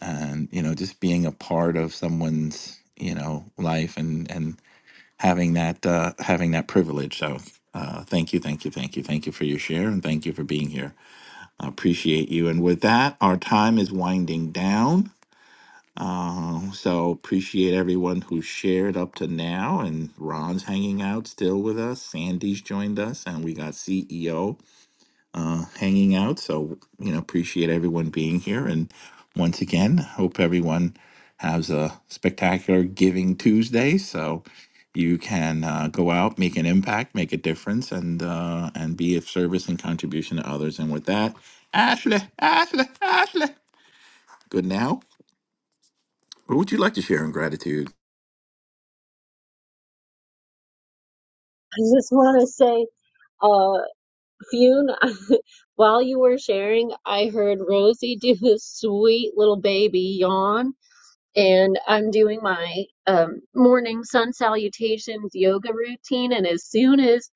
Speaker 26: and you know just being a part of someone's you know life and and having that uh having that privilege so uh thank you thank you thank you thank you for your share and thank you for being here i appreciate you and with that our time is winding down um, so appreciate everyone who shared up to now. And Ron's hanging out still with us. Sandy's joined us, and we got CEO uh, hanging out. So you know, appreciate everyone being here. And once again, hope everyone has a spectacular Giving Tuesday. So you can uh, go out, make an impact, make a difference, and uh, and be of service and contribution to others. And with that, Ashley, Ashley, Ashley. Good now. What would you like to share in gratitude?
Speaker 34: I just want to say, uh, Fune, while you were sharing, I heard Rosie do this sweet little baby yawn, and I'm doing my um, morning sun salutations yoga routine, and as soon as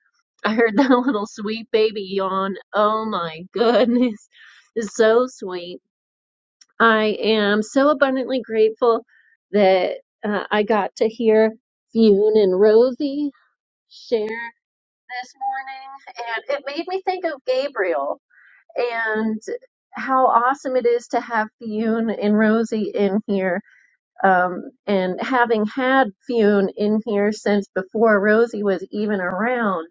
Speaker 34: I heard that little sweet baby yawn, oh my goodness, it's so sweet. I am so abundantly grateful that uh, I got to hear Fune and Rosie share this morning and it made me think of Gabriel and how awesome it is to have Fionn and Rosie in here. Um, and having had Fionn in here since before Rosie was even around,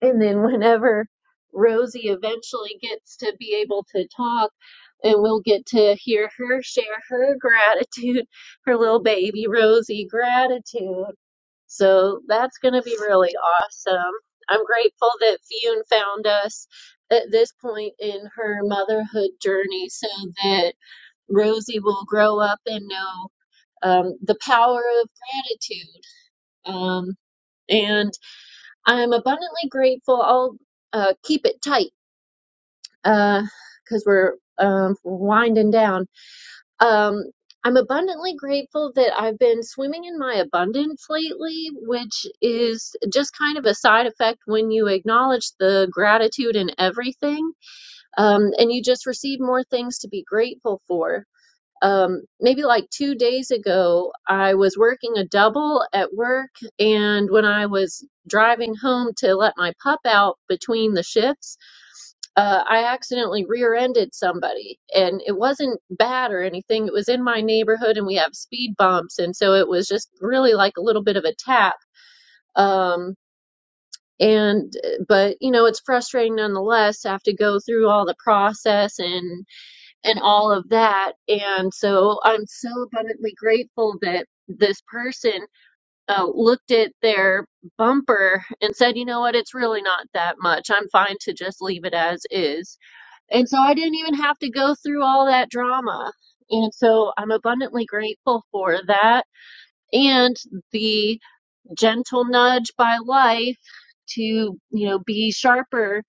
Speaker 34: and then whenever Rosie eventually gets to be able to talk, and we'll get to hear her share her gratitude, her little baby Rosie gratitude so that's going to be really awesome. I'm grateful that Fionn found us at this point in her motherhood journey so that Rosie will grow up and know um, the power of gratitude. Um, and I'm abundantly grateful. I'll uh, keep it tight because uh, we're um, winding down. Um, I'm abundantly grateful that I've been swimming in my abundance lately, which is just kind of a side effect when you acknowledge the gratitude in everything, um, and you just receive more things to be grateful for. Um, maybe like two days ago, I was working a double at work, and when I was driving home to let my pup out between the shifts, uh, I accidentally rear-ended somebody, and it wasn't bad or anything. It was in my neighborhood, and we have speed bumps, and so it was just really like a little bit of a tap. Um, and but you know, it's frustrating nonetheless to have to go through all the process and and all of that. And so I'm so abundantly grateful that this person uh, looked at their bumper and said, you know what, it's really not that much. I'm fine to just leave it as is and so I didn't even have to go through all that drama. And so I'm abundantly grateful for that and the gentle nudge by life to, you know, be sharper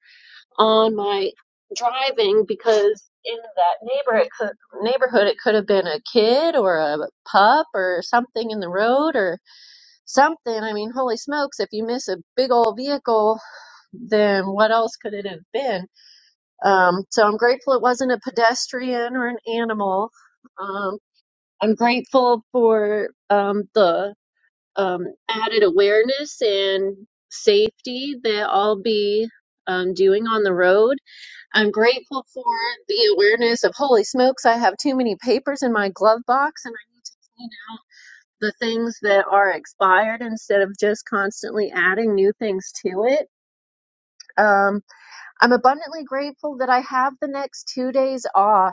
Speaker 34: on my driving because in that neighborhood, it could, neighborhood it could have been a kid or a pup or something in the road or something. I mean, holy smokes, if you miss a big old vehicle, then what else could it have been? Um, so I'm grateful it wasn't a pedestrian or an animal. Um, I'm grateful for um, the um, added awareness and safety that I'll be um, doing on the road. I'm grateful for the awareness of holy smokes, I have too many papers in my glove box and I need the things that are expired instead of just constantly adding new things to it. Um, I'm abundantly grateful that I have the next two days off.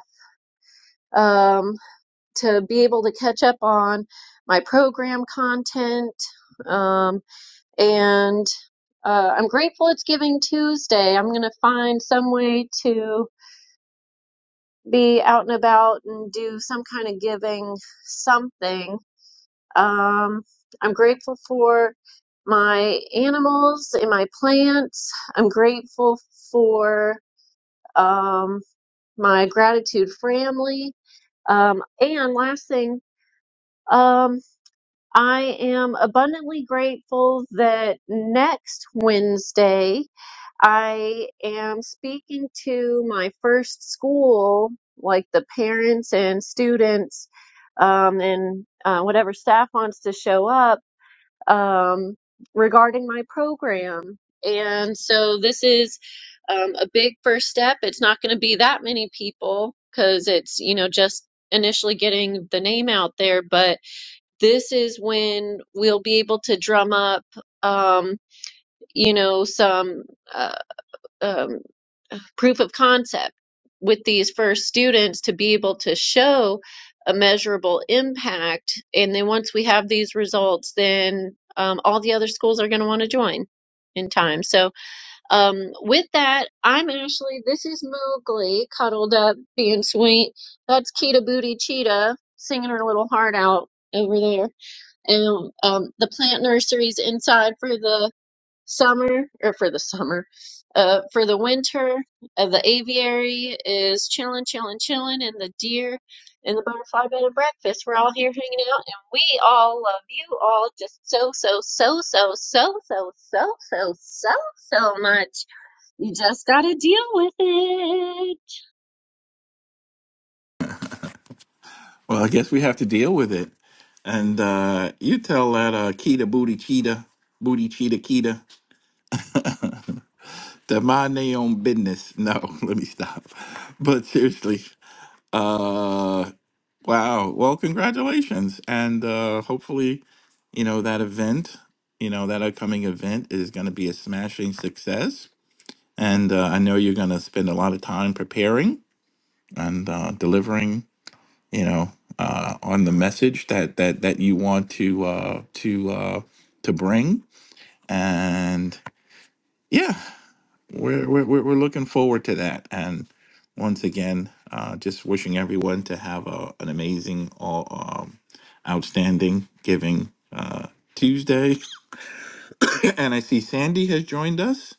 Speaker 34: um, to be able to catch up on my program content. Um, and uh, I'm grateful it's Giving Tuesday. I'm going to find some way to be out and about and do some kind of giving something. Um, I'm grateful for my animals and my plants. I'm grateful for um, my gratitude family. Um, and last thing, um, I am abundantly grateful that next Wednesday I am speaking to my first school, like the parents and students, um, and uh, whatever staff wants to show up um, regarding my program. And so this is um, a big first step. It's not going to be that many people because it's, you know, just initially getting the name out there, but this is when we'll be able to drum up, um, you know, some uh, um, proof of concept with these first students to be able to show a measurable impact. And then once we have these results, then um, all the other schools are going to want to join in time. So um, with that, I'm Ashley. This is Mowgli, cuddled up, being sweet. That's Kita Booty Cheetah, singing her little heart out over there and um, the plant nurseries inside for the summer or for the summer uh, for the winter uh, the aviary is chilling chilling chilling and the deer and the butterfly bed and breakfast we're all here hanging out and we all love you all just so so so so so so so so so so much you just gotta deal with it
Speaker 26: Well, I guess we have to deal with it. And uh, you tell that uh, Keita Booty Cheetah, Booty Cheetah Keita, to mind their own business. No, let me stop. But seriously, uh, wow. Well, congratulations. And uh, hopefully, you know, that event, you know, that upcoming event is going to be a smashing success. And uh, I know you're going to spend a lot of time preparing and uh, delivering you know uh, on the message that that that you want to uh, to uh, to bring and yeah we're, we're we're we're looking forward to that and once again uh, just wishing everyone to have a, an amazing all um, outstanding giving uh, Tuesday and I see Sandy has joined us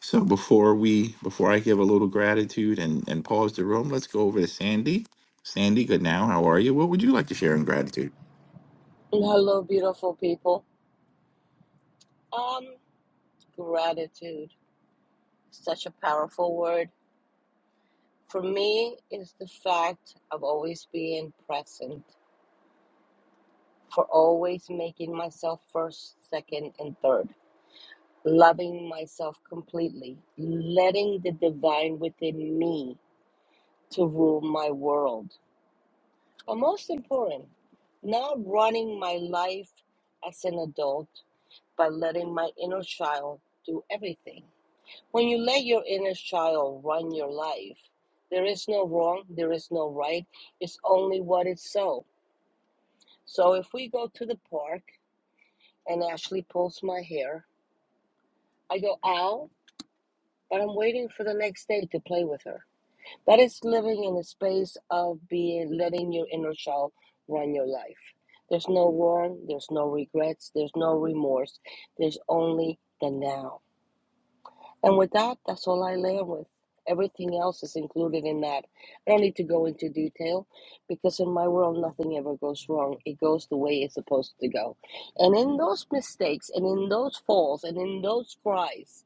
Speaker 26: so before we before I give a little gratitude and and pause the room let's go over to Sandy Sandy good now how are you what would you like to share in gratitude
Speaker 35: Hello, beautiful people. Um, gratitude, such a powerful word. For me, is the fact of always being present, for always making myself first, second, and third, loving myself completely, letting the divine within me to rule my world. But most important, not running my life as an adult, but letting my inner child do everything When you let your inner child run your life, there is no wrong, there is no right, it's only what is so. So if we go to the park and Ashley pulls my hair, I go, ow, but I'm waiting for the next day to play with her. That is living in a space of being letting your inner child run your life. There's no wrong, there's no regrets, there's no remorse, there's only the now. And with that, that's all I land with. Everything else is included in that. I don't need to go into detail because in my world, nothing ever goes wrong. It goes the way it's supposed to go. And in those mistakes and in those falls and in those cries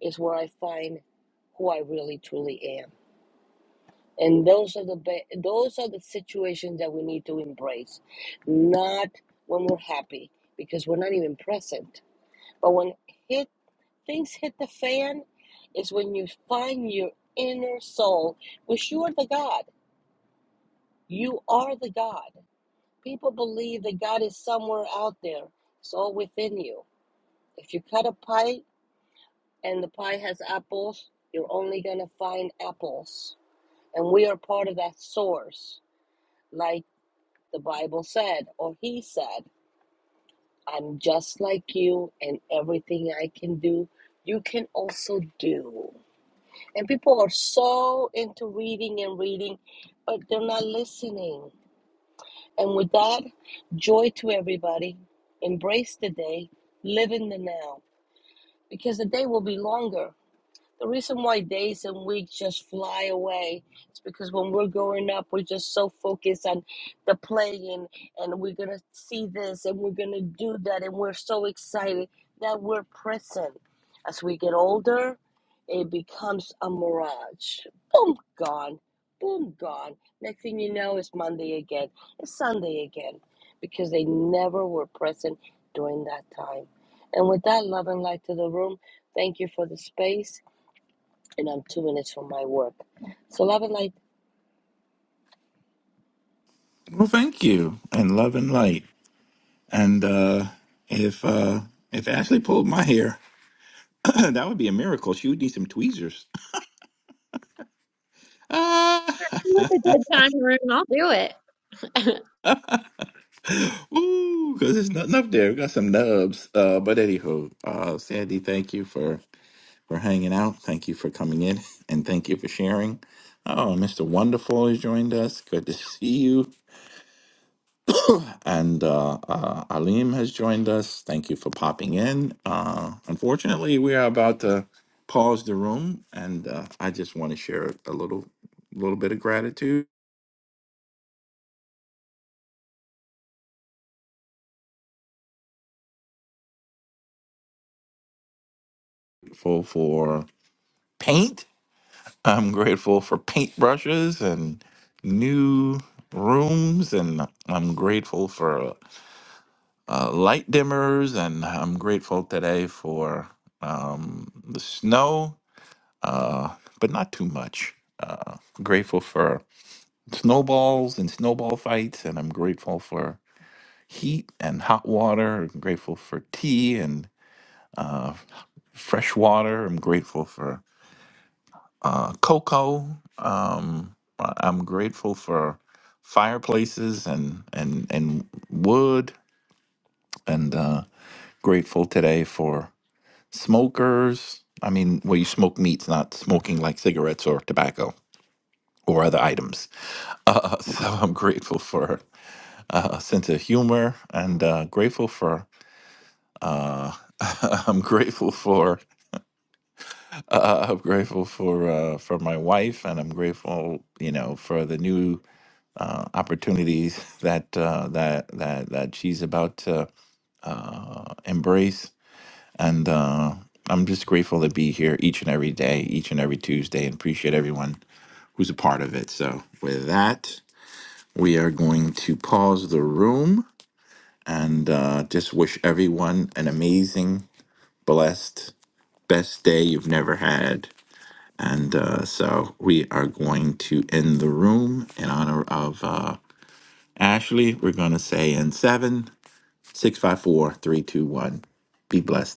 Speaker 35: is where I find who I really truly am. And those are the be- those are the situations that we need to embrace, not when we're happy because we're not even present. But when things hit the fan is when you find your inner soul, which you are the God. You are the God. People believe that God is somewhere out there. It's all within you. If you cut a pie and the pie has apples, you're only going to find apples. And we are part of that source, like the Bible said, or He said, I'm just like you, and everything I can do, you can also do. And people are so into reading and reading, but they're not listening. And with that, joy to everybody. Embrace the day, live in the now, because the day will be longer. The reason why days and weeks just fly away is because when we're growing up, we're just so focused on the playing and we're going to see this and we're going to do that. And we're so excited that we're present. As we get older, it becomes a mirage. Boom, gone. Boom, gone. Next thing you know, it's Monday again. It's Sunday again because they never were present during that time. And with that love and light to the room, thank you for the space and I'm doing this for my work. So, love and light
Speaker 26: Well, thank you, and love and light. And uh, if uh, if Ashley pulled my hair, that would be a miracle. She would need some tweezers. Ah,
Speaker 34: with a good time room i'll do it
Speaker 26: ooh, because there's nothing up there. We got some nubs. Uh, but anywho, uh, Sandy, thank you for for hanging out. Thank you for coming in, and thank you for sharing. Oh, Mr. Wonderful has joined us. Good to see you. And uh, uh, Alim has joined us. Thank you for popping in. Uh, unfortunately, we are about to pause the room, and uh, I just want to share a little, little bit of gratitude for for paint. I'm grateful for paintbrushes and new rooms, and I'm grateful for uh, light dimmers, and I'm grateful today for um, the snow, uh, but not too much. Uh, grateful for snowballs and snowball fights, and I'm grateful for heat and hot water. I'm grateful for tea and uh, fresh water. I'm grateful for uh, cocoa. Um, I- I'm grateful for fireplaces and and and wood, and uh, grateful today for smokers. I mean, well, you smoke meats, not smoking like cigarettes or tobacco or other items. Uh, so I'm grateful for uh, sense of humor, and uh, grateful for. Uh, I'm grateful for. Uh, I'm grateful for uh, for my wife, and I'm grateful, you know, for the new uh, opportunities that uh, that that that she's about to uh, embrace, and. Uh, I'm just grateful to be here each and every day, each and every Tuesday, and appreciate everyone who's a part of it. So, with that, we are going to pause the room and uh, just wish everyone an amazing blessed, best day you've never had. And uh, so we are going to end the room in honor of uh, Ashley. We're going to say in seven, six, five, four, three, two, one. Be blessed.